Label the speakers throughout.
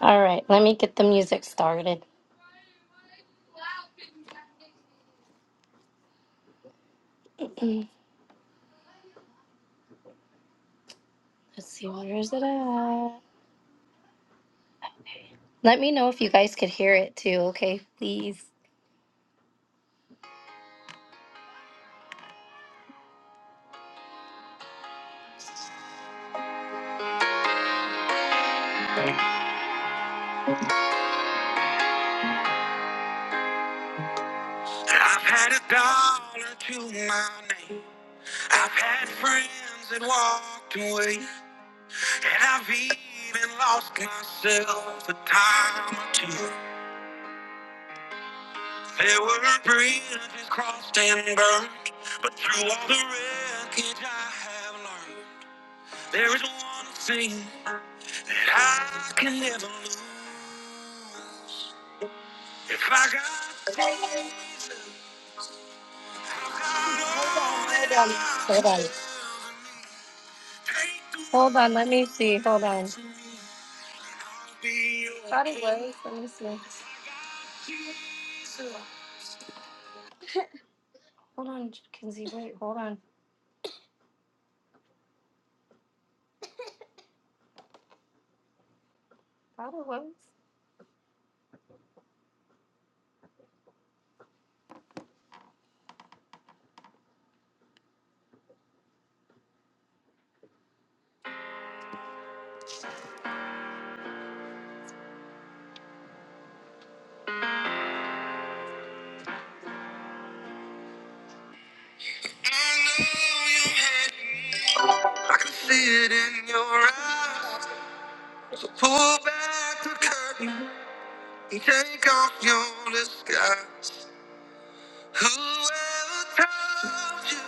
Speaker 1: All right, let me get the music started. Let's see, where is it at? Let me know if you guys could hear it too, okay? Please. I've had a dollar to my name. I've had friends that walked away. And I've even lost myself a time or two. There were bridges crossed and burned. But through all the wreckage, I have learned. There is one thing that I can never lose. If I got Hold on, hold on. Hold on, let me see. Hold on. Body waves, let me see. Hold on, Kinsey, wait, hold on. Body waves. I can see it in your eyes. Pull back the curtain. Take off your disguise. Whoever told you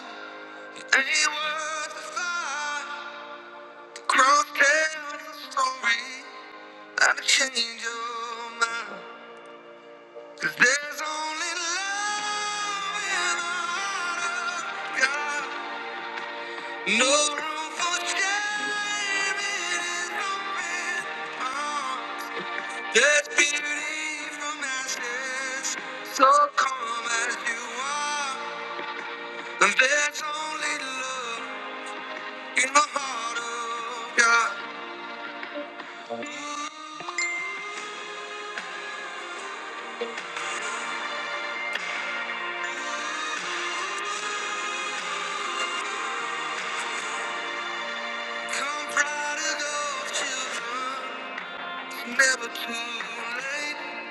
Speaker 1: you ain't worth the fight? The cross tells the story. I change your mind. 'Cause there's only love in the heart of God. No room for shame in his open arms. There's beauty from ashes, so calm as you are. And there's only love in the heart of God. Come proud of those children, never too late.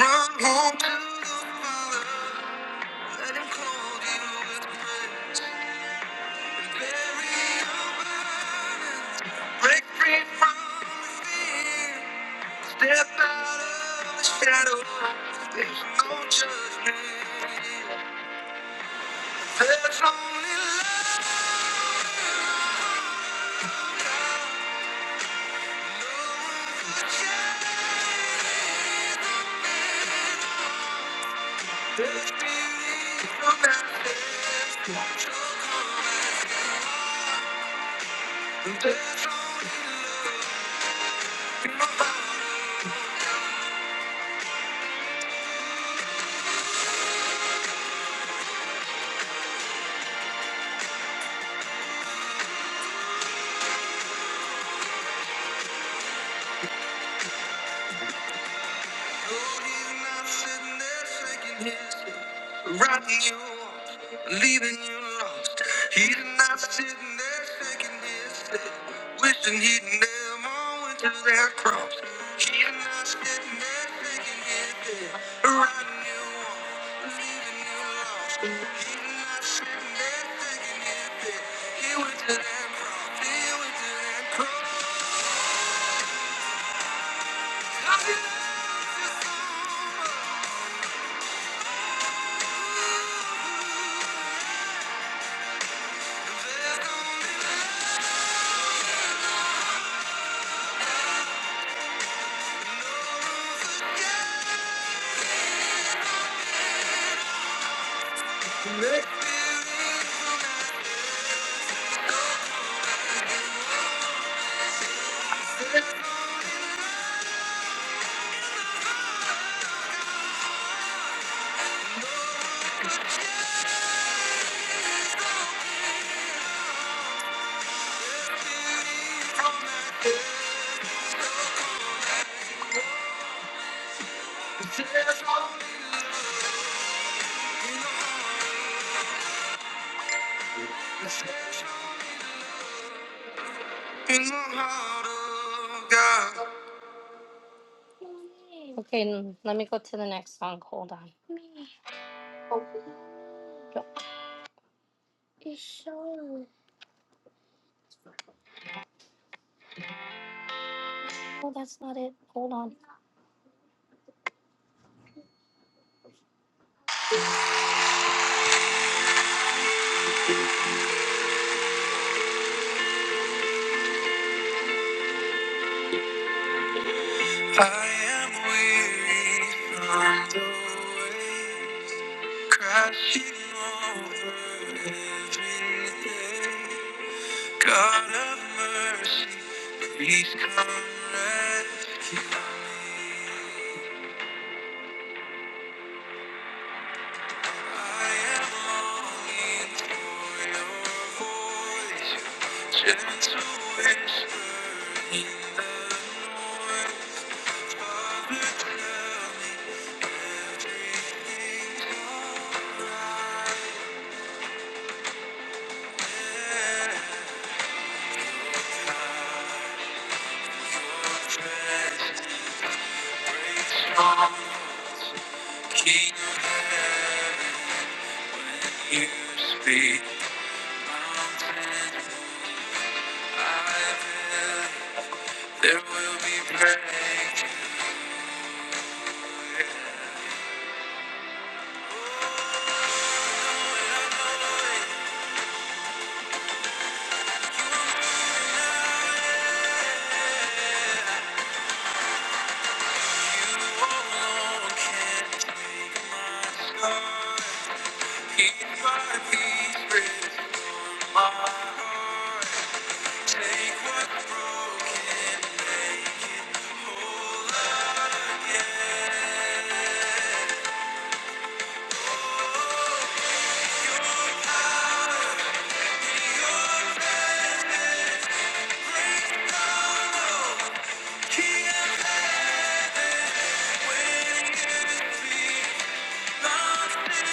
Speaker 1: Run home to the Father, let Him clothe you with grace. And bury your burdens, break free from the fear. Step out of the shadow. There's no judgment. There's only love. There's beauty from ashes. Won't you come and stay? There's only love in my body. Rocking you off, leaving you lost. He's not sitting there shaking his head, wishing he'd never went to that cross. He's not sitting there shaking his head, riding you off, leaving you lost. He's not sitting there shaking his head. He went to that cross. He went to that cross. Make Okay, let me go to the next song. Hold on. Oh, that's not it. Hold on. I am weary. Crashing over every day. God of mercy, please come rescue me. I am longing for your voice, your gentle whisper in the noise. Father, tell me everything's alright. King of heaven, you speak. Mountains, I will, there will be praise. You alone can take my heart. Keep my peace, with my heart. Take what broken made whole again. Your presence breaks down all King of heaven, when you speak, mountains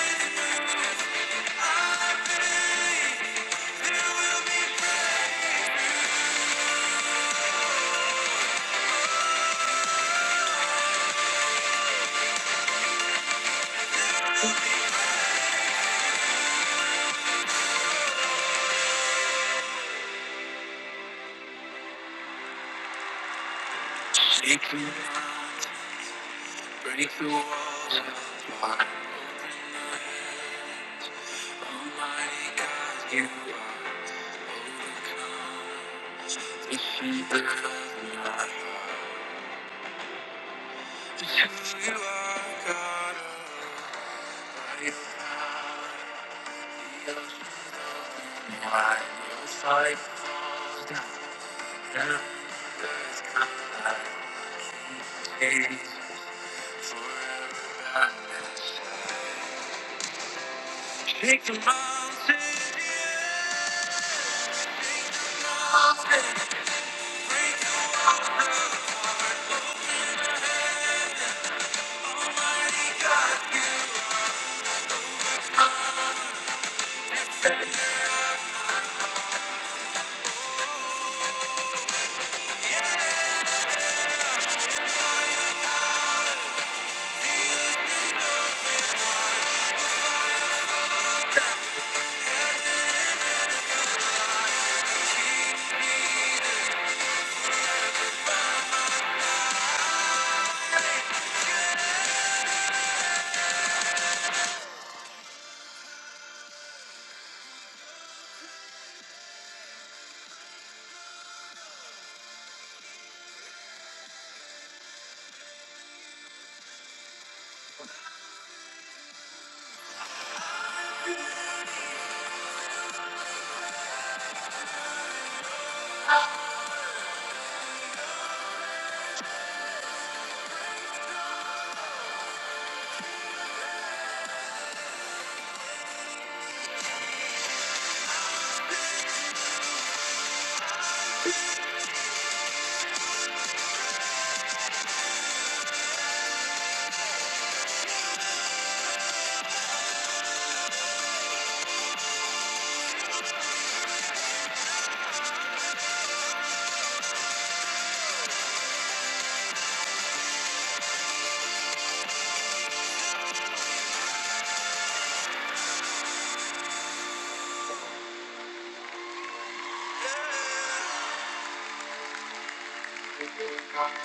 Speaker 1: Shake the mountains, break the walls of my heart. Almighty God, you are overcome. The sheep of my heart. To you I got a life. The ocean's open wide. Your side falls down. And the sky fades forever by my side. Shake the mountain, yeah, mountain.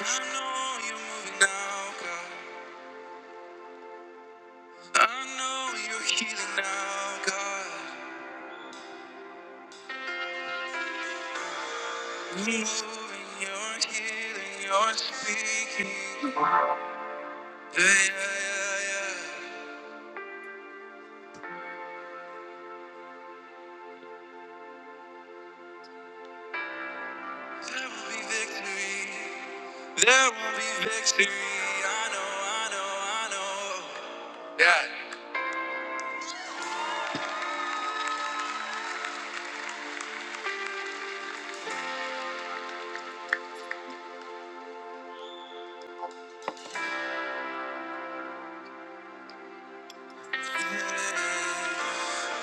Speaker 1: I know you're moving now, God. I know you're healing now, God. Moving, you're healing, you're speaking. Yeah, yeah, yeah, yeah. There will be victory. There will be victory. I know, I know, I know. Yeah.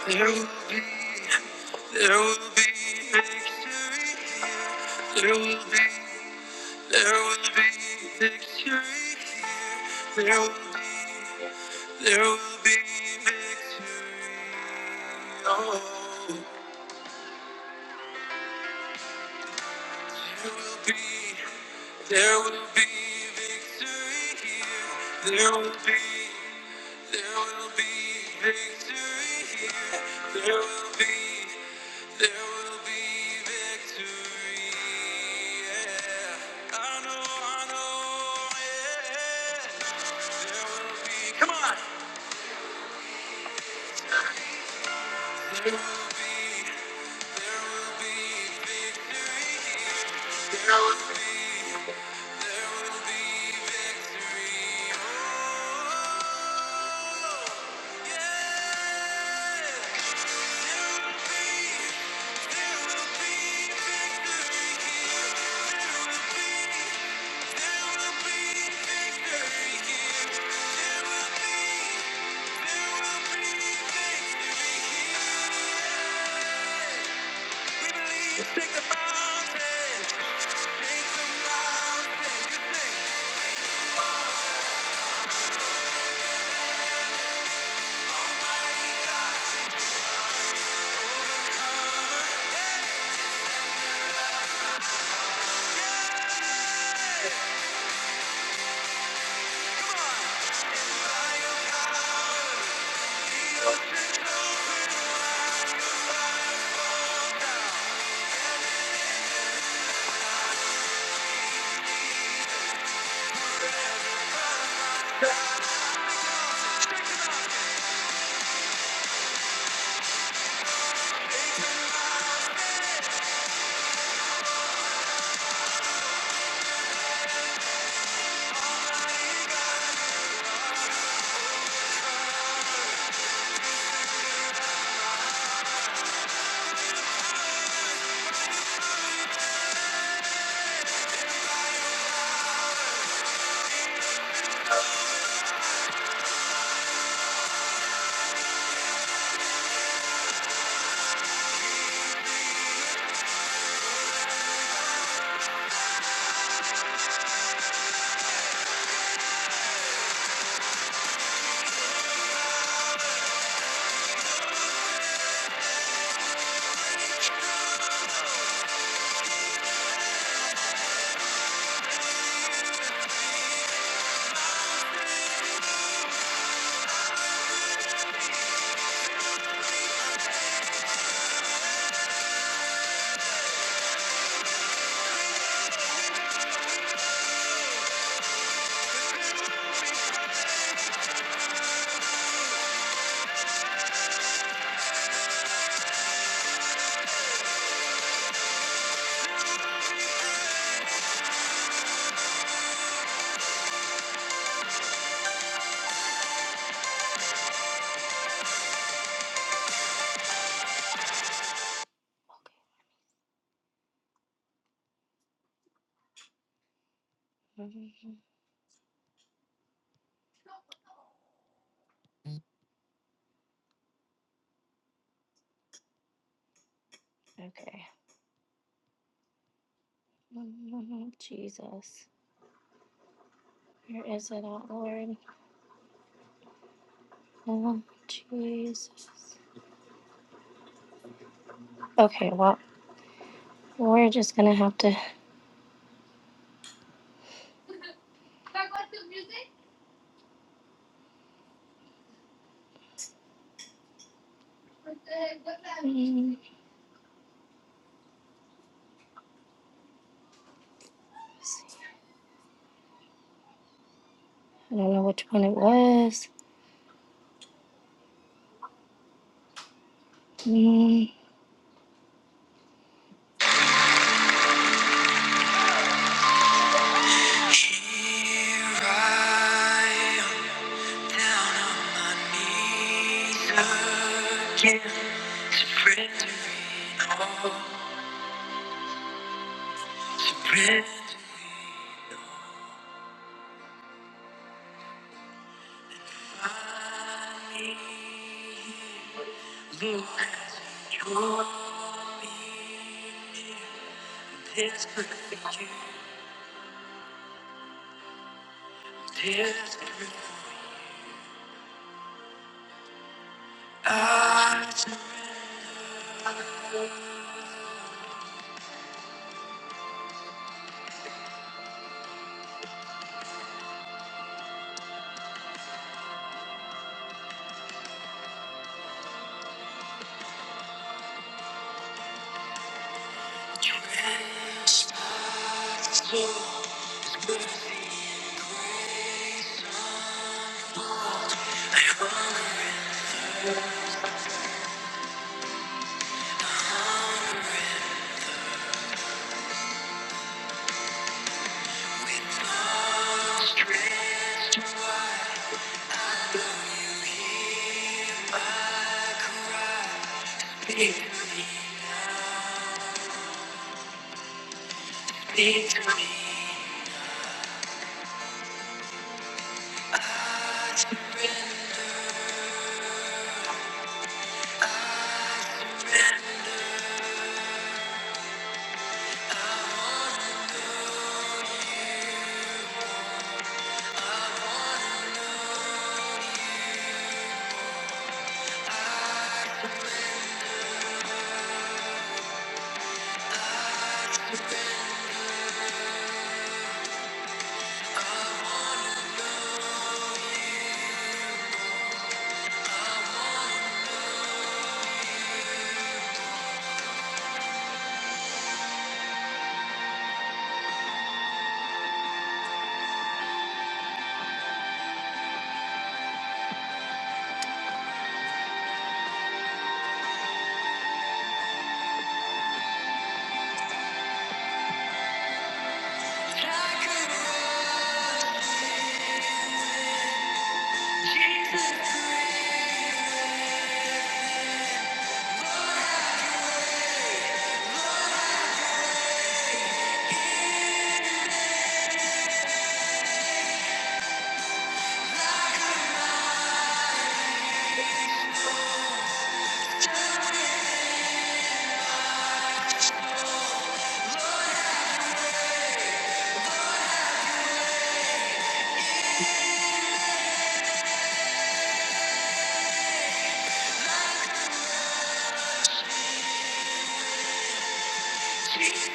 Speaker 1: There will be, there will be victory. There will be, there will be victory. There will be. There will be victory. Oh, there will be, there will be victory here. There will be, there will be victory here. There will be, there will be victory. Yeah. I know, I know, yeah. There will be, come on. Oh, yeah. Mhm. Okay. Oh, Jesus. Where is it at, Lord? Oh, Jesus. Okay, well, we're just gonna have to. Mm, I don't know which one it was. Mm. Here I am, down on my knees again, surrendering all, surrendering all I need. Look, you're desperate for you, desperate. I surrender, so stretched into me. to me, Jesus,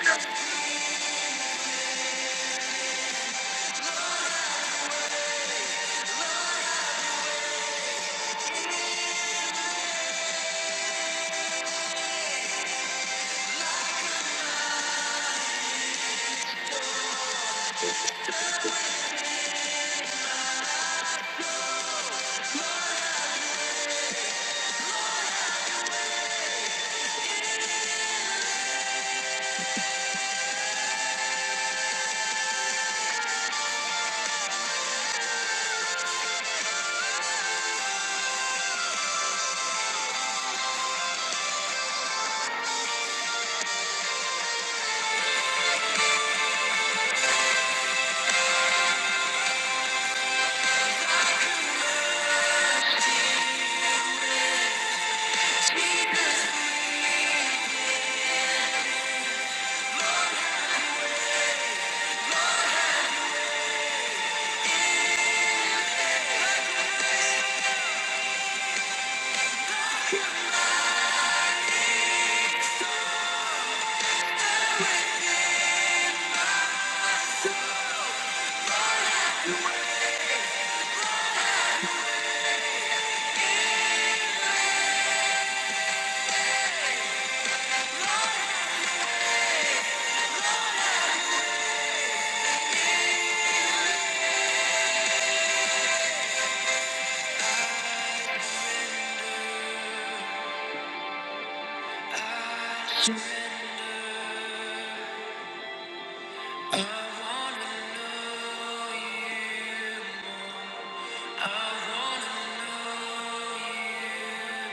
Speaker 1: Jesus. I wanna know you, I wanna know you.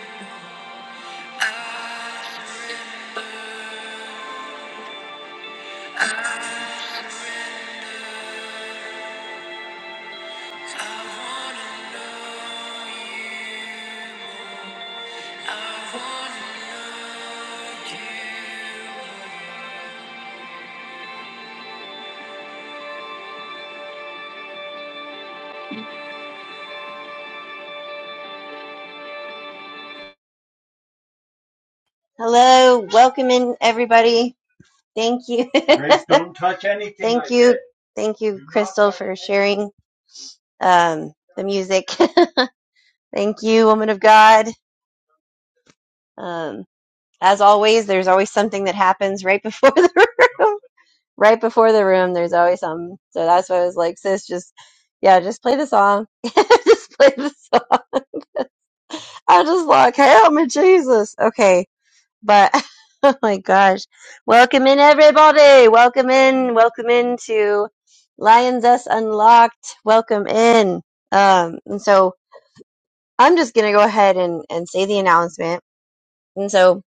Speaker 2: Hello, welcome in everybody. Thank you. Thank you. Thank Do you, Do not Crystal, touch for anything. sharing um, the music. Thank you, woman of God. Um, as always, there's always something that happens right before the room. Right before the room, there's always something. So that's why I was like, sis, just, yeah, just play the song. just play the song. I just like, help me, Jesus. Okay. But oh my gosh. Welcome in everybody. Welcome in. Welcome in to Lions Us Unlocked. Welcome in. Um and so I'm just gonna go ahead and, and say the announcement. And so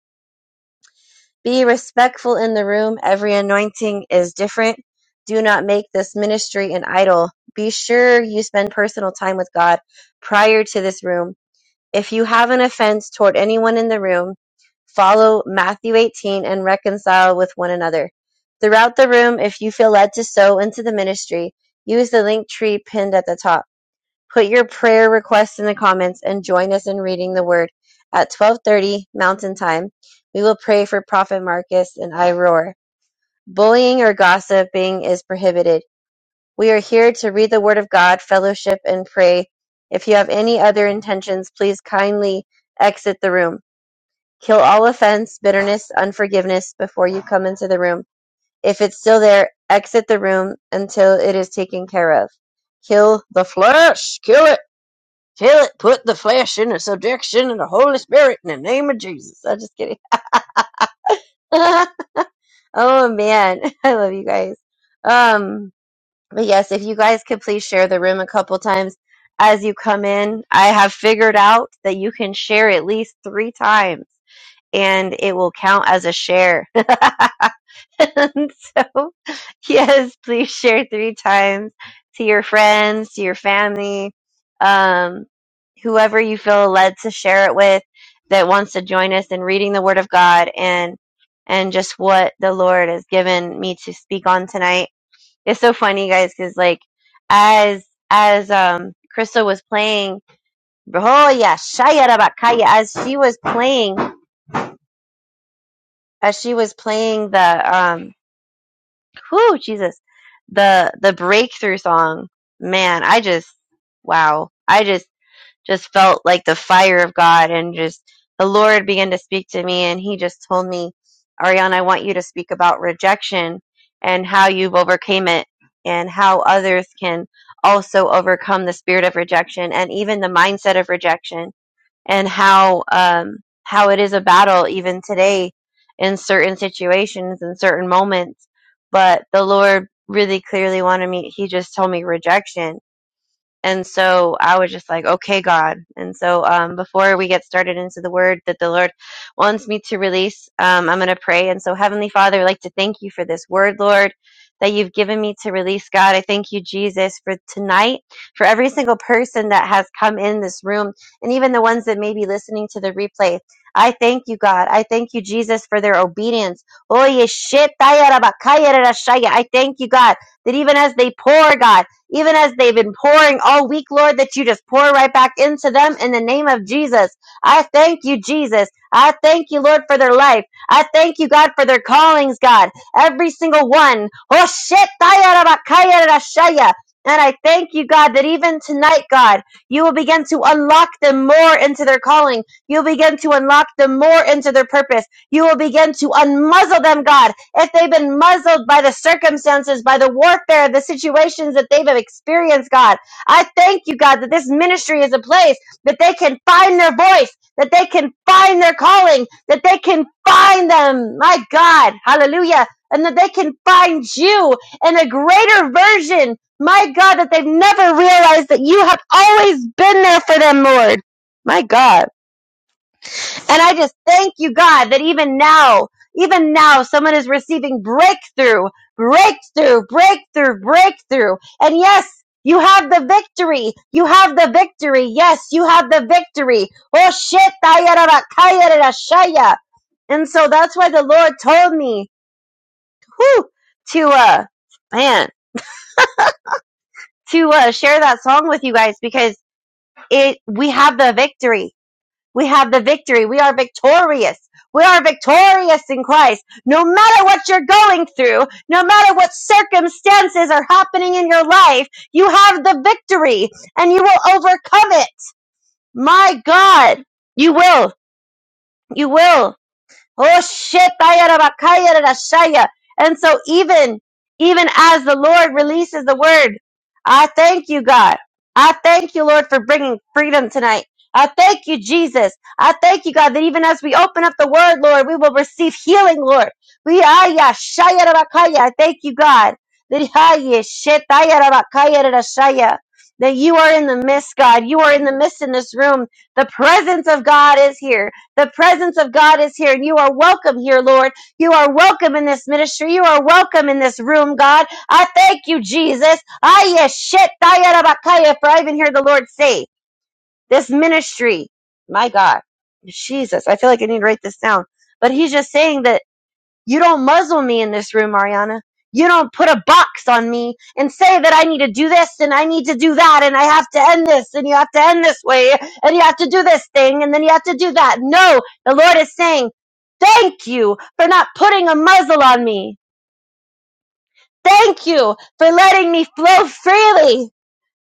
Speaker 2: be respectful in the room. Every anointing is different. Do not make this ministry an idol. Be sure you spend personal time with God prior to this room if you have an offense toward anyone in the room, follow Matthew 18 and reconcile with one another. Throughout the room, if you feel led to sow into the ministry, use the link tree pinned at the top. Put your prayer requests in the comments and join us in reading the word at 12:30 Mountain Time. We will pray for Prophet Marcus and I roar. Bullying or gossiping is prohibited. We are here to read the Word of God, fellowship, and pray. If you have any other intentions, please kindly exit the room. Kill all offense, bitterness, unforgiveness before you come into the room. If it's still there, exit the room until it is taken care of. Kill the flesh. Kill it. Kill it. Put the flesh in the subjection of the Holy Spirit in the name of Jesus. I'm just kidding. oh man, I love you guys. Um, But yes, if you guys could please share the room a couple times as you come in, I have figured out that you can share at least three times and it will count as a share. and so, yes, please share three times to your friends, to your family, um, whoever you feel led to share it with that wants to join us in reading the Word of God and and just what the Lord has given me to speak on tonight. It's so funny, guys, because like as as um Crystal was playing, oh yeah, Shayarabakaya, as she was playing, as she was playing the um, whoo, Jesus, the the breakthrough song. Man, I just wow, I just just felt like the fire of God and just the Lord began to speak to me and he just told me, Ariana, I want you to speak about rejection and how you've overcame it and how others can also overcome the spirit of rejection and even the mindset of rejection and how um, how it is a battle even today in certain situations and certain moments. But the Lord really clearly wanted me he just told me rejection and so I was just like, okay, God. And so um, before we get started into the word that the Lord wants me to release, um, I'm going to pray. And so, Heavenly Father, I'd like to thank you for this word, Lord, that you've given me to release, God. I thank you, Jesus, for tonight, for every single person that has come in this room, and even the ones that may be listening to the replay. I thank you, God. I thank you, Jesus, for their obedience. Oye, shit, taya, rabakaya, rashaya. I thank you, God, that even as they pour, God, even as they've been pouring all week, Lord, that you just pour right back into them in the name of Jesus. I thank you, Jesus. I thank you, Lord, for their life. I thank you, God, for their callings, God. Every single one. Oh, shit. And I thank you, God, that even tonight, God, you will begin to unlock them more into their calling. You'll begin to unlock them more into their purpose. You will begin to unmuzzle them, God, if they've been muzzled by the circumstances, by the warfare, the situations that they've experienced, God. I thank you, God, that this ministry is a place that they can find their voice, that they can find their calling, that they can find them. My God, hallelujah. And that they can find you in a greater version. My God, that they've never realized that you have always been there for them, Lord. My God. And I just thank you, God, that even now, even now, someone is receiving breakthrough, breakthrough, breakthrough, breakthrough. And yes, you have the victory. You have the victory. Yes, you have the victory. Oh shit. And so that's why the Lord told me whew, to, uh, man, to uh, share that song with you guys because it, we have the victory We have the victory. We are victorious. We are victorious in Christ. No matter what you're going through, no matter what circumstances are happening in your life, you have the victory and you will overcome it. My God, you will. You will. Oh shit, Shaya. And so even even as the Lord releases the word, I thank you, God. I thank you, Lord, for bringing freedom tonight. I thank you, Jesus. I thank you, God, that even as we open up the word, Lord, we will receive healing, Lord. We are ya shaya rabakaya. I thank you, God. That ah, yeah, shit, ah, yeah, rabakaya, da, That you are in the midst, God. You are in the midst in this room. The presence of God is here. The presence of God is here, and you are welcome here, Lord. You are welcome in this ministry. You are welcome in this room, God. I thank you, Jesus. I yes, shit, tayarabakaya, for I even hear the Lord say, this ministry, my God, Jesus, I feel like I need to write this down. But he's just saying that you don't muzzle me in this room, Ariana. You don't put a box on me and say that I need to do this and I need to do that and I have to end this and you have to end this way and you have to do this thing and then you have to do that. No, the Lord is saying, thank you for not putting a muzzle on me. Thank you for letting me flow freely.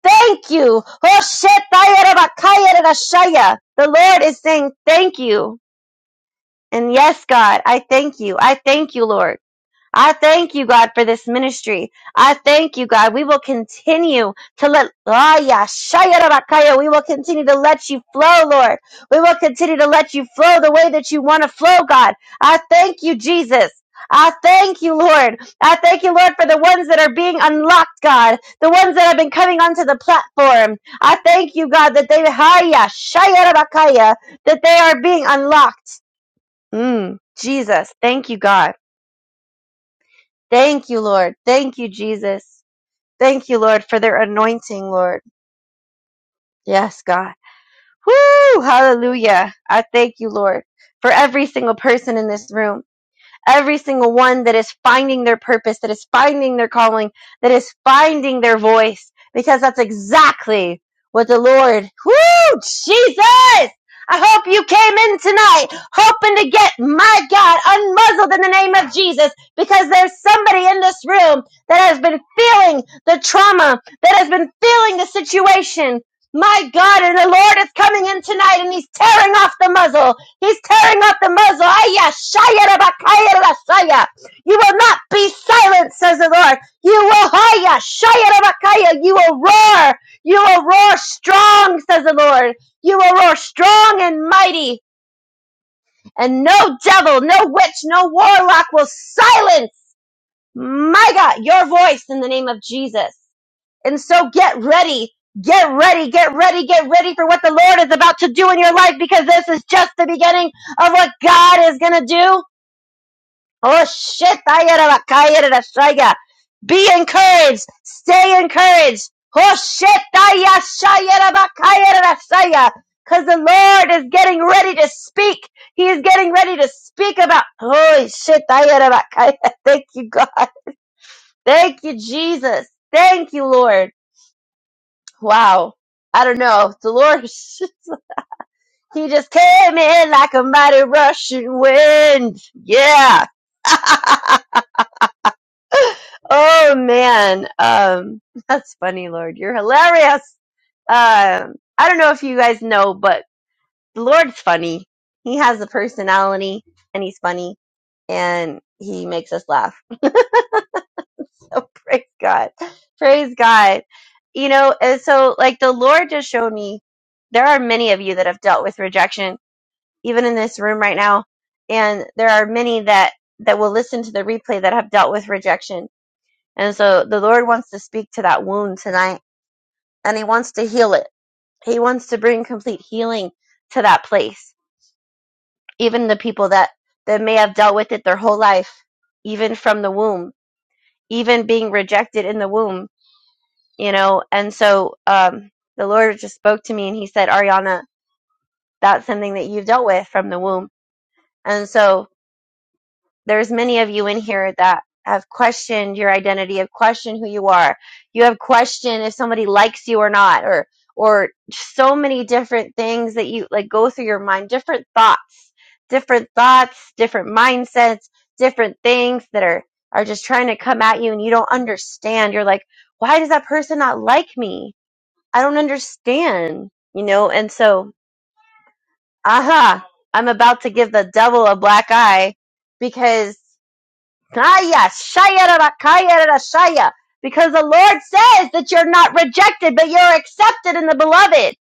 Speaker 2: Thank you. Oh, shit, The Lord is saying, thank you. And yes, God, I thank you. I thank you, Lord. I thank you, God, for this ministry. I thank you, God. We will continue to let, Ah, yeah, Shaya Rabakaya. we will continue to let you flow, Lord. We will continue to let you flow the way that you want to flow, God. I thank you, Jesus. I thank you, Lord. I thank you, Lord, for the ones that are being unlocked, God. The ones that have been coming onto the platform. I thank you, God, that they, Haya, Shaya Rabakaya, that they are being unlocked. Mm, Jesus, thank you, God. Thank you, Lord. Thank you, Jesus. Thank you, Lord, for their anointing, Lord. Yes, God. Whoo! Hallelujah. I thank you, Lord, for every single person in this room. Every single one that is finding their purpose, that is finding their calling, that is finding their voice, because that's exactly what the Lord, whoo, Jesus! I hope you came in tonight hoping to get, my God, unmuzzled in the name of Jesus because there's somebody in this room that has been feeling the trauma, that has been feeling the situation. My God, and the Lord is coming in tonight and He's tearing off the muzzle He's tearing up the muzzle. Aya, shaya, raba, kaya, You will not be silent, says the Lord. You will haya, shaya, raba, You will roar. You will roar strong, says the Lord. You will roar strong and mighty, and no devil, no witch, no warlock will silence, my God, your voice in the name of Jesus. And so get ready, get ready, get ready, get ready for what the Lord is about to do in your life because this is just the beginning of what God is going to do. Oh shit. Be encouraged. Stay encouraged. Oh shit. Cause the Lord is getting ready to speak. He is getting ready to speak about, holy shit. Thank you, God. Thank you, Jesus. Thank you, Lord. Wow. I don't know. Dolores. He just came in like a mighty Russian wind. Yeah. oh man. Um that's funny, Lord. You're hilarious. Um I don't know if you guys know, but the Lord's funny. He has a personality and he's funny and he makes us laugh. So praise God. Praise God. You know, and so like the Lord just showed me there are many of you that have dealt with rejection even in this room right now. And there are many that that will listen to the replay that have dealt with rejection. And so the Lord wants to speak to that wound tonight and he wants to heal it. He wants to bring complete healing to that place. Even the people that that may have dealt with it their whole life, even from the womb, even being rejected in the womb, you know. And so um the Lord just spoke to me and he said, "Ariana, that's something that you've dealt with from the womb." And so there's many of you in here that have questioned your identity, have questioned who you are. You have questioned if somebody likes you or not, or or so many different things that you like go through your mind, different thoughts, different thoughts, different mindsets, different things that are are just trying to come at you and you don't understand. You're like, why does that person not like me? I don't understand, you know? And so, aha, I'm about to give the devil a black eye because Kaya, shaya, rara, kaya, shaya. Because the Lord says that you're not rejected, but you're accepted in the beloved.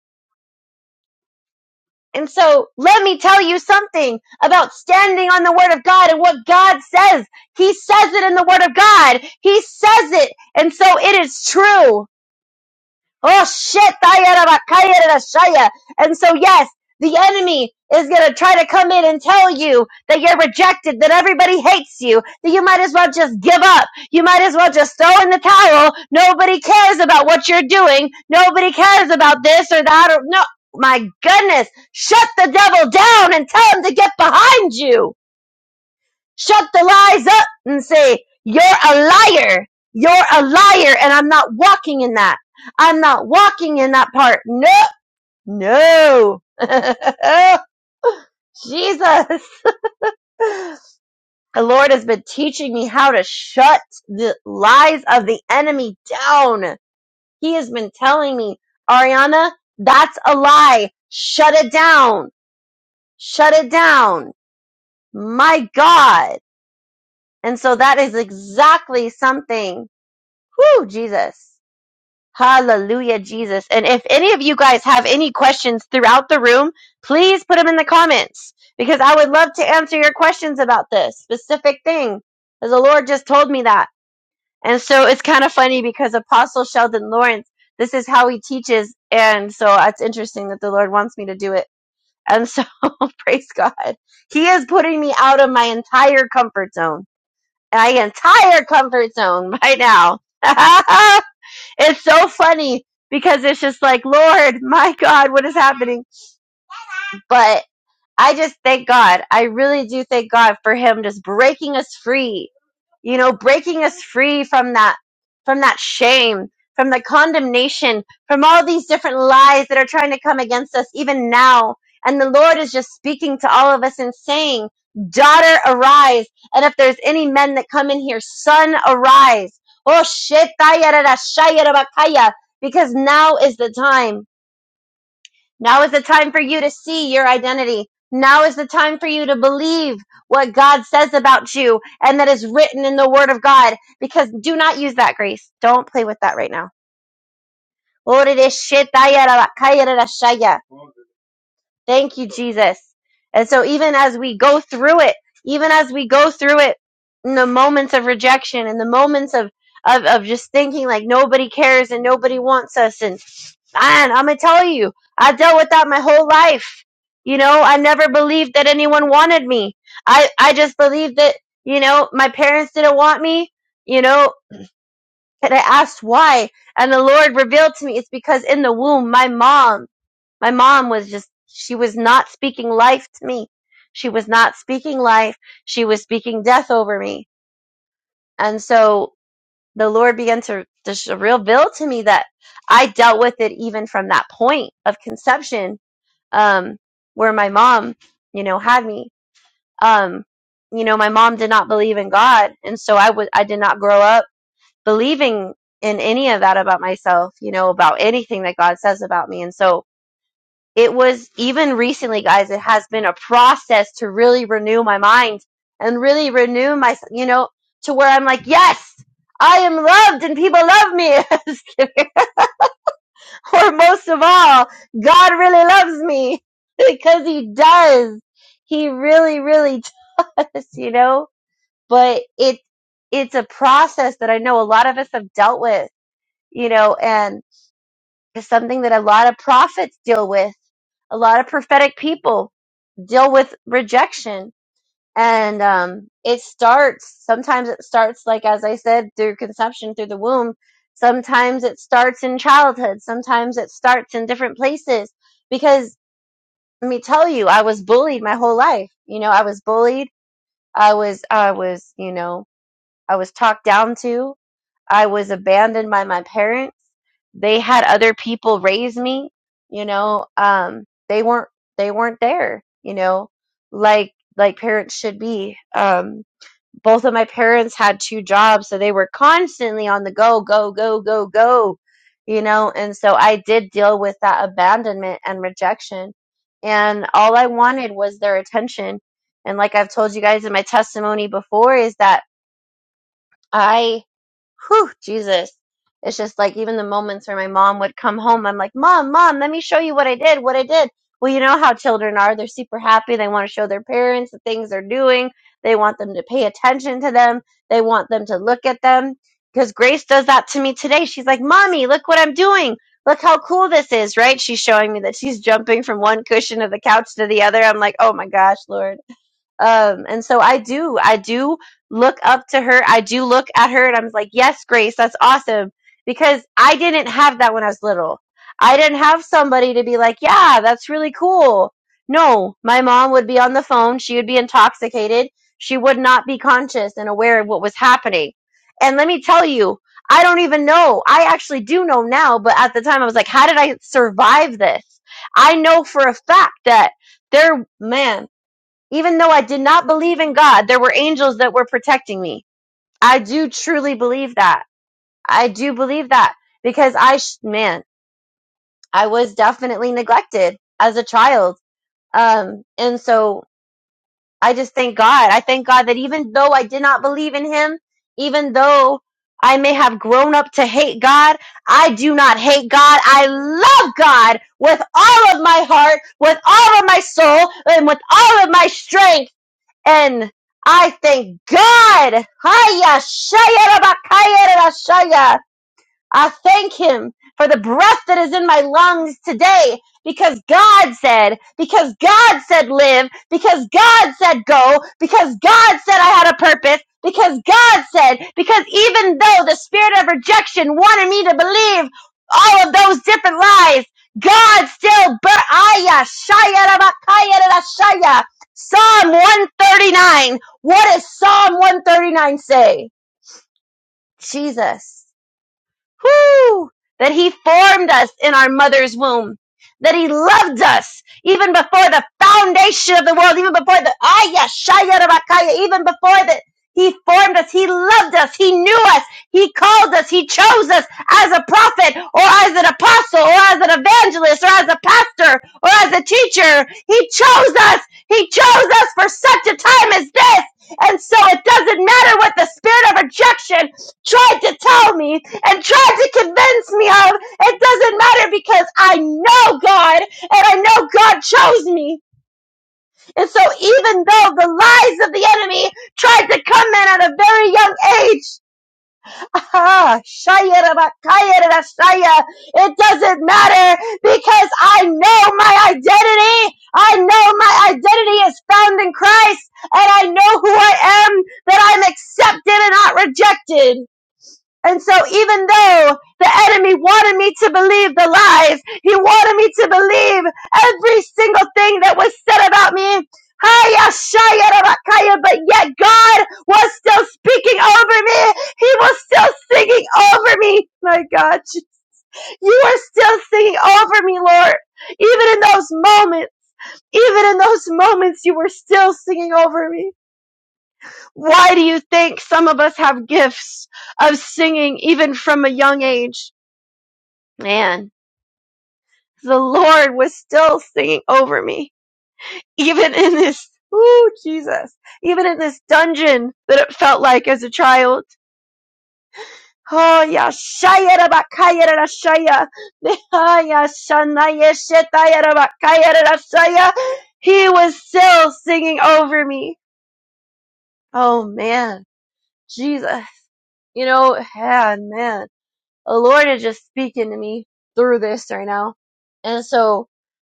Speaker 2: And so let me tell you something about standing on the word of God and what God says. He says it in the word of God. He says it. And so it is true. Oh shit! Tayarabakayarashaya. And so yes, the enemy is gonna try to come in and tell you that you're rejected, that everybody hates you, that you might as well just give up. You might as well just throw in the towel. Nobody cares about what you're doing. Nobody cares about this or that or no. My goodness, shut the devil down and tell him to get behind you. Shut the lies up and say, you're a liar. You're a liar. And I'm not walking in that. I'm not walking in that part. No, no. Jesus. The Lord has been teaching me how to shut the lies of the enemy down. He has been telling me, Ariana, that's a lie. Shut it down. Shut it down. My God. And so that is exactly something. Whew, Jesus Hallelujah, Jesus. And if any of you guys have any questions throughout the room, please put them in the comments because I would love to answer your questions about this specific thing. As the Lord just told me that. And so it's kind of funny because Apostle Sheldon Lawrence, this is how he teaches. And so it's interesting that the Lord wants me to do it. And so praise God. He is putting me out of my entire comfort zone. My entire comfort zone right now. it's so funny because it's just like, Lord, my God, what is happening? But I just thank God. I really do thank God for Him just breaking us free you know breaking us free from that from that shame from the condemnation from all these different lies that are trying to come against us even now and the lord is just speaking to all of us and saying daughter arise and if there's any men that come in here son arise oh shit because now is the time now is the time for you to see your identity. Now is the time for you to believe what God says about you and that is written in the Word of God. Because do not use that grace. Don't play with that right now. Thank you, Jesus. And so, even as we go through it, even as we go through it in the moments of rejection, in the moments of, of, of just thinking like nobody cares and nobody wants us, and And I'm gonna tell you, I dealt with that my whole life. You know, I never believed that anyone wanted me. I I just believed that you know my parents didn't want me. You know, and I asked why, and the Lord revealed to me it's because in the womb, my mom, my mom was just she was not speaking life to me. She was not speaking life. She was speaking death over me, and so the Lord began to just reveal to me that I dealt with it even from that point of conception um, where my mom, you know, had me. Um, you know, my mom did not believe in God, and so I was I did not grow up believing in any of that about myself, you know, about anything that God says about me. And so it was even recently, guys, it has been a process to really renew my mind and really renew my, you know, to where I'm like, yes, I am loved and people love me. Just kidding or most of all, God really loves me because he does. He really, really does, you know, but it, it's a process that I know a lot of us have dealt with, you know, and it's something that a lot of prophets deal with. A lot of prophetic people deal with rejection and um, it starts sometimes it starts like as i said through conception through the womb sometimes it starts in childhood sometimes it starts in different places because let me tell you i was bullied my whole life you know i was bullied i was i was you know i was talked down to i was abandoned by my parents they had other people raise me you know um they weren't they weren't there you know like like parents should be um both of my parents had two jobs, so they were constantly on the go, go, go, go, go, you know. And so I did deal with that abandonment and rejection. And all I wanted was their attention. And like I've told you guys in my testimony before, is that I whew, Jesus. It's just like even the moments where my mom would come home, I'm like, Mom, Mom, let me show you what I did, what I did. Well, you know how children are. They're super happy. They want to show their parents the things they're doing. They want them to pay attention to them. They want them to look at them. Because Grace does that to me today. She's like, Mommy, look what I'm doing. Look how cool this is, right? She's showing me that she's jumping from one cushion of the couch to the other. I'm like, oh my gosh, Lord. Um, and so I do, I do look up to her. I do look at her and I'm like, yes, Grace, that's awesome. Because I didn't have that when I was little. I didn't have somebody to be like, yeah, that's really cool. No, my mom would be on the phone. She would be intoxicated. She would not be conscious and aware of what was happening. And let me tell you, I don't even know. I actually do know now, but at the time I was like, how did I survive this? I know for a fact that there, man. Even though I did not believe in God, there were angels that were protecting me. I do truly believe that. I do believe that because I, sh- man, I was definitely neglected as a child. Um, and so I just thank God. I thank God that even though I did not believe in Him, even though I may have grown up to hate God, I do not hate God. I love God with all of my heart, with all of my soul, and with all of my strength and I thank God. Haya shaya rabakaya rashaya. I thank him for the breath that is in my lungs today because God said, because God said live, because God said go, because God said I had a purpose, because God said, because even though the spirit of rejection wanted me to believe all of those different lies, God still, but Aya, Shaya, Rabakaya, Rashaya. Psalm 139. What does Psalm 139 say? Jesus. Whew! That he formed us in our mother's womb. That he loved us even before the foundation of the world, even before the Aya Shaya Rabakaya, even before that he formed us, he loved us, he knew us, he called us, he chose us as a prophet or as an apostle or as an evangelist or as a pastor or as a teacher. He chose us, he chose us for such a time as this. And so it doesn't matter what the spirit of rejection tried to tell me and tried to convince me of it doesn't matter because I know God and I know God chose me. And so even though the lies of the enemy tried to come in at a very young age, ah, it doesn't matter because I know my identity. I know my identity is found in Christ and I know who I am, that I'm accepted and not rejected. And so even though the enemy wanted me to believe the lies, he wanted me to believe every single thing that was said about me. But yet God was still speaking over me. He was still singing over me. My God, you are still singing over me, Lord. Even in those moments, even in those moments, you were still singing over me. Why do you think some of us have gifts of singing even from a young age? man, the Lord was still singing over me, even in this, ooh, Jesus, even in this dungeon that it felt like as a child. Oh, yeah, shaya da ba kaya Ah, yeah, shetaya da ba He was still singing over me. Oh, man, Jesus. You know, and man, the Lord is just speaking to me through this right now. And so,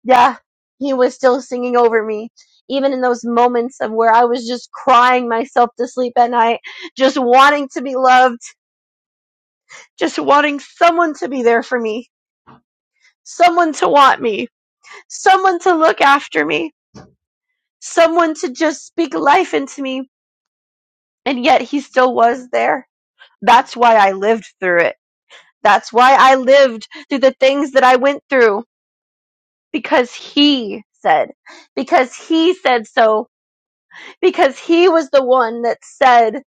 Speaker 2: yeah, he was still singing over me. Even in those moments of where I was just crying myself to sleep at night, just wanting to be loved, just wanting someone to be there for me, someone to want me, someone to look after me, someone to just speak life into me. And yet he still was there. That's why I lived through it. That's why I lived through the things that I went through because he said, because he said so because he was the one that said,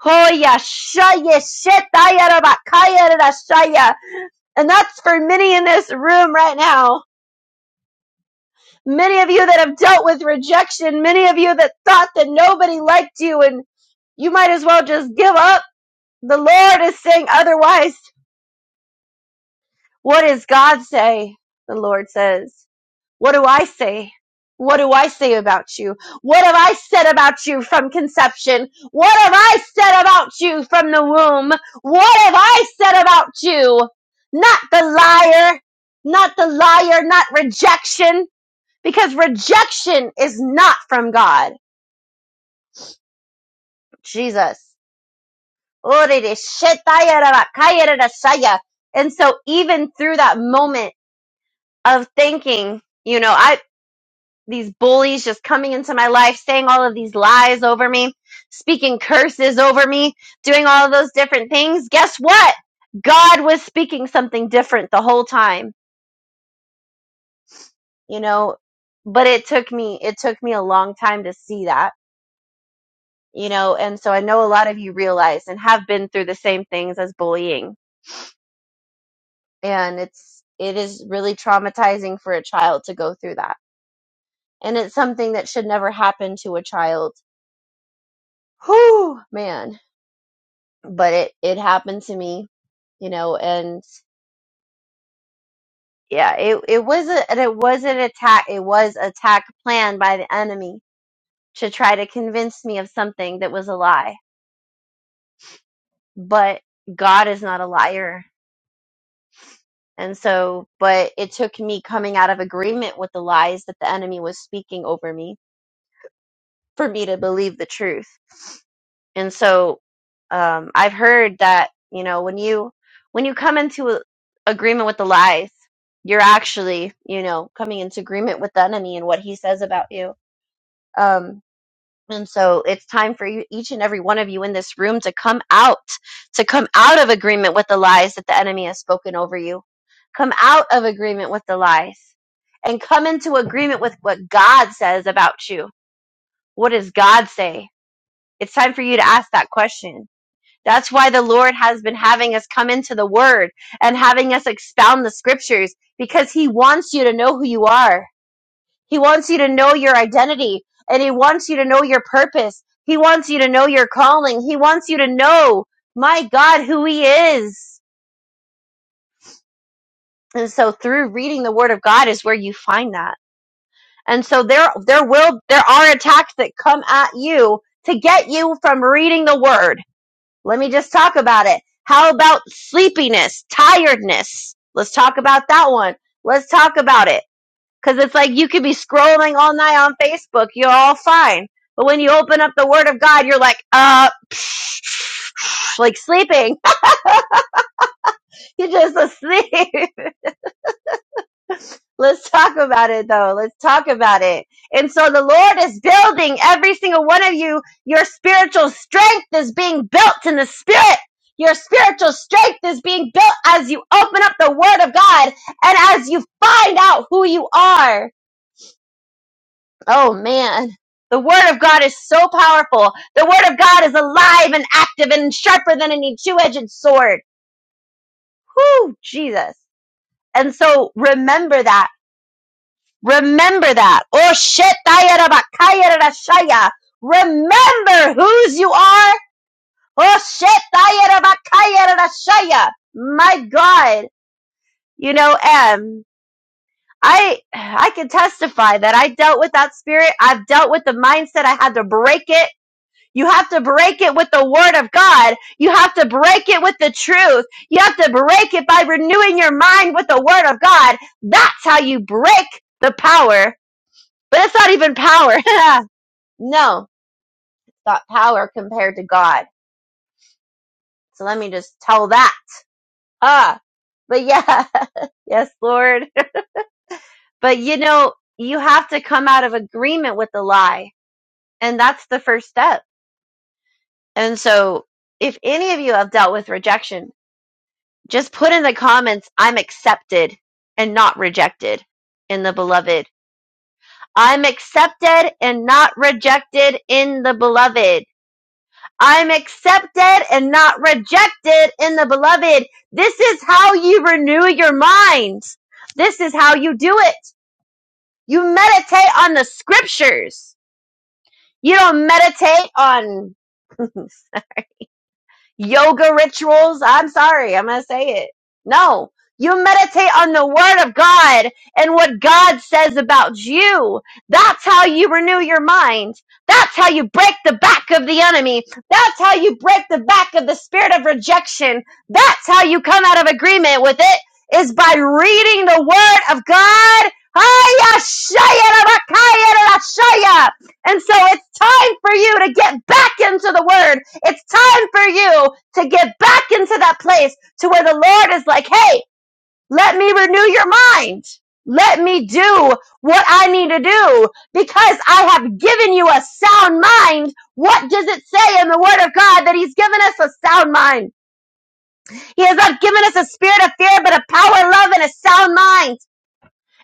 Speaker 2: Hoya shaya shetaya rabakaya rarashaya." And that's for many in this room right now. Many of you that have dealt with rejection, many of you that thought that nobody liked you and you might as well just give up. The Lord is saying otherwise. What does God say? The Lord says. What do I say? What do I say about you? What have I said about you from conception? What have I said about you from the womb? What have I said about you? Not the liar, not the liar, not rejection, because rejection is not from God. Jesus. And so even through that moment of thinking, you know, I. these bullies just coming into my life, saying all of these lies over me, speaking curses over me, doing all of those different things. Guess what? God was speaking something different the whole time, you know, but it took me, it took me a long time to see that, you know, and so I know a lot of you realize and have been through the same things as bullying. And it's, it is really traumatizing for a child to go through that. And it's something that should never happen to a child. Whew, man but it it happened to me you know and yeah it it was a and it was an attack it was attack planned by the enemy to try to convince me of something that was a lie but god is not a liar and so but it took me coming out of agreement with the lies that the enemy was speaking over me for me to believe the truth And so um, I've heard that you know when you when you come into a- agreement with the lies, you're actually you know coming into agreement with the enemy and what he says about you. Um, and so it's time for you, each and every one of you in this room to come out, to come out of agreement with the lies that the enemy has spoken over you. Come out of agreement with the lies and come into agreement with what God says about you. What does God say? It's time for you to ask that question that's why the Lord has been having us come into the Word and having us expound the Scriptures because He wants you to know who you are. He wants you to know your identity and He wants you to know your purpose. He wants you to know your calling. He wants you to know, my God, who He is. And so through reading the Word of God is where you find that. And so there, there will, there are attacks that come at you to get you from reading the Word Let me just talk about it. How about sleepiness, tiredness? Let's talk about that one. Let's talk about it. Because it's like you could be scrolling all night on Facebook. You're all fine. But when you open up the Word of God, you're like, uh, psh, psh, like sleeping. You're just asleep. Let's talk about it though. Let's talk about it. And so the Lord is building every single one of you. Your spiritual strength is being built in the spirit. Your spiritual strength is being built as you open up the word of God and as you find out who you are. Oh man. The word of God is so powerful. The word of God is alive and active and sharper than any two-edged sword. Whoo, Jesus. And so remember that. Remember that. Oh shit, Shaya. Remember whose you are. Oh shit, Shaya. My God. You know, um, I I can testify that I dealt with that spirit. I've dealt with the mindset. I had to break it. You have to break it with the word of God. You have to break it with the truth. You have to break it by renewing your mind with the word of God. That's how you break the power but that's not even power. no, it's not power compared to God. So let me just tell that. Ah, but yeah, yes, Lord. But you know, you have to come out of agreement with the lie. And that's the first step. And so if any of you have dealt with rejection, just put in the comments, I'm accepted and not rejected in the beloved. I'm accepted and not rejected in the beloved. I am accepted and not rejected in the beloved. This is how you renew your mind. This is how you do it. You meditate on the scriptures. You don't meditate on yoga rituals. I'm sorry, I'm going to say it. No, you meditate on the word of God and what God says about you. That's how you renew your mind. That's how you break the back of the enemy. That's how you break the back of the spirit of rejection. That's how you come out of agreement with it is by reading the word of God. And so it's time for you to get back into the word it's time for you to get back into that place to where the Lord is like, hey, let me renew your mind. Let me do what I need to do because I have given you a sound mind. What does it say in the word of God that he's given us a sound mind? He has not given us a spirit of fear, but a power, love, and a sound mind.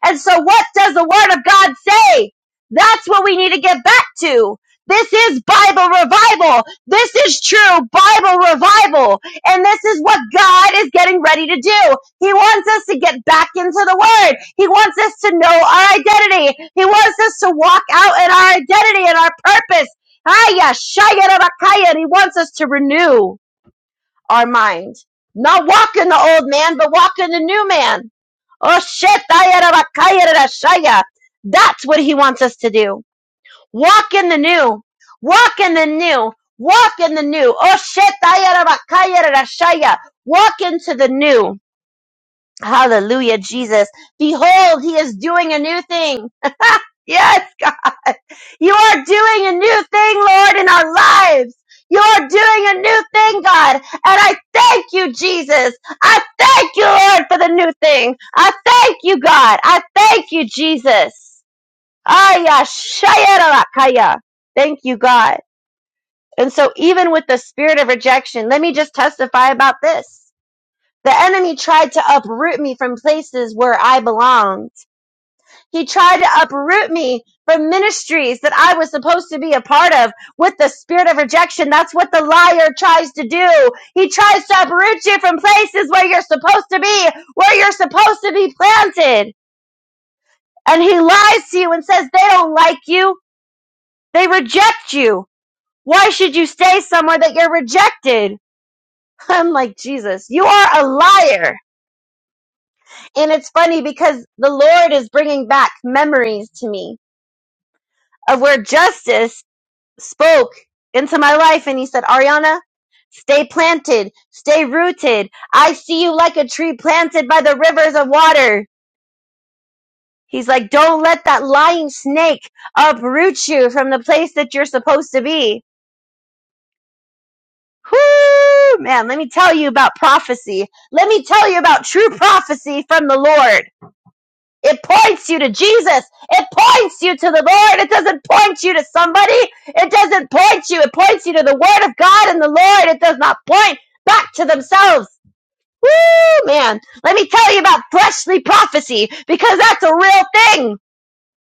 Speaker 2: And so what does the word of God say? That's what we need to get back to. This is Bible revival. This is true Bible revival. And this is what God is getting ready to do. He wants us to get back into the word. He wants us to know our identity. He wants us to walk out in our identity and our purpose. Hiya, shaya, rabakaya. he wants us to renew our mind. Not walk in the old man, but walk in the new man. Oh shit, ayarabakayarashaya. That's what he wants us to do. Walk in the new. Walk in the new. Walk in the new. Oh shit, ayarabakayarashaya. Walk into the new. Hallelujah, Jesus. Behold, he is doing a new thing. Yes, God. You are doing a new thing, Lord, in our lives. You are doing a new thing, God. And I thank you, Jesus. I thank you, Lord, for the new thing. I thank you, God. I thank you, Jesus. Aya, shaya, rakaya. Thank you, God. And so even with the spirit of rejection, let me just testify about this. The enemy tried to uproot me from places where I belong he tried to uproot me from ministries that I was supposed to be a part of with the spirit of rejection. That's what the liar tries to do. He tries to uproot you from places where you're supposed to be, where you're supposed to be planted. And he lies to you and says they don't like you. They reject you. Why should you stay somewhere that you're rejected? I'm like, Jesus, you are a liar. And it's funny because the Lord is bringing back memories to me of where justice spoke into my life and he said, Ariana, stay planted, stay rooted. I see you like a tree planted by the rivers of water. He's like, don't let that lying snake uproot you from the place that you're supposed to be. Whoo, man, let me tell you about prophecy. Let me tell you about true prophecy from the Lord. It points you to Jesus. It points you to the Lord. It doesn't point you to somebody. It doesn't point you. It points you to the Word of God and the Lord. It does not point back to themselves. Woo, man. Let me tell you about freshly prophecy because that's a real thing.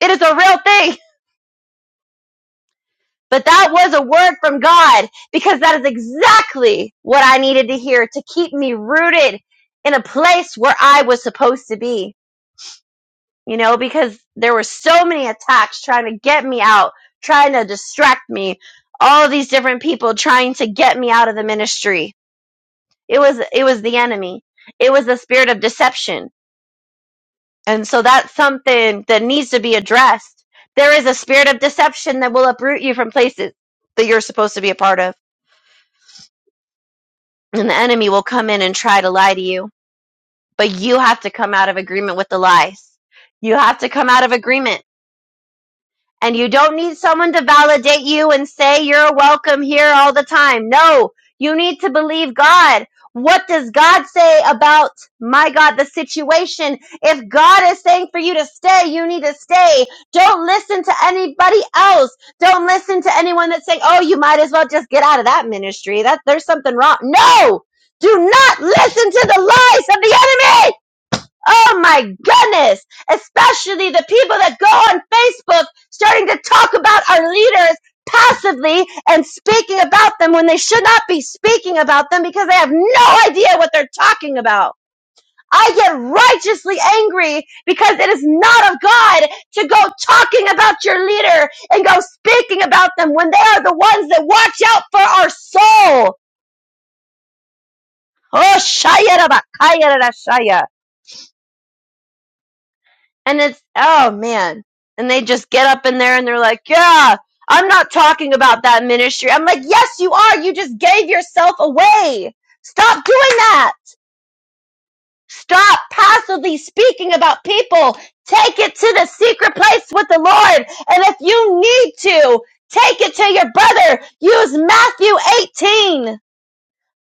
Speaker 2: It is a real thing. But that was a word from God because that is exactly what I needed to hear to keep me rooted in a place where I was supposed to be. you know, because there were so many attacks trying to get me out, trying to distract me, all of these different people trying to get me out of the ministry. It was it was the enemy. It was the spirit of deception. And so that's something that needs to be addressed. There is a spirit of deception that will uproot you from places that you're supposed to be a part of. And the enemy will come in and try to lie to you. But you have to come out of agreement with the lies. You have to come out of agreement And you don't need someone to validate you and say you're welcome here all the time. No, you need to believe God. What does God say about, my God, the situation? If God is saying for you to stay, you need to stay. Don't listen to anybody else. Don't listen to anyone that's saying, oh, you might as well just get out of that ministry. That there's something wrong. No! Do not listen to the lies of the enemy! Oh my goodness! Especially the people that go on Facebook starting to talk about our leaders passively and speaking about them when they should not be speaking about them because they have no idea what they're talking about. I get righteously angry because it is not of God to go talking about your leader and go speaking about them when they are the ones that watch out for our soul. Oh, shaya rabakaya And it's, oh man. And they just get up in there and they're like, yeah, I'm not talking about that ministry. I'm like, yes, you are. You just gave yourself away. Stop doing that. Stop passively speaking about people. Take it to the secret place with the Lord. And if you need to, take it to your brother. Use Matthew 18.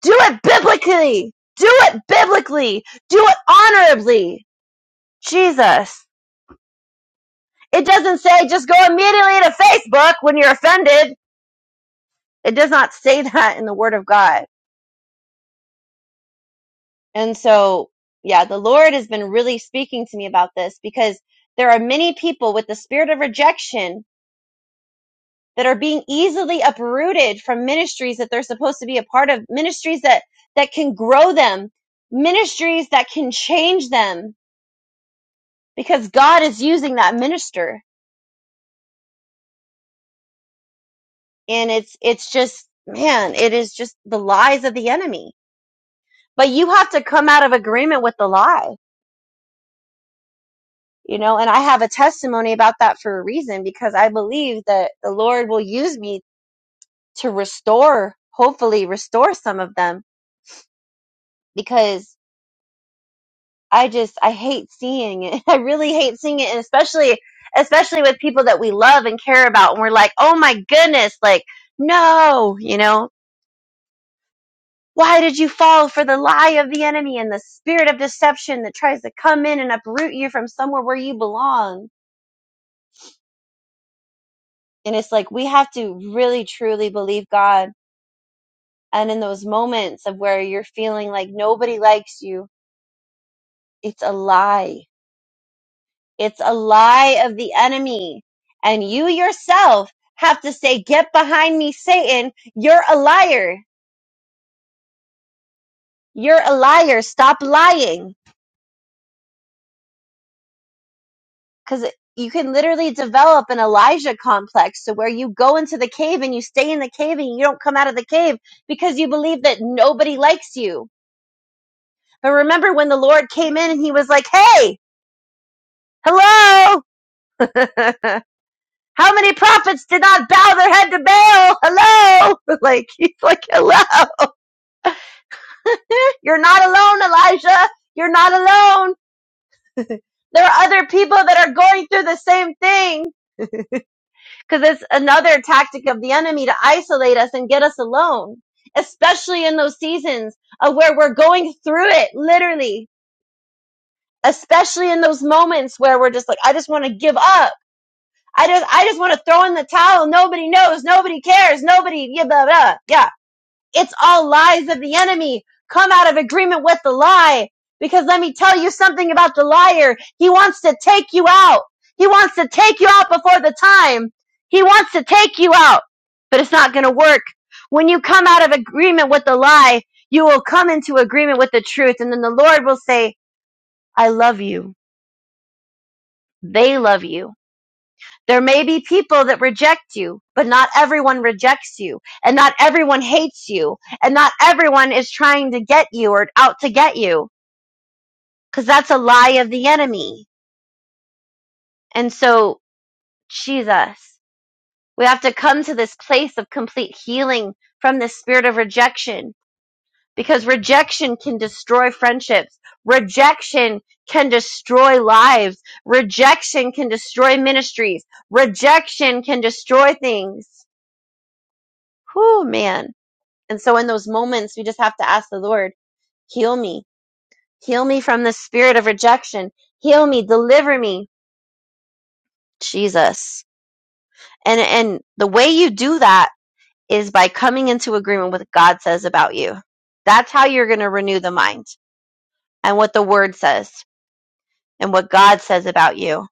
Speaker 2: Do it biblically. Do it biblically. Do it honorably. Jesus. It doesn't say just go immediately to Facebook when you're offended. It does not say that in the Word of God. And so, yeah, the Lord has been really speaking to me about this because there are many people with the spirit of rejection that are being easily uprooted from ministries that they're supposed to be a part of, ministries that, that can grow them, ministries that can change them because God is using that minister. And it's, it's just, man, it is just the lies of the enemy but you have to come out of agreement with the lie you know and i have a testimony about that for a reason because i believe that the lord will use me to restore hopefully restore some of them because i just i hate seeing it i really hate seeing it and especially especially with people that we love and care about and we're like oh my goodness like no you know why did you fall for the lie of the enemy and the spirit of deception that tries to come in and uproot you from somewhere where you belong And it's like we have to really truly believe God. And in those moments of where you're feeling like nobody likes you, it's a lie. It's a lie of the enemy. And you yourself have to say, Get behind me, Satan. You're a liar. You're a liar. Stop lying. Because you can literally develop an Elijah complex to where you go into the cave and you stay in the cave and you don't come out of the cave because you believe that nobody likes you But remember when the Lord came in and he was like, hey, hello? How many prophets did not bow their head to Baal? Hello? Like, he's like, hello? You're not alone, Elijah. You're not alone. There are other people that are going through the same thing. Cause it's another tactic of the enemy to isolate us and get us alone, especially in those seasons of where we're going through it, literally, especially in those moments where we're just like, I just want to give up. I just I just want to throw in the towel. Nobody knows. Nobody cares. Nobody yeah blah blah. Yeah. It's all lies of the enemy. Come out of agreement with the lie. Because let me tell you something about the liar. He wants to take you out. He wants to take you out before the time. He wants to take you out. But it's not gonna work. When you come out of agreement with the lie, you will come into agreement with the truth, and then the Lord will say, I love you. They love you. There may be people that reject you, but not everyone rejects you, and not everyone hates you, and not everyone is trying to get you or out to get you, because that's a lie of the enemy. And so, Jesus, we have to come to this place of complete healing from the spirit of rejection, because rejection can destroy friendships, rejection can destroy lives, rejection can destroy ministries, rejection can destroy things. Whew, man And so in those moments, we just have to ask the Lord, heal me, heal me from the spirit of rejection, heal me, deliver me, Jesus. And, and the way you do that is by coming into agreement with what God says about you. That's how you're going to renew the mind and what the word says and what God says about you.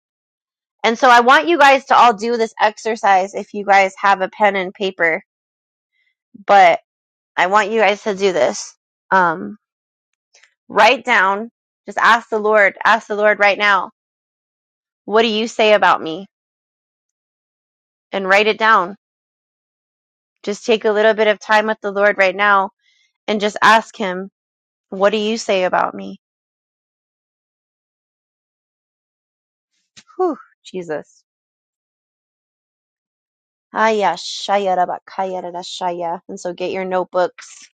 Speaker 2: And so I want you guys to all do this exercise if you guys have a pen and paper, but I want you guys to do this. Um, write down, just ask the Lord, ask the Lord right now What do you say about me? And write it down. Just take a little bit of time with the Lord right now and just ask Him, What do you say about me? Whew, Jesus. Aya, shaya, raba, kaya, rada, shaya. And so get your notebooks.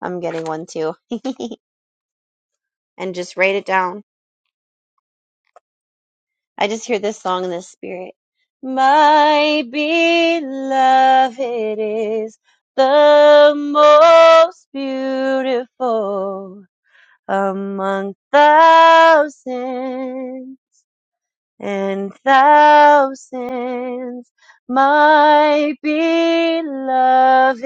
Speaker 2: I'm getting one too. and just write it down. I just hear this song in the spirit. My beloved is the most beautiful among thousands and thousands. My beloved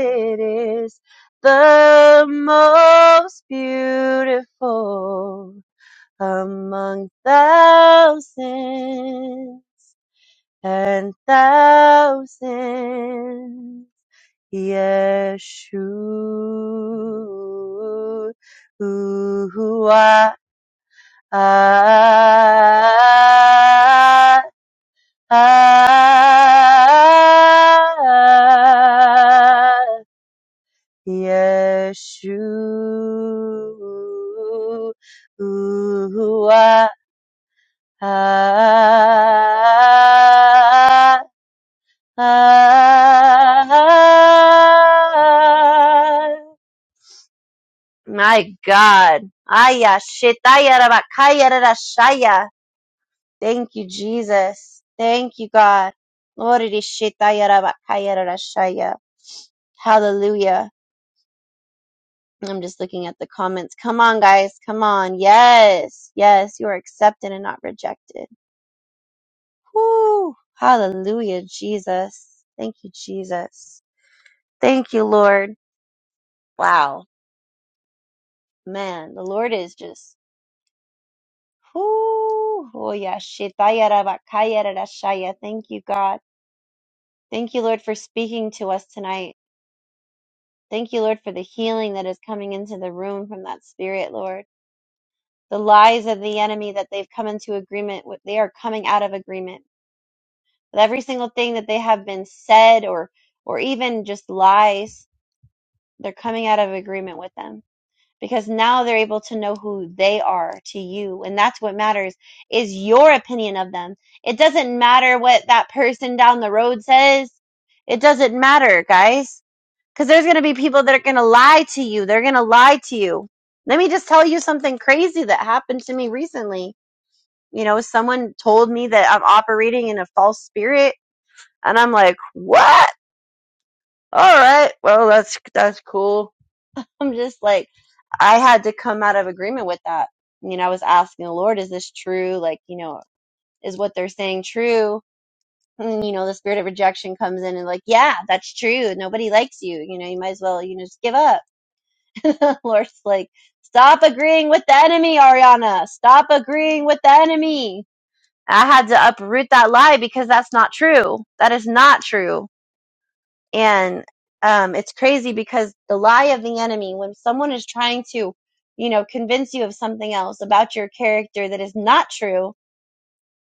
Speaker 2: is the most beautiful among thousands and thousands. Yeshua. ah, ah, Yeshua. Ah, ah, My God. Aya, shitaya, rabakaya, rarashaya. Thank you, Jesus. Thank you, God. Lord, it is shitaya rabakaya rarashaya. Hallelujah. I'm just looking at the comments. Come on, guys. Come on. Yes. Yes. You are accepted and not rejected. Whoo. Hallelujah, Jesus. Thank you, Jesus. Thank you, Lord. Wow. Man, the Lord is just, whoo. Oh, yeah. shitaya rabakaya rarashaya. Thank you, God. Thank you, Lord, for speaking to us tonight. Thank you, Lord, for the healing that is coming into the room from that spirit, Lord. The lies of the enemy that they've come into agreement with, they are coming out of agreement with every single thing that they have been said or, or even just lies. They're coming out of agreement with them because now they're able to know who they are to you. And that's what matters is your opinion of them. It doesn't matter what that person down the road says. It doesn't matter, guys because there's going to be people that are going to lie to you. They're going to lie to you. Let me just tell you something crazy that happened to me recently. You know, someone told me that I'm operating in a false spirit, and I'm like, what? All right, well, that's that's cool. I'm just like, I had to come out of agreement with that. You know, I was asking the Lord, is this true? Like, you know, is what they're saying true? And, you know, the spirit of rejection comes in and like, yeah, that's true. Nobody likes you. You know, you might as well, you know, just give up Lord's like, stop agreeing with the enemy, Ariana. Stop agreeing with the enemy. I had to uproot that lie because that's not true. That is not true. And um, it's crazy because the lie of the enemy, when someone is trying to, you know, convince you of something else about your character that is not true,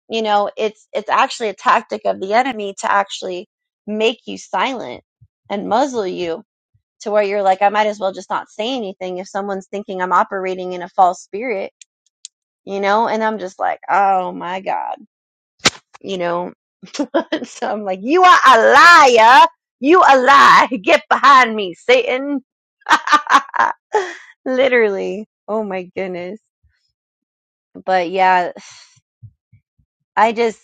Speaker 2: you know, it's it's actually a tactic of the enemy to actually make you silent and muzzle you to where you're like, I might as well just not say anything if someone's thinking I'm operating in a false spirit, you know? And I'm just like, oh my God, you know? so I'm like, you are a liar. You a lie. Get behind me, Satan. Literally. Oh my goodness. But yeah, I just,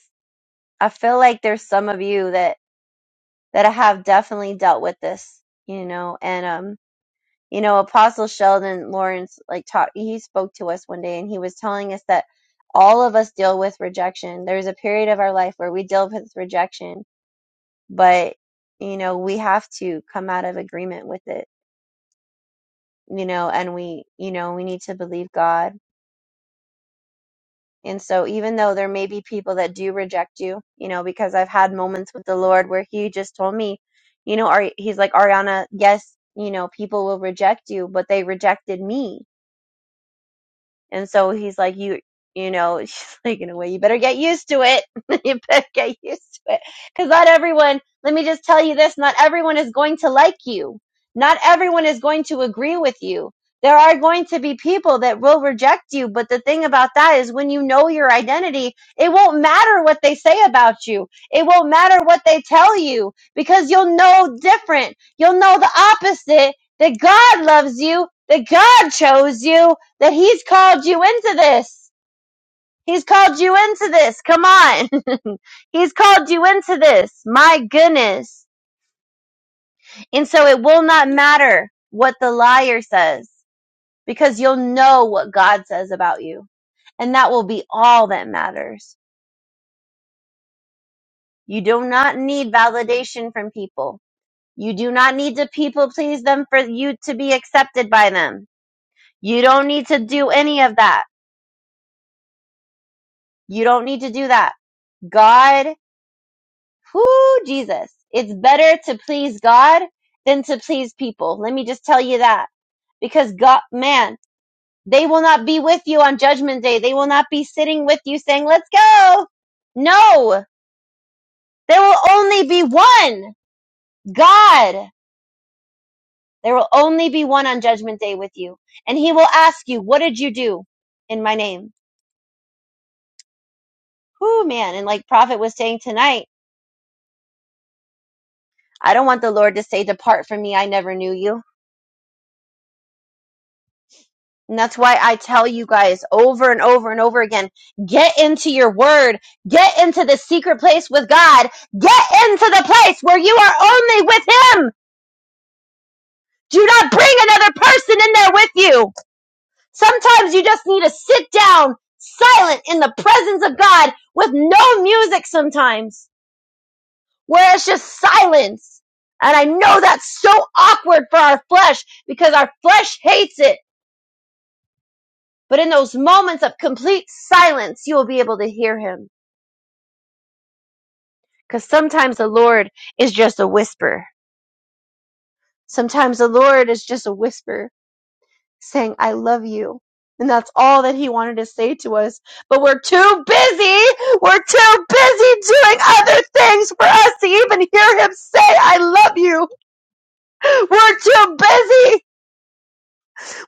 Speaker 2: I feel like there's some of you that, that I have definitely dealt with this, you know, and, um, you know apostle sheldon lawrence like taught he spoke to us one day and he was telling us that all of us deal with rejection there's a period of our life where we deal with rejection but you know we have to come out of agreement with it you know and we you know we need to believe god and so even though there may be people that do reject you you know because i've had moments with the lord where he just told me you know Ari- he's like ariana yes you know people will reject you but they rejected me And so he's like, you, you know, she's like, in a way, you better get used to it. you better get used to it. Cause not everyone, let me just tell you this, not everyone is going to like you. Not everyone is going to agree with you. There are going to be people that will reject you, but the thing about that is when you know your identity, it won't matter what they say about you. It won't matter what they tell you because you'll know different. You'll know the opposite that God loves you, that God chose you, that he's called you into this. He's called you into this. Come on. he's called you into this. My goodness. And so it will not matter what the liar says because you'll know what God says about you. And that will be all that matters. You do not need validation from people. You do not need to people please them for you to be accepted by them. You don't need to do any of that. You don't need to do that. God Whoo, Jesus. It's better to please God than to please people. Let me just tell you that. Because God, man, they will not be with you on judgment day. They will not be sitting with you saying, let's go. No, there will only be one God. There will only be one on judgment day with you. And he will ask you, what did you do in my name? Whoo, man. And like prophet was saying tonight, I don't want the Lord to say, depart from me. I never knew you. And that's why I tell you guys over and over and over again, get into your word, get into the secret place with God, get into the place where you are only with Him. Do not bring another person in there with you. Sometimes you just need to sit down silent in the presence of God with no music sometimes where it's just silence. And I know that's so awkward for our flesh because our flesh hates it But in those moments of complete silence, you will be able to hear him. Because sometimes the Lord is just a whisper. Sometimes the Lord is just a whisper saying, I love you. And that's all that he wanted to say to us. But we're too busy. We're too busy doing other things for us to even hear him say, I love you. We're too busy.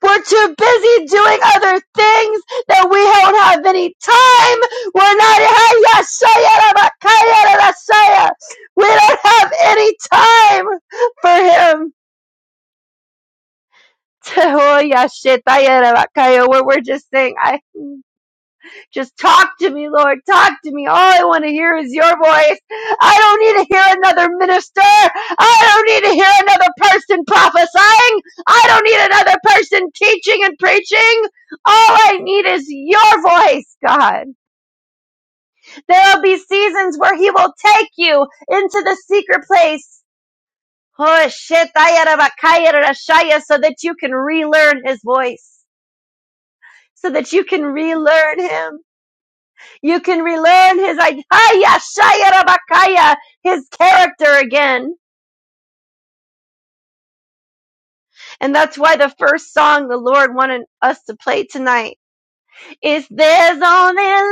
Speaker 2: We're too busy doing other things that we don't have any time. We're not, we don't have any time for him. We're we're just saying, I Just talk to me, Lord. Talk to me. All I want to hear is your voice. I don't need to hear another minister. I don't need to hear another person prophesying. I don't need another person teaching and preaching. All I need is your voice, God. There'll be seasons where he will take you into the secret place. Oh, shit, so that you can relearn his voice, so that you can relearn him. You can relearn his id- Hiya, Rabakaya, his character again. And that's why the first song the Lord wanted us to play tonight is There's Only Love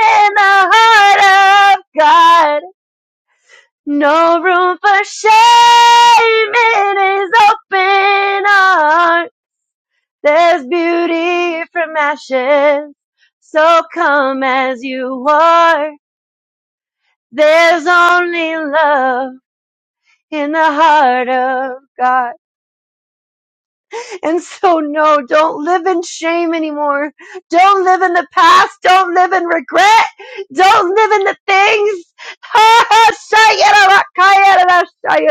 Speaker 2: in the Heart of God. No room for shame in his open heart. There's beauty from ashes. So come as you are. There's only love in the heart of God. And so no, don't live in shame anymore. Don't live in the past. Don't live in regret. Don't live in the things.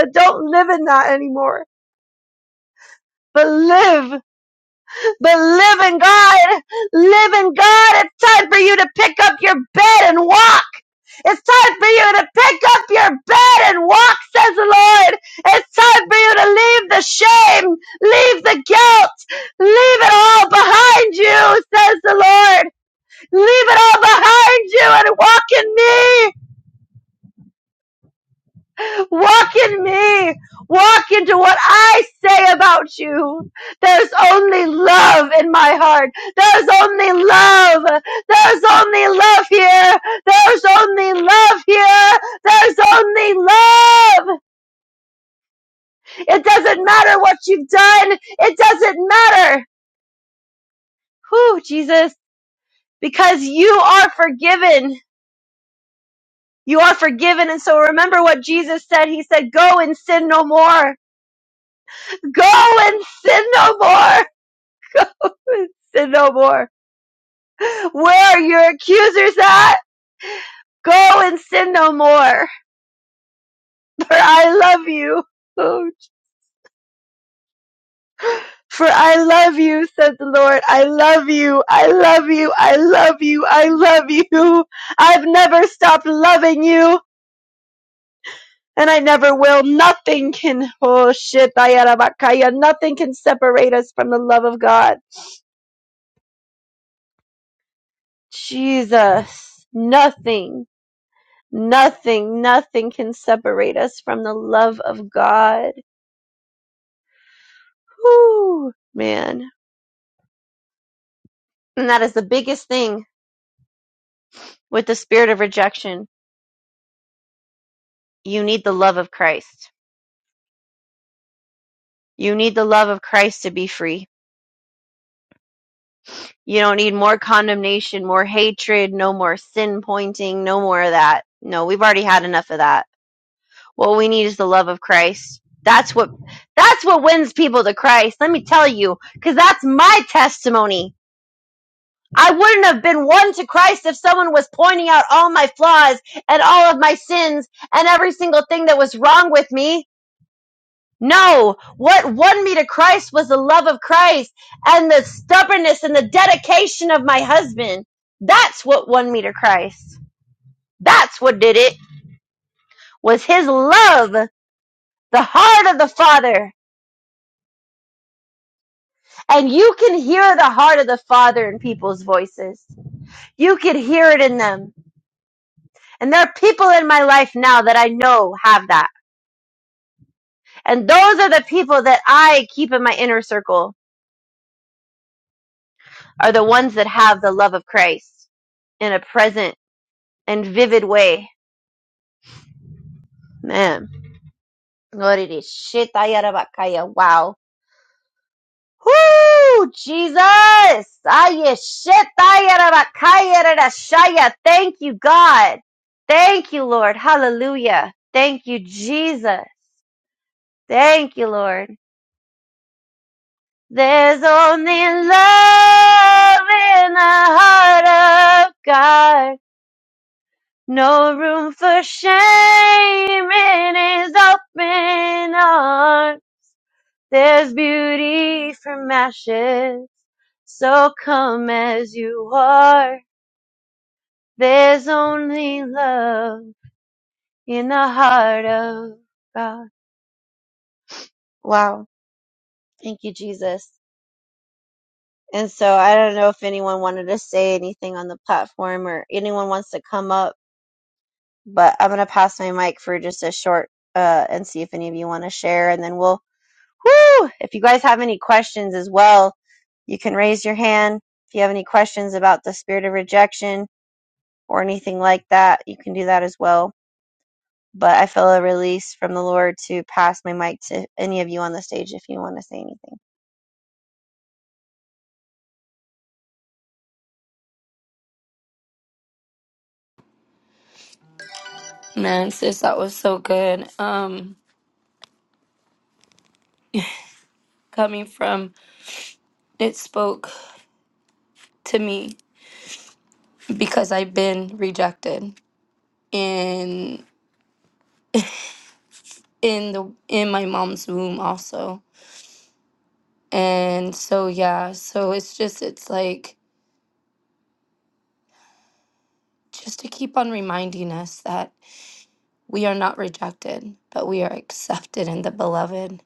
Speaker 2: Don't live in that anymore. But live. But living God, living God, it's time for you to pick up your bed and walk. It's time for you to pick up your bed and walk, says the Lord. It's time for you to leave the shame, leave the guilt, leave it all behind you, says the Lord. Leave it all behind you and walk in me. Walk in me. Walk into what I say about you. There's only love in my heart. There's only love. There's only love here. There's only love here. There's only love. It doesn't matter what you've done. It doesn't matter. Whew, Jesus, because you are forgiven. You are forgiven. And so remember what Jesus said. He said, go and sin no more. Go and sin no more. sin no more. Where are your accusers at? Go and sin no more. For I love you. Oh, For I love you, said the Lord. I love you. I love you. I love you. I love you. I've never stopped loving you. And I never will. Nothing can, oh shit, Dayarabakaya, nothing can separate us from the love of God. Jesus. Nothing, nothing, nothing can separate us from the love of God. Whoo, man. And that is the biggest thing with the spirit of rejection. You need the love of Christ. You need the love of Christ to be free. You don't need more condemnation, more hatred, no more sin pointing, no more of that. No, we've already had enough of that. What we need is the love of Christ. That's what that's what wins people to Christ. Let me tell you, cuz that's my testimony. I wouldn't have been won to Christ if someone was pointing out all my flaws and all of my sins and every single thing that was wrong with me. No, what won me to Christ was the love of Christ and the stubbornness and the dedication of my husband. That's what won me to Christ. That's what did it was his love, the heart of the Father. And you can hear the heart of the Father in people's voices. You could hear it in them And there are people in my life now that I know have that. And those are the people that I keep in my inner circle are the ones that have the love of Christ in a present and vivid way. Man. Glory to shit, ayarabakaya. Wow. Whoo! Jesus! Aye, shit, ayarabakaya, rarashaya. Thank you, God. Thank you, Lord. Hallelujah. Thank you, Jesus. Thank you, Lord. There's only love in the heart of God. No room for shame in his open arms. There's beauty from ashes. So come as you are. There's only love in the heart of God. Wow. Thank you, Jesus. And so I don't know if anyone wanted to say anything on the platform or anyone wants to come up but I'm gonna pass my mic for just a short uh and see if any of you want to share and then we'll whoo if you guys have any questions as well you can raise your hand if you have any questions about the spirit of rejection or anything like that you can do that as well but I feel a release from the Lord to pass my mic to any of you on the stage if you want to say anything
Speaker 1: Man, sis, that was so good. Um, coming from it spoke to me because I've been rejected in in the in my mom's womb also. And so yeah, so it's just it's like just to keep on reminding us that We are not rejected, but we are accepted in the beloved.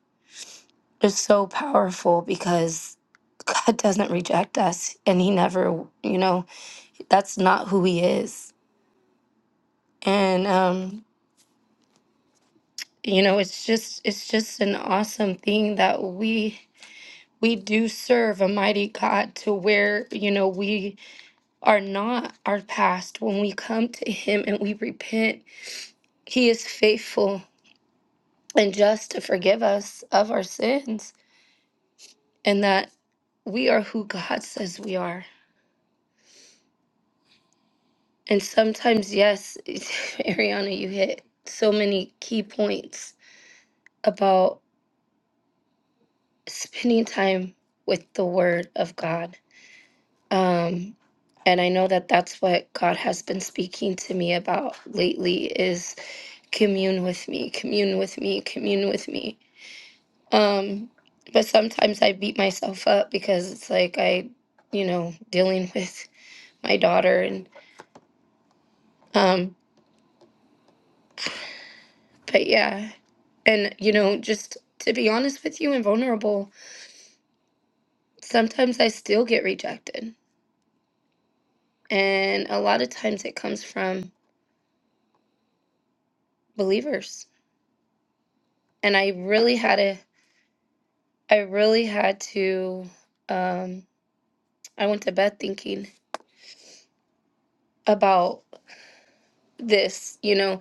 Speaker 1: It's so powerful because God doesn't reject us and he never, you know, that's not who he is. And um, you know, it's just it's just an awesome thing that we we do serve a mighty God to where, you know, we are not our past when we come to him and we repent. He is faithful and just to forgive us of our sins and that we are who God says we are. And sometimes, yes, Ariana, you hit so many key points about spending time with the Word of God. Um, and I know that that's what God has been speaking to me about lately is commune with me, commune with me, commune with me. Um, but sometimes I beat myself up because it's like I, you know, dealing with my daughter and um, But yeah, and you know, just to be honest with you and vulnerable, sometimes I still get rejected. And a lot of times it comes from believers. And I really had to, I really had to, um, I went to bed thinking about this, you know.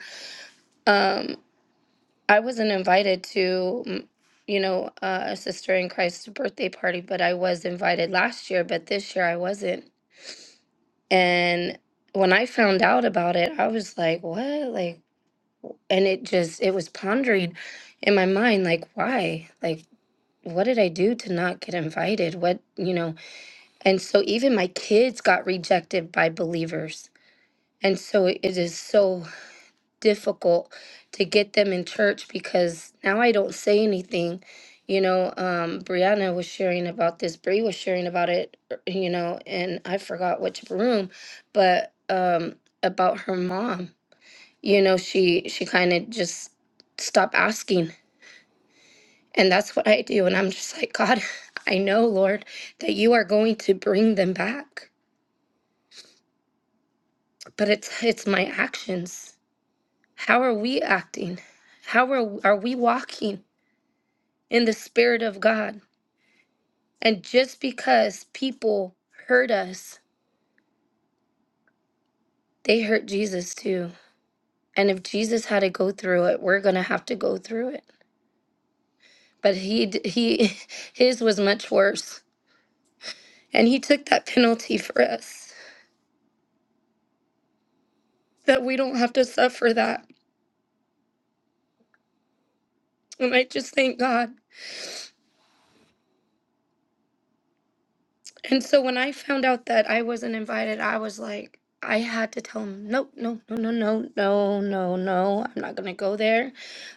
Speaker 1: Um, I wasn't invited to, mm, you know, uh, a sister in Christ's birthday party, but I was invited last year, but this year I wasn't. And when I found out about it, I was like, what? Like, and it just, it was pondering in my mind, like, why? Like, what did I do to not get invited? What, you know? And so even my kids got rejected by believers. And so it is so difficult to get them in church because now I don't say anything. You know, um, Brianna was sharing about this. Bree was sharing about it. er, You know, and I forgot which room, but um, about her mom. You know, she she kind of just stopped asking, and that's what I do. And I'm just like, God, I know, Lord, that you are going to bring them back, but it's it's my actions. How are we acting? How are are we walking? in the Spirit of God. And just because people hurt us, they hurt Jesus too. And if Jesus had to go through it, we're going to have to go through it. But he, d- he, his was much worse. And he took that penalty for us that we don't have to suffer that. And I just thank God. And so when I found out that I wasn't invited, I was like, I had to tell him, no, no, no, no, no, no, no, no. I'm not gonna go there.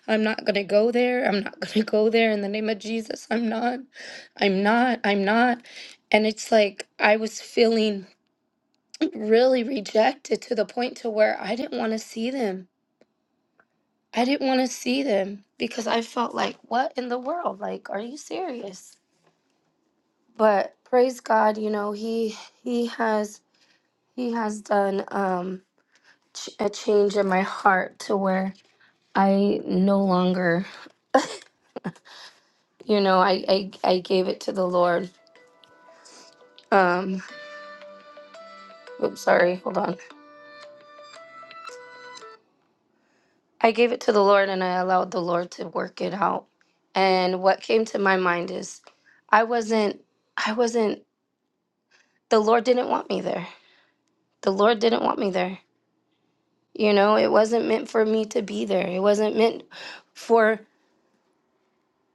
Speaker 1: I'm not gonna go there. I'm not gonna go there. In the name of Jesus, I'm not. I'm not. I'm not. And it's like I was feeling really rejected to the point to where I didn't want to see them. I didn't want to see them because I felt like, what in the world? Like, are you serious? But praise God, you know, he he has He has done um, ch- a change in my heart to where I no longer, you know, I, I, I gave it to the Lord. Um, oops, sorry, hold on. I gave it to the Lord and I allowed the Lord to work it out. And what came to my mind is I wasn't, I wasn't, the Lord didn't want me there. The Lord didn't want me there. You know, it wasn't meant for me to be there. It wasn't meant for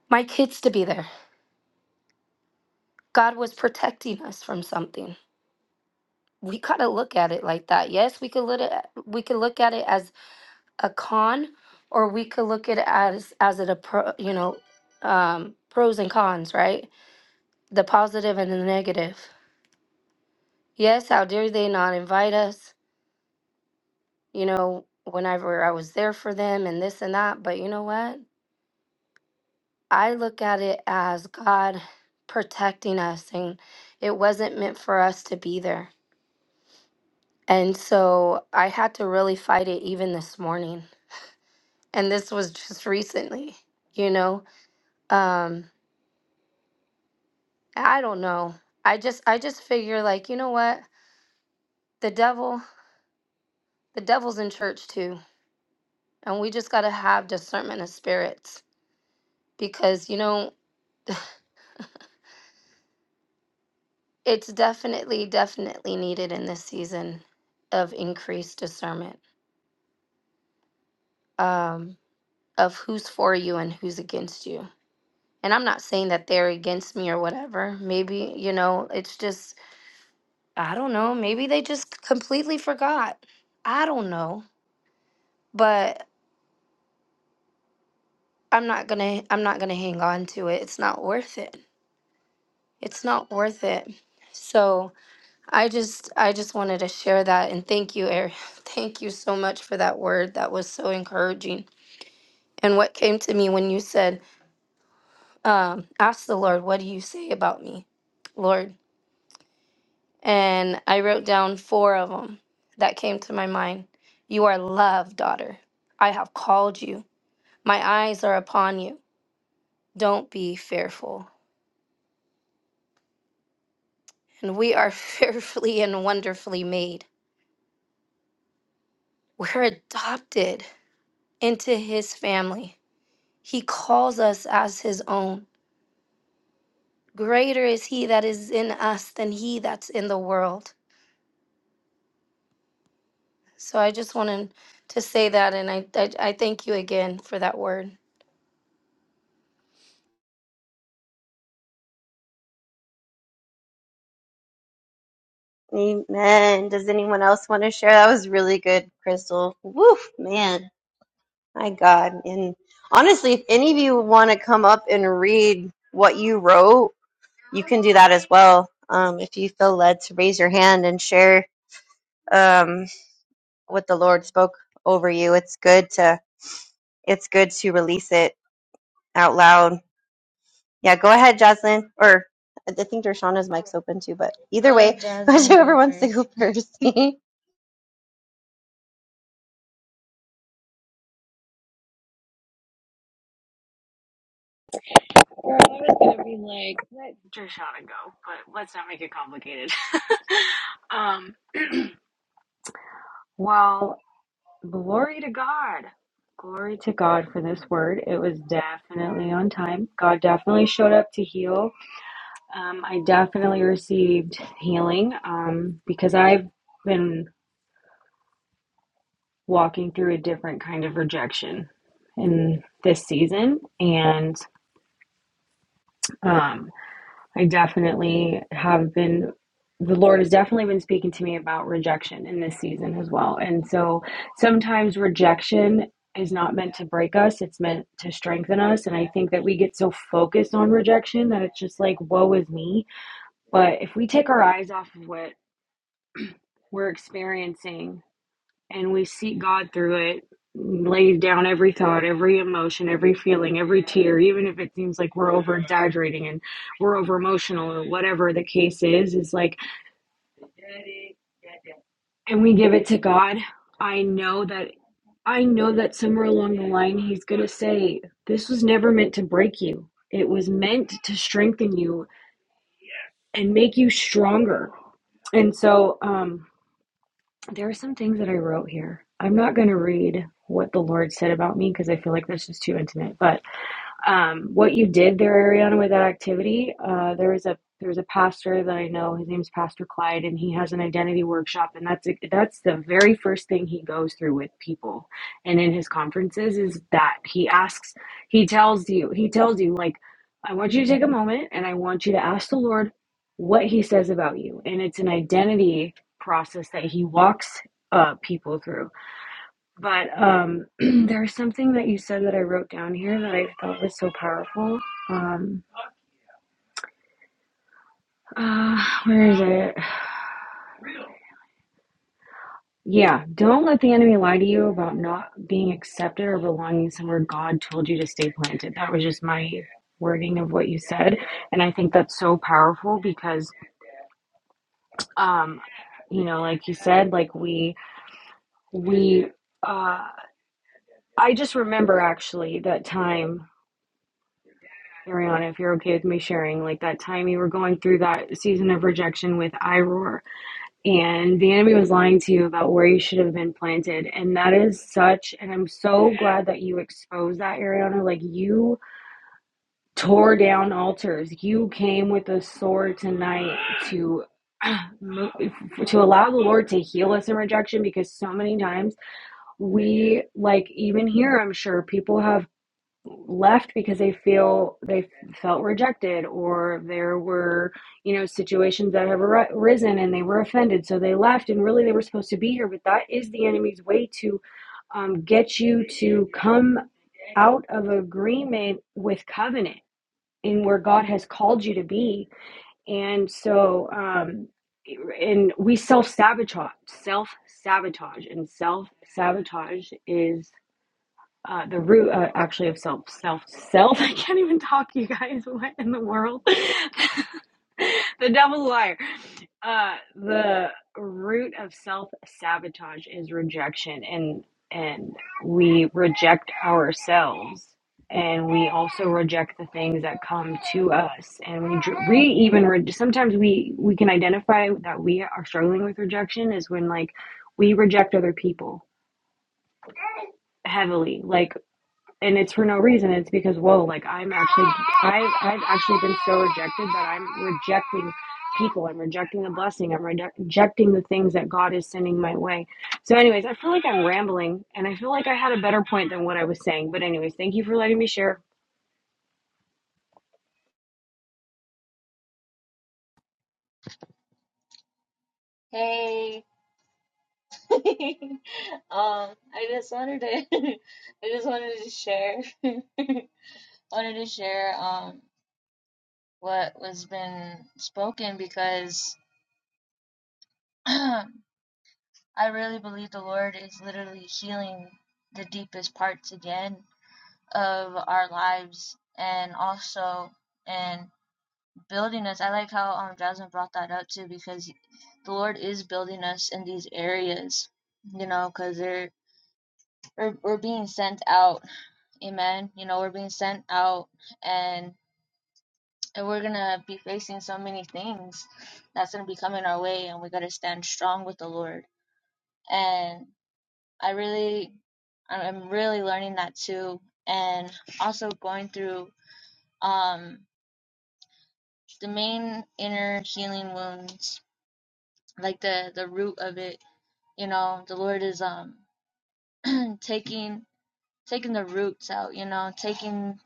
Speaker 1: my kids to be there. God was protecting us from something we gotta look at it like that. Yes, we could look at we could look at it as a con, or we could look at it as as it a pro, you know, um, pros and cons, right? The positive and the negative. Yes, how dare they not invite us? You know, whenever I was there for them and this and that, but you know what? I look at it as God protecting us, and it wasn't meant for us to be there. And so I had to really fight it even this morning and this was just recently you know um i don't know i just i just figure like you know what the devil the devil's in church too and we just got to have discernment of spirits because you know it's definitely definitely needed in this season of increased discernment um of who's for you and who's against you and i'm not saying that they're against me or whatever maybe you know it's just I don't know. Maybe they just completely forgot. I don't know. But I'm not going to I'm not going to hang on to it. It's not worth it. It's not worth it. So, I just I just wanted to share that and thank you, Eric. Thank you so much for that word. That was so encouraging. And what came to me when you said, um, ask the Lord, what do you say about me, Lord? And I wrote down four of them that came to my mind. You are loved, daughter. I have called you. My eyes are upon you. Don't be fearful. And we are fearfully and wonderfully made. We're adopted into his family. He calls us as his own. Greater is he that is in us than he that's in the world. So I just wanted to say that, and I, I, I thank you again for that word.
Speaker 2: amen does anyone else want to share that was really good crystal woof man My God. And honestly, if any of you want to come up and read what you wrote, you can do that as well. Um, if you feel led to raise your hand and share um, what the Lord spoke over you, it's good to it's good to release it out loud. Yeah, go ahead, Jocelyn. Or I think Dershana's mic's open too, but either
Speaker 3: I'll
Speaker 2: way,
Speaker 3: let Jaslyn
Speaker 2: whichever
Speaker 3: go
Speaker 2: wants to
Speaker 3: first.
Speaker 2: go first.
Speaker 4: Girl, I was gonna be like, let Drishana go, but let's not make it complicated. um, well, glory to God. Glory to God for this word. It was definitely on time. God definitely showed up to heal. Um, I definitely received healing um, because I've been walking through a different kind of rejection in this season. And um, I definitely have been, the Lord has definitely been speaking to me about rejection in this season as well. And so sometimes rejection is not meant to break us, it's meant to strengthen us. And I think that we get so focused on rejection that it's just like, woe is me. But if we take our eyes off of what we're experiencing and we seek God through it, lay down every thought, every emotion, every feeling, every tear, even if it seems like we're over exaggerating and we're over emotional or whatever the case is, is like, and we give it to God. I know that, I know that somewhere along the line, He's going to say, This was never meant to break you. It was meant to strengthen you and make you stronger. And so, um, There are some things that I wrote here. I'm not going to read what the Lord said about me because I feel like that's just too intimate, but um, what you did there, Ariana, with that activity. Uh, there was a there was a pastor that I know. His name's Pastor Clyde, and he has an identity workshop, and that's that's the very first thing he goes through with people, and in his conferences is that he asks, he tells you, he tells you like, I want you to take a moment, and I want you to ask the Lord what He says about you, and it's an identity process that he walks uh, people through but um, there's something that you said that I wrote down here that I thought was so powerful. Um, uh, where is it? Yeah, don't let the enemy lie to you about not being accepted or belonging somewhere God told you to stay planted. That was just my wording of what you said. And I think that's so powerful because, um, you know, like you said, like we, we, uh, I just remember actually that time Ariana, if you're okay with me sharing, like that time you were going through that season of rejection with iRoar, and the enemy was lying to you about where you should have been planted. And that is such, and I'm so glad that you exposed that, Ariana. Like you tore down altars, you came with a sword tonight to. To allow the Lord to heal us in rejection because so many times we, like, even here, I'm sure people have left because they feel they felt rejected or there were you know situations that have arisen and they were offended so they left and really they were supposed to be here but that is the enemy's way to um, get you to come out of agreement with covenant in where god has called you to be and so um, and we self-sabotage self-sabotage and self-sabotage is uh, the root uh, actually of self self self i can't even talk you guys what in the world the devil's liar uh, the root of self sabotage is rejection and and we reject ourselves and we also reject the things that come to us and we we even re- sometimes we we can identify that we are struggling with rejection is when like we reject other people heavily. Like and it's for no reason. It's because whoa, like I'm actually I've I've actually been so rejected that I'm rejecting people. I'm rejecting the blessing. I'm reje- rejecting the things that God is sending my way. So, anyways, I feel like I'm rambling, and I feel like I had a better point than what I was saying. But, anyways, thank you for letting me share.
Speaker 3: Hey, um, I just wanted to, I just wanted to share, wanted to share, um, what was been spoken because I really believe the Lord is literally healing the deepest parts again of our lives and also, in building us. I like how um Jasmine brought that up too because the Lord is building us in these areas, you know, because they're we're, we're being sent out. Amen. You know, we're being sent out and and we're gonna be facing so many things that's gonna be coming our way and we gotta stand strong with the Lord. And I really I'm really learning that too and also going through um the main inner healing wounds like the the root of it You know, the Lord is um taking taking the roots out, you know, taking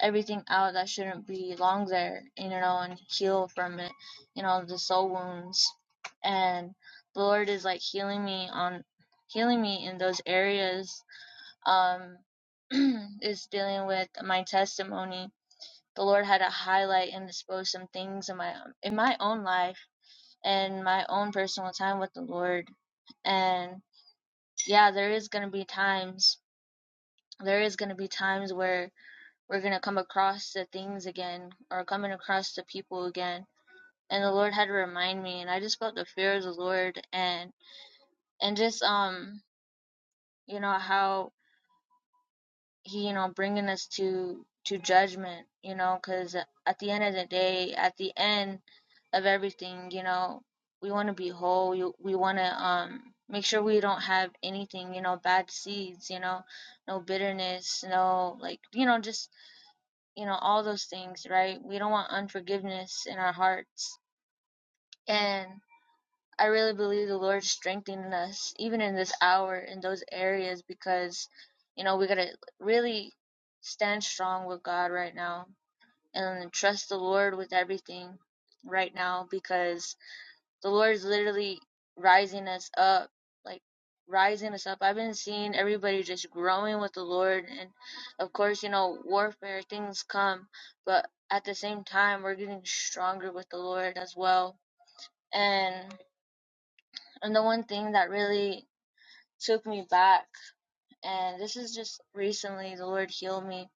Speaker 3: everything out that shouldn't belong there, you know, and heal from it, you know, the soul wounds. And the Lord is like healing me on healing me in those areas. Um is dealing with my testimony. The Lord had to highlight and expose some things in my in my own life and my own personal time with the Lord. And yeah, there is gonna be times there is going to be times where we're going to come across the things again or coming across the people again and the lord had to remind me and i just felt the fear of the lord and and just um you know how he you know bringing us to to judgment you know because at the end of the day at the end of everything you know we want to be whole we, we want to um make sure we don't have anything you know bad seeds you know no bitterness no like you know just you know, all those things, right? We don't want unforgiveness in our hearts. And I really believe the Lord's strengthening us, even in this hour, in those areas, because, you know, we got to really stand strong with God right now and trust the Lord with everything right now, because the Lord is literally rising us up, like rising us up. I've been seeing everybody just growing with the Lord, and of course, you know, warfare things come, but at the same time, we're getting stronger with the Lord as well. And and the one thing that really took me back, and this is just recently, the Lord healed me,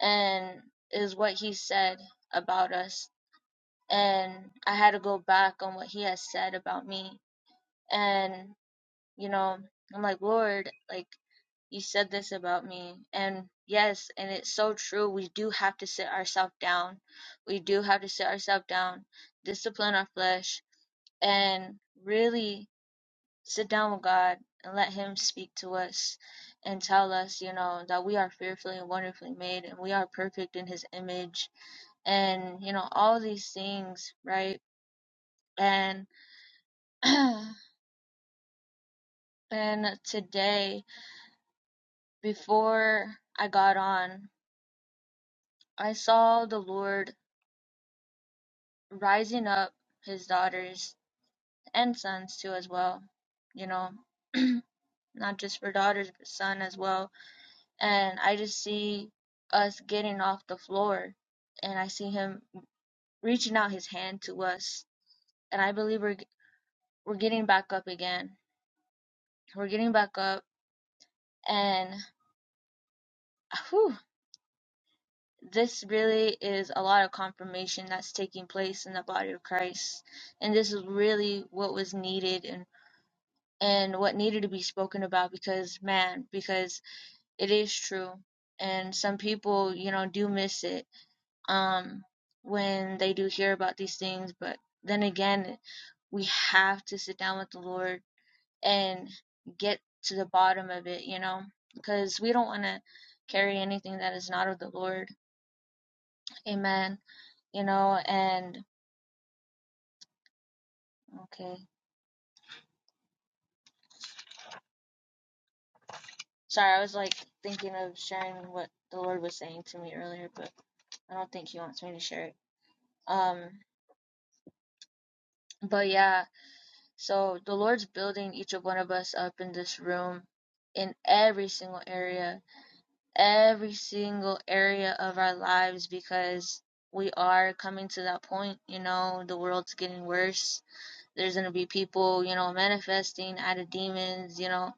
Speaker 3: and is what He said about us. And I had to go back on what he has said about me. And you know i'm like lord like you said this about me and yes and it's so true we do have to sit ourselves down we do have to sit ourselves down discipline our flesh and really sit down with god and let him speak to us and tell us you know that we are fearfully and wonderfully made and we are perfect in his image and you know all these things right and and today before i got on I saw the Lord rising up his daughters and sons too as well, you know, not just for daughters but son as well. And I just see us getting off the floor and I see him reaching out his hand to us and I believe we're we're getting back up again. We're getting back up and whew, this really is a lot of confirmation that's taking place in the body of Christ and this is really what was needed and. and what needed to be spoken about because man because it is true and some people you know do miss it um when they do hear about these things but then again we have to sit down with the lord and get to the bottom of it you know because we don't want to carry anything that is not of the lord amen you know and okay sorry i was like thinking of sharing what the lord was saying to me earlier but i don't think he wants me to share it um But yeah, so the Lord's building each of one of us up in this room, in every single area, every single area of our lives, because we are coming to that point, you know, the world's getting worse. There's going to be people, you know, manifesting out of demons, you know,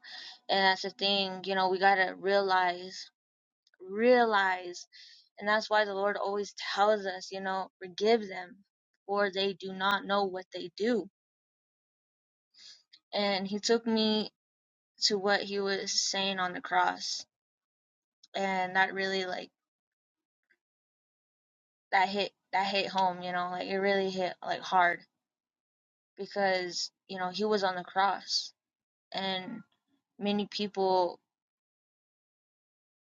Speaker 3: and that's the thing, you know, we got to realize, realize. And that's why the Lord always tells us, you know, forgive them, for they do not know what they do and he took me to what he was saying on the cross and that really like that hit that hit home you know like it really hit like hard because you know he was on the cross and many people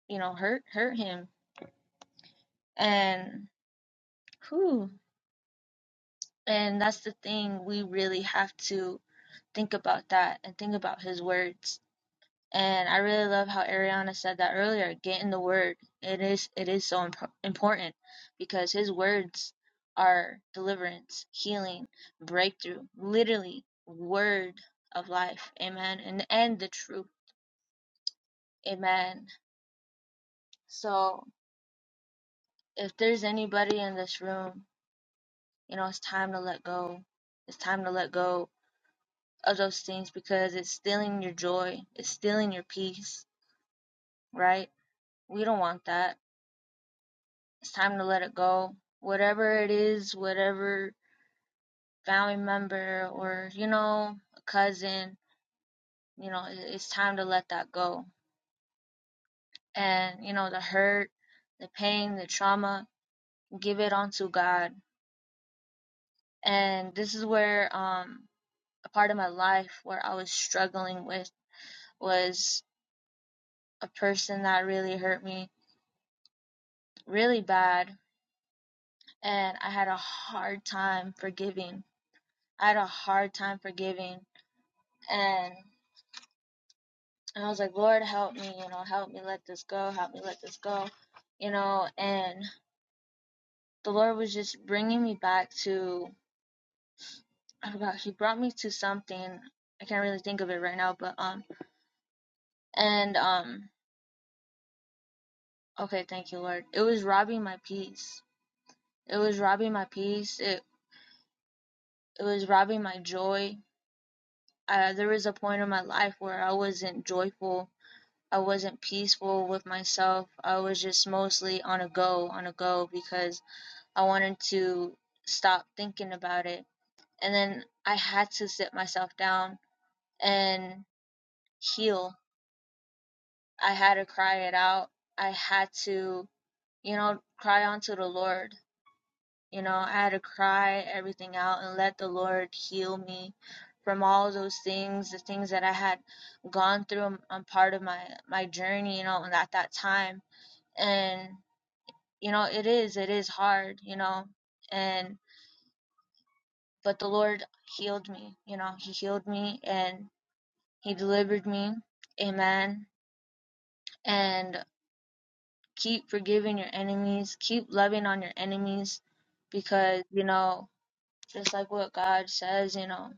Speaker 3: you know hurt hurt him and who and that's the thing we really have to think about that and think about his words And I really love how Ariana said that earlier. Get in the word. It is it is so imp- important because his words are deliverance, healing, breakthrough. Literally, word of life. Amen. And and the truth. Amen. So if there's anybody in this room, you know it's time to let go. It's time to let go of those things because it's stealing your joy. It's stealing your peace. Right? We don't want that it's time to let it go. Whatever it is, whatever family member or, you know, a cousin, you know, it's time to let that go. And, you know, the hurt, the pain, the trauma, give it onto God. And this is where um a part of my life where I was struggling with was a person that really hurt me really bad and I had a hard time forgiving. I had a hard time forgiving and. And I was like, Lord, help me, you know, help me let this go, help me let this go, you know. And the Lord was just bringing me back to, I forgot, He brought me to something. I can't really think of it right now, but, um, and, um, okay, thank you, Lord. It was robbing my peace. It was robbing my peace. It, it was robbing my joy. Uh, there was a point in my life where I wasn't joyful. I wasn't peaceful with myself. I was just mostly on a go, on a go, because I wanted to stop thinking about it. And then I had to sit myself down and heal. I had to cry it out. I had to, you know, cry onto the Lord. You know, I had to cry everything out and let the Lord heal me from all those things, the things that I had gone through on on part of my my journey, you know, and at that time. And you know, it is it is hard, you know. And but the Lord healed me. You know, He healed me and He delivered me. Amen. And keep forgiving your enemies, keep loving on your enemies because, you know, just like what God says, you know,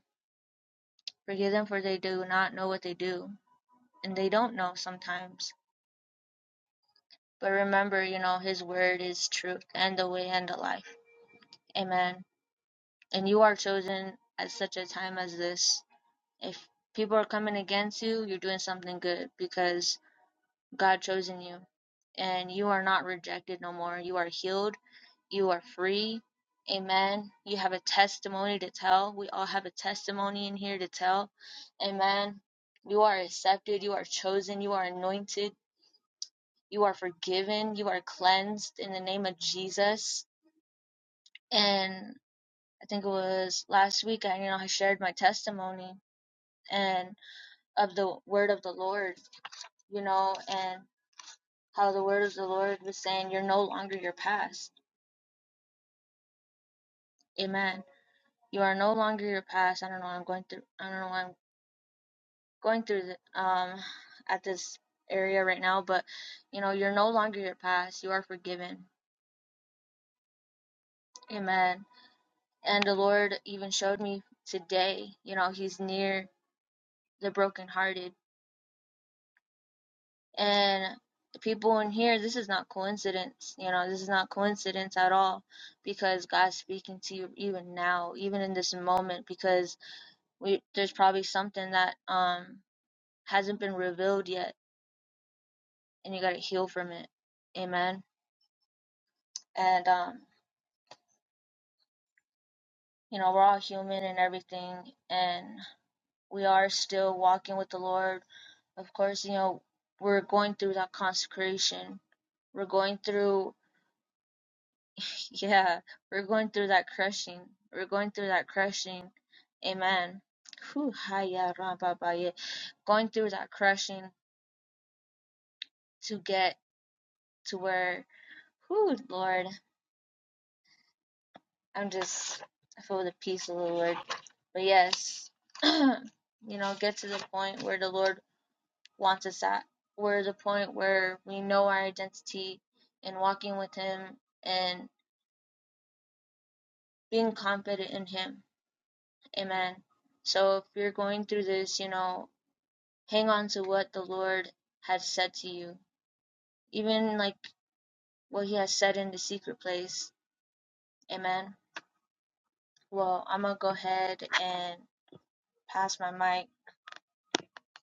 Speaker 3: forgive them for they do not know what they do. And they don't know sometimes. But remember, you know, His word is truth and the way and the life. Amen. And you are chosen at such a time as this. If people are coming against you, you're doing something good because God chosen you, and you are not rejected no more. You are healed. You are free. Amen. You have a testimony to tell. We all have a testimony in here to tell. Amen. You are accepted. You are chosen. You are anointed. You are forgiven. You are cleansed in the name of Jesus. And I think it was last week, I, you know, I shared my testimony and of the word of the Lord, you know, and how the word of the Lord was saying, You're no longer your past Amen. You are no longer your past. I don't know. I'm going through. I don't know. why I'm going through the, um at this area right now, but you know, you're no longer your past. You are forgiven. Amen. And the Lord even showed me today. You know, He's near the brokenhearted and the people in here. This is not coincidence. You know, this is not coincidence at all, because God's speaking to you even now, even in this moment, because we there's probably something that um hasn't been revealed yet and you got to heal from it. Amen. And, um, you know, we're all human and everything, and we are still walking with the Lord. Of course, you know, we're going through that consecration. We're going through, yeah, we're going through that crushing. We're going through that crushing. Amen. Whew, hiya, rabba, baya. Going through that crushing to get to where, whew, Lord, I'm just, I feel the peace of the Lord But yes, you know, get to the point where the Lord wants us at, We're the point where we know our identity and walking with Him and being confident in Him. Amen. So if you're going through this, you know, hang on to what the Lord has said to you, even like what He has said in the secret place. Amen. Well, I'm gonna go ahead and pass my mic.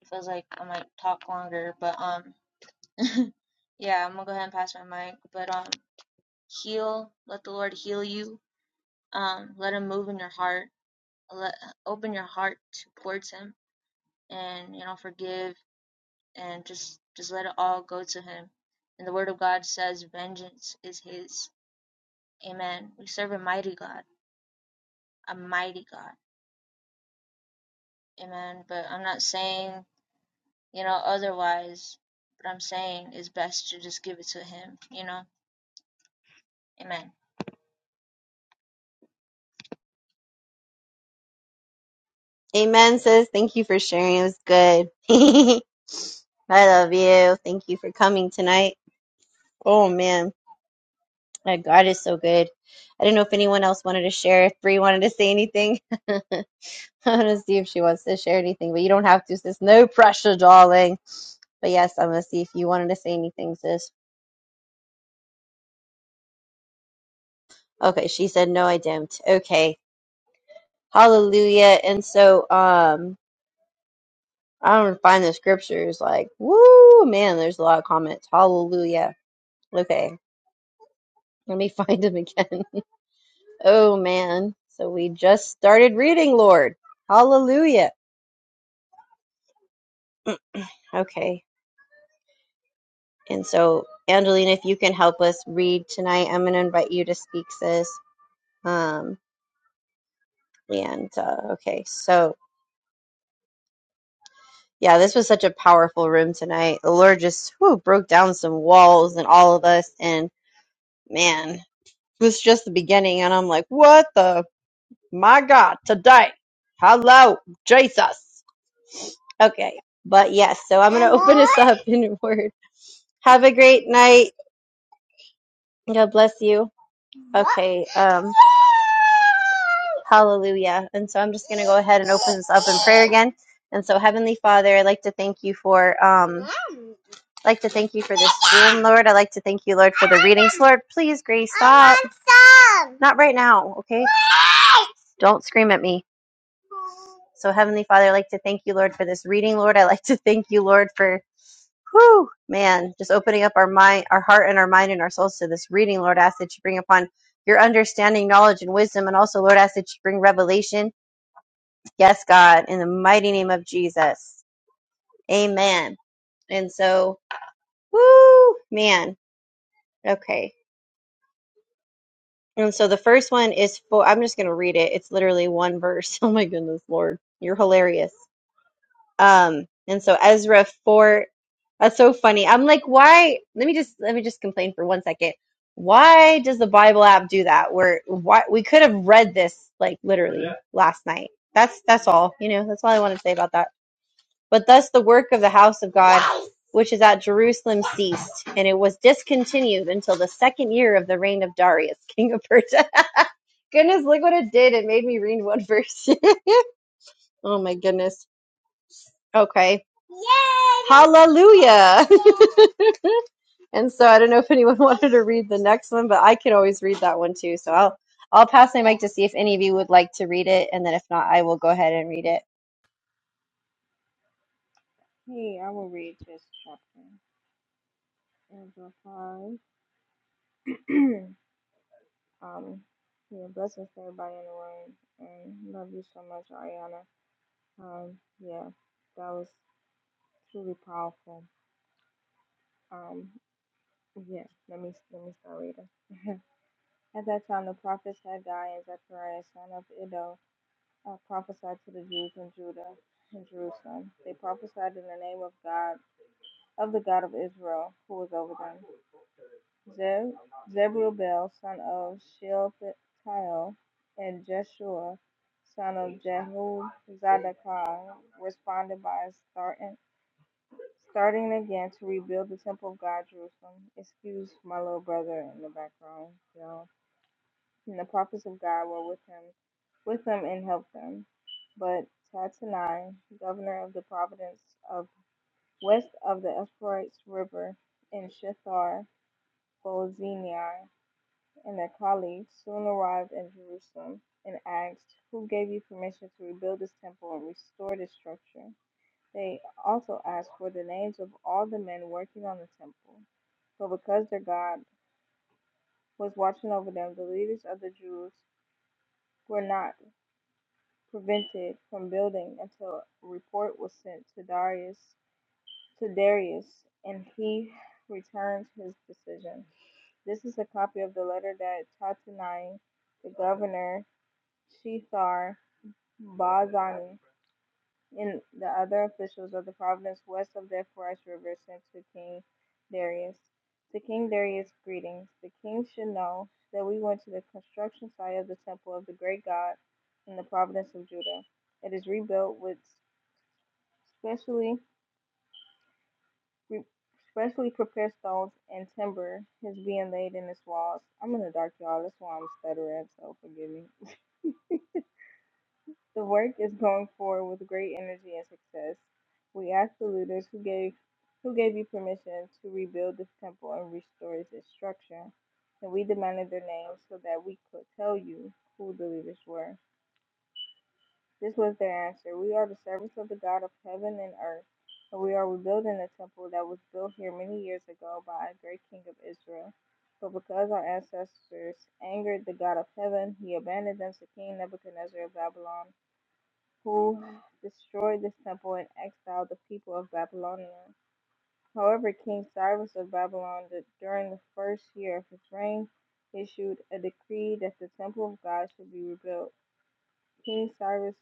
Speaker 3: It feels like I might talk longer, but um yeah, I'm gonna go ahead and pass my mic. But um, heal. Let the Lord heal you. Um, let Him move in your heart. Let open your heart towards Him, and you know, forgive and just just let it all go to Him. And the Word of God says, "Vengeance is His." Amen. We serve a mighty God, a mighty God. Amen. But I'm not saying you know otherwise. But I'm saying it's best to just give it to Him. You know. Amen.
Speaker 2: Amen, sis. Thank you for sharing. It was good. I love you. Thank you for coming tonight. Oh man. My God is so good. I didn't know if anyone else wanted to share, if Bree wanted to say anything. I want to see if she wants to share anything, but you don't have to, sis. No pressure, darling. But yes, I'm going to see if you wanted to say anything, sis. Okay, she said, no, I didn't. Okay, hallelujah. And so, um, I don't find the scriptures like, woo, man, there's a lot of comments. Hallelujah. Okay, let me find them again. oh, man. So we just started reading, Lord. Hallelujah. Okay. And so, Angelina, if you can help us read tonight, I'm going to invite you to speak, sis. Um, and uh, okay, so yeah, this was such a powerful room tonight. The Lord just whew, broke down some walls and all of us. And man, it was just the beginning. And I'm like, what the? My God, today. Hello, Jesus. Okay. But yes, so I'm going to open us up in a word. Have a great night. God bless you. Okay. Um, Hallelujah. And so I'm just going to go ahead and open this up in prayer again. And so Heavenly Father, I'd like to thank you for um I'd like to thank you for this room, Lord. I'd like to thank you, Lord, for the readings. Lord, please, Grace, stop. Not right now, okay? Don't scream at me. So Heavenly Father, I'd like to thank you, Lord, for this reading, Lord. I'd like to thank you, Lord, for man, just opening up our mind, our heart and our mind and our souls to this reading, Lord. I ask that you bring upon your understanding, knowledge, and wisdom, and also, Lord, I ask that you bring revelation Yes, God, in the mighty name of Jesus. Amen. And so, woo, man. Okay. And so the first one is for, I'm just going to read it. It's literally one verse. Oh my goodness, Lord. You're hilarious. Um, and so Ezra 4, that's so funny. I'm like, why? Let me just, let me just complain for one second. Why does the Bible app do that? Where, why, we could have read this like literally last night. That's, that's all, you know, that's all I want to say about that. But thus the work of the house of God, which is at Jerusalem, ceased, and it was discontinued until the second year of the reign of Darius, king of Persia. goodness, look what it did. It made me read one verse. oh my goodness. Okay. Yay! Hallelujah. and so I don't know if anyone wanted to read the next one, but I could always read that one too. So I'll I'll pass my mic to see if any of you would like to read it, and then if not, I will go ahead and read it.
Speaker 5: Hey, I will read this chapter. Angel 5. um, yeah, blessings to everybody in the room. And love you so much, Ariana. Um, yeah, that was truly powerful. Um, yeah, let me let me start reading. At that time, the prophets Haggai and Zechariah, son of Iddo, uh, prophesied to the Jews in Judah and Jerusalem. They prophesied in the name of God, of the God of Israel, who was over them. Zer- Zerubbabel son of Shealtiel, and Jeshua son of Jehozadaki responded by starting, starting again to rebuild the temple of God, Jerusalem. Excuse my little brother in the background, y'all. And the prophets of God were with him, with them and helped them. But Tatanai, governor of the province of west of the Euphrates River in Shethar, and their colleagues soon arrived in Jerusalem and asked, Who gave you permission to rebuild this temple and restore this structure? They also asked for the names of all the men working on the temple. But because their God was watching over them, the leaders of the Jews were not prevented from building until a report was sent to Darius to Darius and he returned his decision. This is a copy of the letter that Tatanai, the governor, Shethar Barzani, and the other officials of the province west of the Euphrates River sent to King Darius. To King Darius, greetings. The king should know that we went to the construction site of the temple of the great God in the province of Judah. It is rebuilt with specially re- specially prepared stones and timber is being laid in its walls. I'm in the dark, y'all. That's why I'm stuttering, so forgive me. The work is going forward with great energy and success. We ask the leaders who gave who gave you permission to rebuild this temple and restore its structure, and we demanded their names so that we could tell you who the leaders were. This was their answer. We are the servants of the God of heaven and earth, and we are rebuilding a temple that was built here many years ago by a great king of Israel. But because our ancestors angered the God of heaven, he abandoned them to King Nebuchadnezzar of Babylon who destroyed this temple and exiled the people of Babylonia. However, King Cyrus of Babylon, during the first year of his reign, issued a decree that the temple of God should be rebuilt. King Cyrus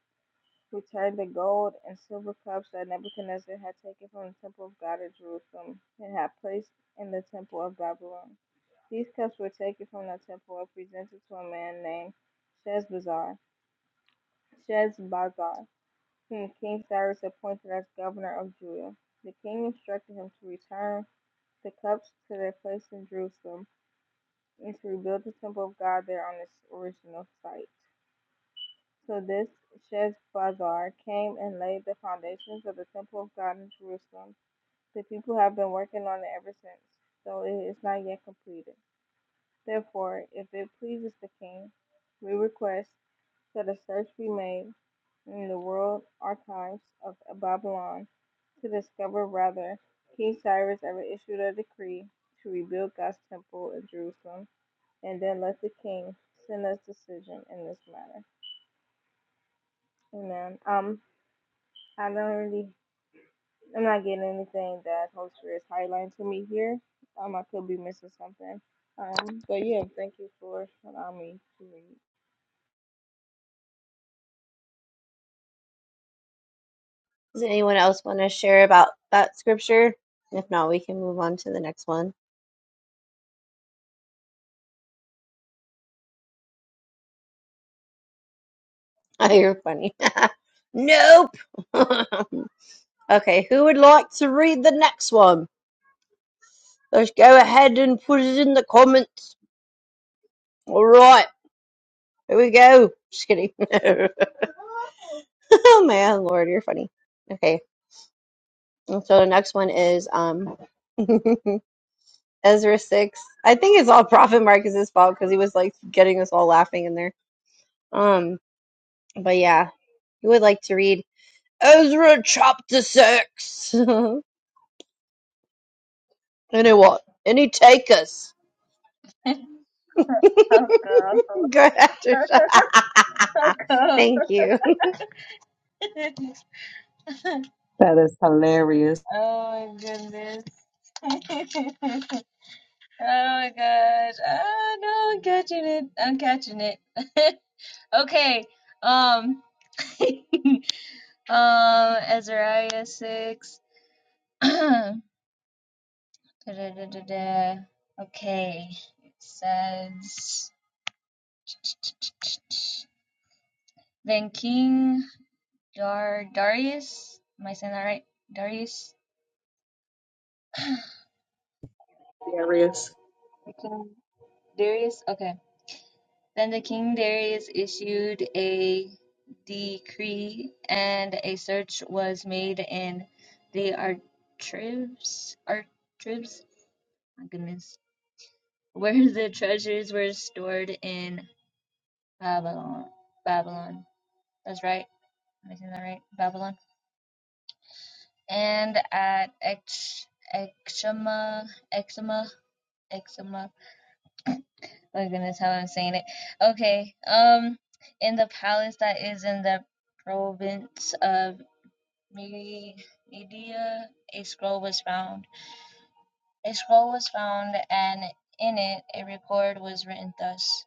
Speaker 5: returned the gold and silver cups that Nebuchadnezzar had taken from the temple of God at Jerusalem and had placed in the temple of Babylon. These cups were taken from the temple and presented to a man named Sheshbazzar. Sheshbazzar. King King Cyrus appointed as governor of Judah. The king instructed him to return the cups to their place in Jerusalem and to rebuild the temple of God there on its original site. So this Sheshbazzar came and laid the foundations of the temple of God in Jerusalem. The people have been working on it ever since, though it is not yet completed. Therefore, if it pleases the king, we request So the search be made in the world archives of Babylon to discover whether King Cyrus ever issued a decree to rebuild God's temple in Jerusalem, and then let the king send us decision in this matter. Amen. Um, I don't really, I'm not getting anything that Holy Spirit is highlighting to me here. Um, I could be missing something. Um, but yeah, thank you for allowing me to read.
Speaker 2: Does anyone else want to share about that scripture? If not, we can move on to the next one. Oh, you're funny. nope. okay, who would like to read the next one? Let's go ahead and put it in the comments. All right, here we go. Just kidding. oh man, Lord, you're funny. Okay, and so the next one is um Ezra six. I think it's all Prophet Marcus's fault because he was like getting us all laughing in there. Um, but yeah, you would like to read Ezra chapter six. Anyone? Any takers?
Speaker 3: so good.
Speaker 2: Good after.
Speaker 3: That's So good.
Speaker 2: Thank you.
Speaker 3: oh my goodness.
Speaker 6: That is hilarious.
Speaker 3: oh my gosh. Oh no, I'm catching it. I'm catching it. okay. Um um Azariah six. Da-da-da-da-da. okay. It says Then King Dar Darius. Am I saying that right? Darius? King Darius? Okay Then the king Darius issued a decree, and a search was made in the archives, archives, my goodness, where the treasures were stored in Babylon. Babylon. That's right. Am I saying that right? Babylon. And at Ex Exuma, Exuma, Exuma. My goodness, how I'm saying it. Okay. Um, in the palace that is in the province of media, a scroll was found. A scroll was found, and in it a record was written thus.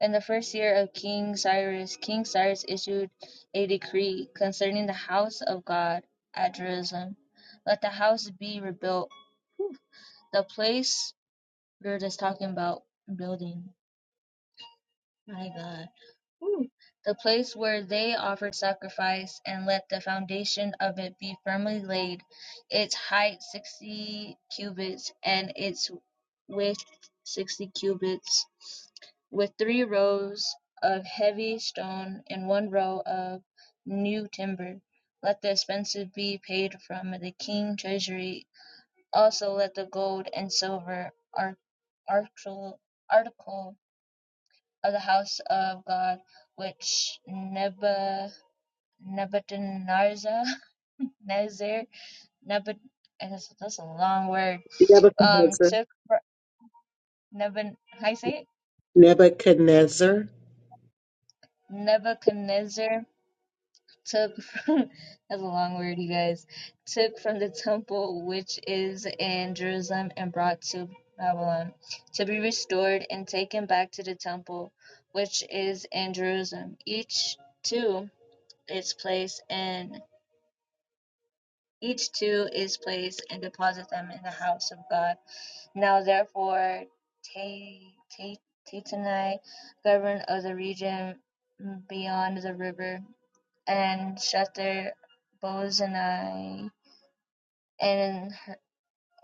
Speaker 3: In the first year of King Cyrus, King Cyrus issued a decree concerning the house of God at Jerusalem. Let the house be rebuilt. The place we're just talking about building. My God. the place where they offered sacrifice, and let the foundation of it be firmly laid, its height sixty cubits, and its width sixty cubits, with three rows of heavy stone and one row of new timber. Let the expenses be paid from the king treasury. Also, let the gold and silver article of the house of God, which Nebuchadnezzar, Nebuchadnezzar, Nezer- Nebud- I guess that's a long word, um,
Speaker 6: Nebuchadnezzar.
Speaker 3: took, fr- Nebun, how you say it?
Speaker 6: Nebuchadnezzar.
Speaker 3: Nebuchadnezzar took, from- that's a long word, you guys, took from the temple which is in Jerusalem and brought to Babylon, to be restored and taken back to the temple which is in Jerusalem, each to its place in Each two is placed and deposit them in the house of God. Now therefore, Tatenai, governor of the region beyond the river, and Shether Bozenai, and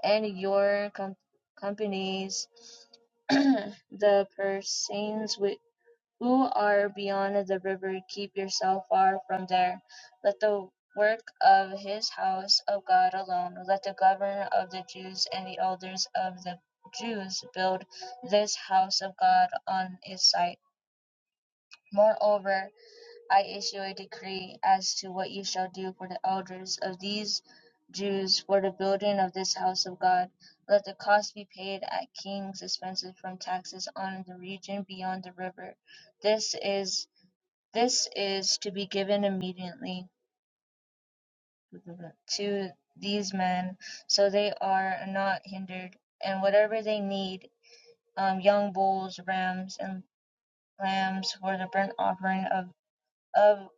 Speaker 3: and your com- companies, the Persians who are beyond the river, keep yourself far from there. Let the work of his house of God alone, let the governor of the Jews and the elders of the Jews build this house of God on its site. Moreover, I issue a decree as to what you shall do for the elders of these Jews for the building of this house of God. Let the cost be paid at king's expenses from taxes on the region beyond the river. This is this is to be given immediately to these men, so they are not hindered, and whatever they need, um, young bulls, rams, and lambs for the burnt offering of, of,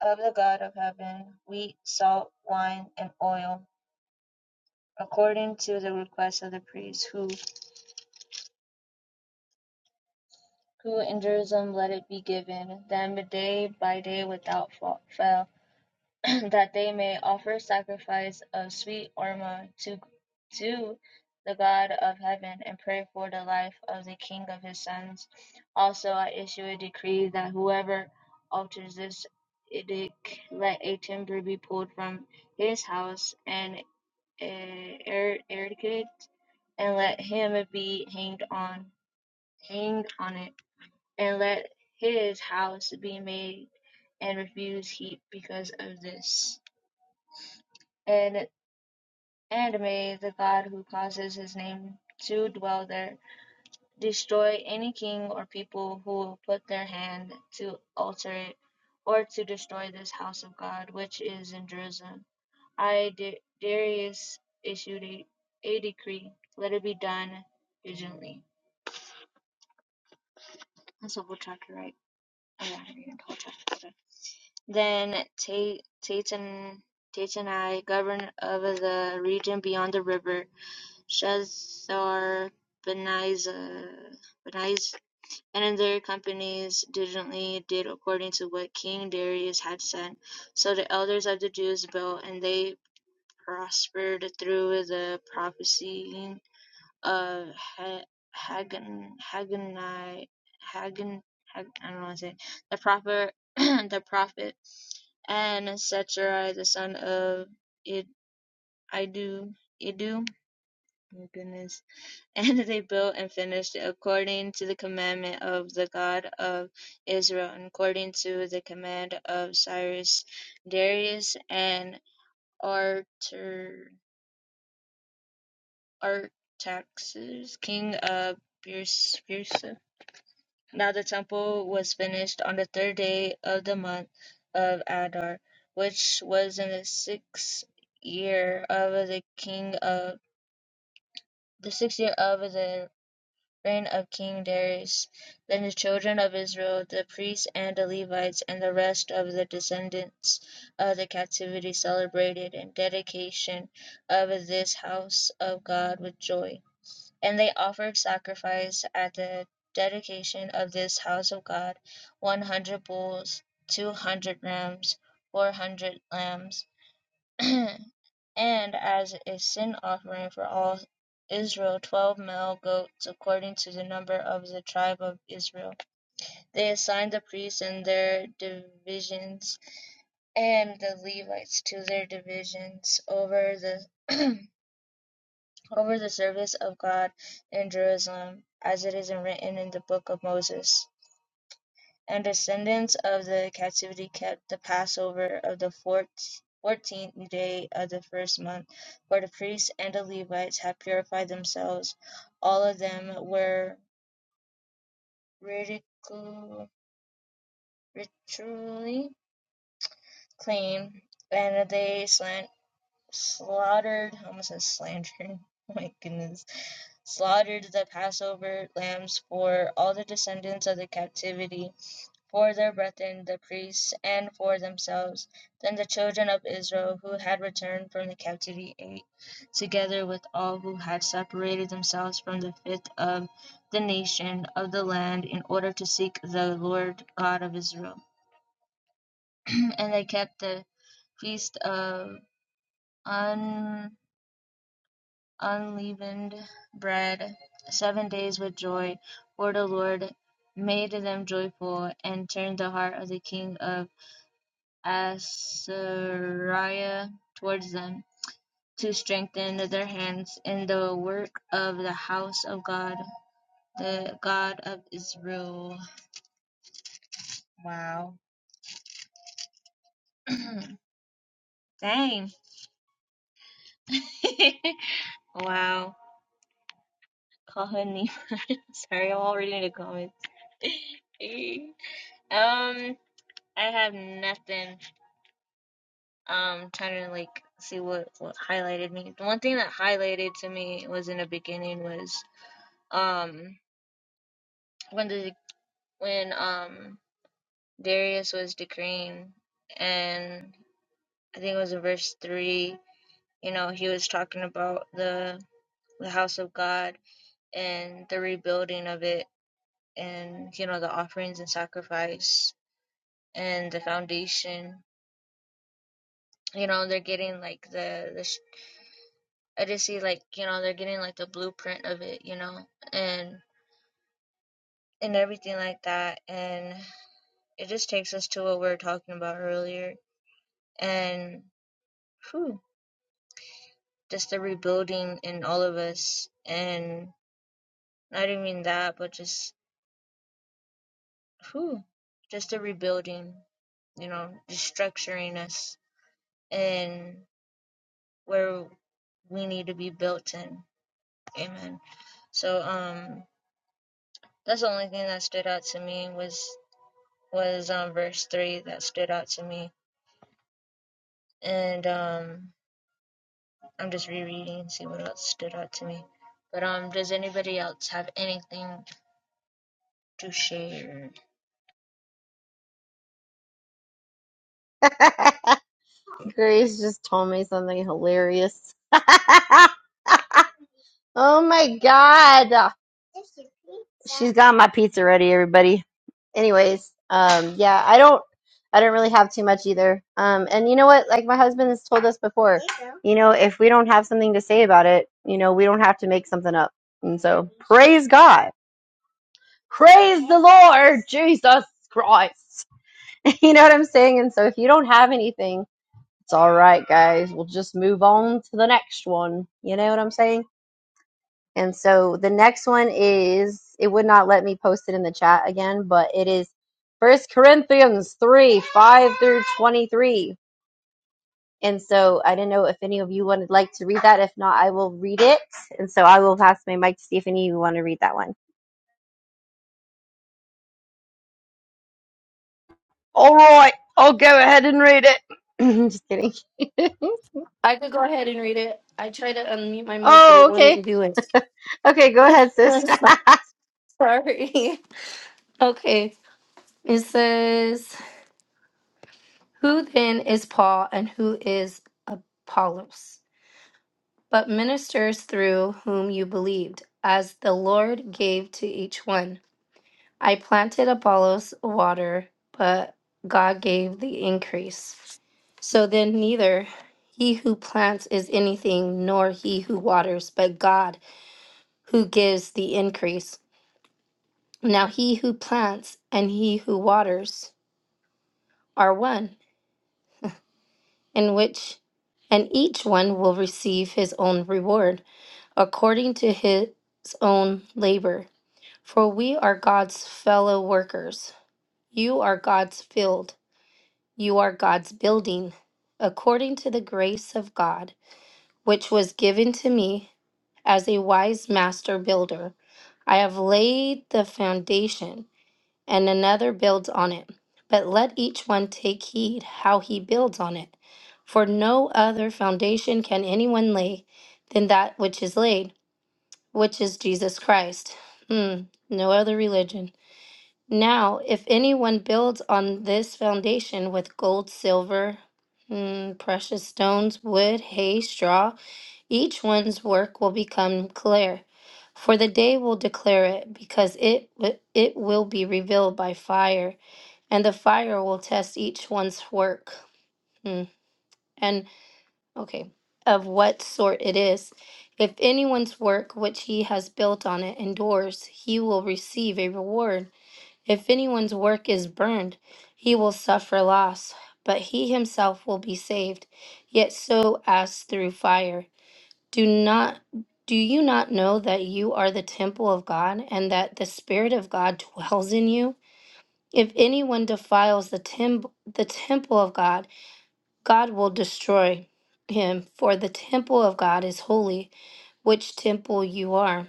Speaker 3: of the God of heaven, wheat, salt, wine, and oil, according to the request of the priest who, who in Jerusalem let it be given them day by day without fail. that they may offer sacrifice of sweet aroma to, to the God of heaven and pray for the life of the king of his sons. Also, I issue a decree that whoever alters this edict, let a timber be pulled from his house and eh, er, and let him be hanged on hanged on it, and let his house be made and refuse heat because of this And And may the God who causes his name to dwell there destroy any king or people who will put their hand to alter it or to destroy this house of God which is in Jerusalem. I, Da- Darius, issued a, a decree. Let it be done diligently. That's a whole chapter, right? Oh, yeah, I read the whole chapter. Okay. Then Ta- Tatan, Tatanai, governor of the region beyond the river, Shazar Benaiah and their companies diligently did according to what king Darius had said. So the elders of the Jews built, and they prospered through the prophecy of Ha- Hagan, Haganai, I don't want to say, the prophet, the prophet, and Secherai, the son of Id, Idu, Idu, my goodness, And they built and finished it according to the commandment of the God of Israel, and according to the command of Cyrus, Darius, and Arter, Artaxerxes, king of Persia. Now the temple was finished on the third day of the month of Adar, which was in the sixth year of the king of the sixth year of the reign of king Darius. Then the children of Israel, the priests and the Levites, and the rest of the descendants of the captivity celebrated in dedication of this house of God with joy. And they offered sacrifice at the dedication of this house of God, one hundred bulls, two hundred rams, four hundred lambs, and as a sin offering for all Israel twelve male goats according to the number of the tribe of Israel. They assigned the priests and their divisions and the Levites to their divisions over the over the service of God in Jerusalem, as it is written in the book of Moses. And descendants of the captivity kept the Passover of the fourteenth day of the first month. For the priests and the Levites had purified themselves. All of them were ritually clean, and they slant, slaughtered, I almost said slandered, oh my goodness, slaughtered the Passover lambs for all the descendants of the captivity for their brethren the priests, and for themselves. Then the children of Israel who had returned from the captivity ate, together with all who had separated themselves from the fifth of the nation of the land, in order to seek the Lord God of Israel. and they kept the feast of un- unleavened bread seven days with joy, for the Lord made them joyful and turned the heart of the king of Azariah towards them, to strengthen their hands in the work of the house of God, the God of Israel. Wow. Dang. wow. Call him Nehemiah. Sorry, I'm all reading the comments. um, I have nothing. Um, trying to like see what what highlighted me. The one thing that highlighted to me was in the beginning was um when the when um Darius was decreeing, and I think it was in verse three. You know, he was talking about the the house of God and the rebuilding of it, and you know the offerings and sacrifice and the foundation. You know, they're getting like the the. sh- I just see like you know they're getting like the blueprint of it. You know, and and everything like that, and it just takes us to what we were talking about earlier, and. Whew, just the rebuilding in all of us and not even that but just whew, just the rebuilding you know just structuring us and where we need to be built in amen so um that's the only thing that stood out to me was was um verse three that stood out to me and um i'm just rereading and see what else stood out to me but um does anybody else have anything to share
Speaker 2: Grace just told me something hilarious. oh my god. She's got my pizza ready, everybody. Anyways, um yeah, I don't I don't really have too much either. Um and you know what? Like my husband has told us before, you know, if we don't have something to say about it, you know, we don't have to make something up. And so, praise God. Praise the Lord Jesus Christ. You know what I'm saying? And so if you don't have anything, it's all right, guys. We'll just move on to the next one. You know what I'm saying? And so the next one is it would not let me post it in the chat again, but it is First Corinthians 3, 5 through 23. And so I didn't know if any of you would like to read that. If not, I will read it. And so I will pass my mic to see if any of you want to read that one. All right, I'll go ahead and read it. just kidding.
Speaker 1: I could go ahead and read it. I tried to unmute my mic, but it
Speaker 2: oh, okay.
Speaker 1: wouldn't do it.
Speaker 2: Okay, go ahead, sis.
Speaker 1: Sorry. Okay. It says. Who then is Paul and who is Apollos? But ministers through whom you believed, as the Lord gave to each one. I planted Apollos water, but God gave the increase. So then, neither he who plants is anything, nor he who waters, but God who gives the increase. Now, he who plants and he who waters are one, in which and each one will receive his own reward. according to his own labor. For we are God's fellow workers. You are God's field. You are God's building. According to the grace of God, which was given to me as a wise master builder, I have laid the foundation, and another builds on it. But let each one take heed how he builds on it. For no other foundation can anyone lay than that which is laid which is Jesus Christ. Hmm, no other religion. Now, if anyone builds on this foundation with gold, silver, hmm, precious stones, wood, hay, straw, each one's work will become clear. For the day will declare it, because it wi- it will be revealed by fire, and the fire will test each one's work. Hmm. And Okay. Of what sort it is. If anyone's work which he has built on it endures, he will receive a reward. If anyone's work is burned, he will suffer loss, but he himself will be saved, yet so as through fire. Do not do you not know that you are the temple of God and that the spirit of God dwells in you? If anyone defiles the tem- the temple of God, God will destroy him, for the temple of God is holy, which temple you are.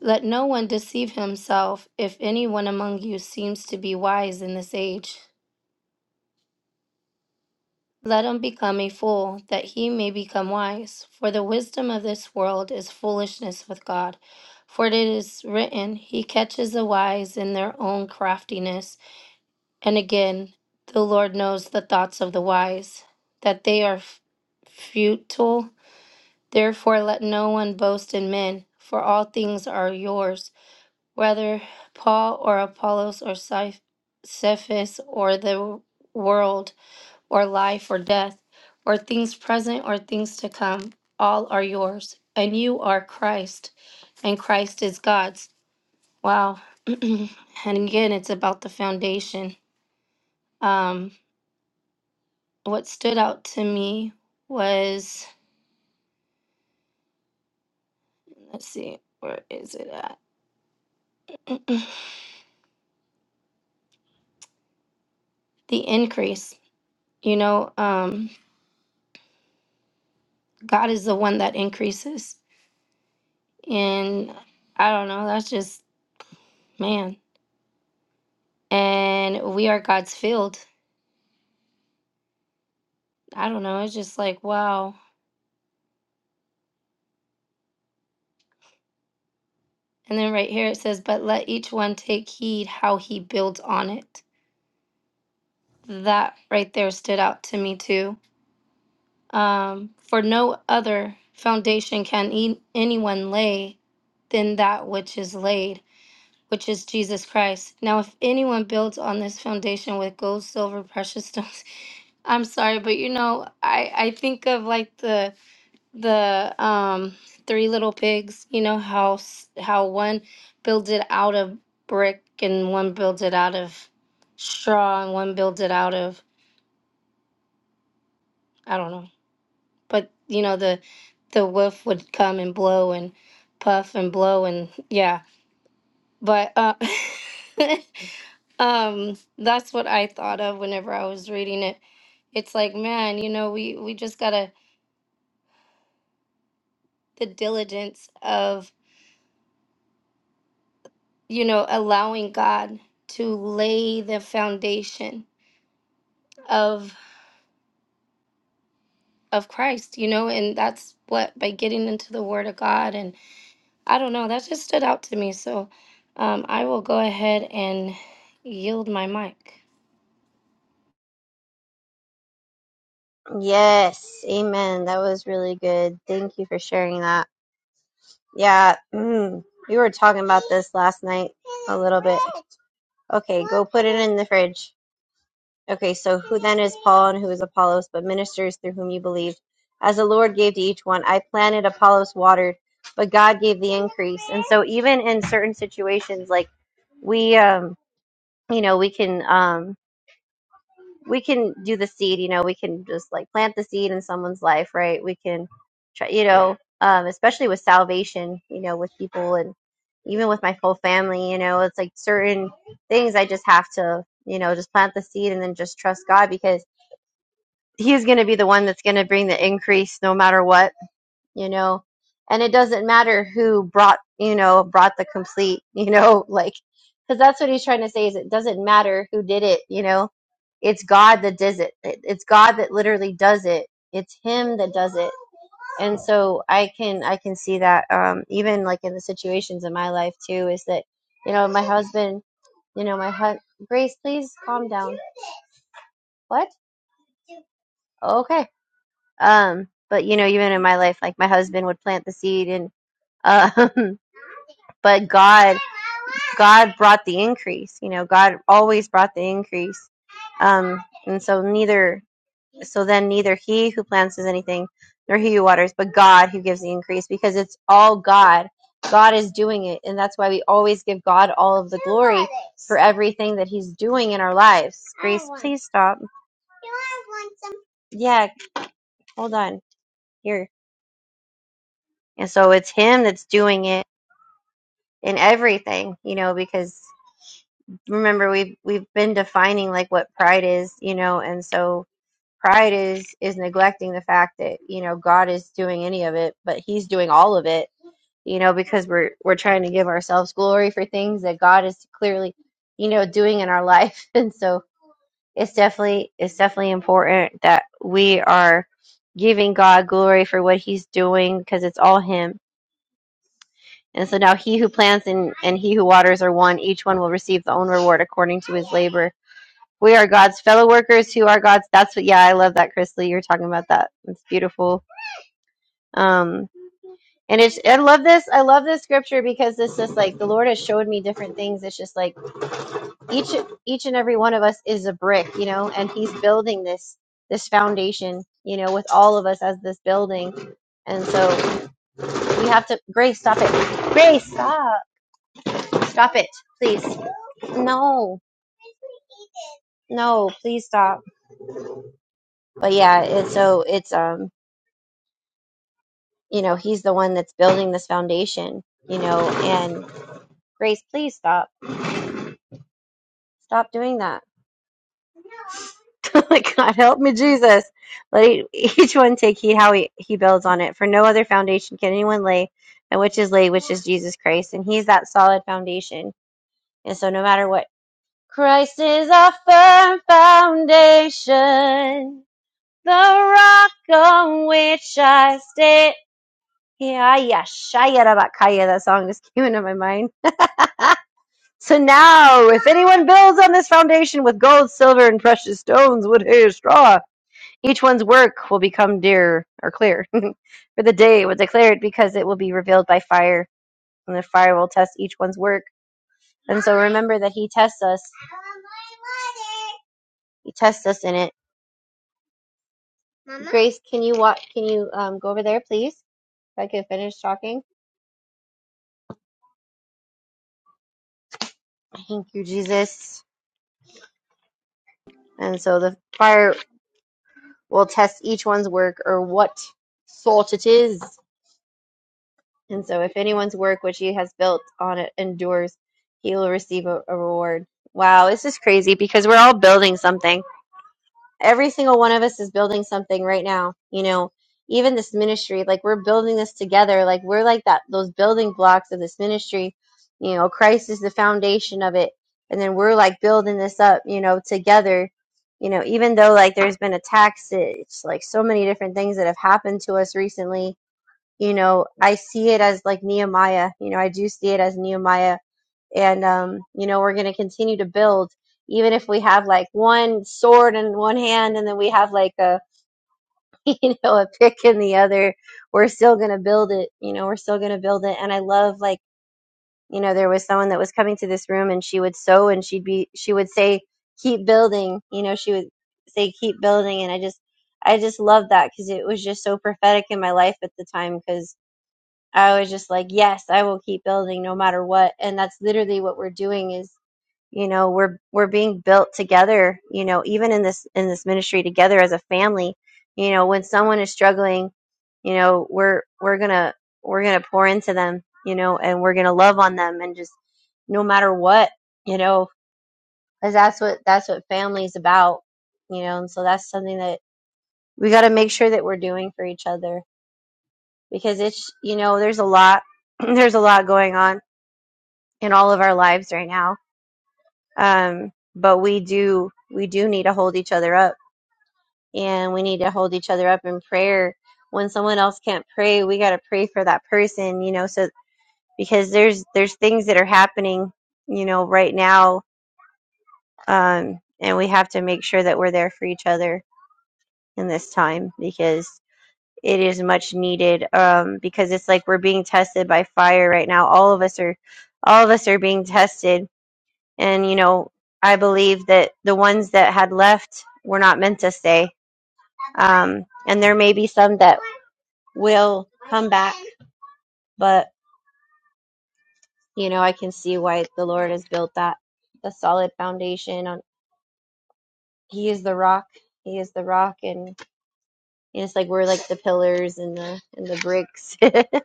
Speaker 1: Let no one deceive himself. If anyone among you seems to be wise in this age, let him become a fool, that he may become wise. For the wisdom of this world is foolishness with God. For it is written, He catches the wise in their own craftiness. And again, the Lord knows the thoughts of the wise, that they are f- futile Therefore, let no one boast in men, for all things are yours, whether Paul or Apollos or Ceph- Cephas or the world, or life or death, or things present or things to come, all are yours, and you are Christ, and Christ is God's. Wow. and again, it's about the foundation. Um, what stood out to me was, let's see, where is it at? the increase. You know, um, God is the one that increases. And I don't know, that's just, man. And we are God's field. I don't know, it's just like, wow. And then right here it says, but let each one take heed how he builds on it. That right there stood out to me too. Um, for no other foundation can e- anyone lay than that which is laid which is Jesus Christ. Now, if anyone builds on this foundation with gold, silver, precious stones, I'm sorry, but you know, I I think of like the the um Three Little Pigs. You know how s- how one builds it out of brick and one builds it out of straw and one builds it out of I don't know. But you know the the wolf would come and blow and puff and blow and yeah But uh, um, that's what I thought of whenever I was reading it. It's like, man, you know, we we just gotta the diligence of you know allowing God to lay the foundation of of Christ, you know, and that's what by getting into the Word of God, and I don't know, that just stood out to me. So um, I will go ahead and yield my mic.
Speaker 2: Yes, amen. That was really good. Thank you for sharing that. Yeah, mm, we were talking about this last night a little bit. Okay, go put it in the fridge. Okay, so who then is Paul and who is Apollos, but ministers through whom you believed? As the Lord gave to each one, I planted, Apollos watered, but God gave the increase. And so, even in certain situations, like we, um, you know, we can. um, we can do the seed you know we can just like plant the seed in someone's life right we can try you know um, especially with salvation you know with people and even with my whole family you know it's like certain things i just have to you know just plant the seed and then just trust god because he's going to be the one that's going to bring the increase no matter what you know and it doesn't matter who brought you know brought the complete you know like because that's what he's trying to say is it doesn't matter who did it you know it's god that does it It- it's god that literally does it it's him that does it and so i can i can see that um even like in the situations in my life too is that you know my husband you know my hu- grace please calm down what okay um but you know even in my life like my husband would plant the seed and um But God God brought the increase. You know, God always brought the increase. Um, and so neither, so then neither he who plants does anything, nor he who waters, but God who gives the increase, because it's all God. God is doing it, and that's why we always give God all of the glory for everything that He's doing in our lives. Grace, please stop. Yeah, hold on here. And so it's Him that's doing it in everything, you know, because remember we've we've been defining like what pride is you know and so pride is is neglecting the fact that you know god is doing any of it but he's doing all of it you know because we're we're trying to give ourselves glory for things that god is clearly you know doing in our life and so it's definitely it's definitely important that we are giving god glory for what he's doing because it's all him and so now he who plants and, and he who waters are one each one will receive the own reward according to his labor we are God's fellow workers who are God's. That's what, yeah, I love that, Chrisley. You're talking about that. It's beautiful. Um, and it's, I love this. I love this scripture because this is like the Lord has showed me different things. It's just like each, each and every one of us is a brick, you know, and He's building this, this foundation, you know, with all of us as this building. And so we have to, Grace, stop it. Grace, stop. Stop it, please. No, no, please stop. But yeah, it's so it's, um, you know he's the one that's building this foundation you know and grace please stop stop doing that like god help me jesus let e- each one take heed how he, he builds on it for no other foundation can anyone lay than which is laid which is jesus christ and he's that solid foundation and so no matter what christ is our firm foundation the rock on which i stand yeah yeah shaya rabakaya that song just came into my mind So now, if anyone builds on this foundation with gold, silver, and precious stones, wood, hay, straw, each one's work will become dear or clear. For the day will declare it because it will be revealed by fire, and the fire will test each one's work. And so remember that He tests us. He tests us in it. Mama? Grace, can you walk? Can you um, go over there, please? If I can finish talking. Thank you, Jesus. And so the fire will test each one's work or what salt it is And so, if anyone's work which he has built on it endures, he will receive a, a reward. Wow, this is crazy because we're all building something. Every single one of us is building something right now. You know, even this ministry, like we're building this together. Like we're like that, those building blocks of this ministry. You know, Christ is the foundation of it. And then we're like building this up, you know, together. You know, even though like there's been attacks, it's like so many different things that have happened to us recently you know, I see it as like Nehemiah. You know, I do see it as Nehemiah. And, um, you know, we're going to continue to build, even if we have like one sword in one hand and then we have like a, you know, a pick in the other, we're still going to build it. You know, we're still going to build it. And I love like, you know, there was someone that was coming to this room and she would sew and she'd be, she would say, keep building. You know, she would say, keep building. And I just, I just loved that because it was just so prophetic in my life at the time. because. I was just like, yes, I will keep building no matter what. And that's literally what we're doing is, you know, we're we're being built together, you know, even in this in this ministry together as a family. You know, when someone is struggling, you know, we're we're going to we're going to pour into them, you know, and we're going to love on them and just no matter what, you know, cuz that's what that's what family is about, you know. And so that's something that we got to make sure that we're doing for each other because it's, you know, there's a lot there's a lot going on in all of our lives right now. Um, but we do we do need to hold each other up, and we need to hold each other up in prayer. When someone else can't pray, we got to pray for that person, you know. So because there's there's things that are happening, you know, right now, um, and we have to make sure that we're there for each other in this time because it is much needed. Um, because it's like we're being tested by fire right now. All of us are all of us are being tested and you know i believe that the ones that had left were not meant to stay um, and there may be some that will come back but you know i can see why the lord has built that the solid foundation on he is the rock he is the rock and and it's like we're like the pillars and the and the bricks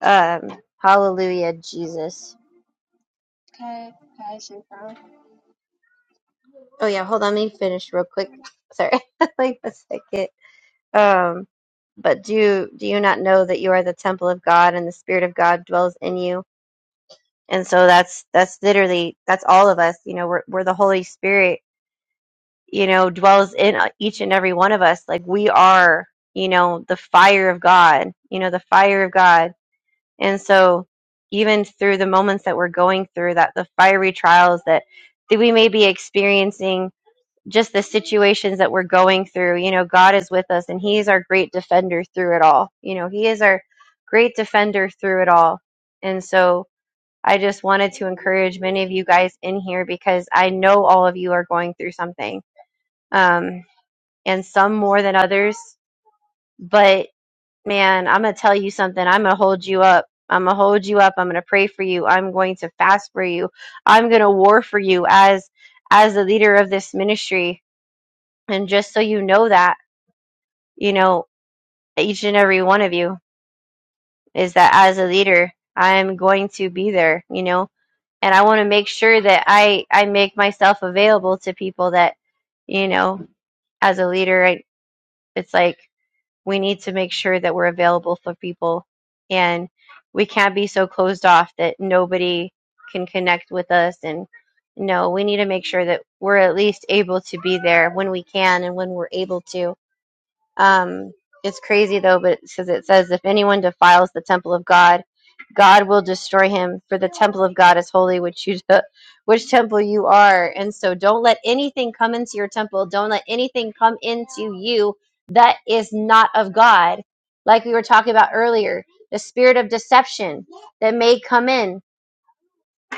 Speaker 2: um hallelujah jesus
Speaker 3: Okay. Okay.
Speaker 2: oh yeah hold on let me finish real quick sorry like a second Um, but do do you not know that you are the temple of God and the Spirit of God dwells in you? And so that's that's literally that's all of us. You know, we're we're the Holy Spirit. You know, dwells in uh, each and every one of us. Like we are, you know, the fire of God. You know, the fire of God. And so even through the moments that we're going through, that the fiery trials that that we may be experiencing just the situations that we're going through. You know, God is with us and He is our great defender through it all. You know, He is our great defender through it all. And so I just wanted to encourage many of you guys in here because I know all of you are going through something, um, and some more than others. But man, I'm going to tell you something. I'm going to hold you up. I'm going to hold you up. I'm going to pray for you. I'm going to fast for you. I'm going to war for you as as the leader of this ministry and just so you know that you know, each and every one of you is that as a leader, I'm going to be there, you know, and I want to make sure that I, I make myself available to people that, you know, as a leader, I, it's like we need to make sure that we're available for people and we can't be so closed off that nobody can connect with us. And no, we need to make sure that we're at least able to be there when we can and when we're able to Um, it's crazy though, but because it says, if anyone defiles the temple of God, God will destroy him. For the temple of God is holy, which you, which temple you are. And so, don't let anything come into your temple. Don't let anything come into you that is not of God. Like we were talking about earlier, the spirit of deception that may come in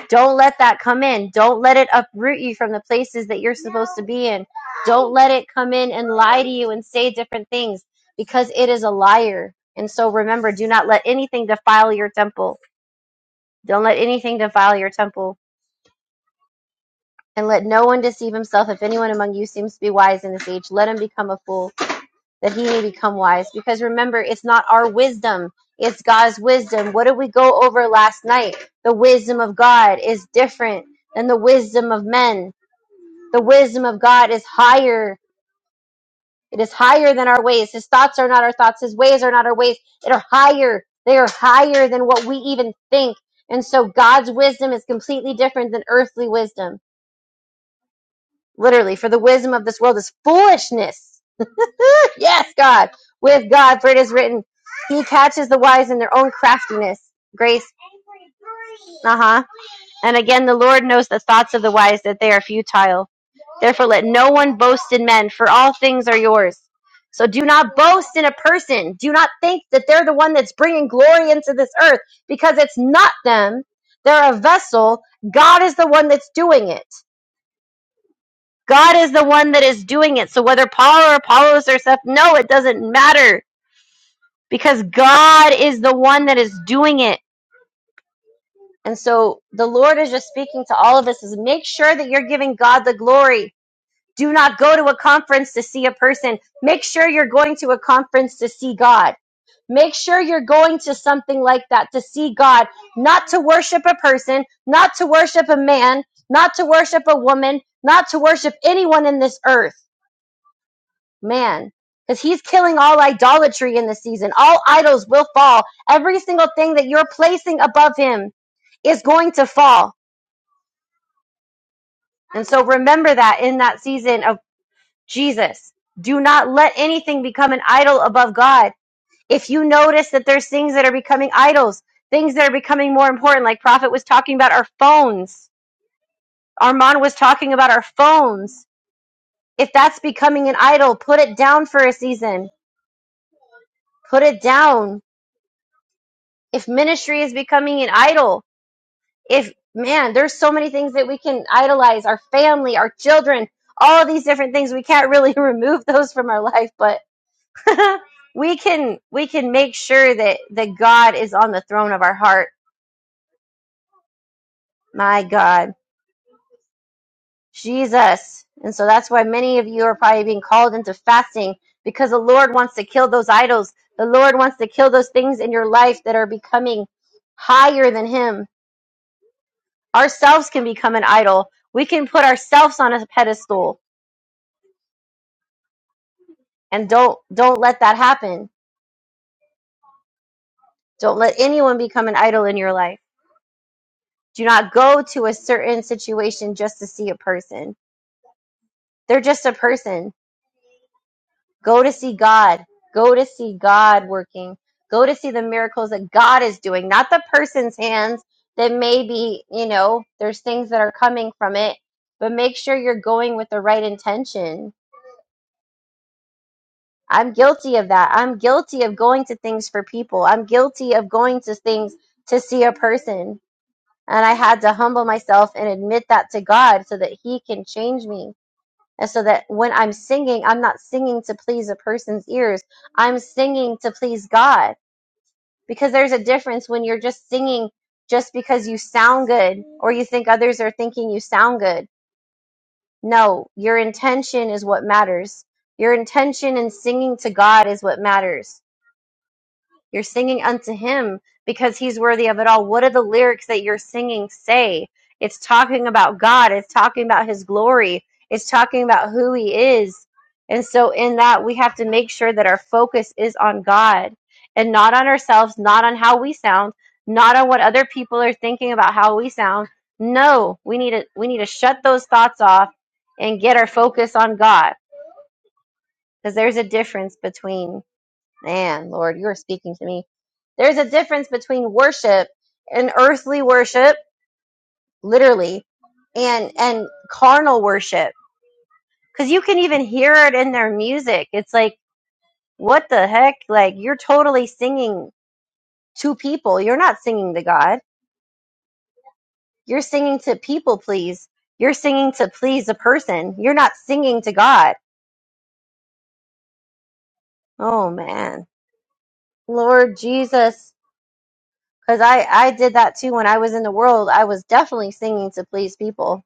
Speaker 2: don't let that come in. Don't let it uproot you from the places that you're supposed to be in. Don't let it come in and lie to you and say different things because it is a liar. And so remember, do not let anything defile your temple. Don't let anything defile your temple. And let no one deceive himself. If anyone among you seems to be wise in this age, let him become a fool, that he may become wise. Because remember, it's not our wisdom, it's God's wisdom. What did we go over last night? The wisdom of God is different than the wisdom of men. The wisdom of God is higher. It is higher than our ways. His thoughts are not our thoughts. His ways are not our ways. They are higher. They are higher than what we even think. And so God's wisdom is completely different than earthly wisdom. Literally, for the wisdom of this world is foolishness. yes, God. With God, for it is written, He catches the wise in their own craftiness. Grace. Uh huh. And again, the Lord knows the thoughts of the wise, that they are futile. Therefore, let no one boast in men, for all things are yours. So do not boast in a person. Do not think that they're the one that's bringing glory into this earth, because it's not them. They're a vessel. God is the one that's doing it. God is the one that is doing it. So whether Paul or Apollos or Seth, no, it doesn't matter, because God is the one that is doing it. And so the Lord is just speaking to all of us is make sure that you're giving God the glory. Do not go to a conference to see a person. Make sure you're going to a conference to see God. Make sure you're going to something like that to see God, not to worship a person, not to worship a man, not to worship a woman, not to worship anyone in this earth. Man, because he's killing all idolatry in this season. All idols will fall. Every single thing that you're placing above him is going to fall And so remember that in that season of Jesus, do not let anything become an idol above God. If you notice that there's things that are becoming idols, things that are becoming more important, like Prophet was talking about our phones, Armand was talking about our phones. If that's becoming an idol, put it down for a season. Put it down. If ministry is becoming an idol, if man, there's so many things that we can idolize our family, our children, all these different things. We can't really remove those from our life, but we can we can make sure that that God is on the throne of our heart. My God, Jesus. And so that's why many of you are probably being called into fasting because the Lord wants to kill those idols. The Lord wants to kill those things in your life that are becoming higher than him. Ourselves can become an idol. We can put ourselves on a pedestal and don't don't let that happen. Don't let anyone become an idol in your life. Do not go to a certain situation just to see a person They're just a person. Go to see God. Go to see God working. Go to see the miracles that God is doing, not the person's hands that maybe, you know, there's things that are coming from it, but make sure you're going with the right intention. I'm guilty of that. I'm guilty of going to things for people. I'm guilty of going to things to see a person. And I had to humble myself and admit that to God so that He can change me And so that when I'm singing, I'm not singing to please a person's ears. I'm singing to please God because there's a difference when you're just singing just because you sound good or you think others are thinking you sound good. No, your intention is what matters. Your intention in singing to God is what matters you're singing unto him because he's worthy of it all. What do the lyrics that you're singing say? It's talking about God, it's talking about his glory, it's talking about who he is. And so, in that, we have to make sure that our focus is on God and not on ourselves, not on how we sound, not on what other people are thinking about how we sound. No, we need to we need to shut those thoughts off and get our focus on God because there's a difference between Man, Lord, you are speaking to me. There's a difference between worship and earthly worship, literally, and and carnal worship. Cause you can even hear it in their music. It's like, what the heck? Like you're totally singing to people. You're not singing to God. You're singing to people please. You're singing to please a person. You're not singing to God. Oh man. Lord Jesus. Cause I, I did that too when I was in the world. I was definitely singing to please people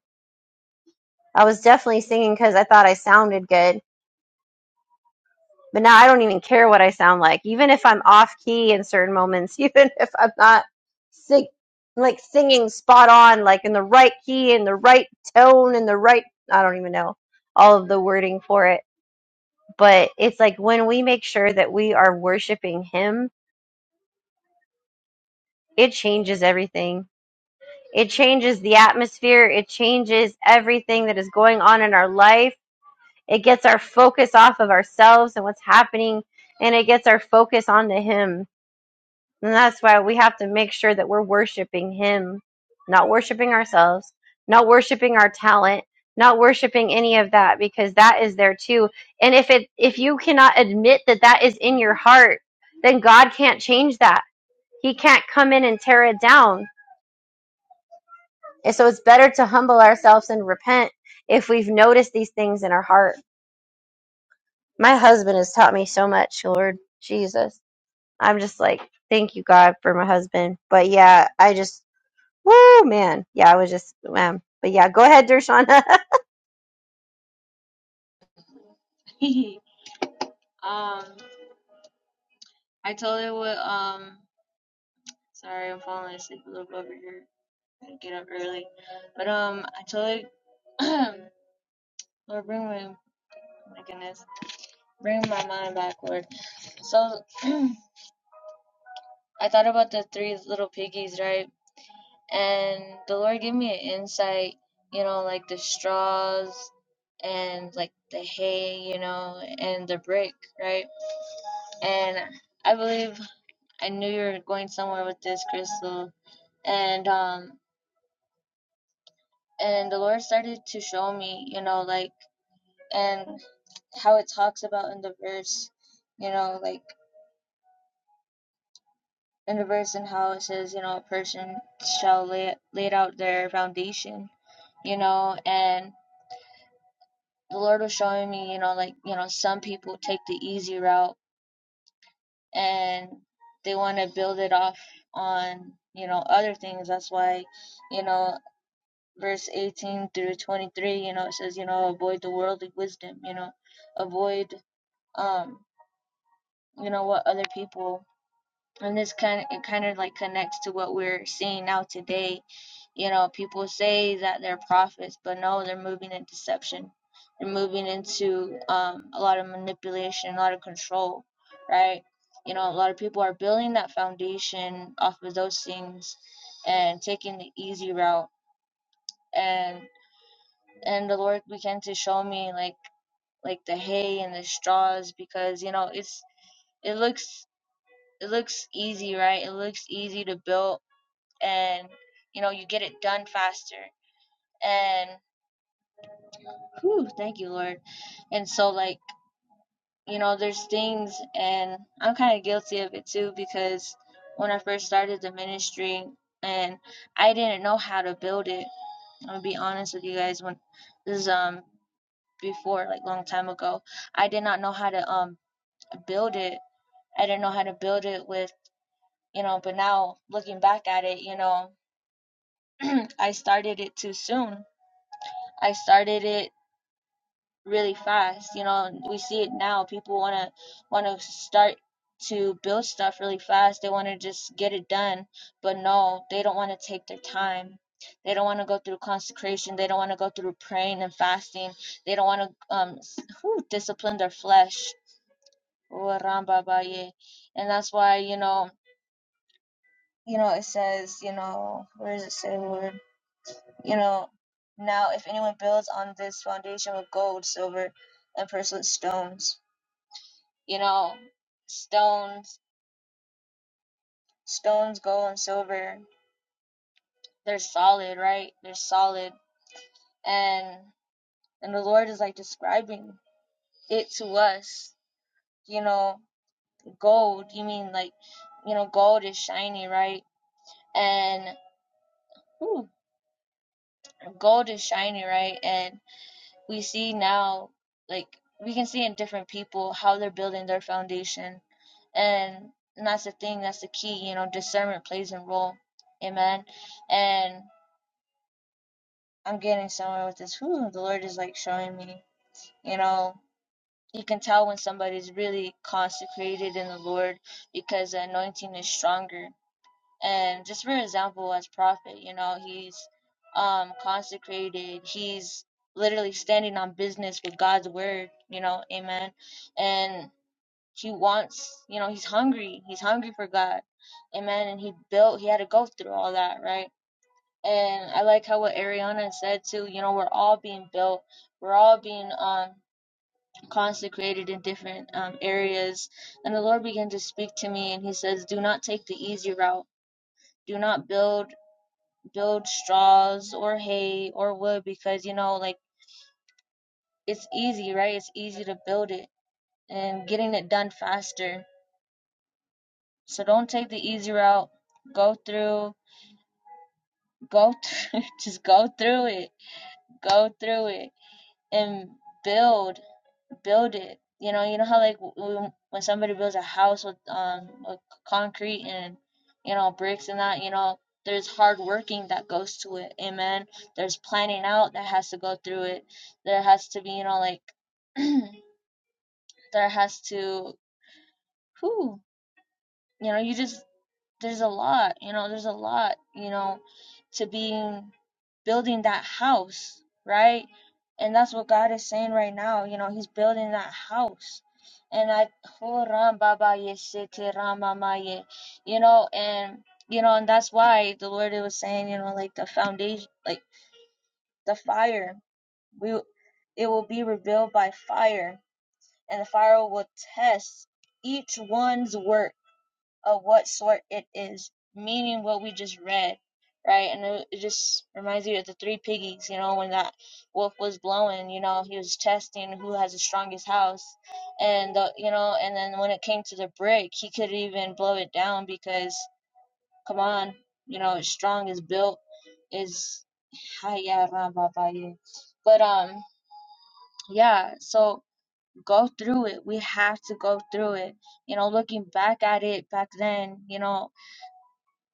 Speaker 2: I was definitely singing because I thought I sounded good. But now I don't even care what I sound like, even if I'm off key in certain moments, even if I'm not sing- like singing spot on, like in the right key, in the right tone, in the right, I don't even know all of the wording for it. But it's like when we make sure that we are worshiping Him, it changes everything. It changes the atmosphere. It changes everything that is going on in our life It gets our focus off of ourselves and what's happening, and it gets our focus onto Him. And that's why we have to make sure that we're worshiping Him, not worshiping ourselves, not worshiping our talent, not worshiping any of that, because that is there too. And if it if you cannot admit that that is in your heart, then God can't change that. He can't come in and tear it down. And so it's better to humble ourselves and repent if we've noticed these things in our heart. my husband has taught me so much, Lord Jesus. I'm just like, thank you, God, for my husband. But yeah, I just, woo, man. Yeah, I was just, man. But yeah, go ahead, Dershana.
Speaker 3: 开拍协商。Hehe. um, I totally would. Um, sorry, I'm falling asleep a little bit over here. I get up early, but um, I totally. Lord, bring my oh my goodness, bring my mind back, Lord. So I thought about the three little piggies, right? And the Lord gave me an insight. You know, like the straws and like the hay, you know, and the brick, right? And I believe I knew you were going somewhere with this, Crystal. And um and the Lord started to show me, you know, like and how it talks about in the verse, you know, like in the verse and how it says, you know, a person shall lay laid out their foundation, you know, and the Lord was showing me, you know, like, you know, some people take the easy route and they want to build it off on, you know, other things. That's why, you know, verse 18 through 23 you know it says you know avoid the worldly wisdom you know avoid um you know what other people and this kind of, it kind of like connects to what we're seeing now today you know people say that they're prophets but no they're moving in deception they're moving into um, a lot of manipulation a lot of control right you know a lot of people are building that foundation off of those things and taking the easy route and. and the Lord began to show me like like the hay and the straws because you know it's it looks it looks easy right it looks easy to build and you know you get it done faster and whew, thank you Lord and so like you know there's things and I'm kind of guilty of it too because when I first started the ministry and I didn't know how to build it I'm gonna be honest with you guys when this is um before, like long time ago. I did not know how to um build it. I didn't know how to build it with, you know, but now looking back at it, you know, I started it too soon. I started it really fast, you know, we see it now. People want to want to start to build stuff really fast. They want to just get it done, but no, they don't want to take their time. They don't want to go through consecration. They don't want to go through praying and fasting. They don't want to um, whew, discipline their flesh. Urambabaye. And that's why, you know, you know, it says, you know, where does it say, Lord? You know, now if anyone builds on this foundation with gold, silver, and precious stones, you know, stones, stones, gold and silver, they're solid, right? They're solid. And and the Lord is like describing it to us. You know, gold, you mean like, you know, gold is shiny, right? And ooh, gold is shiny, right? And we see now, like, we can see in different people how they're building their foundation. And, and that's the thing, that's the key, you know, discernment plays a role. Amen. And I'm getting somewhere with this. Whew, the Lord is like showing me, you know, you can tell when somebody's really consecrated in the Lord because the anointing is stronger and just for example as prophet you know he's um consecrated he's literally standing on business with god's word you know amen and he wants you know he's hungry he's hungry for god amen and he built he had to go through all that right and i like how what ariana said too you know we're all being built we're all being um consecrated in different um, areas and the lord began to speak to me and he says do not take the easy route do not build build straws or hay or wood because you know like it's easy right it's easy to build it and getting it done faster so don't take the easy route go through go through just go through it go through it and build build it. You know, you know how like w- when somebody builds a house with um with concrete and you know bricks and that, you know, there's hard working that goes to it. Amen. There's planning out that has to go through it. There has to be, you know, like there has to who you know you just there's a lot, you know, there's a lot, you know, to being building that house, right? And that's what God is saying right now. You know, He's building that house. And I, oh, Ram Baba Ye Sete you know, and, you know, and that's why the Lord was saying, you know, like the foundation, like the fire, we, it will be revealed by fire, and the fire will test each one's work of what sort it is, meaning what we just read, right? And it, it just reminds you of the three piggies, you know, when that wolf was blowing, you know, he was testing who has the strongest house, and the, you know, and then when it came to the brick, he could even blow it down because, come on, you know, it's strong, it's built, is, yeah, but um, yeah, so go through it. We have to go through it you know, looking back at it back then, you know,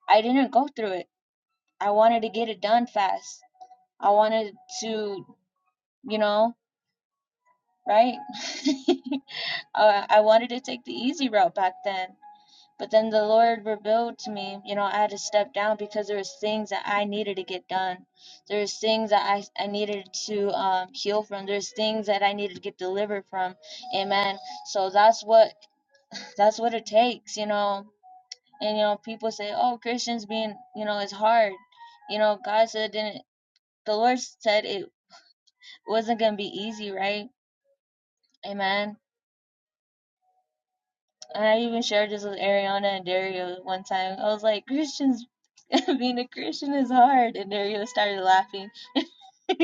Speaker 3: I didn't go through it. I wanted to get it done fast. I wanted to, you know, right? I I wanted to take the easy route back then. But then the Lord revealed to me, you know, I had to step down because there was things that I needed to get done. There's things that I, I needed to um, heal from. There's things that I needed to get delivered from. Amen. So that's what that's what it takes, you know. And you know, people say, "Oh, Christians being, you know, it's hard." You know, God said, "Didn't." the Lord said it wasn't gonna be easy, right? Amen. And I even shared this with Ariana and Dario one time. I was like, Christians being a Christian is hard and Dario started laughing.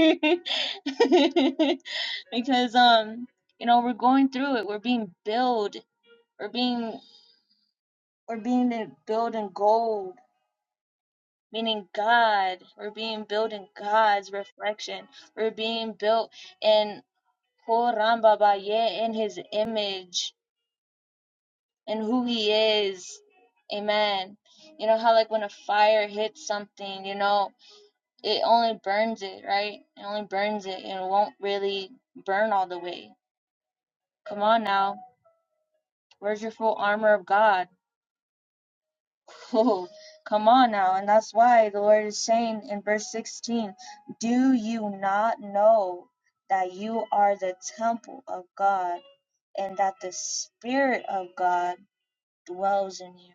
Speaker 3: because um, you know, we're going through it. We're being built. We're being we're being built in gold, meaning God. We're being built in God's reflection. We're being built in Kurambabaye in his image and who he is. Amen. You know how like when a fire hits something, you know, it only burns it, right? It only burns it and it won't really burn all the way. Come on now. Where's your full armor of God? Oh, come on now. And that's why the Lord is saying in verse 16, Do you not know that you are the temple of God and that the Spirit of God dwells in you?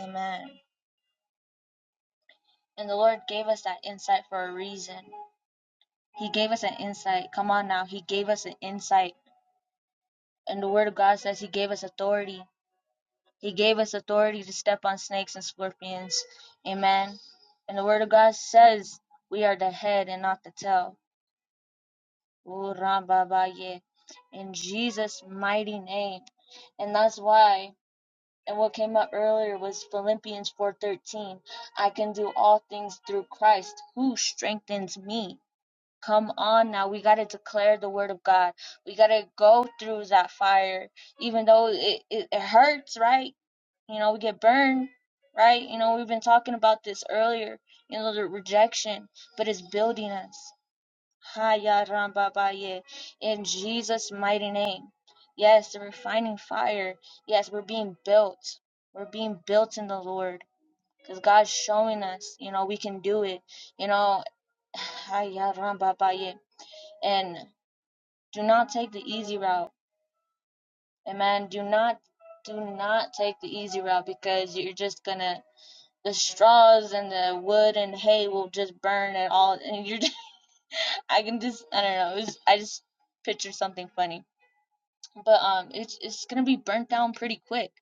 Speaker 3: Amen. And the Lord gave us that insight for a reason. He gave us an insight. Come on now. He gave us an insight. And the Word of God says He gave us authority. He gave us authority to step on snakes and scorpions. Amen. And the Word of God says we are the head and not the tail. Ooh, rambabaye. In Jesus' mighty name. And that's why. And what came up earlier was Philippians 4:13. I can do all things through Christ who strengthens me. Come on now, we got to declare the word of God. We got to go through that fire, even though it, it, it hurts, right? You know, we get burned, right? You know, we've been talking about this earlier, you know, the rejection, but it's building us. Ha ya ram ba ba ye. In Jesus' mighty name. Yes, the refining fire. Yes, we're being built. We're being built in the Lord because God's showing us, you know, we can do it. You know, Ha ya ram ba ba ye and do not take the easy route. amen. do not do not take the easy route because you're just gonna the straws and the wood and hay will just burn and all and you're I can just I don't know, it was, I just pictured something funny. But um it's it's gonna be burnt down pretty quick.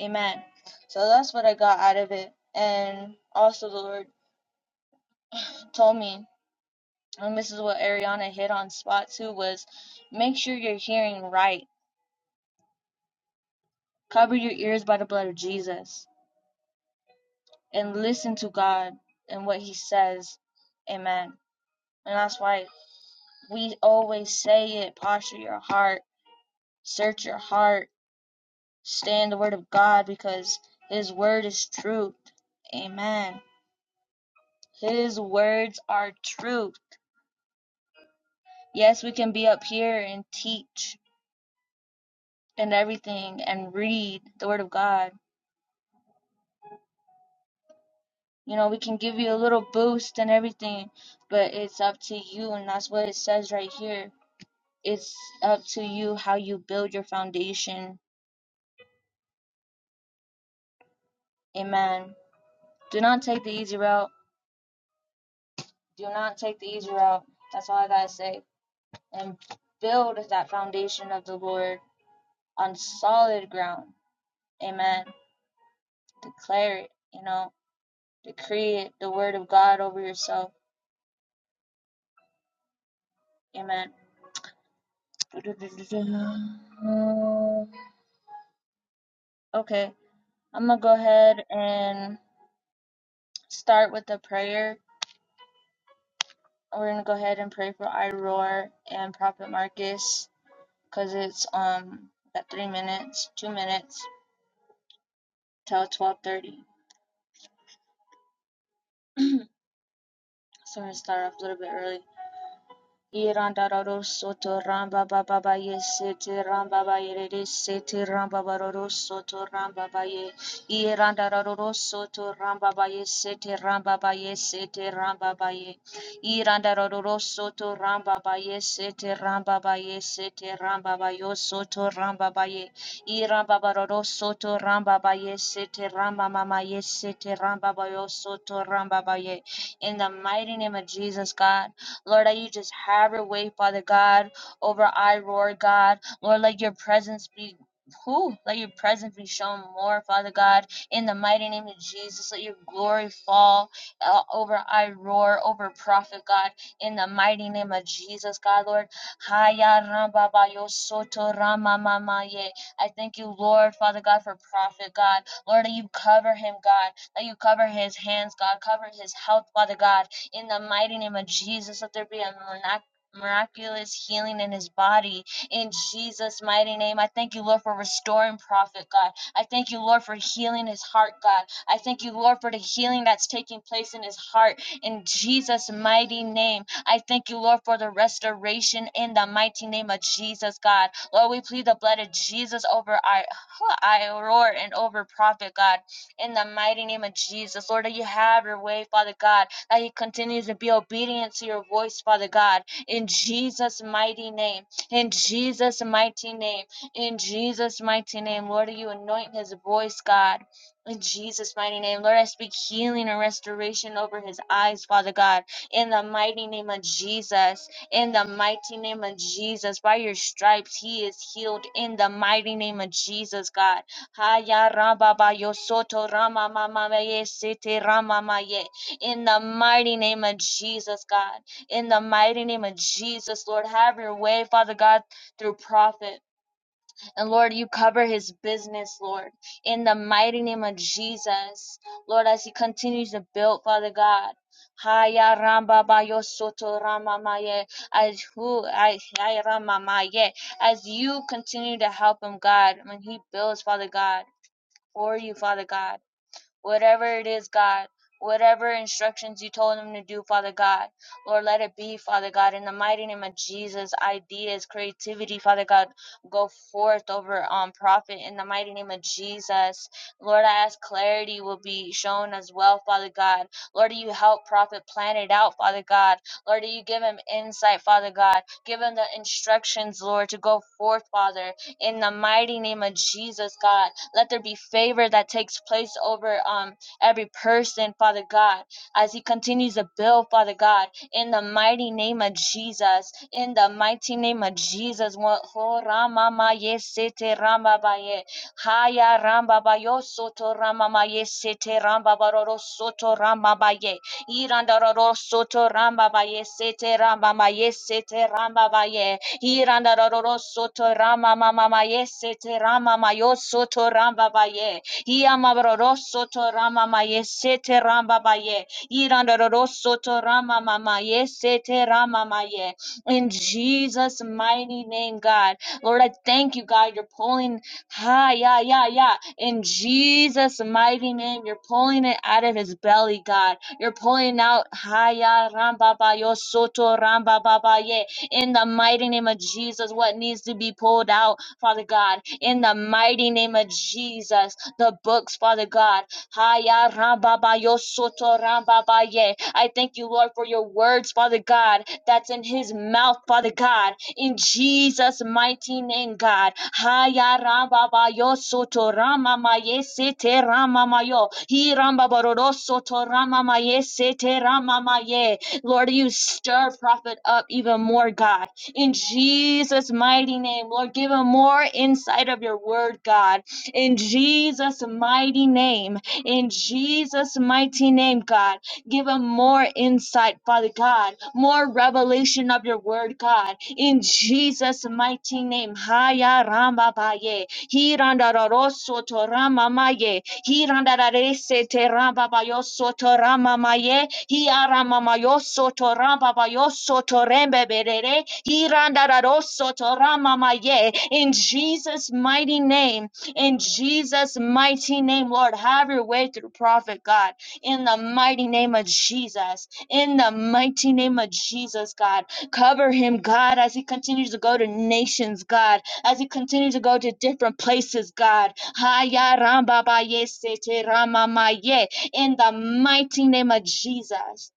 Speaker 3: Amen. So that's what I got out of it. And also the Lord told me and this is what Ariana hit on spot too was make sure you're hearing right Cover your ears by the blood of Jesus and listen to God and what He says. Amen. And that's why we always say it posture your heart, search your heart, stay in the Word of God because His Word is truth. Amen. His words are truth. Yes, we can be up here and teach and everything and read the Word of God. You know, we can give you a little boost and everything, but it's up to you, and that's what it says right here It's up to you how you build your foundation. Amen. Do not take the easy route. Do not take the easy route. That's all I got to say. And build that foundation of the Lord on solid ground. Amen. Declare it, you know, decree it, the word of God over yourself. Amen. Okay, I'm going to go ahead and start with the prayer. We're going to go ahead and pray for Iroar and Prophet Marcus. because it's um at three minutes, two minutes till twelve thirty. So I'm gonna start off a little bit early. Irandararo soto ramba baba baye sete ramba baye rere sete ramba baroro soto ramba baye Irandararo soto ramba baye sete ramba baye sete ramba baye Irandararo soto ramba baye sete ramba baye sete ramba bayo soto ramba baye Iramba baroro soto ramba baye sete ramba mama ye sete ramba bayo soto ramba baye In the mighty name of Jesus God Lord, that you just have your way, Father God, over I roar, God. Lord, let your presence be. Who let your presence be shown more, Father God, in the mighty name of Jesus? Let your glory fall uh, over I roar, over prophet God, in the mighty name of Jesus, God, Lord. Haya ramba ba soto rama mama ye. I thank you, Lord, Father God, for prophet God. Lord, that you cover him, God. That you cover his hands, God. Cover his health, Father God in the mighty name of Jesus. Let there be a mirac- miraculous healing in his body in Jesus' mighty name. I thank you, Lord, for restoring Prophet God. I thank you, Lord, for healing his heart, God. I thank you, Lord, for the healing that's taking place in his heart in Jesus' mighty name. I thank you, Lord, for the restoration in the mighty name of Jesus, God. Lord, we plead the blood of Jesus over I, I roar and over Prophet God in the mighty name of Jesus. Lord, that you have your way, Father God that he continues to be obedient to your voice, Father God, in Jesus' mighty name, in Jesus' mighty name, in Jesus' mighty name. Lord, you anoint his voice, God. In Jesus' mighty name, Lord, I speak healing and restoration over his eyes, Father God, in the mighty name of Jesus. In the mighty name of Jesus, by your stripes, he is healed. In the mighty name of Jesus, God. Haya raba ba yo soto rama mama ye sete rama ma ye. In the mighty name of Jesus, God. In the mighty name of Jesus, Lord, have your way, Father God, through prophet. And Lord, you cover his business, Lord. In the mighty name of Jesus, Lord, as he continues to build, Father God. Haya ramba ba yo soto rama maye. As who I I rama maye. As you continue to help him, God, when he builds, Father God, for you, Father God. Whatever it is, God, whatever instructions you told him to do, Father God, Lord, let it be, Father God, in the mighty name of Jesus. Ideas, creativity, Father God, go forth over um prophet in the mighty name of Jesus. Lord, I ask clarity will be shown as well, Father God. Lord, you help prophet plan it out, Father God. Lord, you give him insight, Father God. Give him the instructions, Lord, to go forth, Father, in the mighty name of Jesus, God. Let there be favor that takes place over um, every person, Father God, as He continues to build, Father God, in the mighty name of Jesus. In the mighty name of Jesus. Wa- ho rama ma ye se te ba ye. Haya ramba ba yo soto rama ma ye se ramba ba ro ro soto rama ba ye. Iranda ro ro soto rama ba ye se te ma ye se te ba ye. Irandaroro soto rama mama maye sete rama mayo soto ramba baye. Iamabroro soto rama maye sete ramba baye. Irandaroro soto rama mama ye sete rama maye. In Jesus' mighty name, God. Lord, I thank you, God. You're pulling, ha, yeah, yeah, yeah. In Jesus' mighty name, you're pulling it out of his belly, God. You're pulling out, ha, yeah, ramba ba soto ramba ba in the mighty name of Jesus, what needs to be pulled out, Father God, in the mighty name of Jesus, the books, Father God. Haya rambaba yo soto rambaba ye. I thank you, Lord, for your words, Father God, that's in his mouth, Father God, in Jesus' mighty name, God. Haya rambaba yo soto ramama ye sete ramama yo. Hi rambaba ro soto ramama ye sete ramama ye. Lord, you stir prophet up even more, God. In Jesus' mighty name, Lord, give him more insight of your word, God. In Jesus' mighty name, in Jesus' mighty name, God, give him more insight, Father God, more revelation of your word, God. In Jesus' mighty name, Haya Ramba Baye, Hiranda Roroso Torama Maye, Hirandarese terababayo sotoramamaye. Hiaramamayo sotorababayo sotorembebere. Hirandaro sotoramamaye. In Jesus' mighty name, in Jesus' mighty name, Lord, have your way through prophet God. In the mighty name of Jesus, in the mighty name of Jesus, God, cover him, God, as he continues to go to nations, God, as he continues to go to different places, God. Haya ramba ba ye se rama ma ye. In the mighty name of Jesus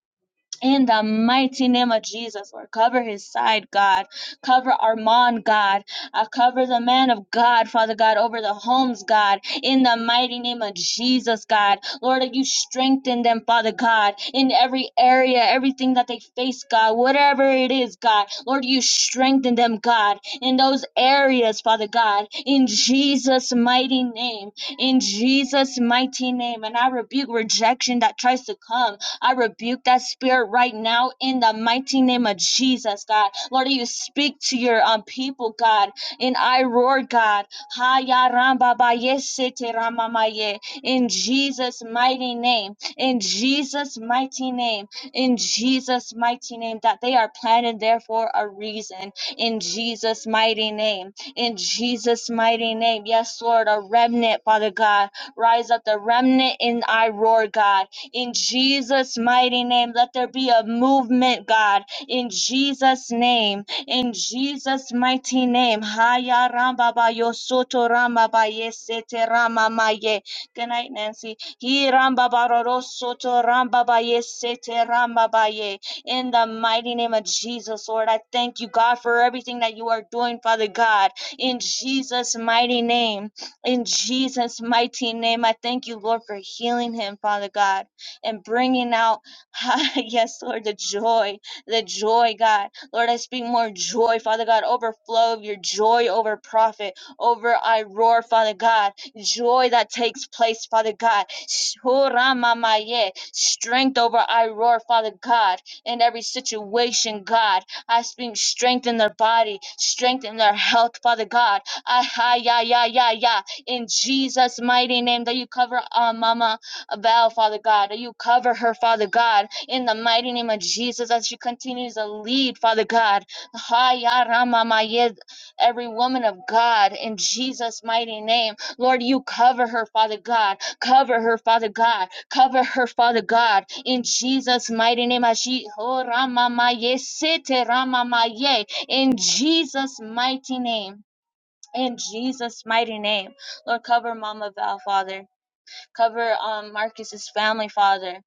Speaker 3: in the mighty name of Jesus, Lord, cover his side, God. Cover Armand, God. Uh, cover the man of God, Father God, over the homes, God. In the mighty name of Jesus, God. Lord, that you strengthen them, Father God, in every area, everything that they face, God, whatever it is, God. Lord, you strengthen them, God, in those areas, Father God. In Jesus' mighty name. In Jesus' mighty name. And I rebuke rejection that tries to come I rebuke that spirit right now in the mighty name of Jesus, God. Lord, you speak to your um, people, God. And I roar, God. Ha ya ram ba ba ye se te ram ma ma ye. In Jesus' mighty name. In Jesus' mighty name. In Jesus' mighty name. That they are planted there for a reason. In Jesus' mighty name. In Jesus' mighty name. Yes, Lord, a remnant, Father God. Rise up the remnant in I roar, God in Jesus' mighty name, let there be a movement, God. In Jesus' name, in Jesus' mighty name. Haya ramba ba yo soto ramba ba ye sete rama ma ye. Good night, Nancy. Hi, ramba ba ro ro soto ramba ba ye sete ramba ba ye. In the mighty name of Jesus, Lord, I thank you, God, for everything that you are doing, Father God. In Jesus' mighty name. In Jesus' mighty name, I thank you, Lord, for healing him, Father God and bringing out, yes, Lord, the joy, the joy, God. Lord, I speak more joy, Father God, overflow of your joy over prophet, over I roar, Father God, joy that takes place, Father God. Shuramamaye, Strength over I roar, Father God, in every situation, God. I speak strength in their body, strength in their health, Father God. Ah, hi, ya, ya, ya, ya. In Jesus' mighty name that you cover, uh, Mama about, Father God. that You cover her, Father God, in the mighty name of Jesus as she continues to lead, Father God. Haya Rama Maya, Every woman of God, in Jesus' mighty name. Lord, you cover her, Father God. Cover her, Father God. Cover her, Father God, in Jesus' mighty name. as she- Oh, Maya, Sete Rama Maya, In Jesus' mighty name. In Jesus' mighty name. Lord, cover Mama Val, Father cover um Marcus's family father.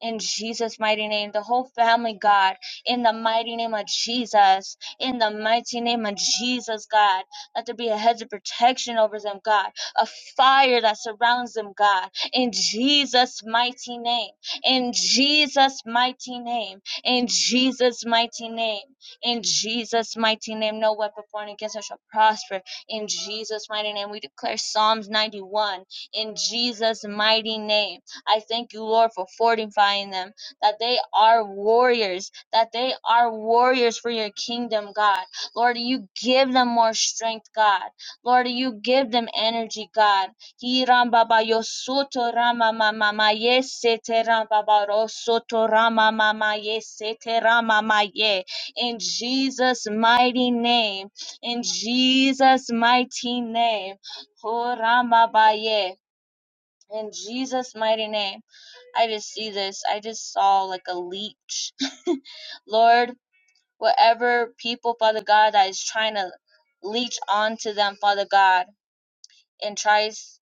Speaker 3: In Jesus' mighty name, the whole family, God, in the mighty name of Jesus, in the mighty name of Jesus, God, let there be a hedge of protection over them, God, a fire that surrounds them, God, in Jesus' mighty name, in Jesus' mighty name, in Jesus' mighty name, in Jesus' mighty name. No weapon formed against us shall prosper, in Jesus' mighty name. We declare Psalms 91, in Jesus' mighty name I thank you, Lord, for fortifying them, that they are warriors, that they are warriors for your kingdom, God. Lord, you give them more strength, God. Lord, you give them energy, God. Hi ram baba yo soto rama mama ma ye sete ram baba ro soto rama mama ye sete rama ma ye. In Jesus' mighty name, in Jesus' mighty name, ho rama ba ye. In Jesus' mighty name. I just see this. I just saw like a leech. Lord, whatever people, Father God, that is trying to leech onto them, Father God, and tries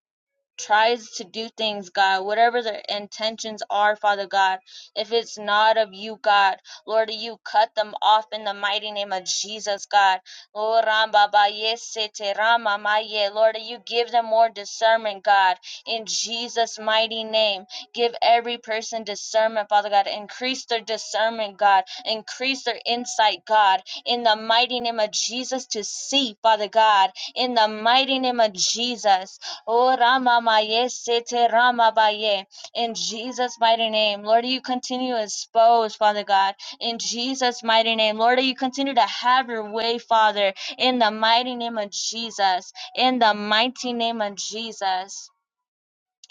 Speaker 3: tries to do things, God, whatever their intentions are, Father God. If it's not of you, God, Lord, you cut them off in the mighty name of Jesus, God. Lord, Ramba ba ye se te rama ma ye. Lord, you give them more discernment, God, in Jesus' mighty name. Give every person discernment, Father God. Increase their discernment, God. Increase their insight, God, in the mighty name of Jesus to see, Father God, in the mighty name of Jesus. Oh Rama Maye Sete Rama Baye. In Jesus' mighty name. Lord, you continue to expose, Father God. In Jesus' mighty name. Lord, you continue to have your way, Father. In the mighty name of Jesus. In the mighty name of Jesus.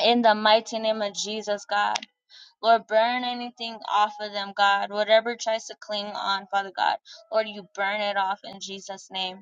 Speaker 3: In the mighty name of Jesus, God. Lord, burn anything off of them, God. Whatever tries to cling on, Father God. Lord, you burn it off in Jesus' name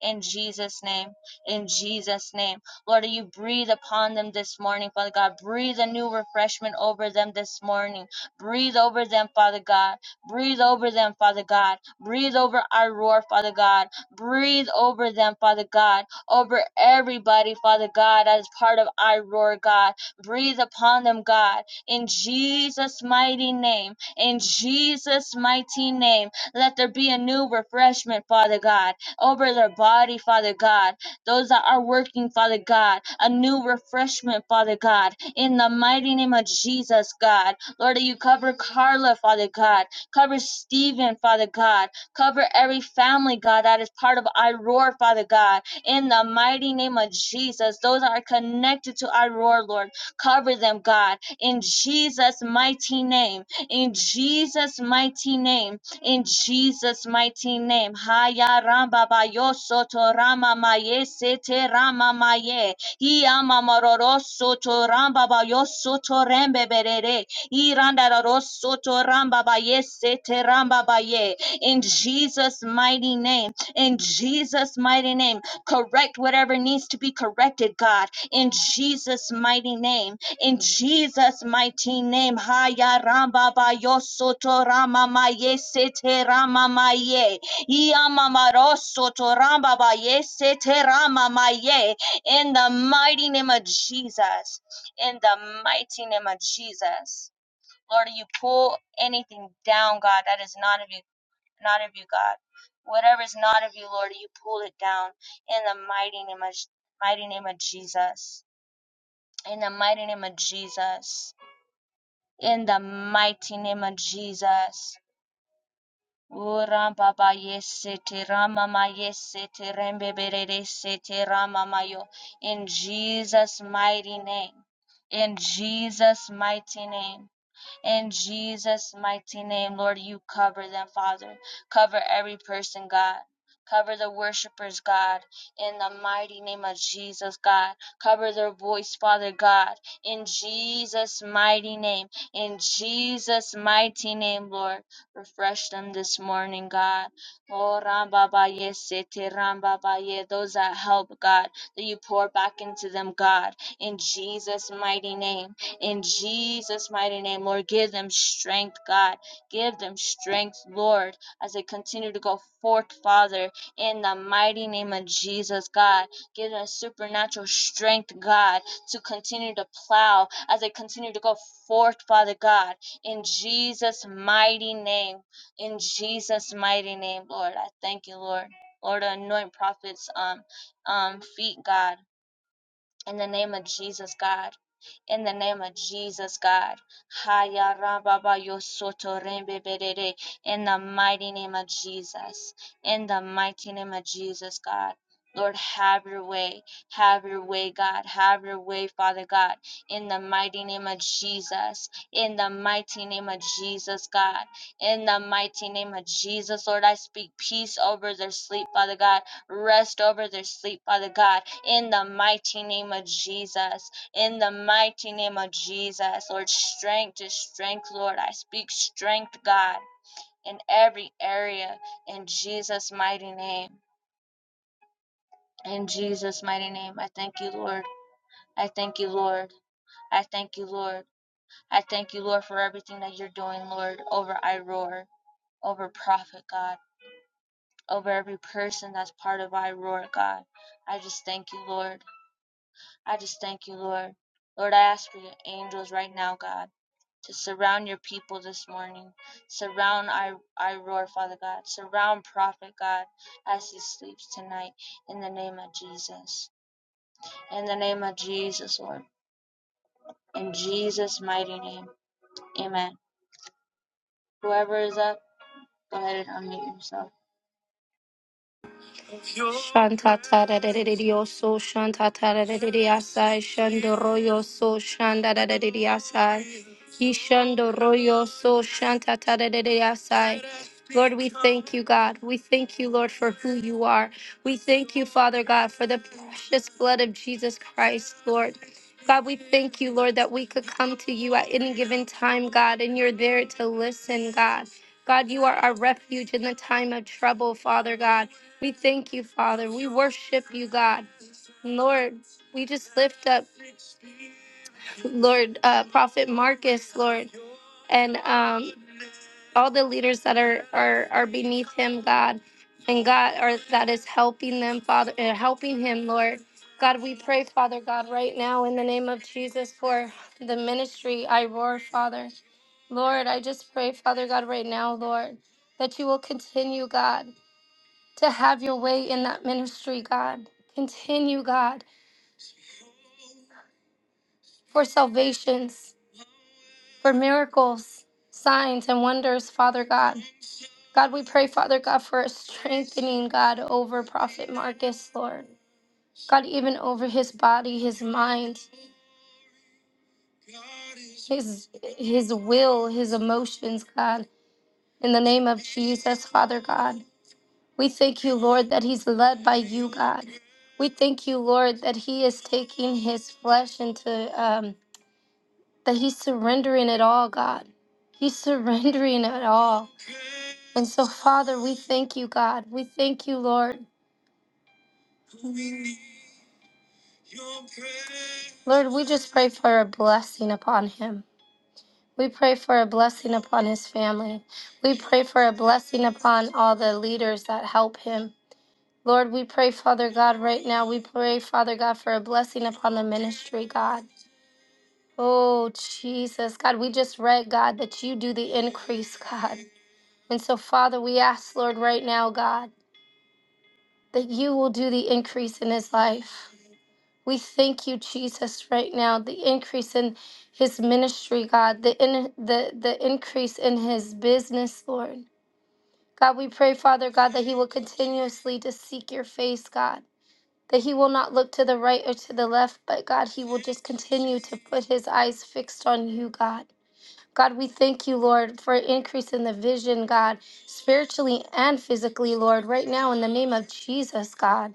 Speaker 3: in Jesus' name. In Jesus' name. Lord, you breathe upon them this morning, Father God. Breathe a new refreshment over them this morning. Breathe over them, Father God. Breathe over them, Father God. Breathe over our roar, Father God. Breathe over them, Father God. Over everybody, Father God, as part of our roar, God. Breathe upon them, God. In Jesus' mighty name. In Jesus' mighty name. Let there be a new refreshment, Father God over their body, Father God. Those that are working, Father God, a new refreshment, Father God, in the mighty name of Jesus, God. Lord, that you cover Carla, Father God. Cover Stephen, Father God. Cover every family, God, that is part of iRoar, Father God, in the mighty name of Jesus. Those that are connected to iRoar, Lord, cover them, God, in Jesus' mighty name. In Jesus' mighty name in Jesus' mighty name. Haya ramba bayo soto rama maye sete rama maye. Hiya mamaroro soto ramba bayo soto rembe berere. Iranda raro soto ramba baye sete ramba baye. In Jesus' mighty name. In Jesus' mighty name. Correct whatever needs to be corrected, God. In Jesus' mighty name in Jesus' mighty name, Haya Ramba Bayosoto Rama Maye Sete Rama Maye, Iamamarosoto Ramba Baye Sete Rama Maye, in the mighty name of Jesus, in the mighty name of Jesus. Lord, you pull anything down, God, that is not of you, not of you, God. Whatever is not of you, Lord, you pull it down in the mighty name of, mighty name of Jesus. In the mighty name of Jesus in the mighty name of Jesus. Ura baba yesete rama ma yesete rembe berere sete rama mayo. In Jesus' mighty name. In Jesus' mighty name. In Jesus' mighty name, Lord, you cover them, Father. Cover every person, God. Cover the worshipers, God, in the mighty name of Jesus, God. Cover their voice, Father God, in Jesus' mighty name. In Jesus' mighty name, Lord. Refresh them this morning, God. Oh, Rambabaye, Sete Rambabaye, those that help, God, that you pour back into them, God, in Jesus' mighty name. In Jesus' mighty name, Lord, give them strength, God. Give them strength, Lord, as they continue to go forth, Father, in the mighty name of Jesus, God. Give them supernatural strength, God, to continue to plow as they continue to go forth, Father God, in Jesus' mighty name. In Jesus' mighty name, Lord. I thank you, Lord. Lord, anoint prophets um um feet, God. In the name of Jesus, God in the name of Jesus, God. Haya rababa yosoto rembe berere. In the mighty name of Jesus. In the mighty name of Jesus, God. Lord, have your way. Have your way, God. Have your way, Father God. In the mighty name of Jesus. In the mighty name of Jesus, God. In the mighty name of Jesus, Lord, I speak peace over their sleep, Father God. Rest over their sleep, Father God. In the mighty name of Jesus in the mighty name of Jesus. Lord, strength to strength, Lord. I speak strength, God, in every area in Jesus' mighty name. In Jesus' mighty name, I thank you, Lord. I thank you, Lord. I thank you, Lord. I thank you, Lord, for everything that you're doing, Lord, over iRoar, over Prophet, God, over every person that's part of iRoar, God. I just thank you, Lord. I just thank you, Lord. Lord, I ask for your angels right now, God. to surround your people this morning. Surround I, I roar, Father God. Surround Prophet God as he sleeps tonight in the name of Jesus. In the name of Jesus, Lord. In Jesus' mighty name. Amen. Whoever is up, go ahead and unmute yourself.
Speaker 1: Shanta tara de de de so shanta tara de de asai shando royo so shanda da da de de asai he shando so shanta tara de de asai Lord, we thank you, God. We thank you, Lord, for who you are. We thank you, Father God, for the precious blood of Jesus Christ, Lord. God, we thank you, Lord, that we could come to you at any given time, God, and you're there to listen, God. God, you are our refuge in the time of trouble, Father God. We thank you, Father. We worship you, God. Lord, we just lift up, Lord, uh, Prophet Marcus, Lord, and um, all the leaders that are, are are beneath him, God, and God, or that is helping them, Father, uh, helping him, Lord. God, we pray, Father God, right now in the name of Jesus for the ministry. I roar, Father. Lord, I just pray, Father God, right now, Lord, that you will continue, God. to have your way in that ministry, God. Continue, God, for salvations, for miracles, signs, and wonders, Father God. God, we pray, Father God, for a strengthening, God, over Prophet Marcus, Lord. God, even over his body, his mind, his his will, his emotions, God. In the name of Jesus, Father God. We thank you, Lord, that he's led by you, God. We thank you, Lord, that he is taking his flesh into, um, that he's surrendering it all, God. He's surrendering it all. And so, Father, we thank you, God. We thank you, Lord. Lord, we just pray for a blessing upon him. We pray for a blessing upon his family. We pray for a blessing upon all the leaders that help him. Lord, we pray, Father God, right now. We pray, Father God, for a blessing upon the ministry, God. Oh, Jesus. God, we just read, God, that you do the increase, God. And so, Father, we ask, Lord, right now, God, that you will do the increase in his life. We thank you, Jesus, right now, the increase in his ministry, God, the, in, the, the increase in his business, Lord. God, we pray, Father God, that he will continuously to seek your face, God. that he will not look to the right or to the left, but God, he will just continue to put his eyes fixed on you, God. God, we thank you, Lord, for an increase in the vision, God, spiritually and physically, Lord, right now in the name of Jesus, God.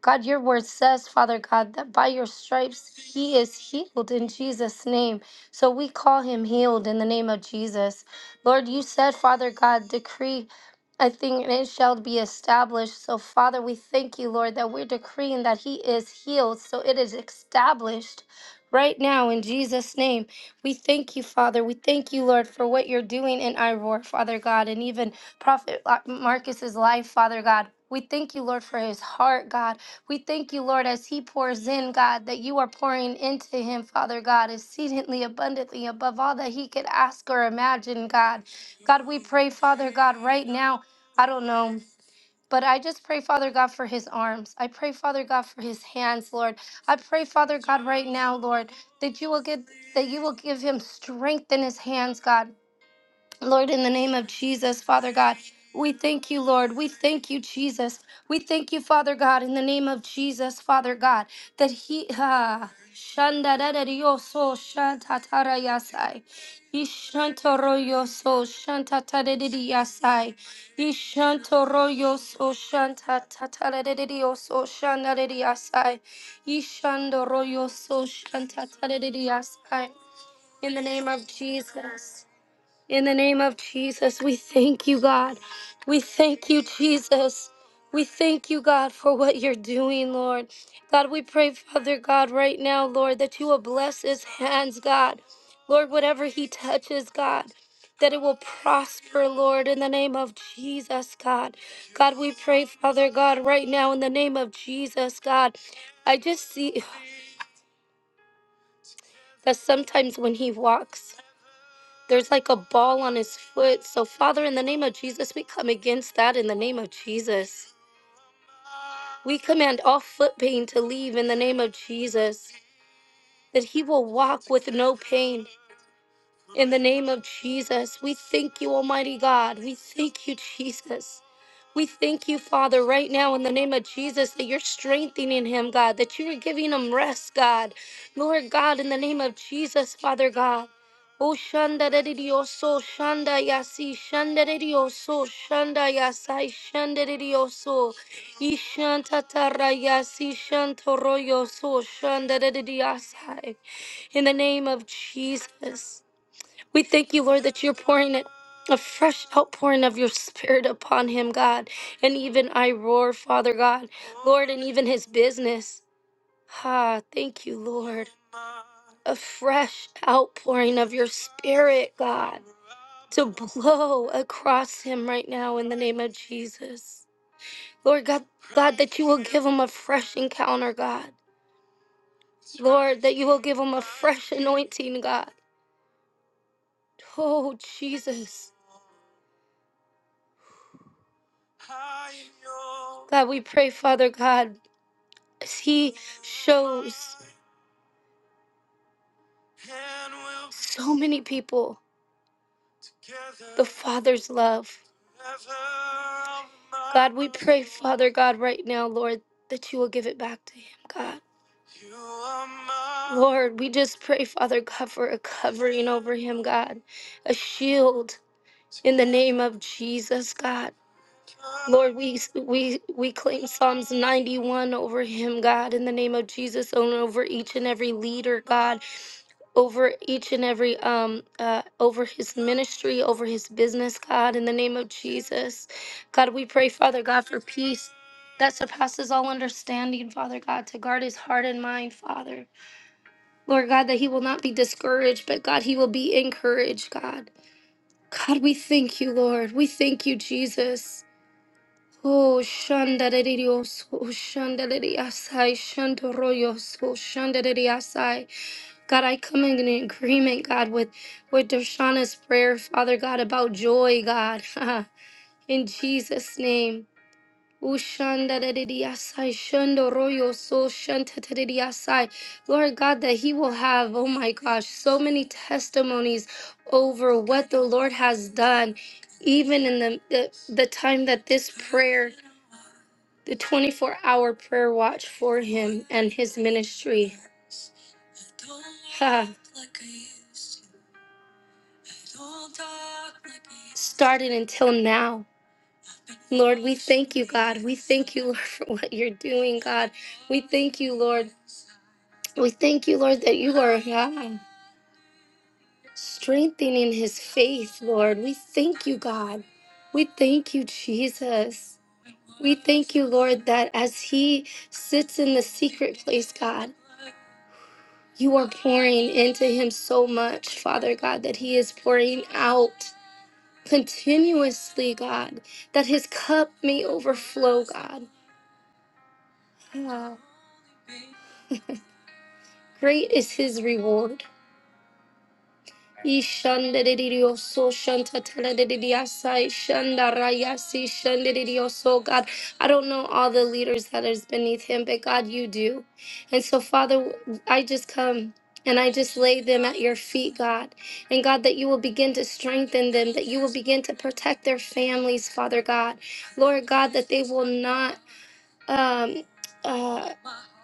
Speaker 1: God, your word says, Father God, that by your stripes he is healed in Jesus' name. So we call him healed in the name of Jesus. Lord, you said, Father God, decree a thing and it shall be established. So, Father, we thank you, Lord, that we're decreeing that he is healed. So it is established right now in Jesus' name. We thank you, Father. We thank you, Lord, for what you're doing in Iroar, Father God, and even Prophet Marcus's life, Father God. We thank you, Lord, for his heart, God. We thank you, Lord, as he pours in, God, that you are pouring into him, Father God, exceedingly abundantly above all that he could ask or imagine, God. God, we pray, Father God, right now. I don't know. But I just pray, Father God, for his arms. I pray, Father God, for his hands, Lord. I pray, Father God, right now, Lord, that you will get that you will give him strength in his hands, God. Lord, in the name of Jesus, Father God, we thank you, Lord. We thank you, Jesus. We thank you, Father God, in the name of Jesus, Father God, that He. ah, Shanda da da di yo so shanta tara yasai. Ishantoro yo so shanta tara di di yasai. so shanta tara di di yo so shanda di di so shanta tara di In the name of Jesus. In the name of Jesus, we thank you, God. We thank you, Jesus. We thank you, God, for what you're doing, Lord. God, we pray, Father God, right now, Lord, that you will bless his hands, God. Lord, whatever he touches, God, that it will prosper, Lord, in the name of Jesus, God. God, we pray, Father God, right now, in the name of Jesus, God. I just see that sometimes when he walks, There's like a ball on his foot. So, Father, in the name of Jesus, we come against that in the name of Jesus. We command all foot pain to leave in the name of Jesus, that he will walk with no pain in the name of Jesus. We thank you, Almighty God. We thank you, Jesus. We thank you, Father, right now in the name of Jesus that you're strengthening him, God, that you are giving him rest, God. Lord God, in the name of Jesus, Father God. Oh, Shanda de de Dioso, Shanda Yasi, Shanda de Dioso, Shanda Yasai, Shanda de Dioso, Ishanta Tara Yasi, Shantoroyoso, Shanda de de Diasai. In the name of Jesus. We thank you, Lord, that you're pouring it. A fresh outpouring of your spirit upon him, God. And even I roar, Father God, Lord, and even his business. Ah, thank you, Lord. A fresh outpouring of your spirit, God, to blow across him right now in the name of Jesus. Lord God, God, that you will give him a fresh encounter, God. Lord, that you will give him a fresh anointing, God. Oh, Jesus. God, we pray, Father God, as He shows so many people the Father's love. God, we pray, Father God, right now, Lord, that you will give it back to Him, God. Lord, we just pray, Father God, for a covering over Him, God, a shield in the name of Jesus, God. Lord, we we we claim Psalms 91 over him, God, in the name of Jesus, and over each and every leader, God, over each and every um uh over his ministry, over his business, God, in the name of Jesus. God, we pray, Father God, for peace that surpasses all understanding, Father God, to guard his heart and mind, Father. Lord God, that he will not be discouraged, but God, he will be encouraged, God. God, we thank you, Lord. We thank you, Jesus. Oh, shandaririos, oh, shandaririasai, shandoroyos, oh, shandaririasai. God, I come in agreement, God, with, with Darshana's prayer, Father God, about joy, God. in Jesus' name. Oh, shandaririasai, shandoroyos, oh, shantaririasai. Lord God, that he will have, oh my gosh, so many testimonies over what the Lord has done, even in the, the, the time that this prayer the 24 hour prayer watch for him and his ministry ha, started until now. Lord, we thank you, God. We thank you Lord, for what you're doing, God. We thank you, Lord. We thank you, Lord, that you are ah, strengthening his faith, Lord. We thank you, God. We thank you, Jesus. We thank you, Lord, that as he sits in the secret place, God, you are pouring into him so much, Father God, that he is pouring out. continuously, God, that his cup may overflow, God. Ah, Great is his reward. Ishandaririyoso, shantataraririasai, shandarayasi, shandaririyoso. God, I don't know all the leaders that is beneath him, but God, you do. And so, Father, I just come and I just lay them at your feet, God. And God, that you will begin to strengthen them, that you will begin to protect their families, Father God. Lord God, that they will not um, uh,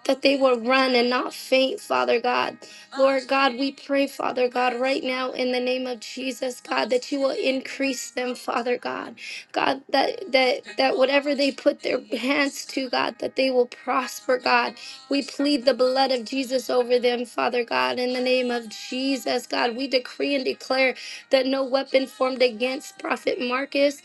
Speaker 1: that they will run and not faint, Father God. Lord God, we pray, Father God, right now in the name of Jesus, God, that you will increase them, Father God. God, that that that whatever they put their hands to, God, that they will prosper, God. We plead the blood of Jesus over them, Father God, in the name of Jesus, God. We decree and declare that no weapon formed against Prophet Marcus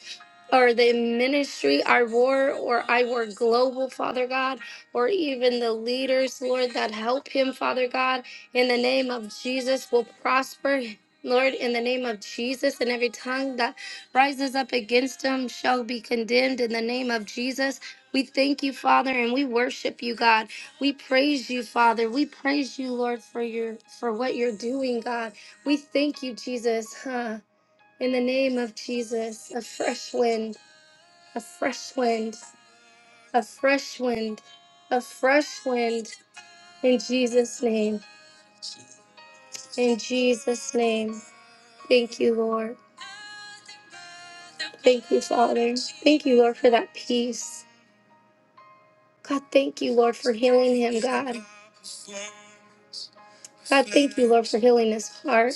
Speaker 1: or the ministry, I war or I war global, Father God or even the leaders, Lord, that help him, Father God, in the name of Jesus, will prosper. Lord, in the name of Jesus, and every tongue that rises up against him shall be condemned in the name of Jesus. We thank you, Father, and we worship you, God. We praise you, Father. We praise you, Lord, for your for what you're doing, God. We thank you, Jesus. Huh. In the name of Jesus, a fresh wind, a fresh wind, a fresh wind, a fresh wind. In Jesus' name. In Jesus' name. Thank you, Lord. Thank you, Father. Thank you, Lord, for that peace. God, thank you, Lord, for healing him, God. God, thank you, Lord, for healing his heart.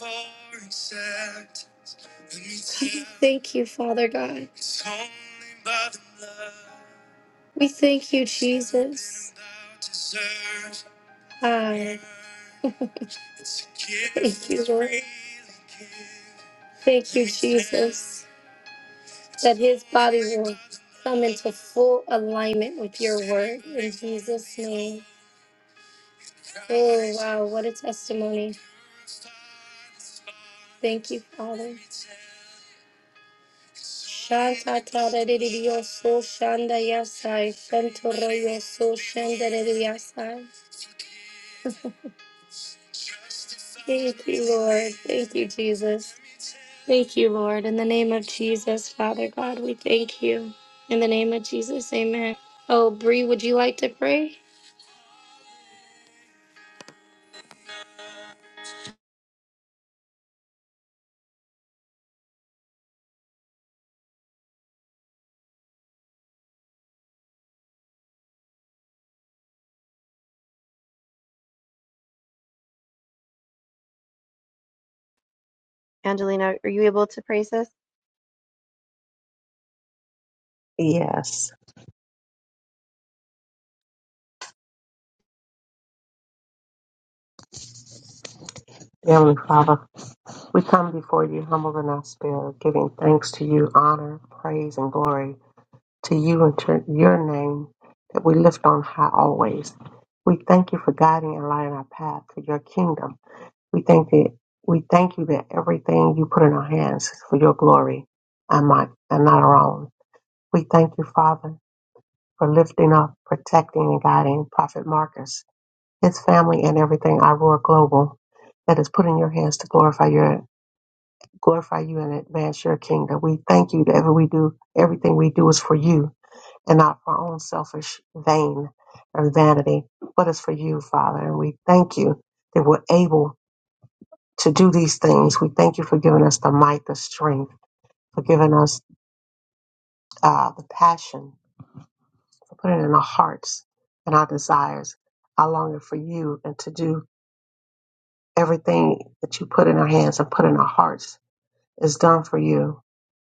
Speaker 1: God, we thank you, Father God. We thank you, Jesus. Ah. Thank you, Lord. Thank you, Jesus, that his body will come into full alignment with your word in Jesus' name. Oh, wow, what a testimony. Thank you, Father. Shanta tada didi yo so shanda yasai, shantoro yo so shanda didi yasai. Thank you, Lord. Thank you, Jesus. Thank you, Lord. In the name of Jesus, Father God, we thank you. In the name of Jesus, amen. Oh, Bree, would you like to pray?
Speaker 2: Angelina, are you able to pray, sis?
Speaker 6: Yes. Heavenly Father, we come before you humble in our spirit, giving thanks to you, honor, praise, and glory to you and to your name that we lift on high always. We thank you for guiding and lighting our path to your kingdom. We thank that we thank you that everything you put in our hands is for your glory and my and not our own. We thank you, Father, for lifting up, protecting, and guiding Prophet Marcus, his family, and everything Iroar Global that is put in your hands to glorify your glorify you and advance your kingdom. We thank you that every we do everything we do is for you and not for our own selfish vain or vanity, but it's for you, Father. And we thank you that we're able to do these things. We thank you for giving us the might, the strength, for giving us uh, the passion to Put it in our hearts and our desires, our longing for you, and to do everything that you put in our hands and put in our hearts is done for you.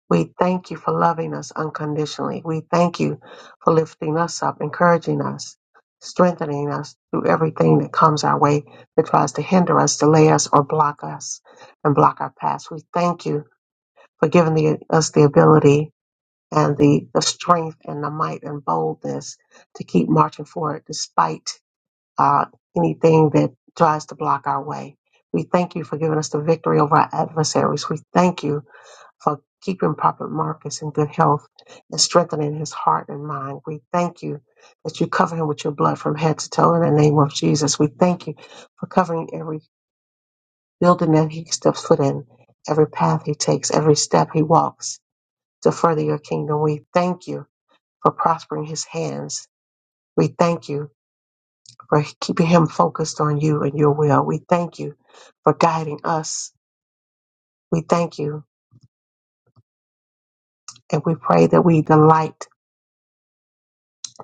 Speaker 6: We thank you for loving us unconditionally. We thank you for lifting us up, encouraging us, strengthening us through everything that comes our way that tries to hinder us, delay us, or block us and block our paths. We thank you for giving the, us the ability and the, the strength and the might and boldness to keep marching forward despite uh, anything that tries to block our way. We thank you for giving us the victory over our adversaries. We thank you for keeping Prophet Marcus in good health and strengthening his heart and mind. We thank you that you cover him with your blood from head to toe in the name of Jesus. We thank you for covering every building that he steps foot in, every path he takes, every step he walks to further your kingdom. We thank you for prospering his hands. We thank you for keeping him focused on you and your will. We thank you for guiding us. We thank you and we pray that we delight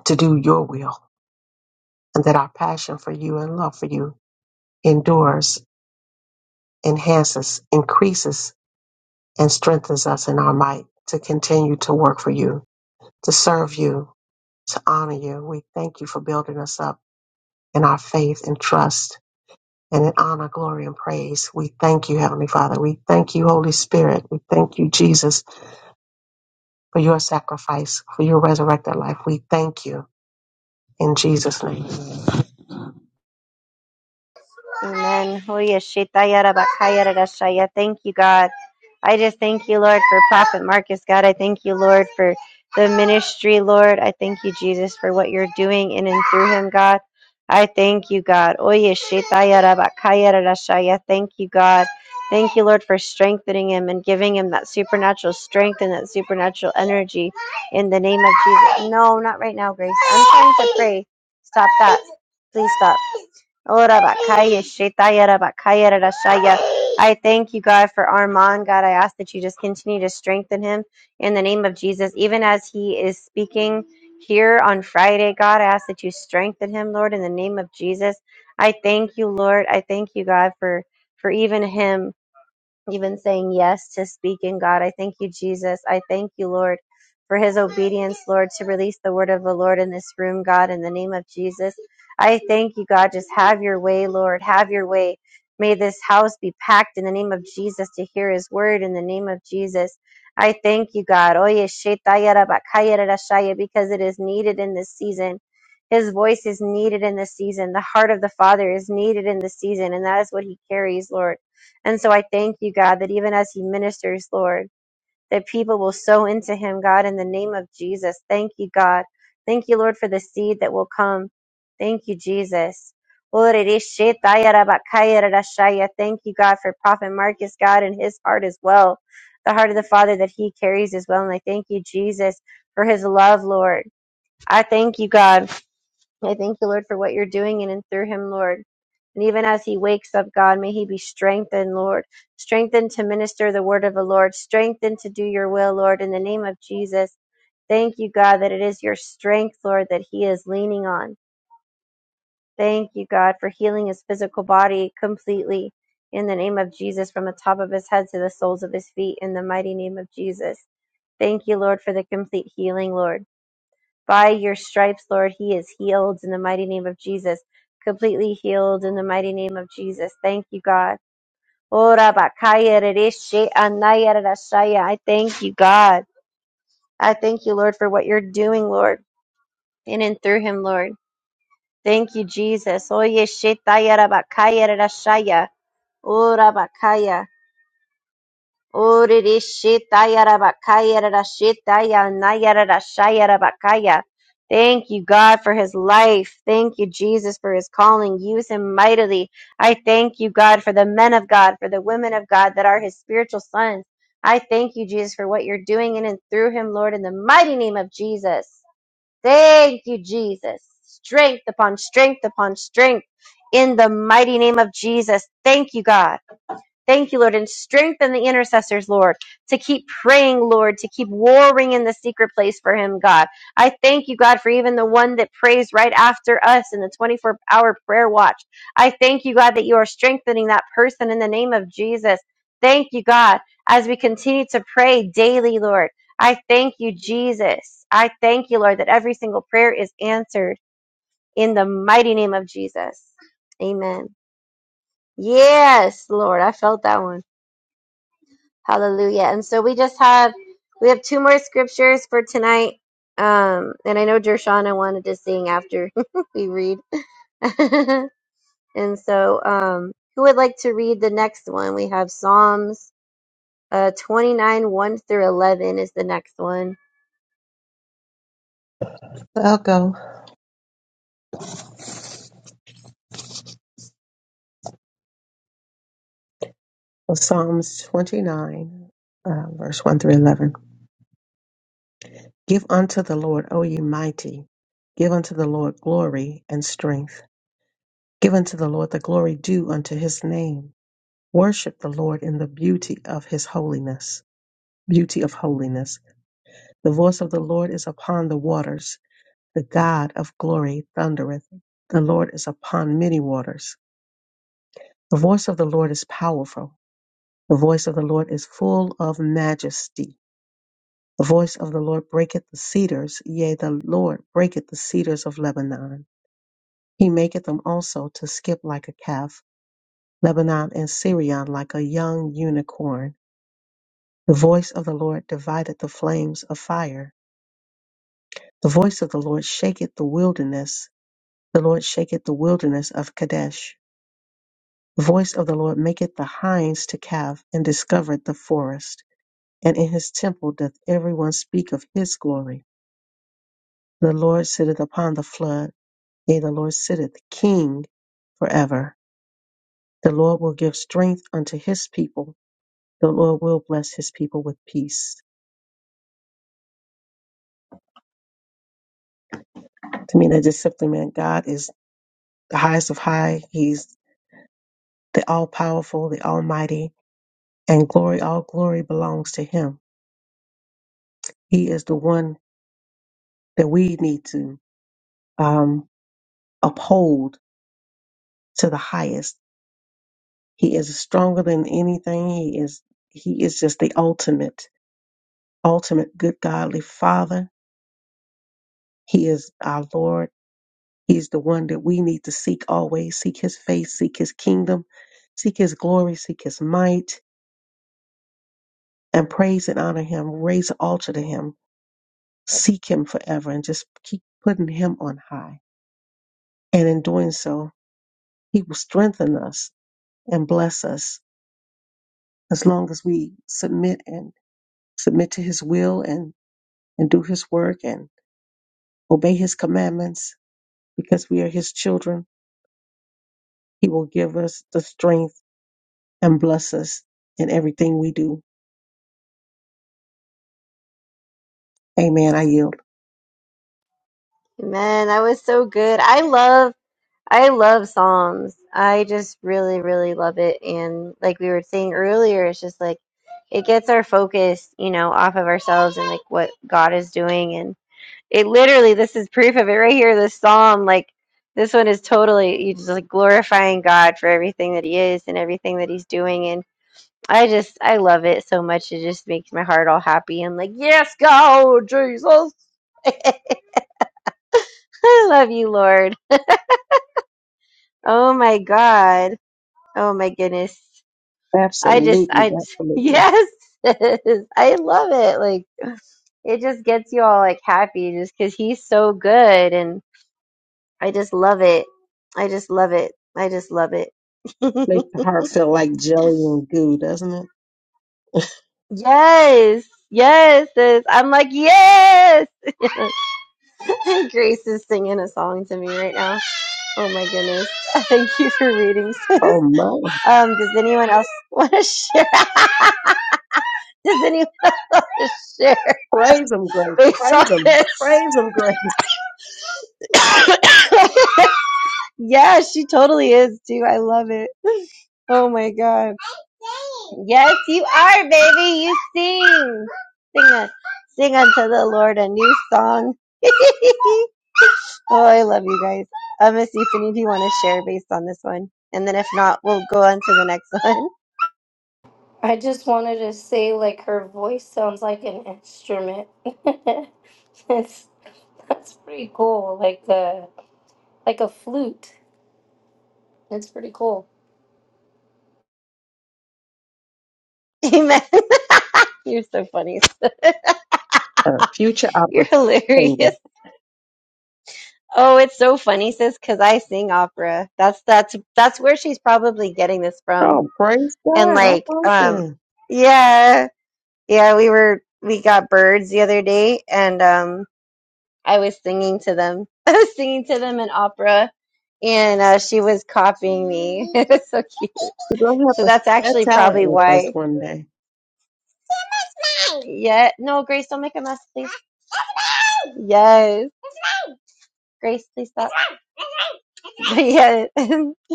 Speaker 6: to do your will and that our passion for you and love for you endures, enhances, increases, and strengthens us in our might to continue to work for you, to serve you, to honor you. We thank you for building us up in our faith and trust and in honor, glory, and praise. We thank you, Heavenly Father. We thank you, Holy Spirit. We thank you, Jesus, for your sacrifice, for your resurrected life. We thank you in Jesus' name.
Speaker 2: Amen. Hoya shetaya rabakaya rarashaya. Thank you, God. I just thank you, Lord, for Prophet Marcus, God. I thank you, Lord, for the ministry, Lord. I thank you, Jesus, for what you're doing in and through him, God. I thank you, God. Oye shetaya rabakaya rarashaya. Thank you, God. Thank you, Lord, for strengthening him and giving him that supernatural strength and that supernatural energy in the name of Jesus. No, not right now, Grace. I'm trying to pray. Stop that. Please stop. Ora bakaya shetaya ra bakaya ra rashaya. I thank you, God, for Armand. God, I ask that you just continue to strengthen him in the name of Jesus. Even as he is speaking here on Friday, God, I ask that you strengthen him, Lord, in the name of Jesus. I thank you, Lord. I thank you, God, for for even him even saying yes to speaking, God. I thank you, Jesus. I thank you, Lord, for his obedience, Lord, to release the word of the Lord in this room, God, in the name of Jesus. I thank you, God. Just have your way, Lord. Have your way. May this house be packed in the name of Jesus to hear his word in the name of Jesus. I thank you, God. Oye, shetaya rabakaya rarashaya, Because it is needed in this season. His voice is needed in this season. The heart of the Father is needed in this season. And that is what he carries, Lord. And so I thank you, God, that even as he ministers, Lord, that people will sow into him, God, in the name of Jesus. Thank you, God. Thank you, Lord, for the seed that will come. Thank you, Jesus. Thank you, God, for Prophet Marcus, God, and his heart as well. The heart of the Father that he carries as well. And I thank you, Jesus, for his love, Lord. I thank you, God. I thank you, Lord, for what you're doing in and through him, Lord. And even as he wakes up, God, may he be strengthened, Lord. Strengthened to minister the word of the Lord. Strengthened to do your will, Lord, in the name of Jesus. Thank you, God, that it is your strength, Lord, that he is leaning on. Thank you, God, for healing his physical body completely in the name of Jesus from the top of his head to the soles of his feet in the mighty name of Jesus. Thank you, Lord, for the complete healing, Lord. By your stripes, Lord, he is healed in the mighty name of Jesus. Completely healed in the mighty name of Jesus. Thank you, God. Ora bakaya rereshe anaya rerashaya. I thank you, God. I thank you, Lord, for what you're doing, Lord, in and through him, Lord. Thank you, Jesus. Oye shetaya rabakaya rerashaya. Ora bakaya. Orere shetaya rabakaya rara shetaya Thank you, God, for his life. Thank you, Jesus, for his calling. Use him mightily. I thank you, God, for the men of God, for the women of God that are his spiritual sons. I thank you, Jesus, for what you're doing in and through him, Lord, in the mighty name of Jesus. Thank you, Jesus. Strength upon strength upon strength in the mighty name of Jesus. Thank you, God. Thank you, Lord, and strengthen the intercessors, Lord, to keep praying, Lord, to keep warring in the secret place for him, God. I thank you, God, for even the one that prays right after us in the 24 hour prayer watch. I thank you, God, that you are strengthening that person in the name of Jesus. Thank you, God, as we continue to pray daily, Lord. I thank you, Jesus. I thank you, Lord, that every single prayer is answered in the mighty name of Jesus. Amen. Yes, Lord, I felt that one. Hallelujah. And so we just have we have two more scriptures for tonight. Um, and I know Dershana wanted to sing after we read. and so um who would like to read the next one? We have Psalms uh 29, 1 through eleven is the next one.
Speaker 6: I'll go with Psalms 29, uh, verse 1 through 11. Give unto the Lord, O ye mighty, give unto the Lord glory and strength. Give unto the Lord the glory due unto his name. Worship the Lord in the beauty of his holiness. Beauty of holiness. The voice of the Lord is upon the waters. The God of glory thundereth. The Lord is upon many waters. The voice of the Lord is powerful. The voice of the Lord is full of majesty. The voice of the Lord breaketh the cedars. Yea, the Lord breaketh the cedars of Lebanon. He maketh them also to skip like a calf Lebanon and Syrian, like a young unicorn. The voice of the Lord divideth the flames of fire. The voice of the Lord shaketh the wilderness. The Lord shaketh the wilderness of Kadesh. The voice of the Lord maketh the hinds to calve and discovereth the forest. And in his temple doth every one speak of his glory. The Lord sitteth upon the flood. Yea, the Lord sitteth king forever. The Lord will give strength unto his people. The Lord will bless his people with peace. To me, that just simply meant God is the highest of high. He's the all powerful, the almighty, and glory, all glory belongs to Him. He is the one that we need to um, uphold to the highest. He is stronger than anything. He is He is just the ultimate, ultimate good godly Father. He is our Lord. He's the one that we need to seek always, seek his face, seek his kingdom, seek his glory, seek his might and praise and honor him, raise an altar to him, seek him forever, and just keep putting him on high. And in doing so, he will strengthen us and bless us as long as we submit and submit to his will and, and do his work and obey his commandments because we are his children. He will give us the strength and bless us in everything we do. Amen. I yield.
Speaker 2: Man, that was so good. I love I love Psalms. I just really, really love it. And like we were saying earlier, it's just like it gets our focus, you know, off of ourselves and like what God is doing. And it literally, this is proof of it right here. This Psalm, like this one is totally, you just like glorifying God for everything that He is and everything that He's doing. And I just, I love it so much. It just makes my heart all happy. I'm like, yes, go, Jesus. I love you, Lord. Oh my God. Oh my goodness. I just,
Speaker 6: Absolutely.
Speaker 2: I just-
Speaker 6: Absolutely.
Speaker 2: yes, I love it. Like it just gets you all like happy just because he's so good, and I just love it. I just love it. I just love it.
Speaker 6: Makes the heart feel like jelly and goo, doesn't it?
Speaker 2: yes, yes, sis. I'm like yes. Grace is singing a song to me right now. Oh my goodness! Thank you for reading, sis.
Speaker 6: Oh my.
Speaker 2: Um, does anyone else want to share? does anyone else want to share
Speaker 6: Praise him, Grace.
Speaker 2: based on
Speaker 6: Praise him.
Speaker 2: this?
Speaker 6: Praise him, Grace.
Speaker 2: Yeah, she totally is too. I love it. Oh my god. Yes, you are, baby. You sing. Sing a, sing unto the Lord a new song. oh, I love you guys. I'm gonna see if any of you want to share based on this one, and then if not, we'll go on to the next one.
Speaker 1: I just wanted to say, like, her voice sounds like an instrument. it's, that's pretty cool. Like, uh, like a flute. It's pretty cool.
Speaker 2: Amen. You're so funny.
Speaker 6: A future
Speaker 2: You're
Speaker 6: opportunity.
Speaker 2: hilarious. Oh, it's so funny, sis, because I sing opera. That's that's that's where she's probably getting this from.
Speaker 6: Oh, praise
Speaker 2: and
Speaker 6: God. All
Speaker 2: like
Speaker 6: right
Speaker 2: um
Speaker 6: then.
Speaker 2: yeah yeah we were we got birds the other day and um i was singing to them i was singing to them an opera and uh, she was copying me it was so cute
Speaker 6: You're going to
Speaker 2: so
Speaker 6: have to,
Speaker 2: that's
Speaker 6: that
Speaker 2: actually
Speaker 6: talent
Speaker 2: probably
Speaker 6: with us
Speaker 2: why
Speaker 6: one day.
Speaker 2: yeah no grace don't make a mess please yes grace please stop yeah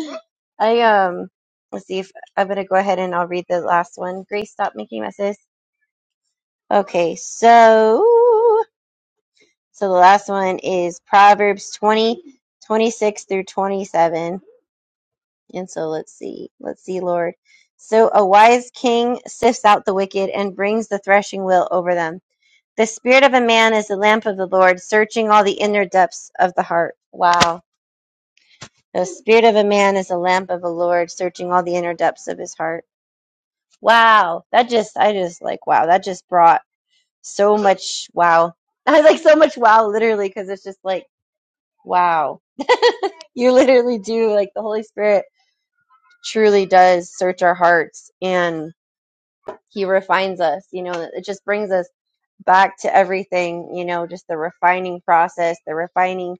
Speaker 2: i um let's see if i'm gonna go ahead and i'll read the last one grace stop making messes okay so So the last one is Proverbs 20 26 through 27. And so let's see. Let's see, Lord. So a wise king sifts out the wicked and brings the threshing wheel over them. The spirit of a man is the lamp of the Lord, searching all the inner depths of the heart. Wow. The spirit of a man is the lamp of the Lord, searching all the inner depths of his heart. Wow. That just, I just like, wow. That just brought so much wow. I like so much wow, literally, because it's just like, Wow. You literally do. Like the Holy Spirit truly does search our hearts and He refines us. You know, it just brings us back to everything, you know, just the refining process, the refining,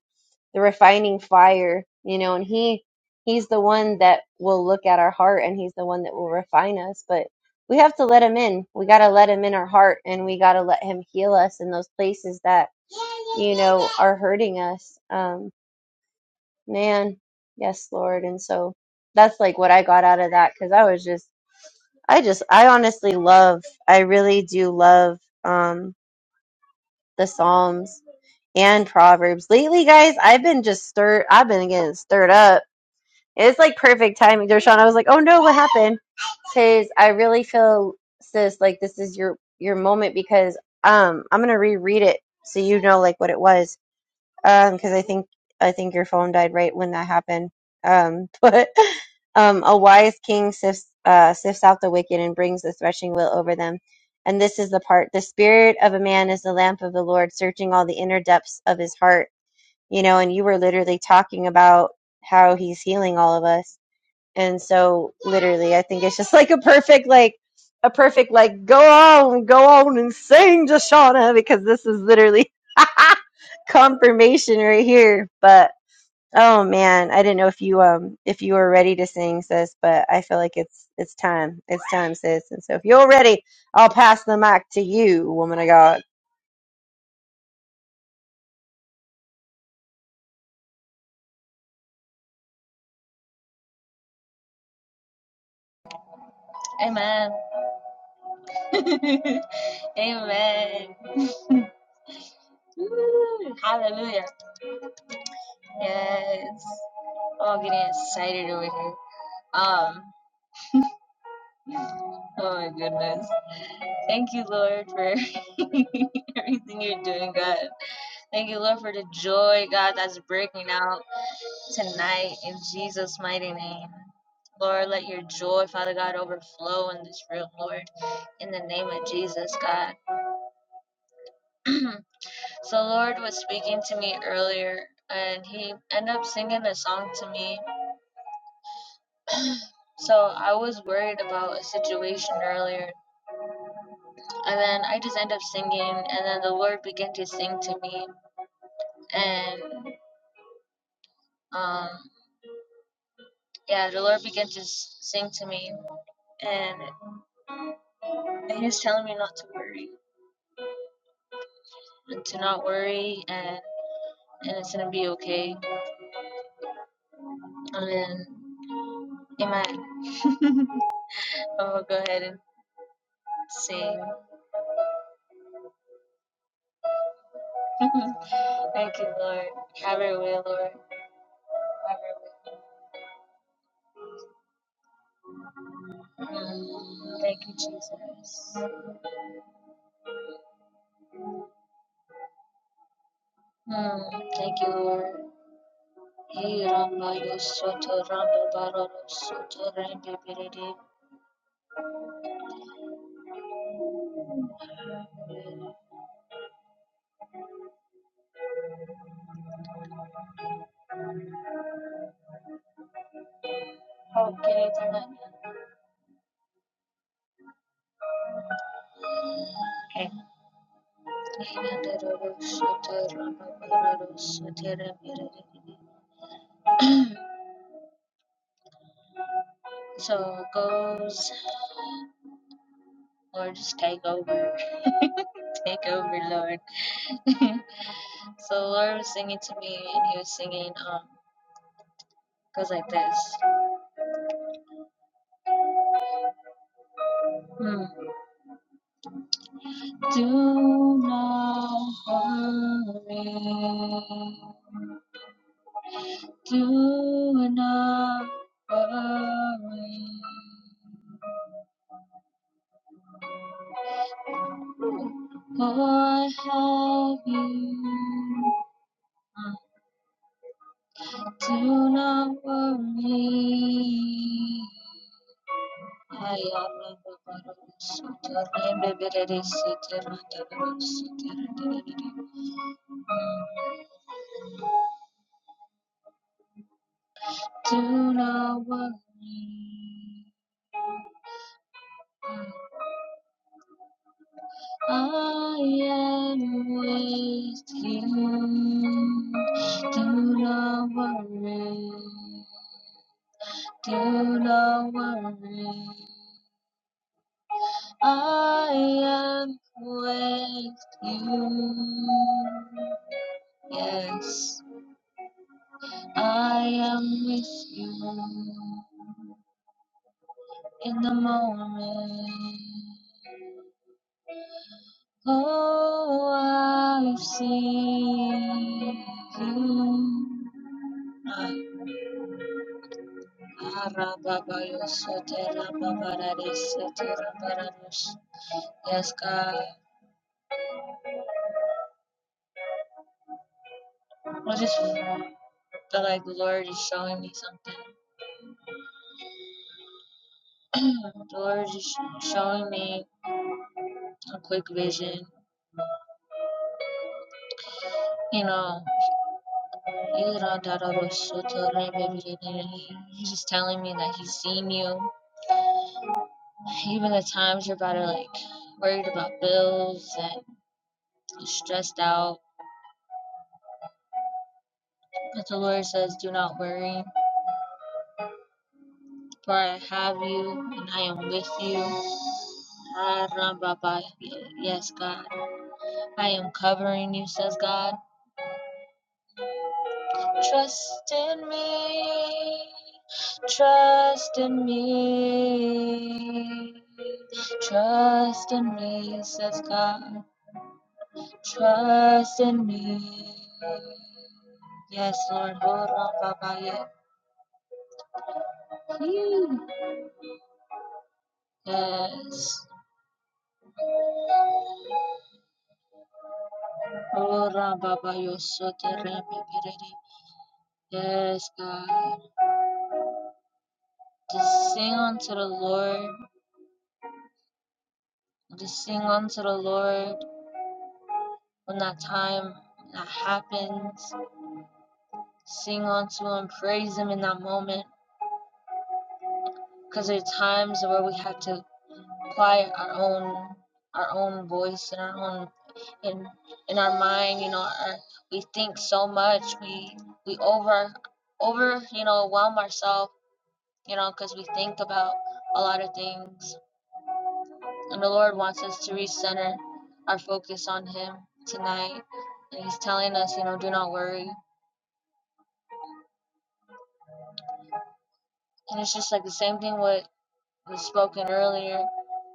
Speaker 2: the refining fire, you know, and He, He's the one that will look at our heart and He's the one that will refine us. But we have to let Him in. We got to let Him in our heart and we got to let Him heal us in those places that, you know, are hurting us. Um, Man, yes, Lord. And so that's like what I got out of that because I was just, I just, I honestly love, I really do love um the Psalms and Proverbs. Lately, guys, I've been just stirred, I've been getting stirred up. It's like perfect timing, Dershawn. I was like, oh no, what happened? Because I really feel, sis, like this is your your moment because um I'm gonna reread it so you know like what it was. Um, because I think I think your phone died right when that happened. Um, but um, a wise king sifts uh, sifts out the wicked and brings the threshing wheel over them. And this is the part: the spirit of a man is the lamp of the Lord, searching all the inner depths of his heart. You know, and you were literally talking about how he's healing all of us and so literally I think it's just like a perfect like a perfect like go on, go on and sing Shauna because this is literally confirmation right here. But oh man, I didn't know if you um if you were ready to sing, sis, but I feel like it's it's time. It's time, sis. And so if you're ready, I'll pass the mic to you, woman of God.
Speaker 3: Amen. Amen. Woo. Hallelujah. Yes. Oh, getting excited over here. Um, oh my goodness. Thank you, Lord, for everything you're doing, God. Thank you, Lord, for the joy, God, that's breaking out tonight in Jesus' mighty name. Lord, let your joy, Father God, overflow in this room, Lord, in the name of Jesus, God. so, Lord was speaking to me earlier, and he ended up singing a song to me. So, I was worried about a situation earlier, and then I just ended up singing, and then the Lord began to sing to me, and um, yeah, the Lord began to s- sing to me, and, He was telling me not to worry, and to not worry, and and it's gonna be okay. And Amen. I'm gonna go ahead and sing. Thank you, Lord. Have Your way, Lord. Have Your way. Mm, Thank you, Jesus. Mm, thank you, Lord. Hey, Ramba, you soto, Ramba, Baro, soto, Ramba, Biridi. How can I do that? Okay. so goes Lord just take over. Take over, Lord. so Lord was singing to me and he was singing um goes like this. Hmm. Do not worry. Do not worry. For I have you. Do not worry. I am Do not worry. I am with you. Do not worry. Do not worry. I am with you. Yes, I am with you in the moment. Oh, I see you. Ah, Arababayosoterababaradiseterabarados. Yes, God. I just feel like the Lord is showing me something. the Lord is showing me a quick vision. You know, you don't doubt all those so to the right, baby, they didn't. he's just telling me that he's seen you. Even the times you're about to like worried about bills and you're stressed out. But the Lord says, Do not worry, for I have you and I am with you. Ah, Ram Baba, Yes, God. I am covering you, says God. Trust in me, trust in me, trust in me, says God. Trust in me. Yes, Lord. Ora baba ye. Hmm. Yes. Ora baba yo so te re Yes, God. Just sing unto the Lord. Just sing unto the Lord when that time that happens. sing unto Him, praise Him in that moment. Because there are times where we have to apply our own our own voice and our own in in our mind. You know, our, we think so much. We we over over you know overwhelm ourselves. You know, because we think about a lot of things, and the Lord wants us to recenter our focus on Him tonight. And He's telling us, you know, do not worry. And it's just like the same thing with was spoken earlier.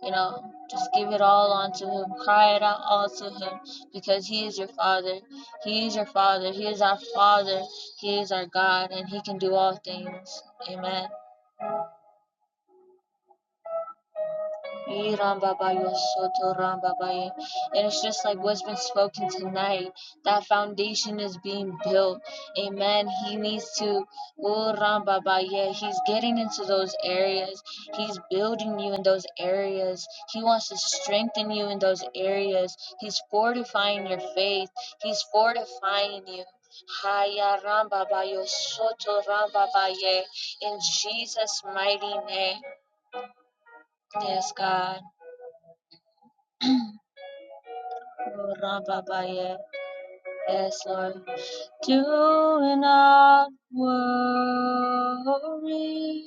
Speaker 3: You know, just give it all unto him. Cry it out all to him because he is your father. He is your father. He is our father. He is our God and he can do all things. Amen. Ee, Ramba ba yo soto, Ramba ba ye. And it's just like what's been spoken tonight. That foundation is being built. Amen. He needs to. Oh, Ramba ba ye. He's getting into those areas. He's building you in those areas. He wants to strengthen you in those areas. He's fortifying your faith. He's fortifying you. Haya Ramba ba yo soto, Ramba ba ye. In Jesus' mighty name. Yes, God. Rababaye, yes, Lord. Do not worry.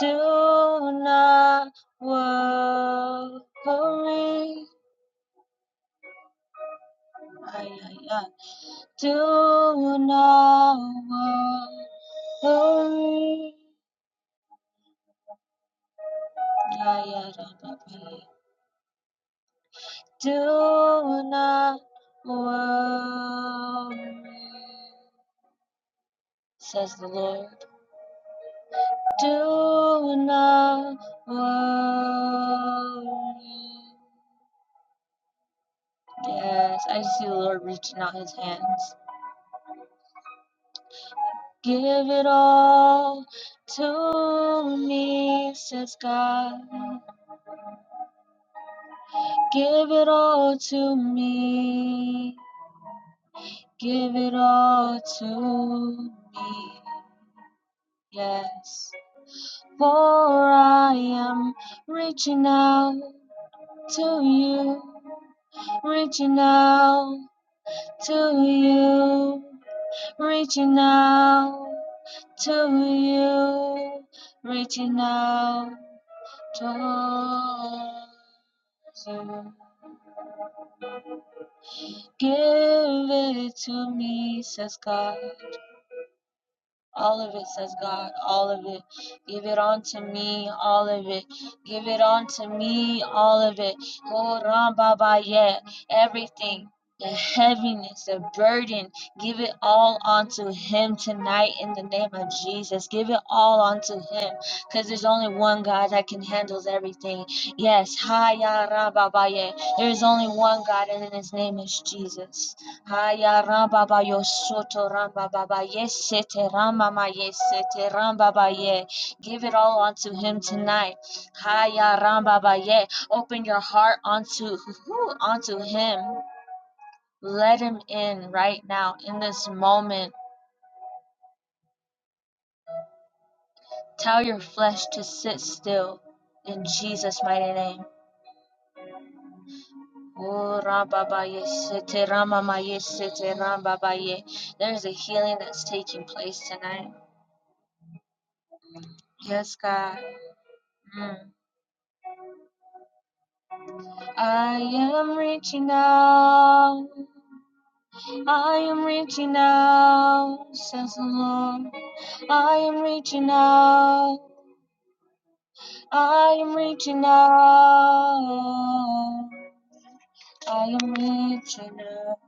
Speaker 3: Do not worry. Ay, ay, ay. Do not worry. Ya, ya, Rababaye. Do not worry, says the Lord. do not worry. Yes, I see the Lord reaching out his hands. Give it all to me, says God. Give it all to me. Give it all to me. Yes. For I am reaching out to you, reaching out to you, reaching out to you, reaching out to you. Give it to me, says God. All of it, says God. All of it. Give it unto me. All of it. Give it unto me. All of it. Oh, Ram Baba, yeah. Everything. The heaviness, the burden, give it all unto Him tonight in the name of Jesus. Give it all unto Him because there's only one God that can handle everything. Yes, Hi, Ya, Ra, Baba, yeah. there is only one God, and His name is Jesus. Haya ramba ba yo ramba baba yesete ramba ma yesete ramba ba ye. Give it all unto him tonight. Haya ramba ba ye. Open your heart unto unto him. Let him in right now in this moment. Tell your flesh to sit still in Jesus mighty name. Oh, ramba ba yesete ramba ma yesete ramba ba ye. There's a healing that's taking place tonight. Yes, God. Mm. I am reaching out. I am reaching out, says the Lord. I am reaching out. I am reaching out. I am reaching out.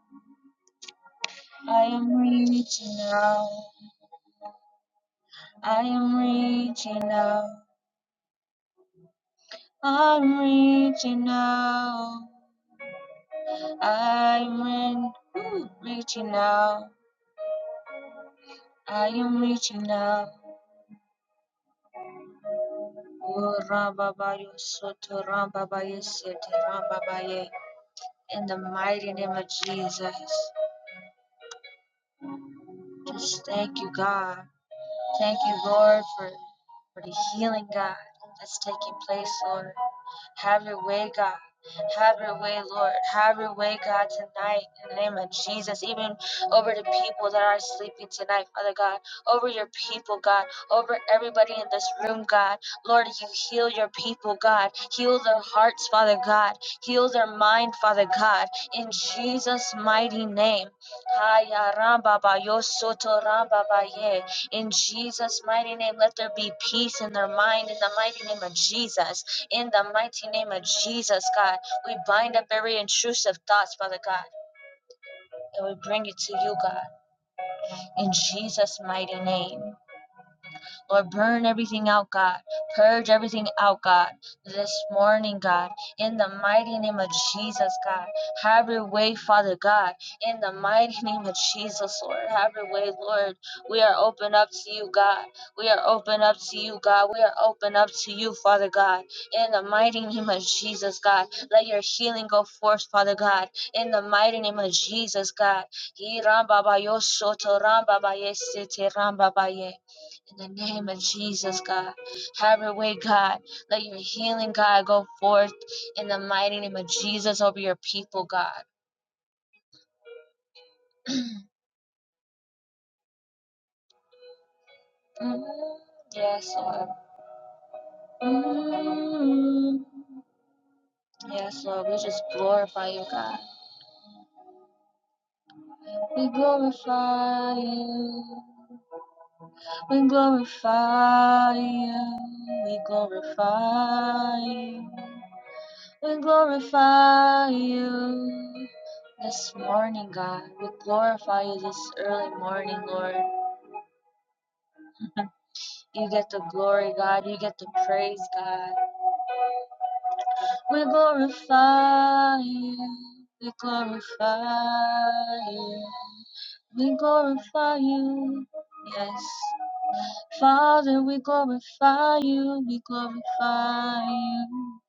Speaker 3: I am reaching out. I am reaching out. I'm reaching out. I'm reaching out. I am reaching out. Oh, Rababayo Soto Rambabaye Sete Rambabaye. In the mighty name of Jesus. Just thank you, God. Thank you, Lord, for, for the healing, God, that's taking place, Lord. Have your way, God. Have your way, Lord. Have your way, God, tonight in the name of Jesus. Even over the people that are sleeping tonight, Father God. Over your people, God. Over everybody in this room, God. Lord, you heal your people, God. Heal their hearts, Father God. Heal their mind, Father God. In Jesus' mighty name. Haya ramba ba yo soto ramba ba ye. In Jesus' mighty name, let there be peace in their mind in the mighty name of Jesus. In the mighty name of Jesus, God, we bind up every intrusive thoughts, Father God, and we bring it to you, God, in Jesus' mighty name. Lord, burn everything out, God. Purge everything out, God. This morning, God, in the mighty name of Jesus, God. Have your way, Father God, in the mighty name of Jesus, Lord. Have your way, Lord. We are open up to you, God. We are open up to you, God. We are open up to you, Father God, in the mighty name of Jesus, God. Let your healing go forth, Father God, in the mighty name of Jesus, God. Ye Ram Baba Yo Soto Ram Baba Ye Sete Ram Baba Ye. In the name of Jesus, God. Have your way, God. Let your healing, God, go forth in the mighty name of Jesus over your people, God. Mm, yes, Lord. Mm, yes, Lord. We just glorify you, God. We glorify you. We glorify you. We glorify you. We glorify you this morning, God. We glorify you this early morning, Lord. You get the glory, God. You get the praise, God. We glorify you. We glorify you. We glorify you. Yes. Father, we glorify you. We glorify you.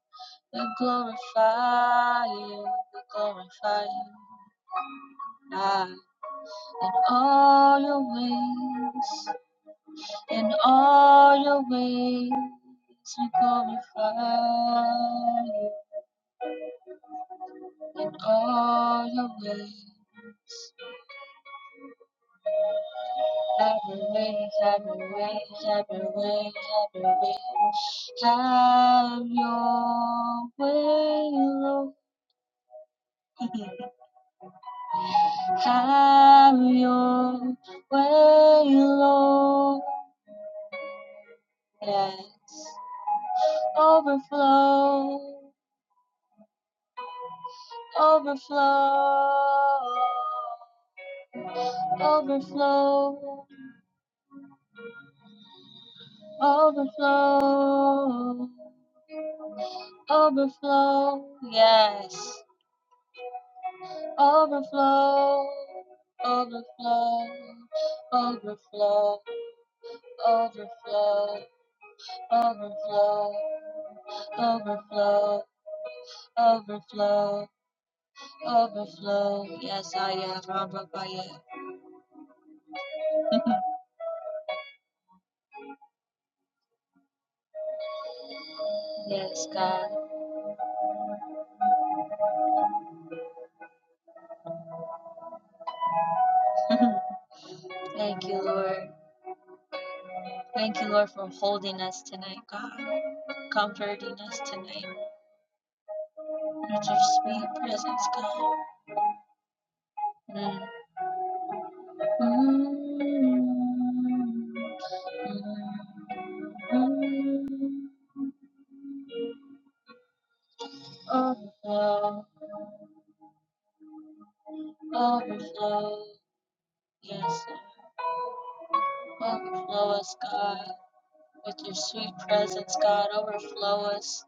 Speaker 3: We glorify you. We glorify you. Ah. in all your ways, in all your ways, we glorify you. In all your ways, have your way, have your way, have your way, have your way, have your way, Lord, have your way, Lord, yes, overflow. Overflow, overflow, overflow, overflow, yes, overflow, overflow, overflow, overflow, overflow, overflow, overflow, overflow, yes, I am, Rabba Baya. yes, God, thank you, Lord. Thank you, Lord, for holding us tonight, God. Comforting us tonight. Let your sweet presence, God. Mm. Mm. Mm. Overflow, overflow, yes, Lord. Overflow us, God. with your sweet presence, God. Overflow us.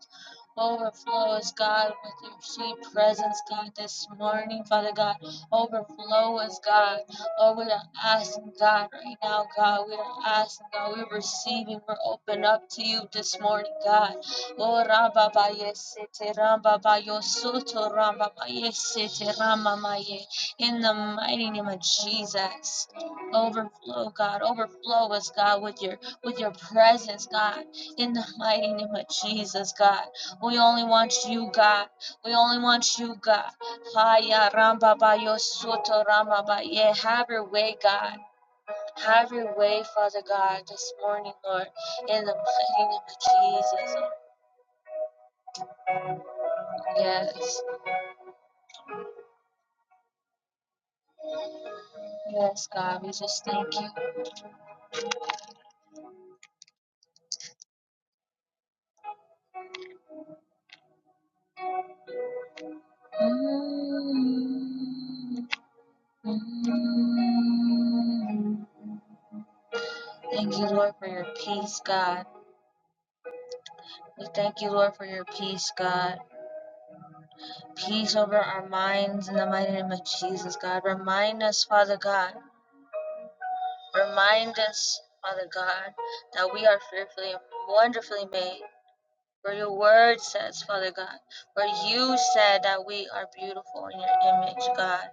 Speaker 3: Overflow us, God, with your sweet presence, God, this morning, Father God. Overflow us, God. Lord, we are asking, God, right now, God. We are asking, God. We're receiving. We're open up to you this morning, God. Oh, Rabba ba yesete, Ramba ba yosoto, Ramba ba yesete, Ramba ma In the mighty name of Jesus. Overflow, God. Overflow us, God, with your with your presence, God, in the mighty name of Jesus, God. We only want you, God. We only want you, God. Haya ramba ba yo soto ramba ba Yeah, Have your way, God. Have your way, Father God, this morning, Lord, in the mighty name of Jesus. Yes, yes, God. We just thank you. Mm, mm. Thank you, Lord, for your peace, God. We thank you, Lord, for your peace, God. Peace over our minds in the mighty name of Jesus, God. Remind us, Father God. Remind us, Father God, that we are fearfully and wonderfully made. For your word says, Father God, for you said that we are beautiful in your image, God.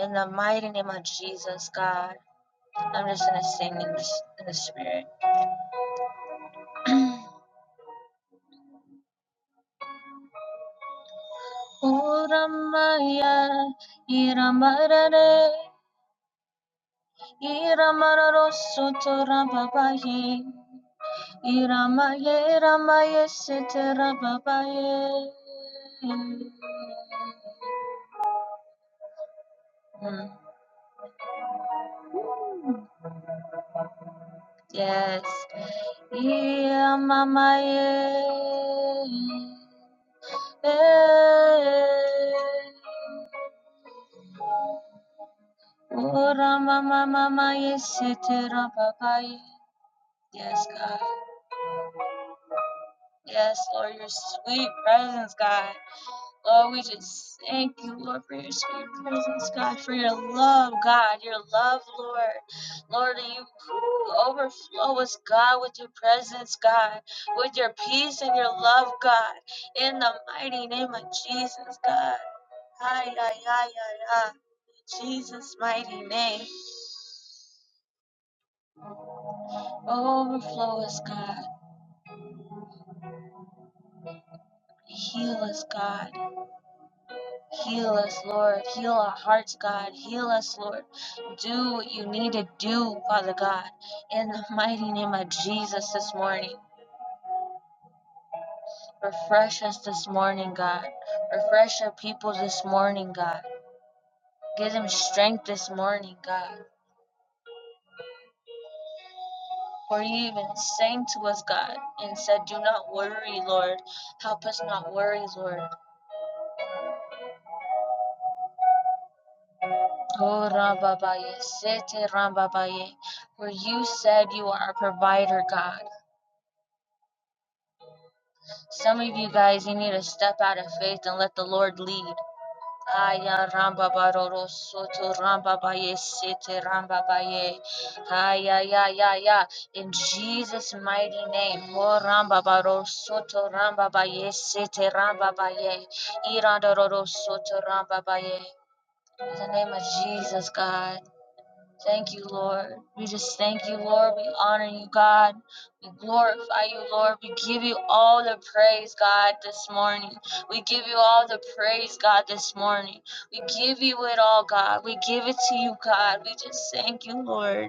Speaker 3: In the mighty name of Jesus, God. I'm just gonna sing in the, in the spirit. O Ramaya, Iramarare, Iramararosu Torababaye, Iramaye, Ramaye, Sitarababaye. Mm. Yes. Iramamaye. Eh. Ora mama mama yesetera papai. Yes, God. Yes, Lord, your sweet presence, God. Lord, we just thank you, Lord, for your sweet presence, God, for your love, God, your love, Lord. Lord, that you overflow us, God, with your presence, God, with your peace and your love, God, in the mighty name of Jesus, God. Ay, ay, ay, ay, ay. Jesus' mighty name. Overflow us, God. Heal us, God. Heal us, Lord. Heal our hearts, God. Heal us, Lord. Do what you need to do, Father God. In the mighty name of Jesus this morning. Refresh us this morning, God. Refresh our people this morning, God. Give them strength this morning, God. For you even sang to us, God, and said, Do not worry, Lord. Help us not worry, Lord. Oh, Rambabaye, Sete Rambabaye. For you said you are our provider, God. Some of you guys, you need to step out of faith and let the Lord lead. Aya ramba baroro soto ramba baye sete ramba baye. Aya ya ya ya. In Jesus' mighty name. Ho ramba baro soto ramba baye sete ramba baye. Iranda roro soto ramba baye. In the name of Jesus, God. Thank you, Lord. We just thank you, Lord. We honor you, God. We glorify you, Lord. We give you all the praise, God, this morning. We give you all the praise, God, this morning. We give you it all, God. We give it to you, God. We just thank you, Lord.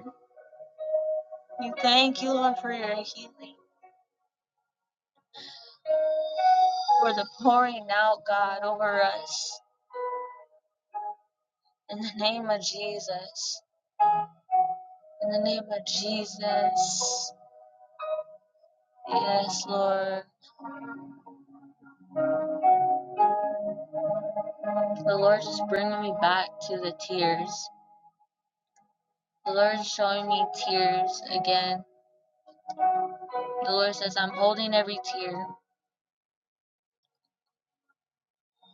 Speaker 3: We thank you, Lord, for your healing, for the pouring out, God, over us. In the name of Jesus. In the name of Jesus. Yes, Lord. The Lord just bringing me back to the tears. The Lord's showing me tears again. The Lord says, I'm holding every tear.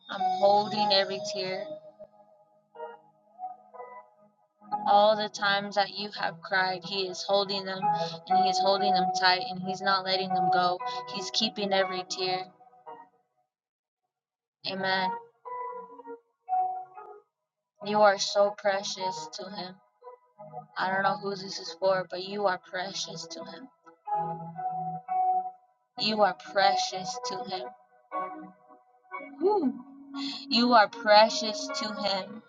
Speaker 3: I'm holding every tear. All the times that you have cried, He is holding them and He is holding them tight and He's not letting them go. He's keeping every tear. Amen. You are so precious to Him. I don't know who this is for, but you are precious to Him. You are precious to Him. Whew. You are precious to Him.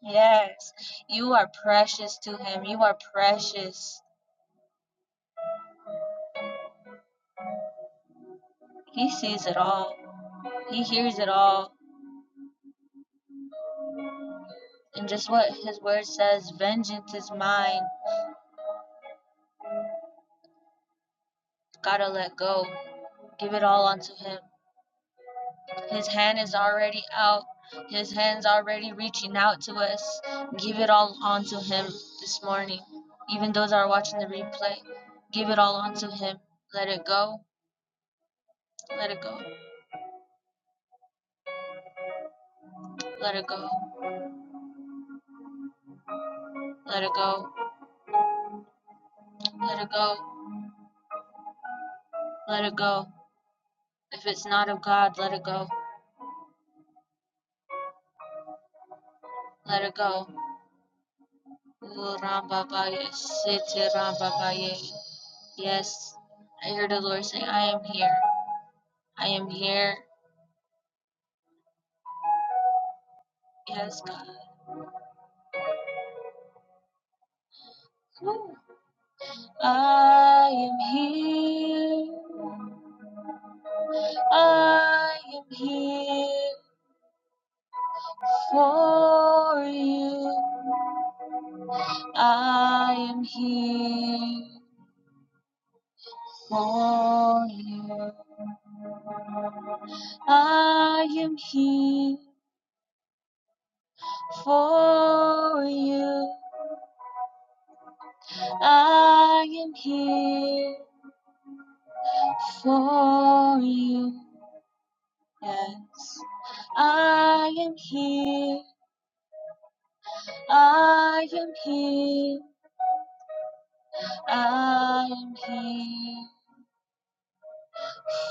Speaker 3: Yes. You are precious to Him. You are precious. He sees it all. He hears it all. And just what his word says, vengeance is mine. Gotta let go. Give it all unto him. His hand is already out. His hand's already reaching out to us. Give it all unto him this morning. Even those that are watching the replay, give it all unto him. Let it go. Let it go. Let it go. Let it go. Let it go. Let it go. If it's not of God, let it go. Let it go. Oh, Rambabaya, Siti Rambabaya. Yes, I heard the Lord say, I am here. I am here. Yes, God. Woo. I am here. I am here for you. I am here for you. I am here for you. I am here for you. Yes, I am here. I am here. I am here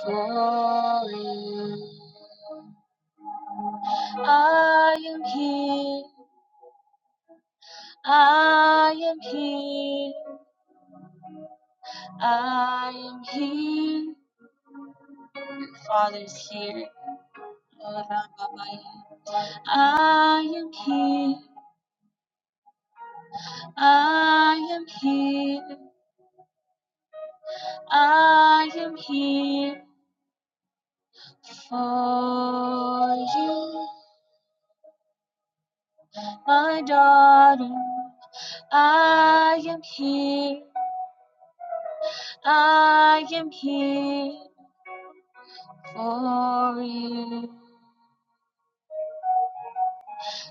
Speaker 3: for you. I am here. I am here. I am here. Father's here. I am here. I am here. I am here. For you, my daughter, I am here. I am here for you.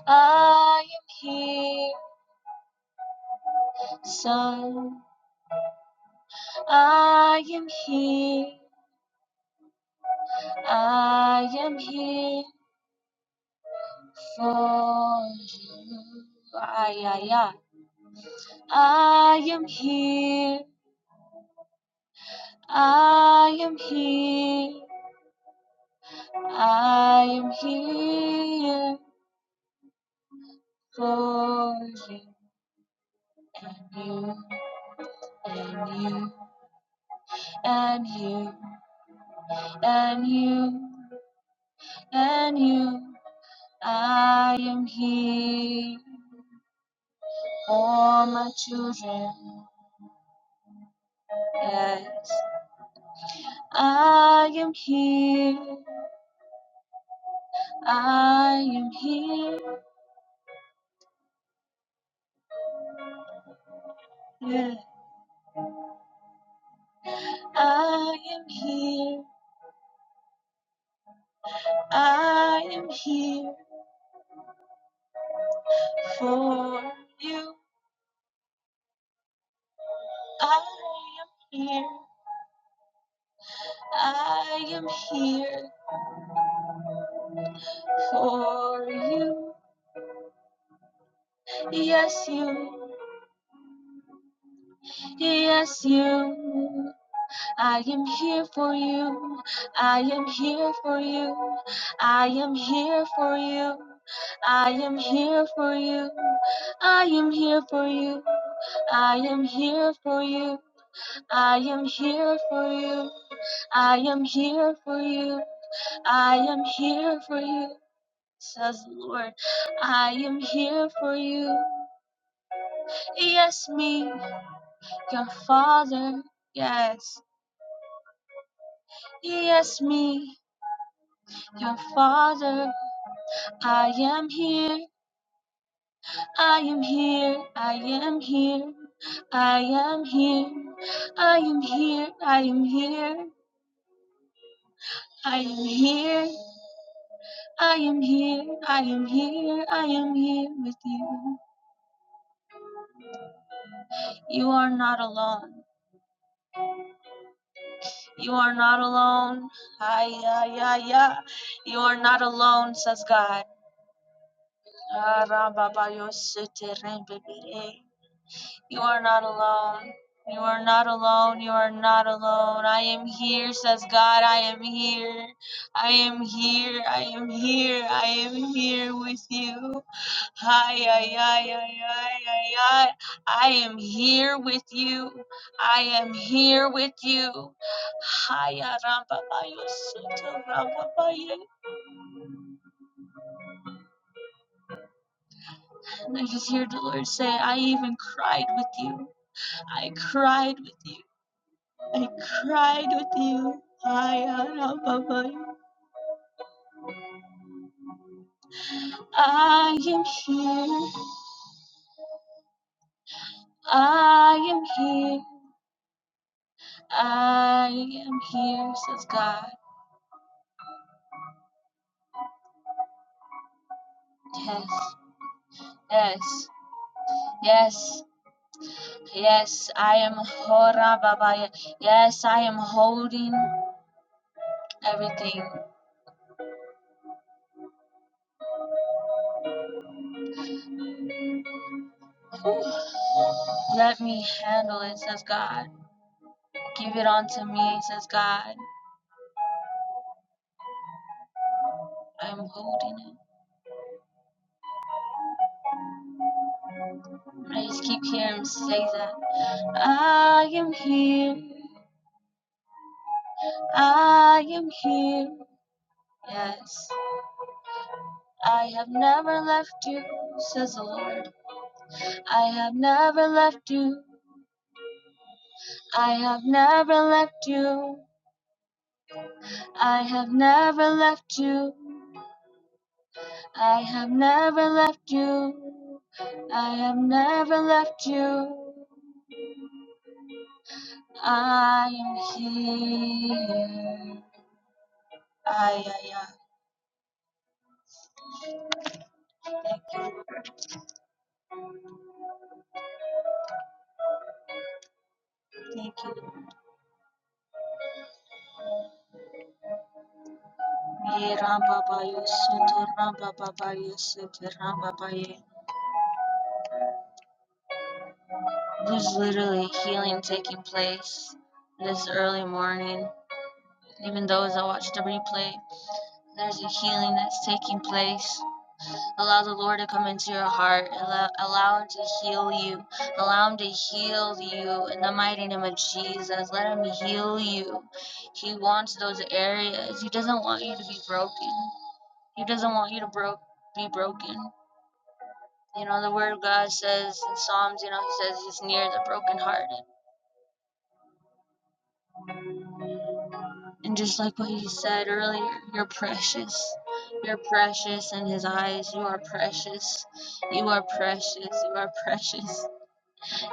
Speaker 3: I am here, son. I am here. I am here for you. Ay, ay, ay. I am here. I am here. I am here for you and you and you and you and you. and you, I am here for my children. Yes, I am here. I am here. Yeah. I am here. I am here for you. I am here. I am here for you. Yes, you, yes, you. I am here for you. I am here for you. I am here for you. I am here for you. I am here for you. I am here for you. I am here for you. I am here for you. I am here for you. Says the Lord, I am here for you. Yes, me, your father. Yes. Yes, me, Your father, I am here, I am here, I am here, I am here, I am here, I am here, I am here, I am here, I am here, I am here with you. You are not alone. You are not alone. Ay, ay, ay, ay. You are not alone, says God. Ah, ra, ba, ba, You are not alone. You are not alone. You are not alone. I am here, says God. I am here. I am here. I am here. I am here with you. Hi, ay, ay, ay, ay, ay, ay. I am here with you. I am here with you. Hi, ah, ramba, ba, yo, soto, ramba, And I just hear the Lord say, I even cried with you. I cried with you. I cried with you. I am above you. I am here. I am here. I am here, says God. Yes, yes, yes, yes. I am Hora Babaya. Yes, I am holding everything. Whew. Let me handle it, says God. Give it on to me, says God. I'm holding it. I just keep hearing him say that. I am here. I am here. Yes, I have never left you, says the Lord. I have never left you. I have never left you. I have never left you. I have never left you. I have never left you. I am here. Ay, ay, ay. Thank you, Thank you. Ye Ramba Bayo Soto Ramba Babaye Soto Ramba Baye. There's literally healing taking place this early morning. Even though as I watch the replay, there's a healing that's taking place. Allow the Lord to come into your heart. Allow, allow Him to heal you. Allow Him to heal you in the mighty name of Jesus. Let Him heal you. He wants those areas. He doesn't want you to be broken. He doesn't want you to bro- be broken. You know, the Word of God says in Psalms, you know, He says He's near the brokenhearted And just like what he said earlier, you're precious. You're precious in his eyes. You are precious. You are precious. You are precious.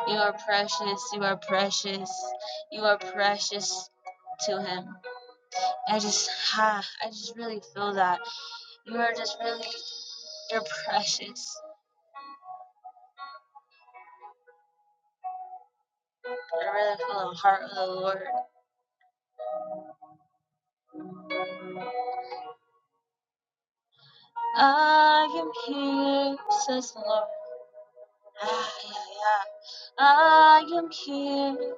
Speaker 3: You are precious. You are precious. You are precious to him. I just ha I just really feel that. You are just really you're precious. I really feel the heart of the Lord. I am here, says the Lord. Ah, yeah, yeah. I am here.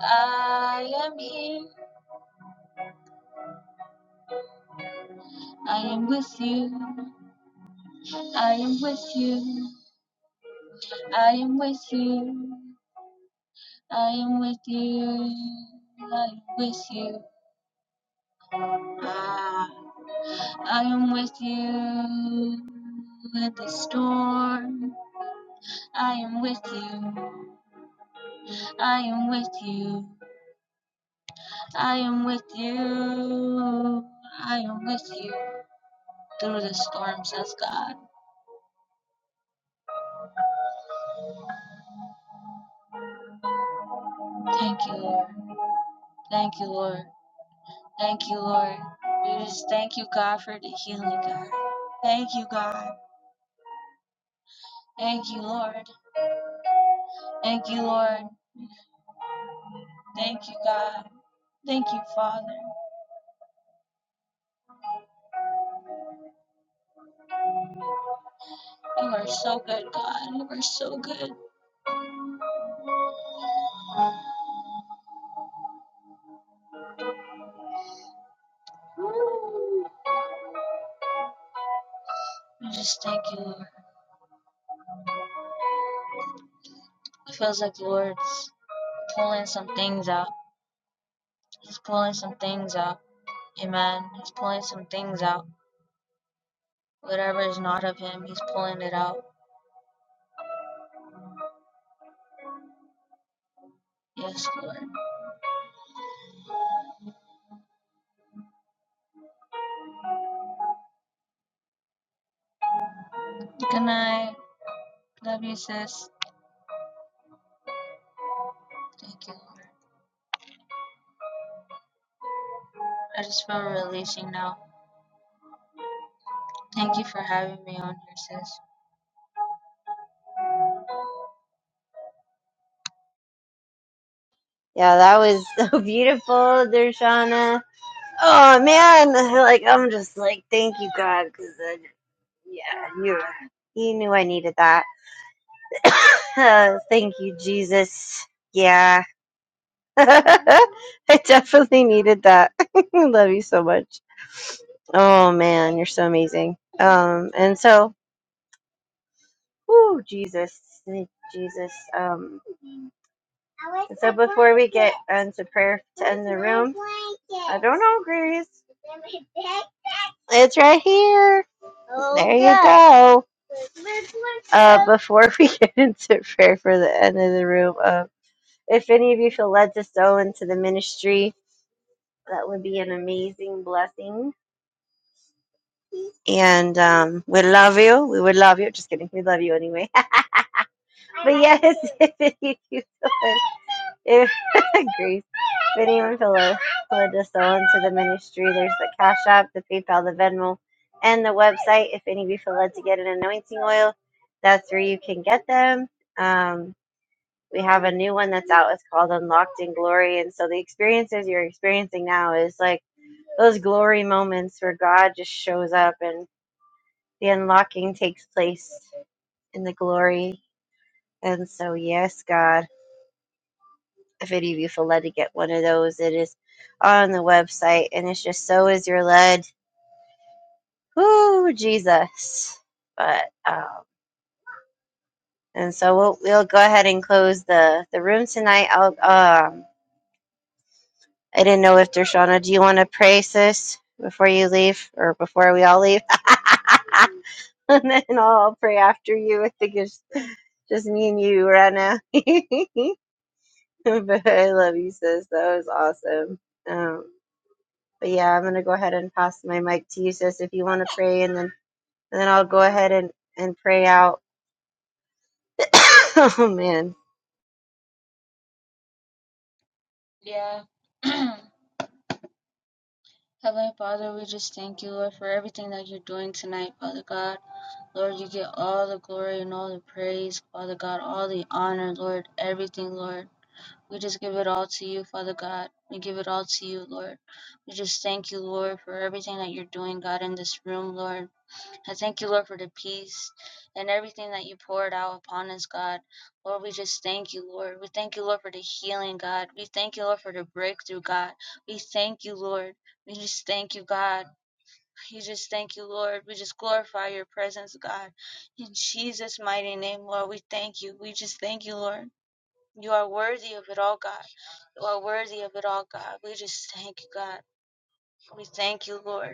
Speaker 3: I am here. I am with you. I am with you. I am with you. I am with you. I am with you. Ah. I am with you in the storm. I am with you. I am with you. I am with you. I am with you through the storm, says God. Thank you, Lord. Thank you, Lord. Thank you, Lord. We just thank you, God, for the healing, God. Thank you, God. Thank you, Lord. Thank you, Lord. Thank you, God. Thank you, Father. You are so good, God. You are so good. Woo. We just thank you, Lord. It feels like the Lord's pulling some things out. He's pulling some things out. Amen. He's pulling some things out. Whatever is not of Him, He's pulling it out. Yes, Lord. Good night. Love you, sis. Thank you, Lord. I just feel releasing now. Thank you for having me on here, sis.
Speaker 2: Yeah, that was so beautiful, Dershana. Oh man, I feel like I'm just like thank you God because. Yeah, you you knew I needed that. Uh, Thank you, Jesus. Yeah. I definitely needed that. Love you so much. Oh man, you're so amazing. Um and so whoo, Jesus. Jesus. Um so before we get into prayer to end the room. I don't know, Grace. It's right here. there you go. Uh, before we get into prayer for the end of the room, um. If any of you feel led to sow into the ministry, that would be an amazing blessing. And um, we love you. We would love you. Just kidding. We love you anyway. but yes, if any of you feel led, if, Grace, if anyone feel led, led to sow into the ministry, there's the Cash App, the PayPal, the Venmo, and the website. If any of you feel led to get an anointing oil, that's where you can get them. Um, we have a new one that's out. It's called Unlocked in Glory. And so the experiences you're experiencing now is like those glory moments where God just shows up and the unlocking takes place in the glory. And so, yes, God, if any of you feel led to get one of those, it is on the website and it's just so is your led. Whoo, Jesus. But, um, and so we'll, we'll go ahead and close the, the room tonight. I'll, um, I didn't know if Dershana, do you want to pray, sis, before you leave or before we all leave? and then I'll pray after you. I think it's just me and you right now. but I love you, sis. That was awesome. Um, but yeah, I'm gonna go ahead and pass my mic to you, sis, if you want to pray, and then and then I'll go ahead and and pray out. oh man,
Speaker 3: Yeah. Heavenly Father, we just thank you, Lord, for everything that you're doing tonight, Father God. Lord, you get all the glory and all the praise, Father God, all the honor, Lord, everything, Lord. We just give it all to you, Father God. We give it all to you, Lord. We just thank you, Lord, for everything that you're doing, God, in this room, Lord. I thank you, Lord, for the peace and everything that you poured out upon us, God. Lord, we just thank you, Lord. We thank you, Lord, for the healing, God. We thank you, Lord, for the breakthrough, God. We thank you, Lord. We just thank you, God. We just thank you, Lord. We just glorify your presence, God. In Jesus' mighty name, Lord, we thank you. We just thank you, Lord. You are worthy of it all, God. You are worthy of it all, God. We just thank you, God. We thank you, Lord.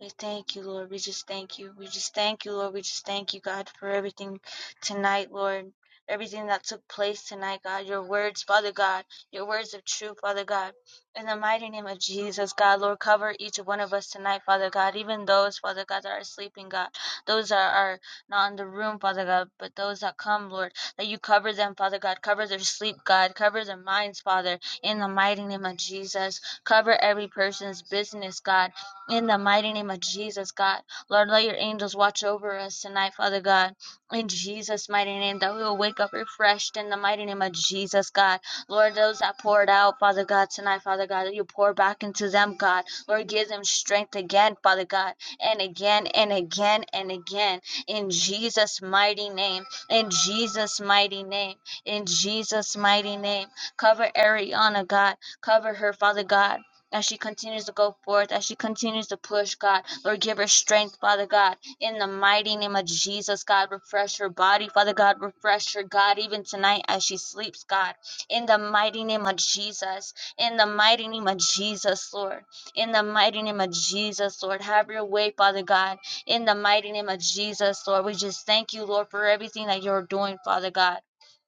Speaker 3: We thank you, Lord. We just thank you. We just thank you, Lord. We just thank you, God, for everything tonight, Lord. Everything that took place tonight, God. Your words, Father God. Your words of truth, Father God. In the mighty name of Jesus, God, Lord, cover each one of us tonight, Father God. Even those, Father God, that are sleeping, God. Those that are not in the room, Father God, but those that come, Lord, that you cover them, Father God. Cover their sleep, God. Cover their minds, Father, in the mighty name of Jesus. Cover every person's business, God in the mighty name of Jesus, God. Lord, let your angels watch over us tonight, Father God. In Jesus' mighty name, that we will wake up refreshed in the mighty name of Jesus, God. Lord, those that poured out, Father God, tonight, Father God, that you pour back into them, God. Lord, give them strength again, Father God, and again and again and again. In Jesus' mighty name. In Jesus' mighty name. In Jesus' mighty name. Cover Ariana, God. Cover her, Father God as she continues to go forth, as she continues to push, God. Lord, give her strength, Father God, in the mighty name of Jesus, God. Refresh her body, Father God. Refresh her, God, even tonight as she sleeps, God. In the mighty name of Jesus. In the mighty name of Jesus, Lord. In the mighty name of Jesus, Lord. Have your way, Father God. In the mighty name of Jesus, Lord. We just thank you, Lord, for everything that you're doing, Father God.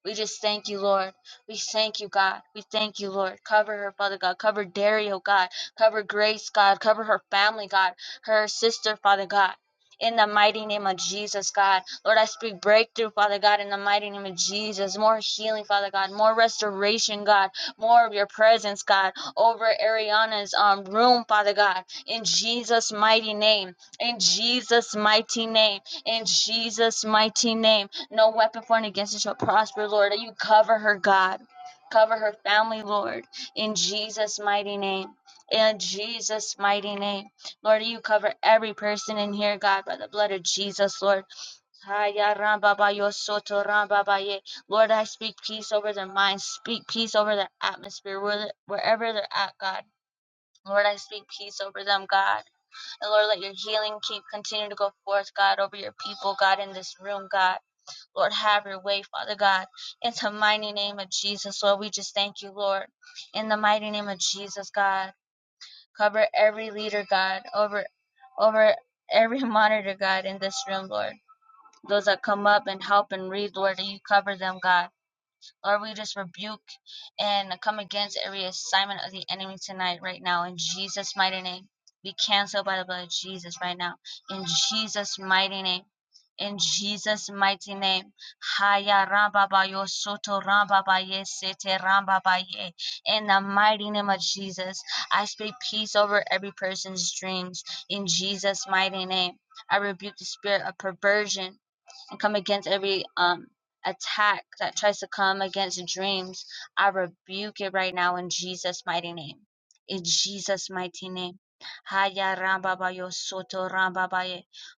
Speaker 3: We just thank you, Lord. We thank you, God. We thank you, Lord. Cover her, Father God. Cover Dario, God. Cover Grace, God. Cover her family, God. Her sister, Father God. In the mighty name of Jesus, God. Lord, I speak breakthrough, Father God, in the mighty name of Jesus. More healing, Father God. More restoration, God. More of your presence, God. Over Ariana's um, room, Father God. In Jesus' mighty name. In Jesus' mighty name. In Jesus' mighty name no weapon formed against us shall prosper, Lord. You cover her, God. Cover her family, Lord, in Jesus' mighty name. In Jesus' mighty name. Lord, you cover every person in here, God, by the blood of Jesus, Lord. Lord, I speak peace over their minds. Speak peace over their atmosphere, wherever they're at, God. Lord, I speak peace over them, God. And Lord, let your healing keep continue to go forth, God, over your people, God, in this room, God. Lord, have your way, Father God. In the mighty name of Jesus, Lord, we just thank you, Lord. In the mighty name of Jesus, God, cover every leader, God, over, over every monitor, God, in this room, Lord. Those that come up and help and read, Lord, that you cover them, God. Lord, we just rebuke and come against every assignment of the enemy tonight, right now, in Jesus' mighty name. Be canceled by the blood of Jesus right now, in Jesus' mighty name. In Jesus' mighty name, Haya Rambaba Yo Soto Rambaba Ye Sete Rambaba Ye. In the mighty name of Jesus, I speak peace over every person's dreams. In Jesus' mighty name, I rebuke the spirit of perversion and come against every um attack that tries to come against dreams. I rebuke it right now in Jesus' mighty name. In Jesus' mighty name. Haya ramba soto ramba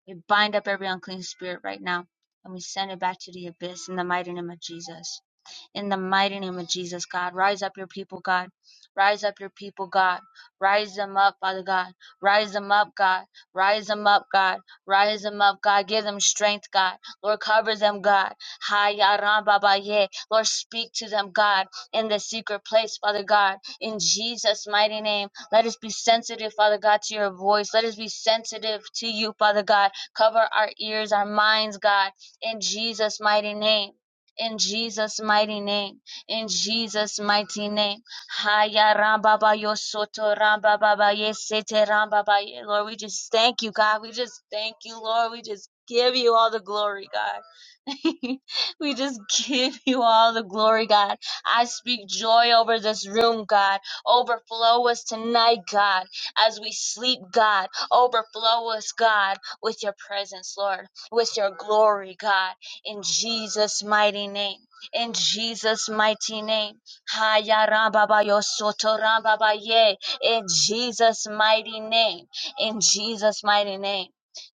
Speaker 3: We bind up every unclean spirit right now and we send it back to the abyss in the mighty name of Jesus in the mighty name of Jesus, God. Rise up your people, God. Rise up your people, God. Rise them up, Father God. Rise them up, God. Rise them up, God. Rise them up, God. Give them strength, God. Lord, cover them, God. Haya ramba ba Lord, speak to them, God, in the secret place, Father God. In Jesus' mighty name, let us be sensitive, Father God, to your voice. Let us be sensitive to you, Father God. Cover our ears, our minds, God, in Jesus' mighty name. In Jesus' mighty name. In Jesus' mighty name. Haya rambaba yo soto rambaba ba ba ye sete rambaba ye. Lord, we just thank you, God. We just thank you, Lord. We just give you all the glory, God. we just give you all the glory, God. I speak joy over this room, God. Overflow us tonight, God. As we sleep, God. Overflow us, God, with your presence, Lord. With your glory, God in Jesus' mighty name. In Jesus' mighty name. Haya ramba ba yo soto ramba ye. In Jesus' mighty name. In Jesus' mighty name.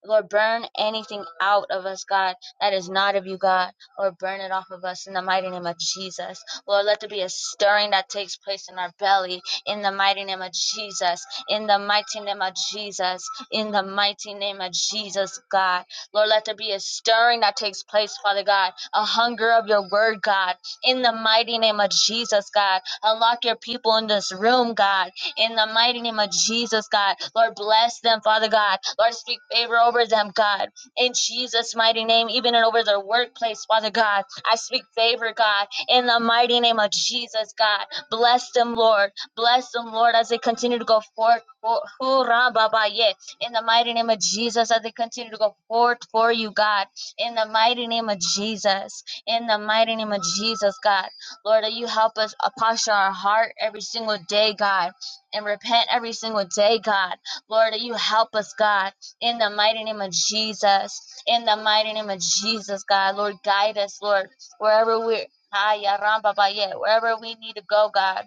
Speaker 3: Lord, burn anything out of us, God, that is not of you, God. Lord, burn it off of us in the mighty name of Jesus. Lord, let there be a stirring that takes place in our belly in the mighty name of Jesus. In the mighty name of Jesus. In the mighty name of Jesus, God. Lord, let there be a stirring that takes place, Father God, a hunger of your word, God, in the mighty name of Jesus, God. Unlock your people in this room, God, in the mighty name of Jesus, God. Lord, bless them, Father God. Lord, speak favor over them, God, in Jesus' mighty name, even and over their workplace, Father God. I speak favor, God, in the mighty name of Jesus, God. Bless them, Lord. Bless them, Lord, as they continue to go forth. Oh, hurrah, Baba, yeah in the mighty name of Jesus, as they continue to go forth for you, God, in the mighty name of Jesus, in the mighty name of Jesus, God, Lord, that you help us uh, posture our heart every single day, God, and repent every single day, God, Lord, that you help us, God, in the mighty name of Jesus, in the mighty name of Jesus, God, Lord, guide us, Lord, wherever we're. Ay, arram, yeah, Wherever we need to go, God.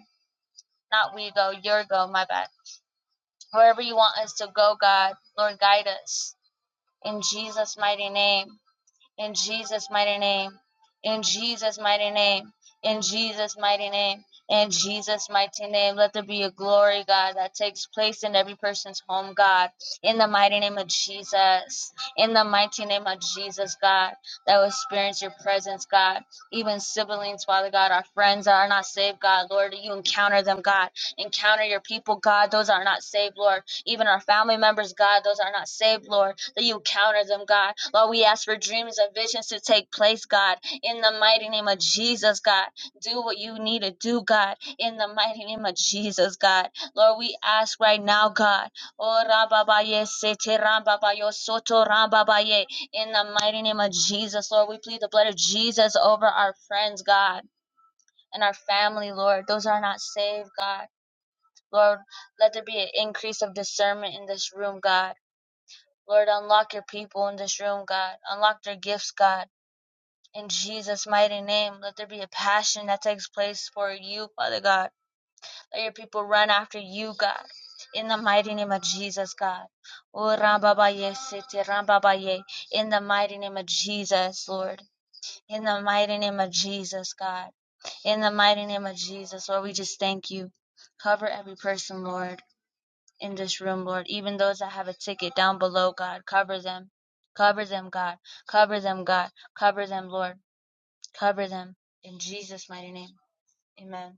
Speaker 3: Not we go, your go, my bad. Wherever you want us to go, God, Lord, guide us in Jesus' mighty name, in Jesus' mighty name, in Jesus' mighty name, in Jesus' mighty name, in Jesus' mighty name. Let there be a glory, God, that takes place in every person's home, God, in the mighty name of Jesus, in the mighty name of Jesus, God, that will experience your presence, God. Even siblings, Father God, our friends that are not saved, God, Lord, you encounter them, God. Encounter your people, God, those that are not saved, Lord. Even our family members, God, those that are not saved, Lord that you counter them, God. Lord, we ask for dreams and visions to take place, God. In the mighty name of Jesus, God. Do what you need to do, God. In the mighty name of Jesus, God. Lord, we ask right now, God. Oh, rababaye, sete rambabayo, soto rambabaye. In the mighty name of Jesus, Lord, we plead the blood of Jesus over our friends, God, and our family, Lord. Those are not saved, God. Lord, let there be an increase of discernment in this room, God. Lord, unlock your people in this room, God. Unlock their gifts, God. In Jesus' mighty name, let there be a passion that takes place for you, Father God. Let your people run after you, God. In the mighty name of Jesus, God. Oh, Rambabaye, Siti, Rambabaye. In the mighty name of Jesus, Lord. In the mighty name of Jesus, God. In the mighty name of Jesus, Lord, we just thank you. Cover every person, Lord in this room, Lord. Even those that have a ticket down below, God, cover them. Cover them, God. Cover them, God. Cover them, Lord. Cover them. In Jesus' mighty name. Amen.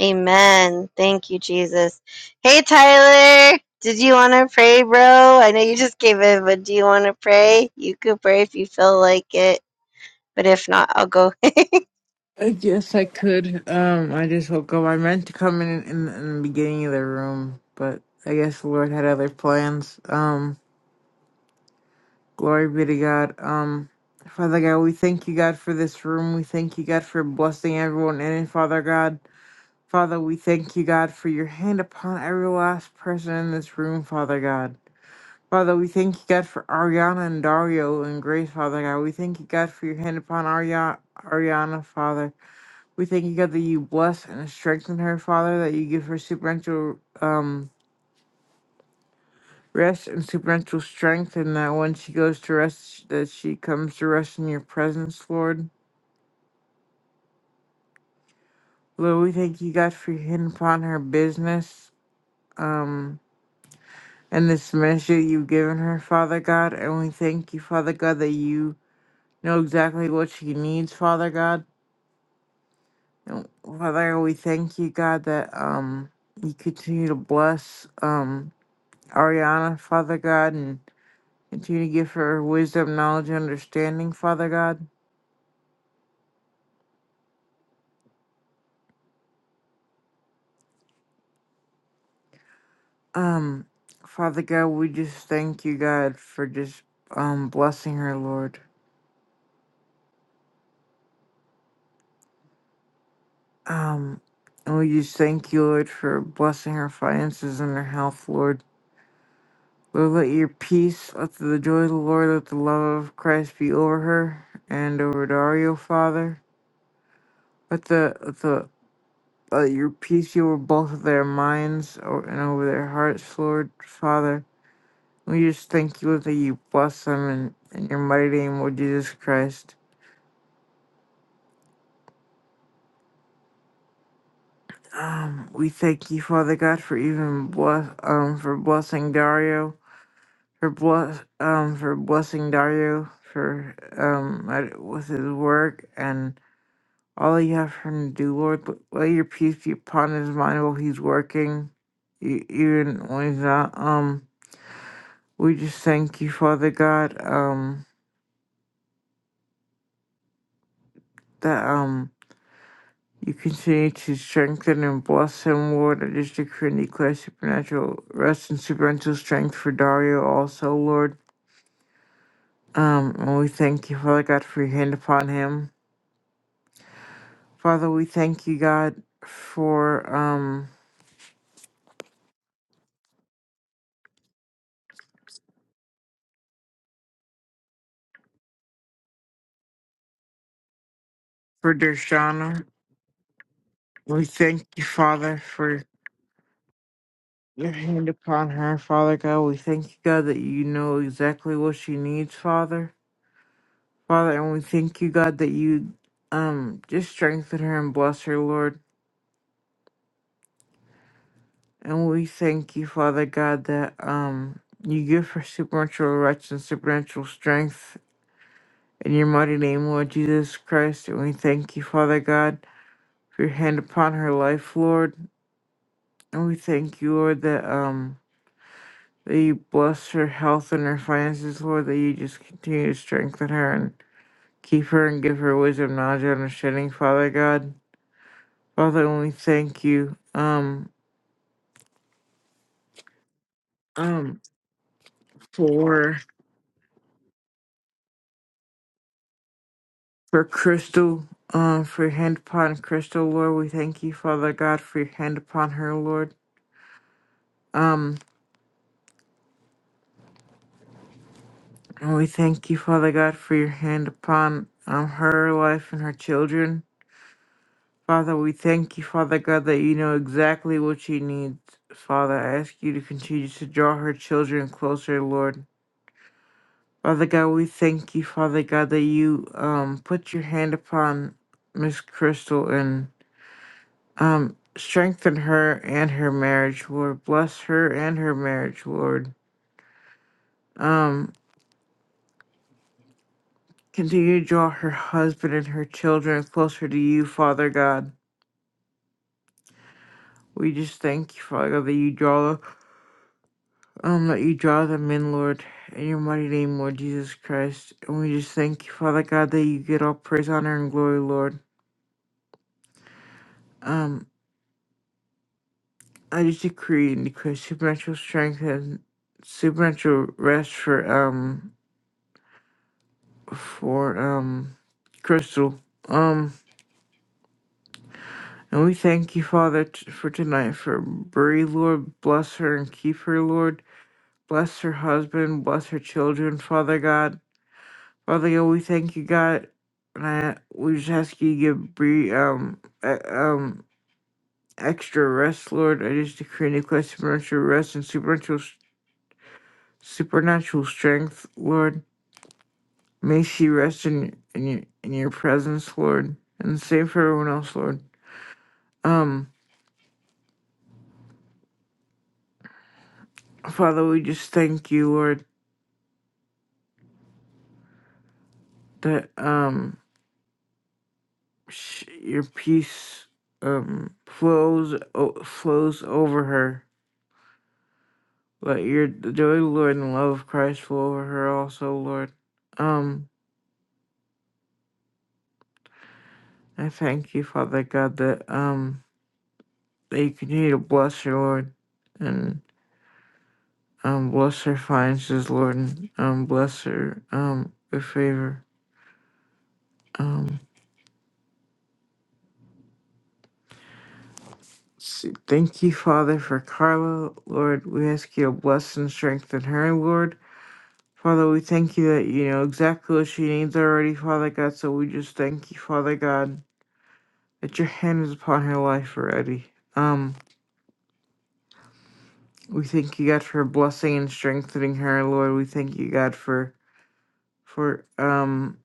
Speaker 2: Amen. Thank you, Jesus. Hey, Tyler. Did you want to pray, bro? I know you just came in, but do you want to pray? You could pray if you feel like it, but if not, I'll go
Speaker 7: Uh, Yes, I could. Um, I just woke up. I meant to come in, in in the beginning of the room, but I guess the Lord had other plans. Um, glory be to God. Um, Father God, we thank you, God, for this room. We thank you, God, for blessing everyone in it, Father God. Father, we thank you, God, for your hand upon every last person in this room, Father God. Father, we thank you, God, for Ariana and Dario and Grace, Father God. We thank you, God, for your hand upon Aria- Ariana, Father. We thank you, God, that you bless and strengthen her, Father, that you give her supernatural um, rest and supernatural strength, and that when she goes to rest, that she comes to rest in your presence, Lord. Lord, we thank you, God, for your hand upon her business um, and this ministry that you've given her, Father God. And we thank you, Father God, that you know exactly what she needs, Father God. And Father, we thank you, God, that um, you continue to bless um, Ariana, Father God, and Continue to give her wisdom, knowledge, and understanding, Father God. Um, Father God, we just thank you, God, for just um blessing her, Lord. Um, and we just thank you, Lord, for blessing her finances and her health, Lord. Lord, let your peace, let the joy of the Lord, let the love of Christ be over her and over Dario, Father. Let the let the let your peace be over both of their minds or- and over their hearts, Lord, Father. We just thank you that you bless them in, in your mighty name, Lord Jesus Christ. Um, we thank you, Father God, for even bless um for blessing Dario, for bless um for blessing Dario for um at- with his work and all you have for him to do, Lord. But let your peace be upon his mind while he's working, e- even when he's not. Um, we just thank you, Father God. Um, that um. You continue to strengthen and bless him, Lord. I just decree and declare supernatural rest and supernatural strength for Dario also, Lord. Um, and we thank you, Father God, for your hand upon him. Father, we thank you, God, for um for Dershana. We thank you, Father, for your hand upon her, Father God. We thank you, God, that you know exactly what she needs, Father. Father, and we thank you, God, that you um just strengthen her and bless her, Lord. And we thank you, Father God, that um you give her supernatural rights and supernatural strength in your mighty name, Lord Jesus Christ. And we thank you, Father God, for your hand upon her life, Lord. And we thank you, Lord, that um that you bless her health and her finances, Lord, that you just continue to strengthen her and keep her and give her wisdom, knowledge, and understanding, Father God. Father, and we thank you, um, um, for For Crystal, um, for your hand upon Crystal, Lord, we thank you, Father God, for your hand upon her, Lord. Um, and we thank you, Father God, for your hand upon um her life and her children. Father, we thank you, Father God, that you know exactly what she needs. Father, I ask you to continue to draw her children closer, Lord. Father God, we thank you, Father God, that you um put your hand upon Miss Crystal and Um, strengthen her and her marriage, Lord. Bless her and her marriage, Lord. Um, continue to draw her husband and her children closer to you, Father God. We just thank you, Father God, that you draw um that you draw them in, Lord, in your mighty name, Lord Jesus Christ. And we just thank you, Father God, that you get all praise, honor, and glory, Lord. Um, I just decree and declare supernatural strength and supernatural rest for um for um Crystal. Um, and we thank you, Father, t- for tonight, for Brie, Lord. Bless her and keep her, Lord. Bless her husband, bless her children, Father God. Father God, we thank you, God. And I, we just ask you to give Brie, um, e- um, extra rest, Lord. I just decree and declare supernatural rest and supernatural, supernatural strength, Lord. May she rest in, in your in your presence, Lord, and save for everyone else, Lord. Um, Father, we just thank you, Lord, that um sh- your peace um flows o- flows over her. Let your the joy, of the Lord, and love of Christ flow over her also, Lord. Um, I thank you, Father God, that um that you continue to bless her, Lord, and um bless her finances, Lord, and um bless her um with favor. Um, s- thank you, Father, for Carla, Lord. We ask you to bless and strengthen her, Lord Father, we thank you that you know exactly what she needs already, Father God. So we just thank you, Father God, that your hand is upon her life already. Um, we thank you, God, for blessing and strengthening her, Lord. We thank you, God, for for um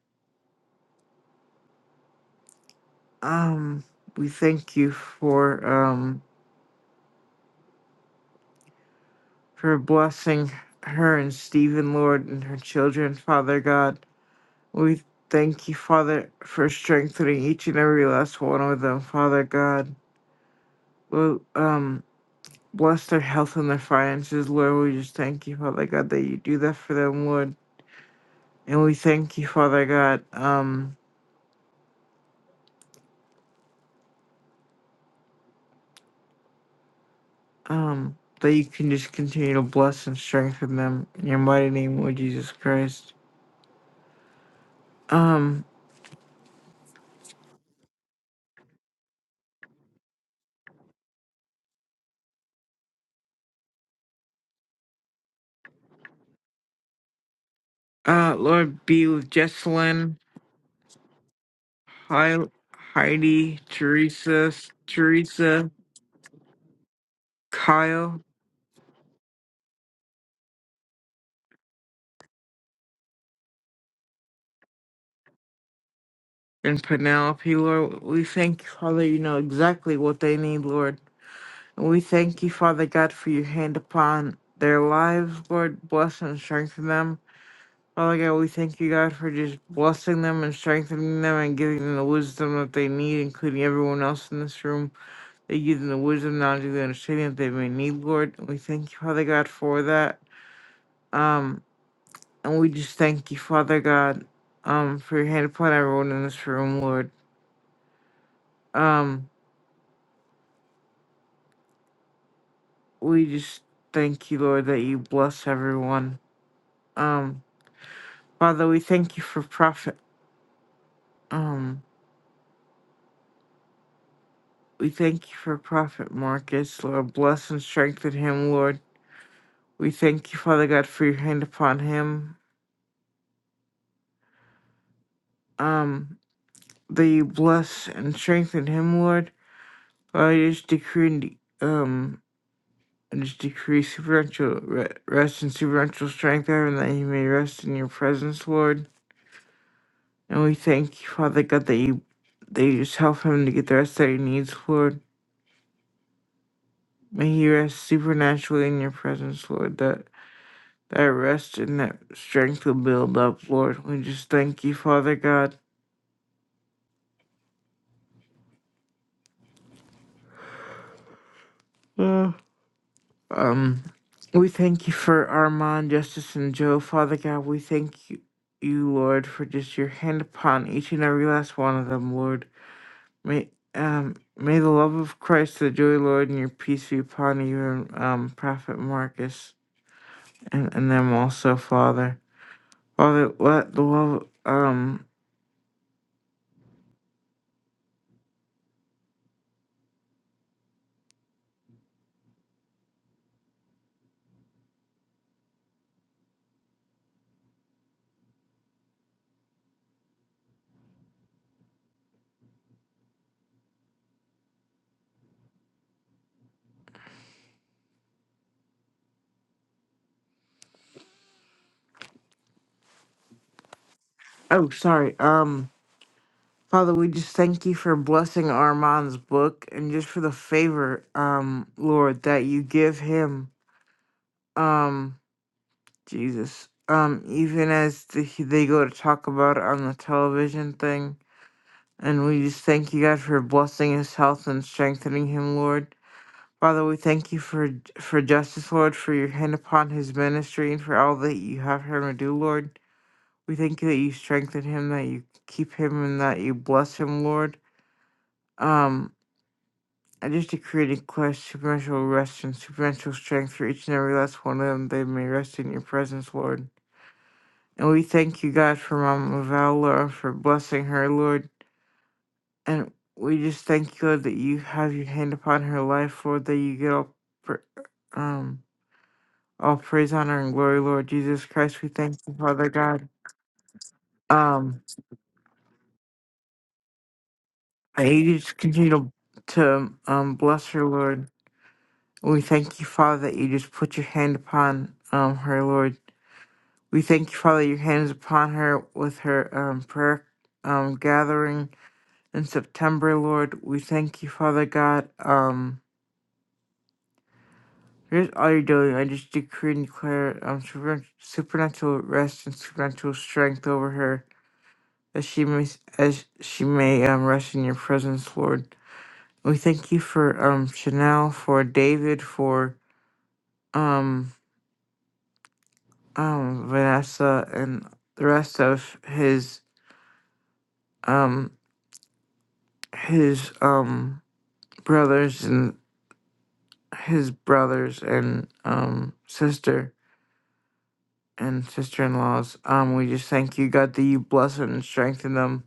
Speaker 7: um we thank you for um for blessing her and Stephen, Lord, and her children, Father God. We thank you, Father, for strengthening each and every last one of them, Father God. Well, um. bless their health and their finances, Lord. We just thank you, Father God, that you do that for them, Lord. And we thank you, Father God, um, um, that you can just continue to bless and strengthen them in your mighty name, Lord Jesus Christ. Um, uh, Lord, be with Jesselyn, Hi, Heidi, Teresa, Teresa, Kyle, and Penelope, Lord. We thank you, Father, you know exactly what they need, Lord. We thank you, Father God, for your hand upon their lives, Lord. Bless and strengthen them. Father God, we thank you, God, for just blessing them and strengthening them and giving them the wisdom that they need, including everyone else in this room. They give them the wisdom, knowledge, and the understanding that they may need, Lord. We thank you, Father God, for that. Um, and we just thank you, Father God, um, for your hand upon everyone in this room, Lord. Um, we just thank you, Lord, that you bless everyone. Um, Father, we thank you for Prophet. Um, we thank you for Prophet Marcus, Lord. Bless and strengthen him, Lord. We thank you, Father God, for your hand upon him. Um, that you bless and strengthen him, Lord. Lord, I just decree and de- um, I just decree supernatural re- rest and supernatural strength there, and that he may rest in your presence, Lord. And we thank you, Father God, that you that you just help him to get the rest that he needs, Lord. May he rest supernaturally in your presence, Lord. That that rest and that strength will build up, Lord. We just thank you, Father God. Mm. Um, we thank you for Armand, Justice, and Joe, Father God. We thank you, you Lord, for just your hand upon each and every last one of them, Lord. May um may the love of Christ, the joy, Lord, and your peace be upon you and um Prophet Marcus and, and them also, Father. Father, let the love um oh sorry um Father, we just thank you for blessing Armand's book and just for the favor, um, Lord, that you give him, um, Jesus, um, even as the, they go to talk about it on the television thing. And we just thank you, God, for blessing his health and strengthening him, Lord. Father, we thank you for for justice, Lord, for your hand upon his ministry and for all that you have him to do, Lord. We thank you that you strengthen him, that you keep him, and that you bless him, Lord. Um, I just decree and declare supernatural rest and supernatural strength for each and every last one of them. They may rest in your presence, Lord. And we thank you, God, for Mama Val, Lord, for blessing her, Lord. And we just thank you, Lord, that you have your hand upon her life, Lord, that you get all, pra- um, all praise, honor, and glory, Lord Jesus Christ. We thank you, Father God. Um, and you just continue to, to um, bless her, Lord. We thank you, Father, that you just put your hand upon um, her, Lord. We thank you, Father, your hands upon her with her um, prayer um, gathering in September, Lord. We thank you, Father God. Um, here's all you're doing. I just decree and declare um, super- supernatural rest and supernatural strength over her as she may, as she may um, rest in your presence, Lord. We thank you for um, Chanel, for David, for um, um, Vanessa, and the rest of his um, his um brothers and his brothers and um sister and sister-in-laws. Um, we just thank you, God, that you bless them and strengthen them.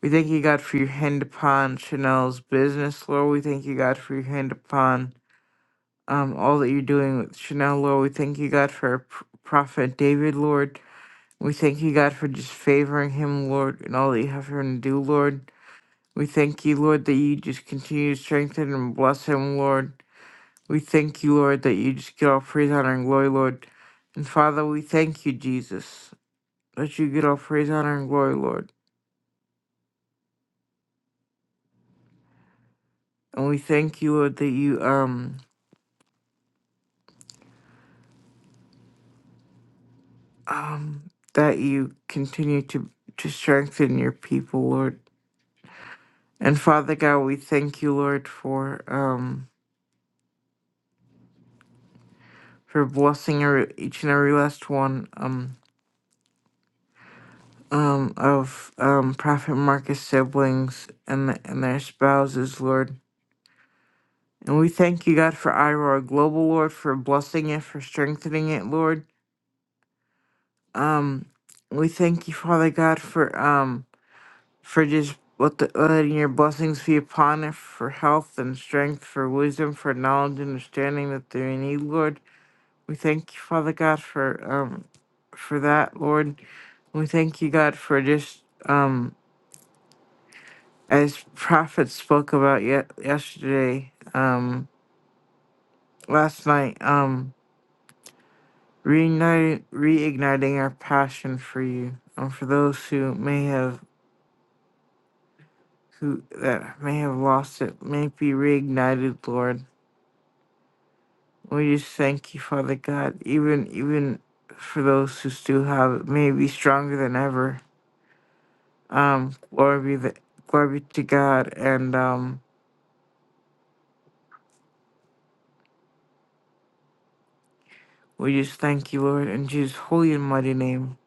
Speaker 7: We thank you, God, for your hand upon Chanel's business, Lord. We thank you, God, for your hand upon um all that you're doing with Chanel, Lord. We thank you, God, for our prophet David, Lord. We thank you, God, for just favoring him, Lord, and all that you have for him to do, Lord. We thank you, Lord, that you just continue to strengthen and bless him, Lord. We thank you, Lord, that you just get all praise, honor, and glory, Lord. And Father, we thank you, Jesus, that you get all praise, honor, and glory, Lord. And we thank you, Lord, that you um um that you continue to to strengthen your people, Lord. And Father God, we thank you, Lord, for um for blessing every, each and every last one um um of um Prophet Marcus siblings and and their spouses, Lord. And we thank you, God, for Iroar Global, Lord, for blessing it, for strengthening it, Lord. Um, we thank you, Father God, for um, for just let the, letting your blessings be upon it, for health and strength, for wisdom, for knowledge and understanding that they need, Lord. We thank you, Father God, for um, for that, Lord. We thank you, God, for just um, as prophets spoke about yet yesterday, um, last night. Um, reigniting, reigniting our passion for you, and for those who may have who that may have lost it, may it be reignited, Lord. We just thank you, Father God, even even for those who still have it, may it be stronger than ever. Um, glory be the glory be to God, and um, we just thank you, Lord, in Jesus' holy and mighty name.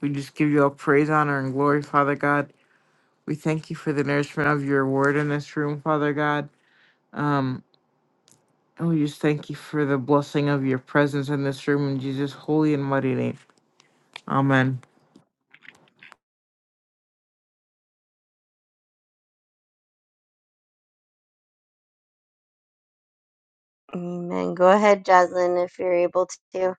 Speaker 7: We just give you all praise, honor, and glory, Father God. We thank you for the nourishment of your word in this room, Father God. Um, And we just thank you for the blessing of your presence in this room in Jesus' holy and mighty name. Amen.
Speaker 2: Amen. Go ahead, Jocelyn, if you're able to.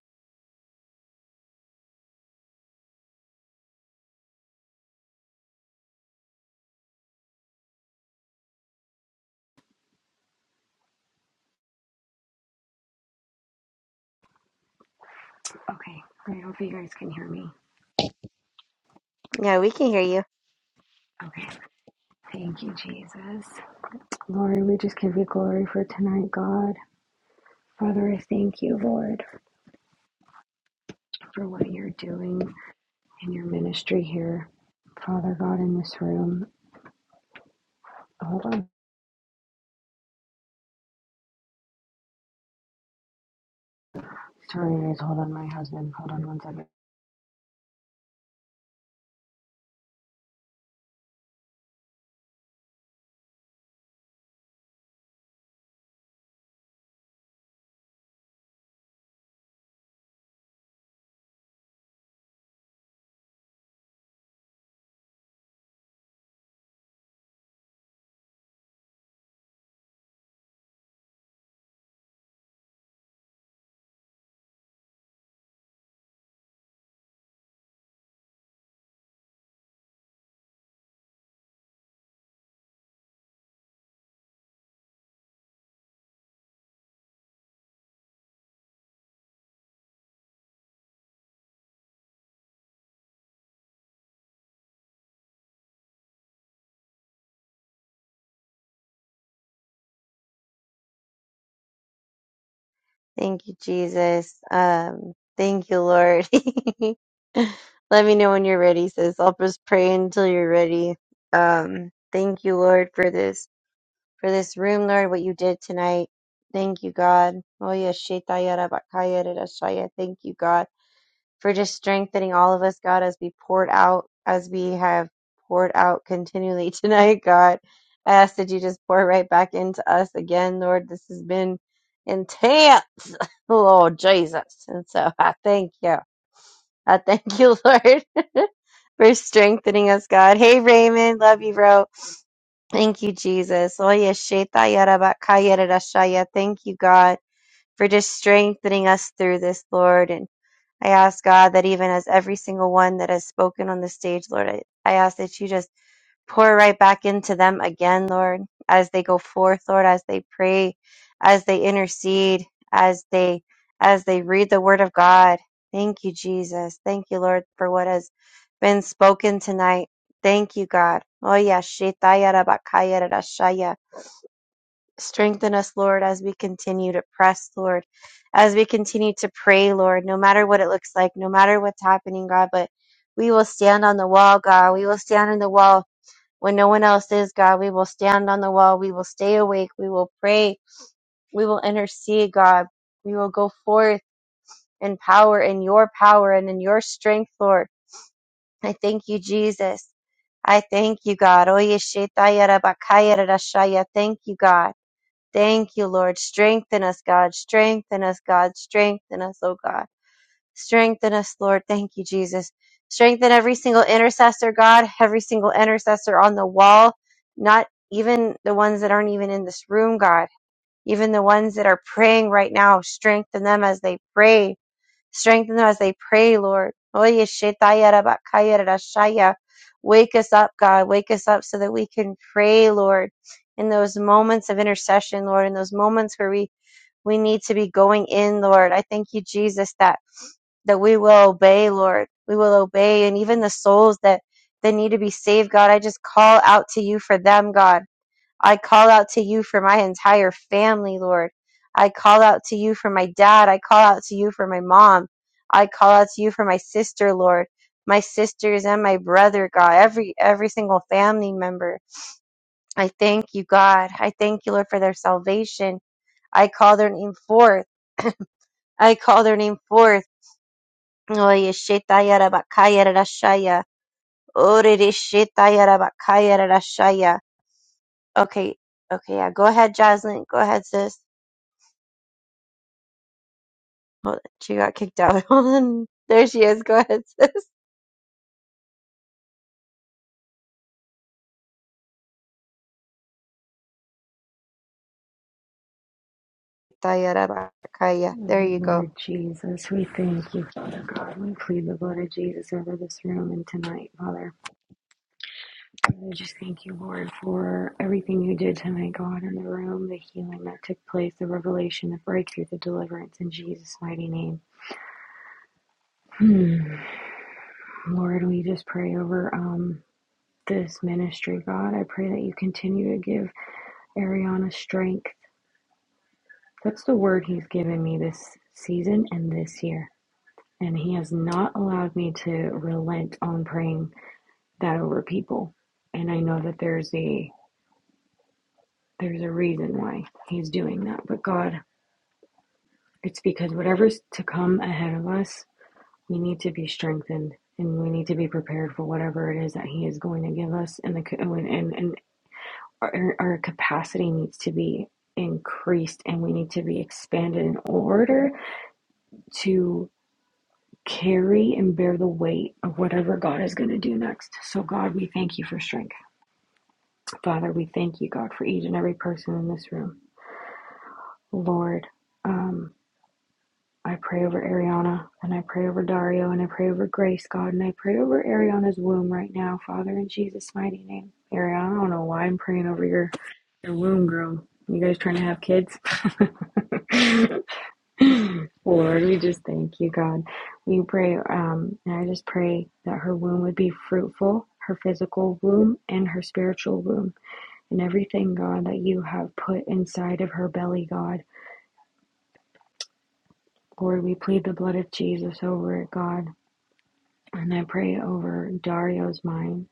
Speaker 4: Okay, I hope you guys can hear me.
Speaker 2: Yeah, we can hear you.
Speaker 4: Okay, thank you, Jesus. Lord, we just give you glory for tonight, God. Father, I thank you, Lord, for what you're doing. in your ministry here, Father God, in this room. Hold on. Sorry, guys. Hold on, my husband. Hold on one second.
Speaker 2: Thank you, Jesus. Um, thank you, Lord. Let me know when you're ready, sis. I'll just pray until you're ready. Um, thank you, Lord, for this for this room, Lord, what you did tonight. Thank you, God. Oh yeah, Shetaya Rabakaya Rarashaya. Thank you, God. for just strengthening all of us, God, as we poured out, as we have poured out continually tonight, God. I ask that you just pour right back into us again, Lord. This has been intense, Lord Jesus. And so I thank you. I thank you, Lord, for strengthening us, God. Hey, Raymond. Love you, bro. Thank you, Jesus. Oye, sheta yara bakaya rara shaya. Thank you, God, for just strengthening us through this, Lord. and. I ask God that even as every single one that has spoken on the stage, Lord, I, I ask that you just pour right back into them again, Lord, as they go forth, Lord, as they pray, as they intercede, as they as they read the word of God. Thank you, Jesus. Thank you, Lord, for what has been spoken tonight. Thank you, God. Oh yeah, Strengthen us, Lord, as we continue to press, Lord, as we continue to pray, Lord, no matter what it looks like, no matter what's happening, God, but we will stand on the wall, God. We will stand on the wall when no one else is, God. We will stand on the wall. We will stay awake. We will pray. We will intercede, God. We will go forth in power, in your power, and in your strength, Lord. I thank you, Jesus. I thank you, God. Oye, shetaya rabakaya rarashaya. Thank you, God. Thank you, Lord. Strengthen us, God. Strengthen us, God. Strengthen us, oh God. Strengthen us, Lord. Thank you, Jesus. Strengthen every single intercessor, God, every single intercessor on the wall, not even the ones that aren't even in this room, God, even the ones that are praying right now. Strengthen them as they pray. Strengthen them as they pray, Lord. Wake us up, God. Wake us up so that we can pray, Lord, in those moments of intercession, Lord, in those moments where we, we need to be going in, Lord. I thank you, Jesus, that that we will obey, Lord. We will obey, and even the souls that that need to be saved, God, I just call out to you for them, God. I call out to you for my entire family, Lord. I call out to you for my dad. I call out to you for my mom. I call out to you for my sister, Lord. My sisters and my brother, God, every every single family member. I thank you, God. I thank you, Lord, for their salvation. I call their name forth. I call their name forth. Oye, shetayarabakayarashaya. Orere shetayarabakayarashaya. Okay, okay, yeah. Go ahead, Jocelyn. Go ahead, sis. Hold on. She got kicked out. Hold on. There she is. Go ahead, sis. Tayarabakaya.
Speaker 4: Oh,
Speaker 2: There you go.
Speaker 4: Lord Jesus, we thank you, Father God. We plead the blood of Jesus over this room and tonight, Father. I just thank you, Lord, for everything you did tonight, God, in the room, the healing that took place, the revelation, the breakthrough, the deliverance in Jesus' mighty name. Hmm. Lord, we just pray over um, this ministry, God. I pray that you continue to give Ariana strength That's the word he's given me this season and this year. And he has not allowed me to relent on praying that over people. And I know that there's a there's a reason why he's doing that. But God, it's because whatever's to come ahead of us, we need to be strengthened and we need to be prepared for whatever it is that he is going to give us and the and and, and our, our capacity needs to be increased and we need to be expanded in order to. carry and bear the weight of whatever God is going to do next. So, God, we thank you for strength. Father, we thank you, God, for each and every person in this room. Lord, um, I pray over Ariana and I pray over Dario and I pray over Grace, God, and I pray over Ariana's womb right now, Father, in Jesus' mighty name. Ariana, I don't know why I'm praying over your, your womb, girl. You guys trying to have kids? Lord, we just thank you, God. We pray, um, and I just pray that her womb would be fruitful, her physical womb and her spiritual womb, and everything, God, that you have put inside of her belly, God. Lord, we plead the blood of Jesus over it, God. And I pray over Dario's mind.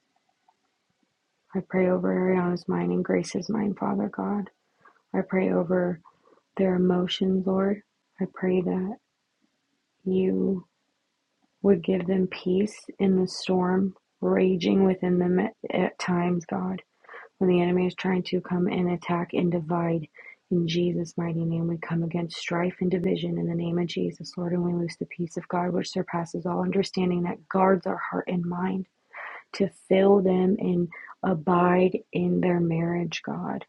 Speaker 4: I pray over Ariana's mind and Grace's mind, Father God. I pray over their emotions, Lord. I pray that you would give them peace in the storm raging within them at, at times, God, when the enemy is trying to come and attack and divide. In Jesus' mighty name, we come against strife and division in the name of Jesus, Lord, and we loose the peace of God, which surpasses all understanding, that guards our heart and mind to fill them and abide in their marriage, God.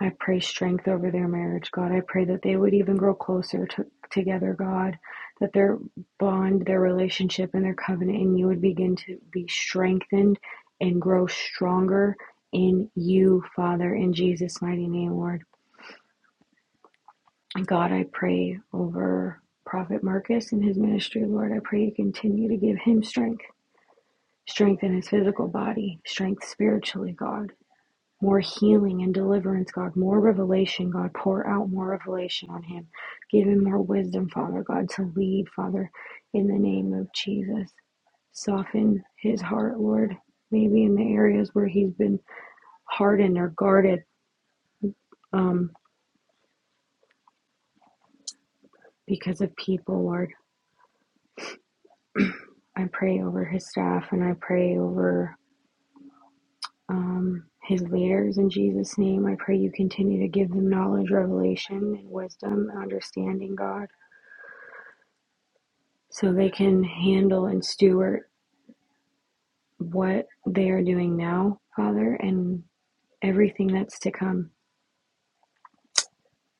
Speaker 4: I pray strength over their marriage, God. I pray that they would even grow closer to, together, God, that their bond, their relationship, and their covenant and you would begin to be strengthened and grow stronger in you, Father, in Jesus' mighty name, Lord. God, I pray over Prophet Marcus and his ministry, Lord. I pray you continue to give him strength, strength in his physical body, strength spiritually, God more healing and deliverance, God, more revelation, God, pour out more revelation on him. Give him more wisdom, Father God, to lead, Father, in the name of Jesus. Soften his heart, Lord, maybe in the areas where he's been hardened or guarded um, because of people, Lord. I pray over his staff and I pray over um, his leaders in Jesus' name. I pray you continue to give them knowledge, revelation, and wisdom and understanding, God. so they can handle and steward what they are doing now, Father, and everything that's to come.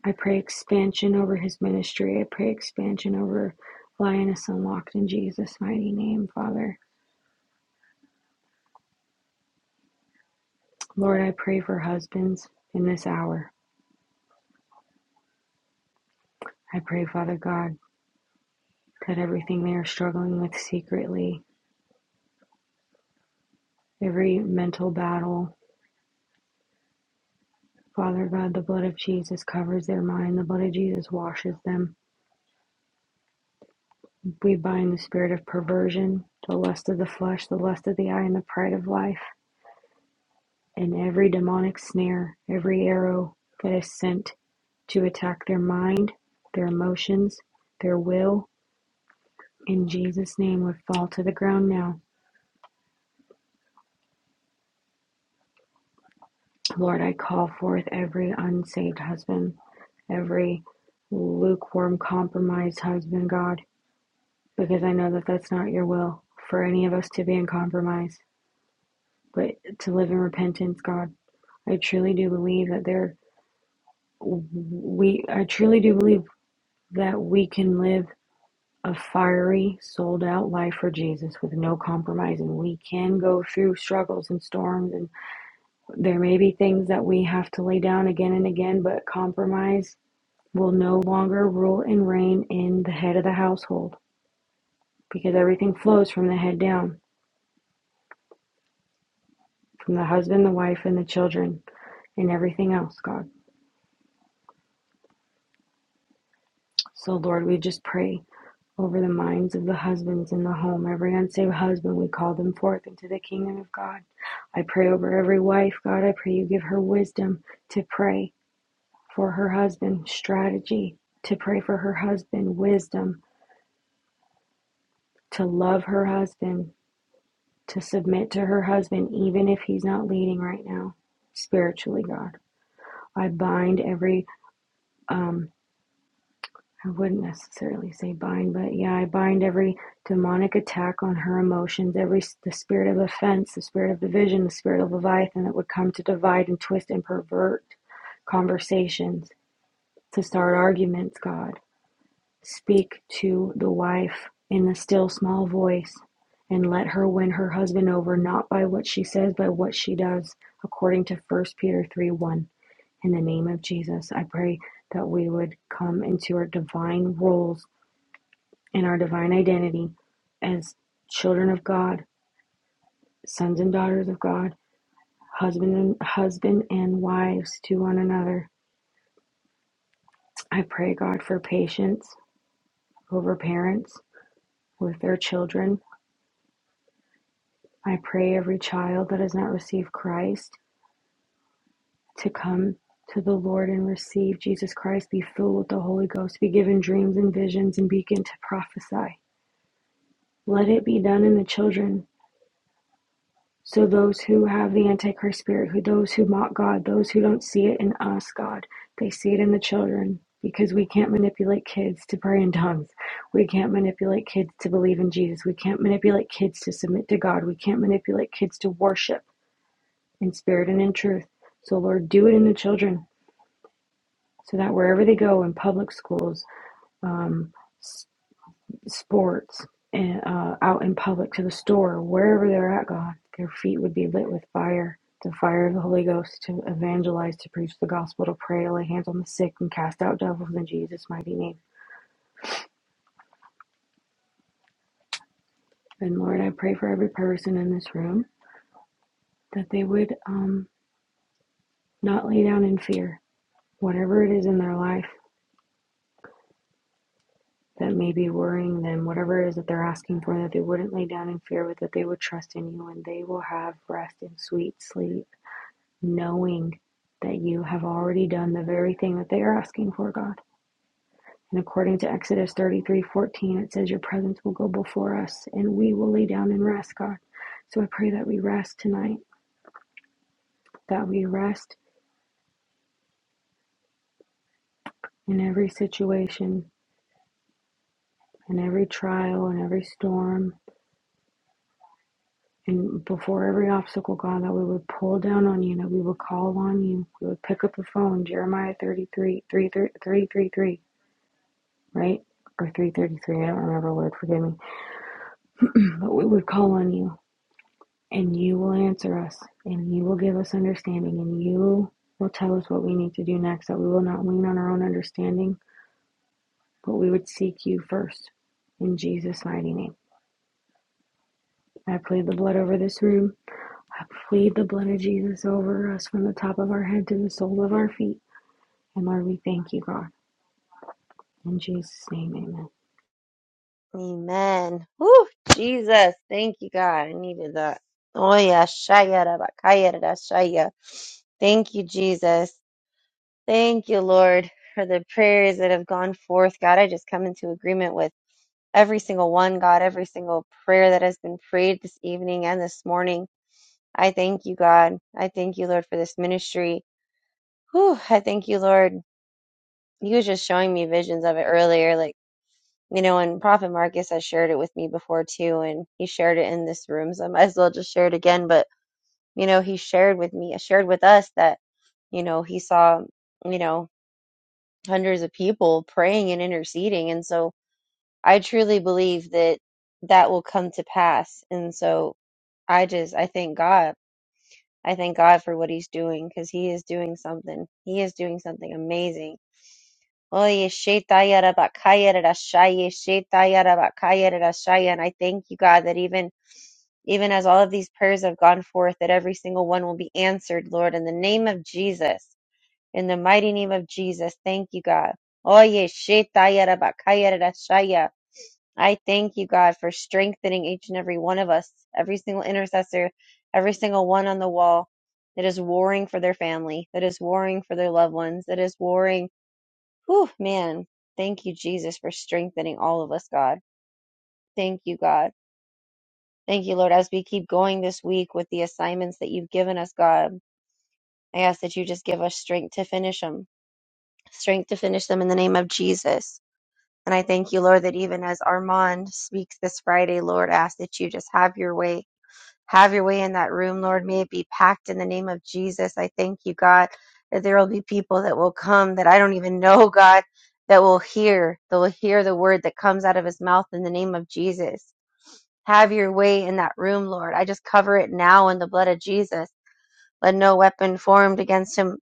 Speaker 4: I pray expansion over his ministry. I pray expansion over Lioness Unlocked in Jesus' mighty name, Father. Lord, I pray for husbands in this hour. I pray, Father God, that everything they are struggling with secretly, every mental battle, Father God, the blood of Jesus covers their mind. The blood of Jesus washes them. We bind the spirit of perversion, the lust of the flesh, the lust of the eye, and the pride of life, and every demonic snare, every arrow that is sent to attack their mind, their emotions, their will. In Jesus' name, we fall to the ground now. Lord, I call forth every unsaved husband, every lukewarm, compromised husband, God, because I know that that's not your will for any of us to be in compromise, but to live in repentance, God. I truly do believe that there we I truly do believe that we can live a fiery, sold out life for Jesus with no compromise and we can go through struggles and storms and there may be things that we have to lay down again and again, but compromise will no longer rule and reign in the head of the household because everything flows from the head down, from the husband, the wife and the children and everything else, God. So Lord, we just pray over the minds of the husbands in the home. Every unsaved husband, we call them forth into the kingdom of God. I pray over every wife, God. I pray you give her wisdom to pray for her husband, strategy to pray for her husband, wisdom to love her husband, to submit to her husband, even if he's not leading right now, spiritually, God. I bind every um, I wouldn't necessarily say bind, but yeah, I bind every demonic attack on her emotions, every the spirit of offense, the spirit of division, the spirit of Leviathan that would come to divide and twist and pervert conversations, to start arguments, God. Speak to the wife in the still small voice and let her win her husband over not by what she says, but what she does, according to First Peter 3 1. In the name of Jesus, I pray that we would come into our divine roles in our divine identity as children of God, sons and daughters of God, husband and husband and wives to one another. I pray God for patience over parents with their children. I pray every child that has not received Christ to come to the Lord and receive Jesus Christ, be filled with the Holy Ghost, be given dreams and visions, and begin to prophesy. Let it be done in the children So those who have the Antichrist spirit, who those who mock God, those who don't see it in us, God, they see it in the children because we can't manipulate kids to pray in tongues. We can't manipulate kids to believe in Jesus. We can't manipulate kids to submit to God. We can't manipulate kids to worship in spirit and in truth. So Lord, do it in the children so that wherever they go in public schools, um, sports and uh, out in public to the store, wherever they're at, God, their feet would be lit with fire, the fire of the Holy Ghost to evangelize, to preach the gospel, to pray, to lay hands on the sick, and cast out devils in Jesus' mighty name. And Lord, I pray for every person in this room that they would um, not lay down in fear, whatever it is in their life that may be worrying them, whatever it is that they're asking for, that they wouldn't lay down in fear, but that they would trust in you and they will have rest and sweet sleep knowing that you have already done the very thing that they are asking for, God. And according to Exodus 33 14, it says, Your presence will go before us and we will lay down and rest, God. So I pray that we rest tonight, that we rest in every situation, in every trial, in every storm, and before every obstacle, God, that we would pull down on you, that we would call on you, we would pick up the phone, Jeremiah 33, 333, right? Or 333, I don't remember, Lord, forgive me But we would call on you, and you will answer us, and you will give us understanding, and you will tell us what we need to do next, that we will not lean on our own understanding, but we would seek you first. In Jesus' mighty name. I plead the blood over this room. I plead the blood of Jesus over us from the top of our head to the sole of our feet. And Lord, we thank you, God. In Jesus' name, amen.
Speaker 2: Amen. Whew, Jesus. Thank you, God. I needed that. Oh, yeah. Shayarabakayarashaya. Thank you, Jesus. Thank you, Lord, for the prayers that have gone forth. God, I just come into agreement with every single one, God, every single prayer that has been prayed this evening and this morning. I thank you, God. I thank you, Lord, for this ministry. Whew, I thank you, Lord. he was just showing me visions of it earlier like you know and prophet marcus has shared it with me before too and he shared it in this room so i might as well just share it again but you know he shared with me shared with us that you know he saw you know hundreds of people praying and interceding and so i truly believe that that will come to pass and so i just i thank god i thank god for what he's doing because he is doing something he is doing something amazing Oye, shetayara bakayara rashaye, shetayara bakayara rashaya. And I thank you, God, that even even as all of these prayers have gone forth, that every single one will be answered, Lord, in the name of Jesus. In the mighty name of Jesus. Thank you, God. Oye, shetayara bakayara rashaya. I thank you, God, for strengthening each and every one of us, every single intercessor, every single one on the wall that is warring for their family, that is warring for their loved ones, that is warring Whew, man. Thank you, Jesus, for strengthening all of us, God. Thank you, God. Thank you, Lord, as we keep going this week with the assignments that you've given us, God. I ask that you just give us strength to finish them, strength to finish them in the name of Jesus. And I thank you, Lord, that even as Armand speaks this Friday, Lord, I ask that you just have your way Have your way in that room, Lord. May it be packed in the name of Jesus. I thank you, God, that there will be people that will come that I don't even know, God, that will hear, that will hear the word that comes out of his mouth in the name of Jesus. Have your way in that room, Lord. I just cover it now in the blood of Jesus. Let no weapon formed against him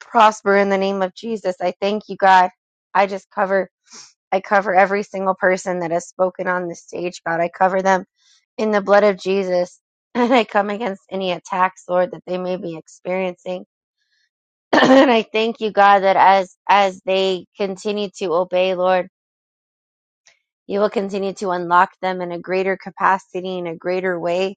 Speaker 2: prosper in the name of Jesus. I thank you, God. I just cover. I cover every single person that has spoken on this stage, God. I cover them in the blood of Jesus. And I come against any attacks, Lord, that they may be experiencing. and I thank you, God, that as as they continue to obey, Lord, you will continue to unlock them in a greater capacity, in a greater way.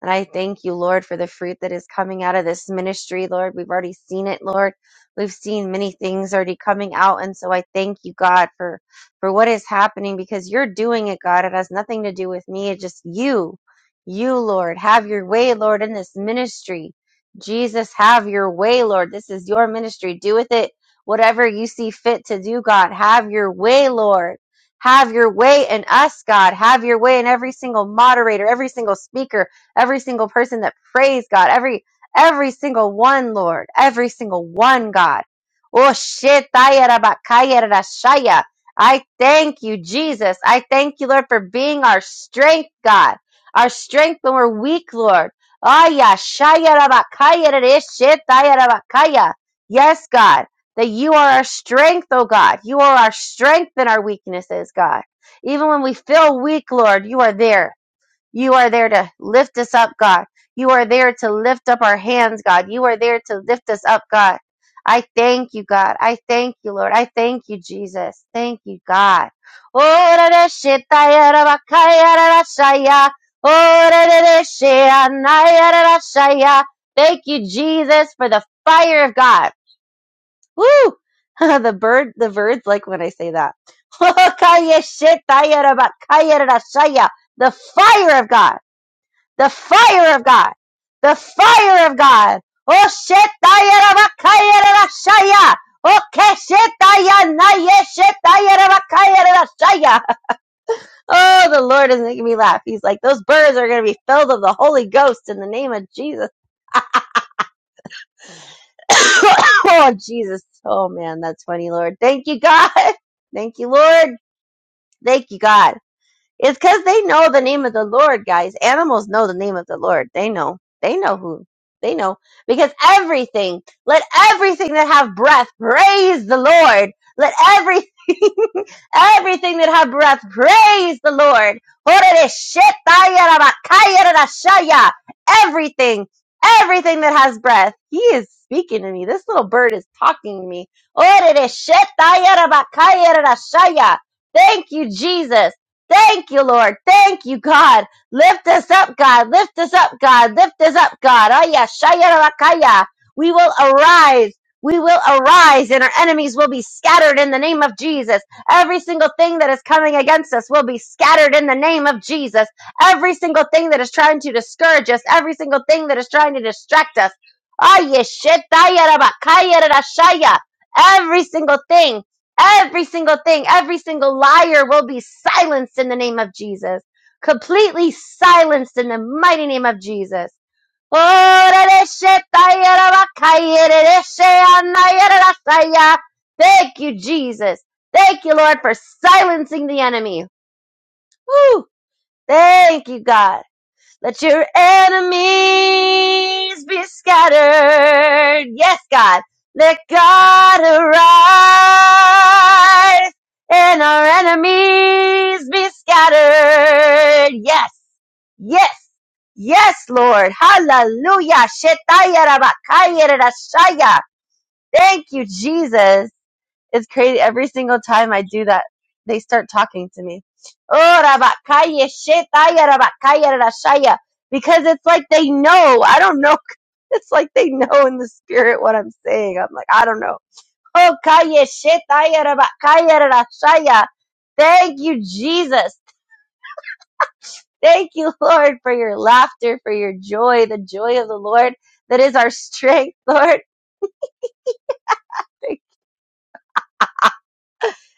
Speaker 2: And I thank you, Lord, for the fruit that is coming out of this ministry, Lord. We've already seen it, Lord. We've seen many things already coming out. And so I thank you, God, for, for what is happening because you're doing it, God. It has nothing to do with me. It's just you. You, Lord. Have your way, Lord, in this ministry. Jesus, have your way, Lord. This is your ministry. Do with it whatever you see fit to do, God. Have your way, Lord. Have your way in us, God. Have your way in every single moderator, every single speaker, every single person that prays, God, every every single one, Lord, every single one, God. Oh shit, I thank you, Jesus. I thank you, Lord, for being our strength, God. Our strength when we're weak, Lord. Aya, shaya, rabakaya, rere, shetaya, rabakaya. Yes, God, that you are our strength, oh God. You are our strength in our weaknesses, God. Even when we feel weak, Lord, you are there. You are there to lift us up, God. You are there to lift up our hands, God. You are there to lift us up, God. I thank you, God. I thank you, Lord. I thank you, Jesus. Thank you, God. Oh, ra, ra, she, ta, Oh, ra, ra, ra, she, ah, Thank you, Jesus, for the fire of God. Woo! the bird, the birds like when I say that. Ka, ya, she, ta, ya, The fire of God. The fire of God. The fire of God. Oh, shetayarabakayarashaya. Oh, keshetayanaye-shetayarabakayarashaya. Oh, the Lord is making me laugh. He's like, those birds are going to be filled of the Holy Ghost in the name of Jesus. oh, Jesus. Oh, man, that's funny, Lord. Thank you, God. Thank you, Lord. Thank you, God. It's because they know the name of the Lord, guys. Animals know the name of the Lord. They know. They know who. They know. Because everything, let everything that have breath praise the Lord. Let everything, everything that have breath praise the Lord. Everything, everything that has breath. He is speaking to me. This little bird is talking to me. Thank you, Jesus. Thank you, Lord. Thank you, God. Lift us up, God. Lift us up, God. Lift us up, God. Aya, shaya, rakaya. We will arise. We will arise and our enemies will be scattered in the name of Jesus. Every single thing that is coming against us will be scattered in the name of Jesus. Every single thing that is trying to discourage us, every single thing that is trying to distract us. Aya, shetaya, rabakaya, rashaya. Every single thing. Every single thing, every single liar will be silenced in the name of Jesus. Completely silenced in the mighty name of Jesus. Thank you, Jesus. Thank you, Lord, for silencing the enemy. Woo! Thank you, God. Let your enemies be scattered. Yes, God. Let God arise and our enemies be scattered. Yes. Yes. Yes, Lord. Hallelujah. Shetaya rabakaya rarashaya. Thank you, Jesus. It's crazy. Every single time I do that, they start talking to me. Oh, rabakaya, shetaya, rabakaya, rashaya. Because it's like they know. I don't know. It's like they know in the spirit what I'm saying. I'm like, I don't know. Oh, kaya, shetaya, rabakaya, rashaya. Thank you, Jesus. Thank you, Lord, for your laughter, for your joy, the joy of the Lord that is our strength, Lord.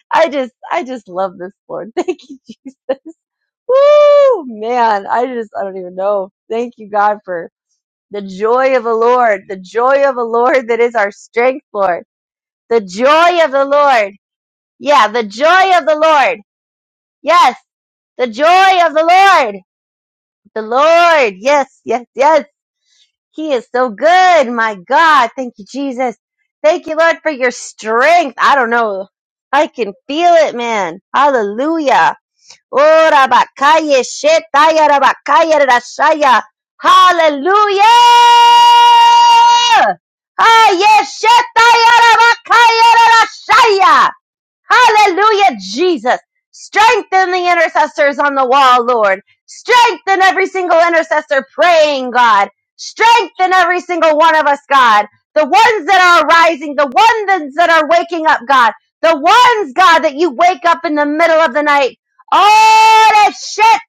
Speaker 2: I just, I just love this, Lord. Thank you, Jesus. Woo! Man, I just, I don't even know. Thank you, God, for the joy of the Lord, the joy of the Lord that is our strength, Lord. The joy of the Lord. Yeah, the joy of the Lord. Yes, the joy of the Lord. The Lord. Yes, yes, yes. He is so good. My God. Thank you, Jesus. Thank you, Lord, for your strength. I don't know. I can feel it, man. Hallelujah. Ora bakaya shetaya rabakaya rashaya. Hallelujah! Aye shetaya rabakaya rashaya. Hallelujah, Jesus. Strengthen the intercessors on the wall, Lord. Strengthen every single intercessor praying, God. Strengthen every single one of us, God. The ones that are rising, the ones that are waking up, God. The ones, God, that you wake up in the middle of the night. Oh, that shit,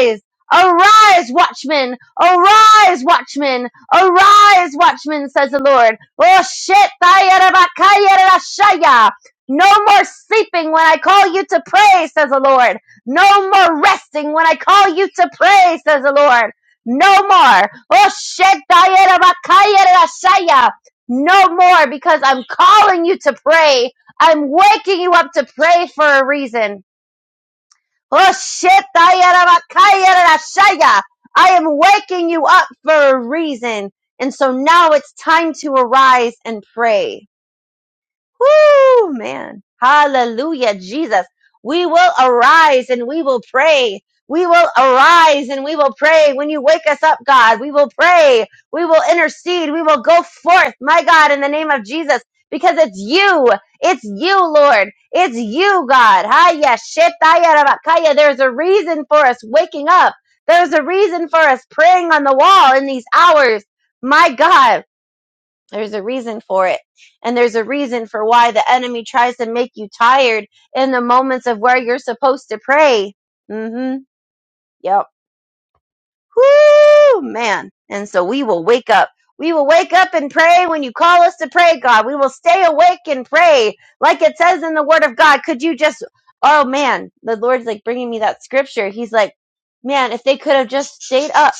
Speaker 2: Arise, arise, watchmen. Arise, watchmen. Arise, watchmen, says the Lord. Oh shit, No more sleeping when I call you to pray, says the Lord. No more resting when I call you to pray, says the Lord. No more. Oh shit, No more because I'm calling you to pray. I'm waking you up to pray for a reason. Oh shit, I am waking you up for a reason. And so now it's time to arise and pray. Whoo, man. Hallelujah, Jesus. We will arise and we will pray. We will arise and we will pray. When you wake us up, God, we will pray. We will intercede. We will go forth, my God, in the name of Jesus, because it's you. It's you, Lord. It's you, God. Haya shetaya rabakaya. There's a reason for us waking up. There's a reason for us praying on the wall in these hours. My God. There's a reason for it. And there's a reason for why the enemy tries to make you tired in the moments of where you're supposed to pray. hmm Yep. woo, man. And so we will wake up. We will wake up and pray when you call us to pray, God. We will stay awake and pray like it says in the word of God. Could you just, oh man, the Lord's like bringing me that scripture. He's like, man, if they could have just stayed up.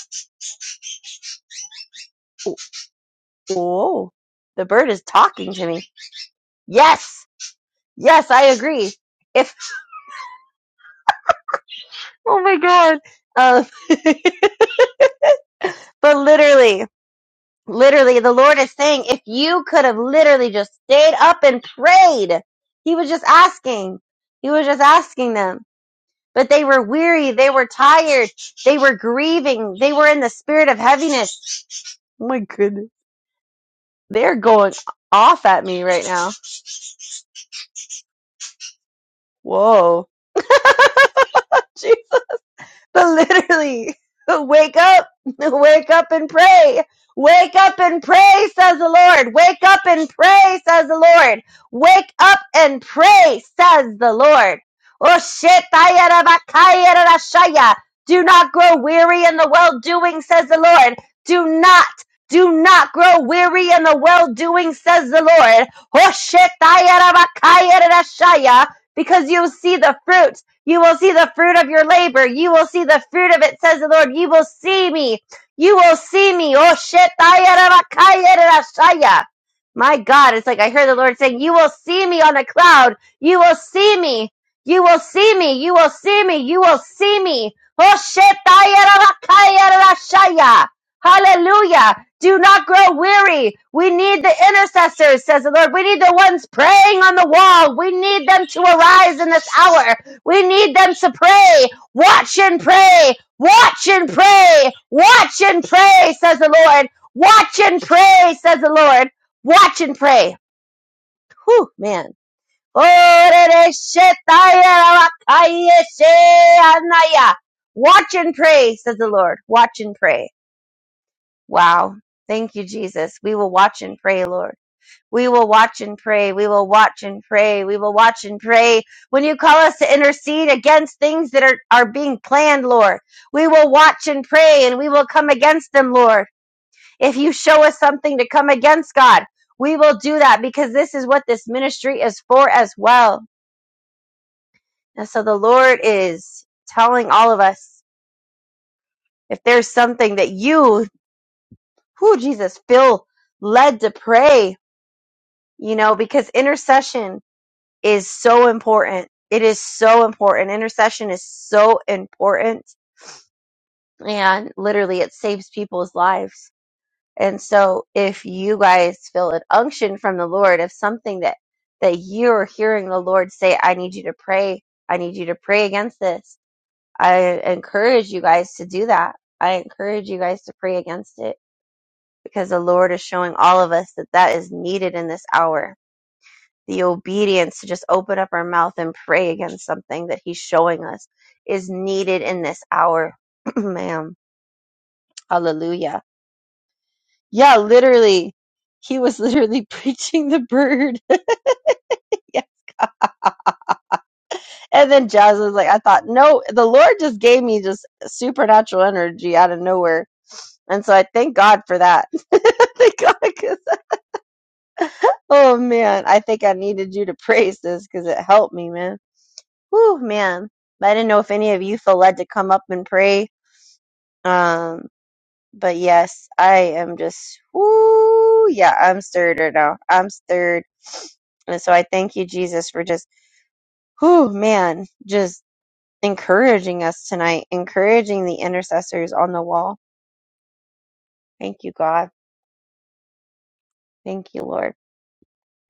Speaker 2: Whoa, the bird is talking to me. Yes. Yes, I agree If Oh my God. Uh, but literally, literally, the Lord is saying, if you could have literally just stayed up and prayed, He was just asking. He was just asking them. But they were weary. They were tired. They were grieving. They were in the spirit of heaviness. Oh my goodness. They're going off at me right now. Whoa. Jesus. But literally, wake up, wake up and pray. Wake up and pray, says the Lord. Wake up and pray, says the Lord. Wake up and pray, says the Lord. Oh shit, do not grow weary in the well doing, says the Lord. Do not, do not grow weary in the well doing, says the Lord. Oh shit, because you'll see the fruit you will see the fruit of your labor. You will see the fruit of it, says the Lord. You will see me. You will see me. Oh shit. My God, it's like I heard the Lord saying, You will see me on a cloud. You will see me. You will see me. You will see me. You will see me. Oh shit. Hallelujah. Do not grow weary. We need the intercessors, says the Lord. We need the ones praying on the wall. We need them to arise in this hour. We need them to pray. Watch and pray. Watch and pray. Watch and pray, says the Lord. Watch and pray, says the Lord. Watch and pray. Whew, man. Watch and pray, says the Lord. Watch and pray. Wow. Thank you, Jesus. We will watch and pray, Lord. We will watch and pray. We will watch and pray. We will watch and pray. When you call us to intercede against things that are, are being planned, Lord, we will watch and pray and we will come against them, Lord. If you show us something to come against, God, we will do that because this is what this ministry is for as well. And so the Lord is telling all of us if there's something that you, who Jesus, feel led to pray, you know, because intercession is so important. It is so important. Intercession is so important. And literally, it saves people's lives. And so, if you guys feel an unction from the Lord, if something that, that you're hearing the Lord say, I need you to pray, I need you to pray against this, I encourage you guys to do that. I encourage you guys to pray against it because the Lord is showing all of us that that is needed in this hour the obedience to just open up our mouth and pray against something that he's showing us is needed in this hour ma'am hallelujah yeah literally he was literally preaching the bird yeah. and then jazz was like i thought no the lord just gave me just supernatural energy out of nowhere and so i thank god for that thank god 'cause- oh man i think i needed you to praise this because it helped me man Whew, man but i didn't know if any of you feel led to come up and pray Um, but yes, I am just whoo, yeah, I'm stirred right now. I'm stirred, and so I thank you, Jesus, for just whoo, man, just encouraging us tonight, encouraging the intercessors on the wall. Thank you, God. Thank you, Lord.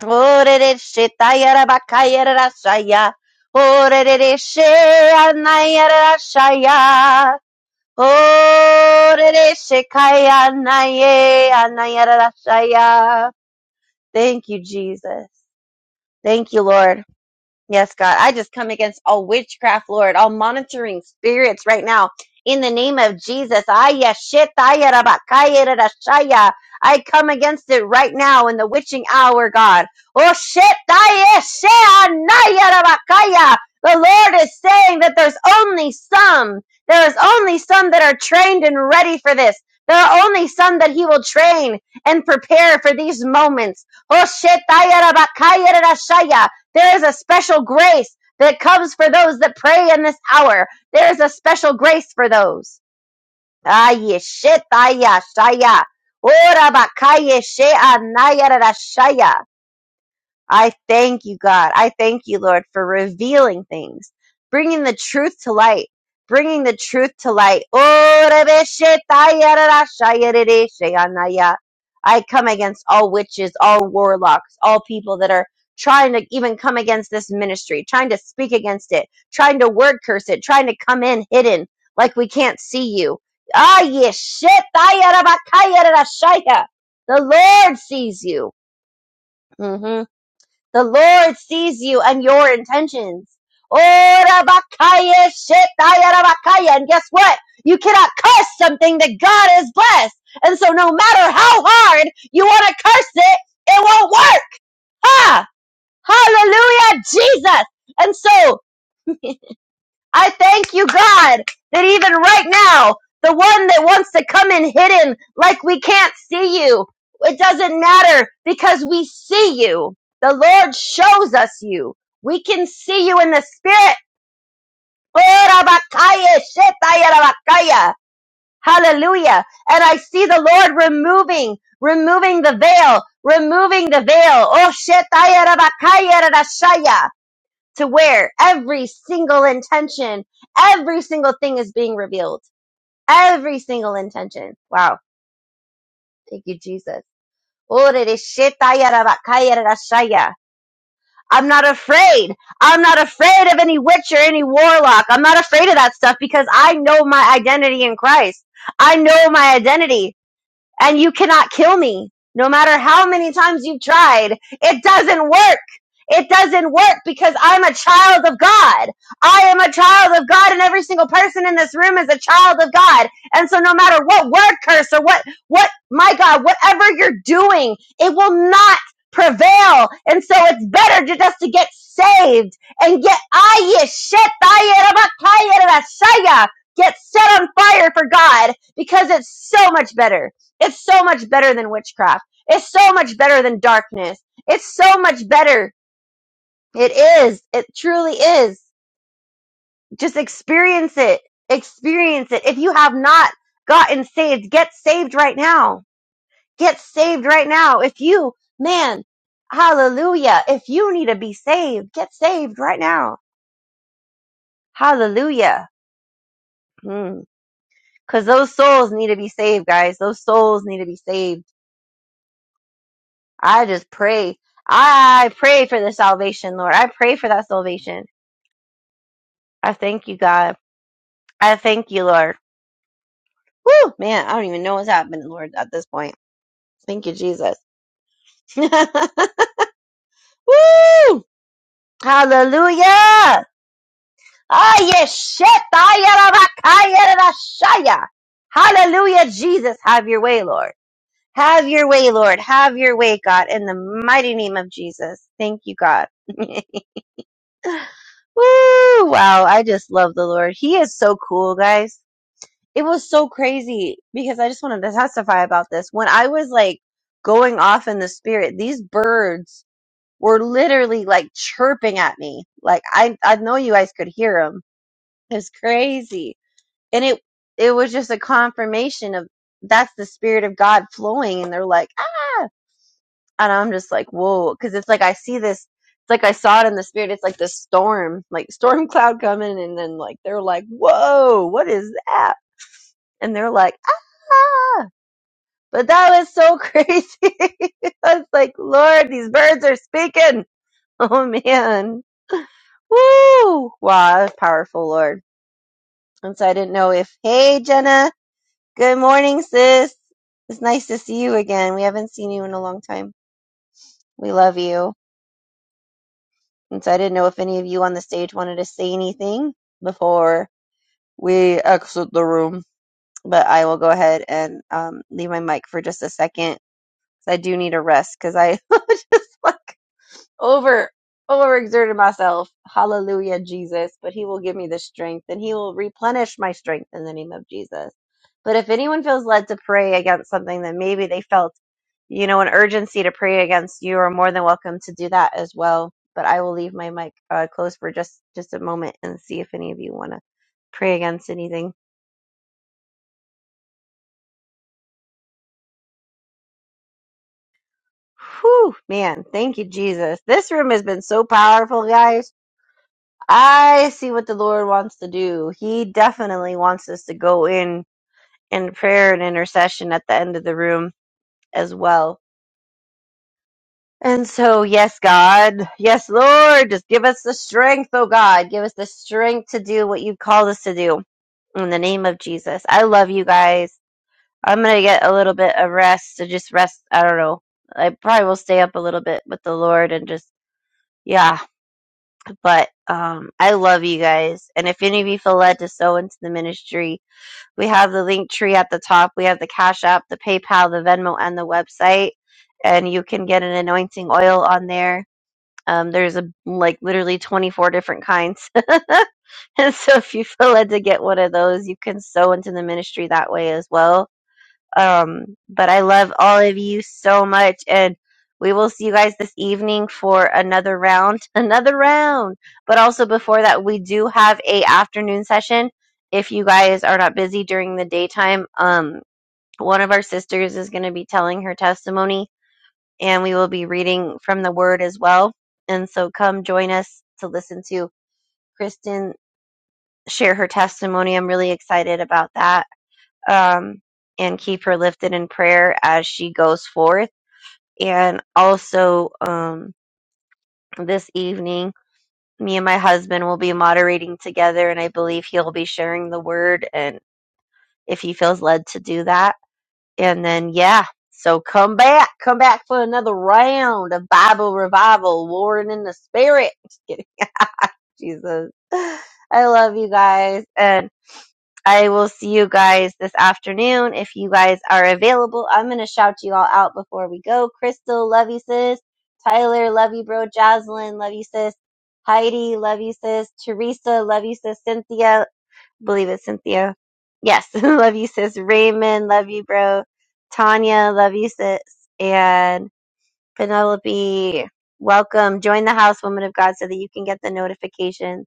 Speaker 2: Orereshitayarabakayarashaya. Oreresheanayarashaya. Orereshikayanayanayanarashaya. Thank you, Jesus. Thank you, Lord. Yes, God. I just come against all witchcraft, Lord, all monitoring spirits right now. In the name of Jesus, Aya shetaya rabakaya rarashaya. I come against it right now in the witching hour, God. Oh, shetaya sheanaya rabakaya. The Lord is saying that there's only some, there is only some that are trained and ready for this. There are only some that He will train and prepare for these moments. Oh, shetaya rabakaya rarashaya. There is a special grace that comes for those that pray in this hour. There is a special grace for those. Aye, shit, aye, shaya. Ora bakaye she anaya rashaya. I thank you, God. I thank you, Lord, for revealing things, bringing the truth to light, bringing the truth to light. I come against all witches, all warlocks, all people that are trying to even come against this ministry, trying to speak against it, trying to word curse it, trying to come in hidden like we can't see you. Ah, yes, shit. The Lord sees you. hmm the Lord sees you and your intentions. Oh, Rabakaya, Shetaya, Rabakaya. And guess what? You cannot curse something that God has blessed. And so no matter how hard you want to curse it, it won't work. Ha! Hallelujah, Jesus. And so I thank you, God, that even right now, the one that wants to come in hidden like we can't see you, it doesn't matter because we see you. The Lord shows us you. We can see you in the spirit. Hallelujah. And I see the Lord removing, removing the veil, removing the veil. Oh, to where every single intention, every single thing is being revealed. Every single intention. Wow. Thank you, Jesus. I'm not afraid. I'm not afraid of any witch or any warlock. I'm not afraid of that stuff because I know my identity in Christ. I know my identity. and you cannot kill me. No matter how many times you've tried, it doesn't work. It doesn't work because I'm a child of God. I am a child of God and every single person in this room is a child of God. And so no matter what word curse or what, what, my God, whatever you're doing, it will not prevail. And so it's better to just to get saved and get, aye, shit, aye, get set on fire for God because it's so much better. It's so much better than witchcraft. It's so much better than darkness. It's so much better. It is. It truly is. Just experience it. Experience it. If you have not gotten saved, get saved right now. Get saved right now. If you, man, hallelujah. If you need to be saved, get saved right now. Hallelujah. Because those souls need to be saved, guys. Those souls need to be saved I just pray. I pray for the salvation, Lord. I pray for that salvation. I thank you, God. I thank you, Lord. Woo, man, I don't even know what's happening, Lord, at this point. Thank you, Jesus. Woo! Hallelujah! Ah, yes, shit! Ah, yeah, da, ba, ka, yeah, da, da, yeah. Hallelujah, Jesus. Have your way, Lord. Have your way, Lord. Have your way, God, in the mighty name of Jesus. Thank you, God. Woo! Wow, I just love the Lord. He is so cool, guys. It was so crazy because I just wanted to testify about this. When I was like going off in the spirit, these birds were literally like chirping at me. Like I I know you guys could hear them. It's crazy. And it it was just a confirmation of that's the spirit of God flowing and they're like, "Ah!" and I'm just like, whoa, because it's like I see this, it's like I saw it in the spirit. It's like this storm, like storm cloud coming, and then like they're like, whoa, what is that? And they're like, ah, but that was so crazy. I was like, Lord, these birds are speaking. Oh man, woo, wow, that was powerful, Lord. And so I didn't know if, hey, Jenna, good morning, sis. It's nice to see you again. We haven't seen you in a long time. We love you. And so I didn't know if any of you on the stage wanted to say anything before we exit the room, but I will go ahead and um, leave my mic for just a second. 'cause I do need a rest because I just like over overexerted myself. Hallelujah, Jesus. But he will give me the strength and he will replenish my strength in the name of Jesus. But if anyone feels led to pray against something that maybe they felt, you know, an urgency to pray against, you are more than welcome to do that as well. But I will leave my mic uh, closed for just just a moment and see if any of you want to pray against anything. Whew, man, thank you, Jesus. This room has been so powerful, guys I see what the Lord wants to do. He definitely wants us to go in in prayer and intercession at the end of the room as well. And so, yes, God, yes, Lord, just give us the strength, oh God, give us the strength to do what you've called us to do in the name of Jesus. I love you guys. I'm gonna get a little bit of rest to just rest. I don't know. I probably will stay up a little bit with the Lord and just yeah. But um, I love you guys. And if any of you feel led to sow into the ministry, We have the link tree at the top. We have the Cash App, the PayPal, the Venmo, and the website. And you can get an anointing oil on there. Um, there's a like literally 24 different kinds. and so if you feel led to get one of those, you can sow into the ministry that way as well um, but I love all of you so much, and we will see you guys this evening for another round, another round. But also before that, we do have a afternoon session. If you guys are not busy during the daytime, um, one of our sisters is going to be telling her testimony, and we will be reading from the Word as well. And so, come join us to listen to Kristen share her testimony. I'm really excited about that um, and keep her lifted in prayer as she goes forth. And also, um, this evening, me and my husband will be moderating together, and I believe he'll be sharing the word and if he feels led to do that. And then, yeah, so come back, come back for another round of Bible revival, warring in the spirit. Just kidding. Jesus. I love you guys. And I will see you guys this afternoon if you guys are available. I'm gonna shout you all out before we go. Crystal, love you sis. Tyler, love you bro. Jaslyn, love you sis. Heidi, love you sis. Teresa, love you sis. Cynthia, believe it's Cynthia. Yes, love you sis. Raymond, love you bro. Tanya, love you sis. And Penelope, welcome. Join the house, woman of God, so that you can get the notifications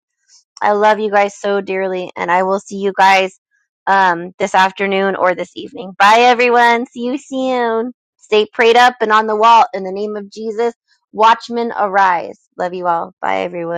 Speaker 2: I love you guys so dearly, and I will see you guys um, this afternoon or this evening. Bye, everyone. See you soon. Stay prayed up and on the wall in the name of Jesus. Watchmen arise. Love you all. Bye, everyone.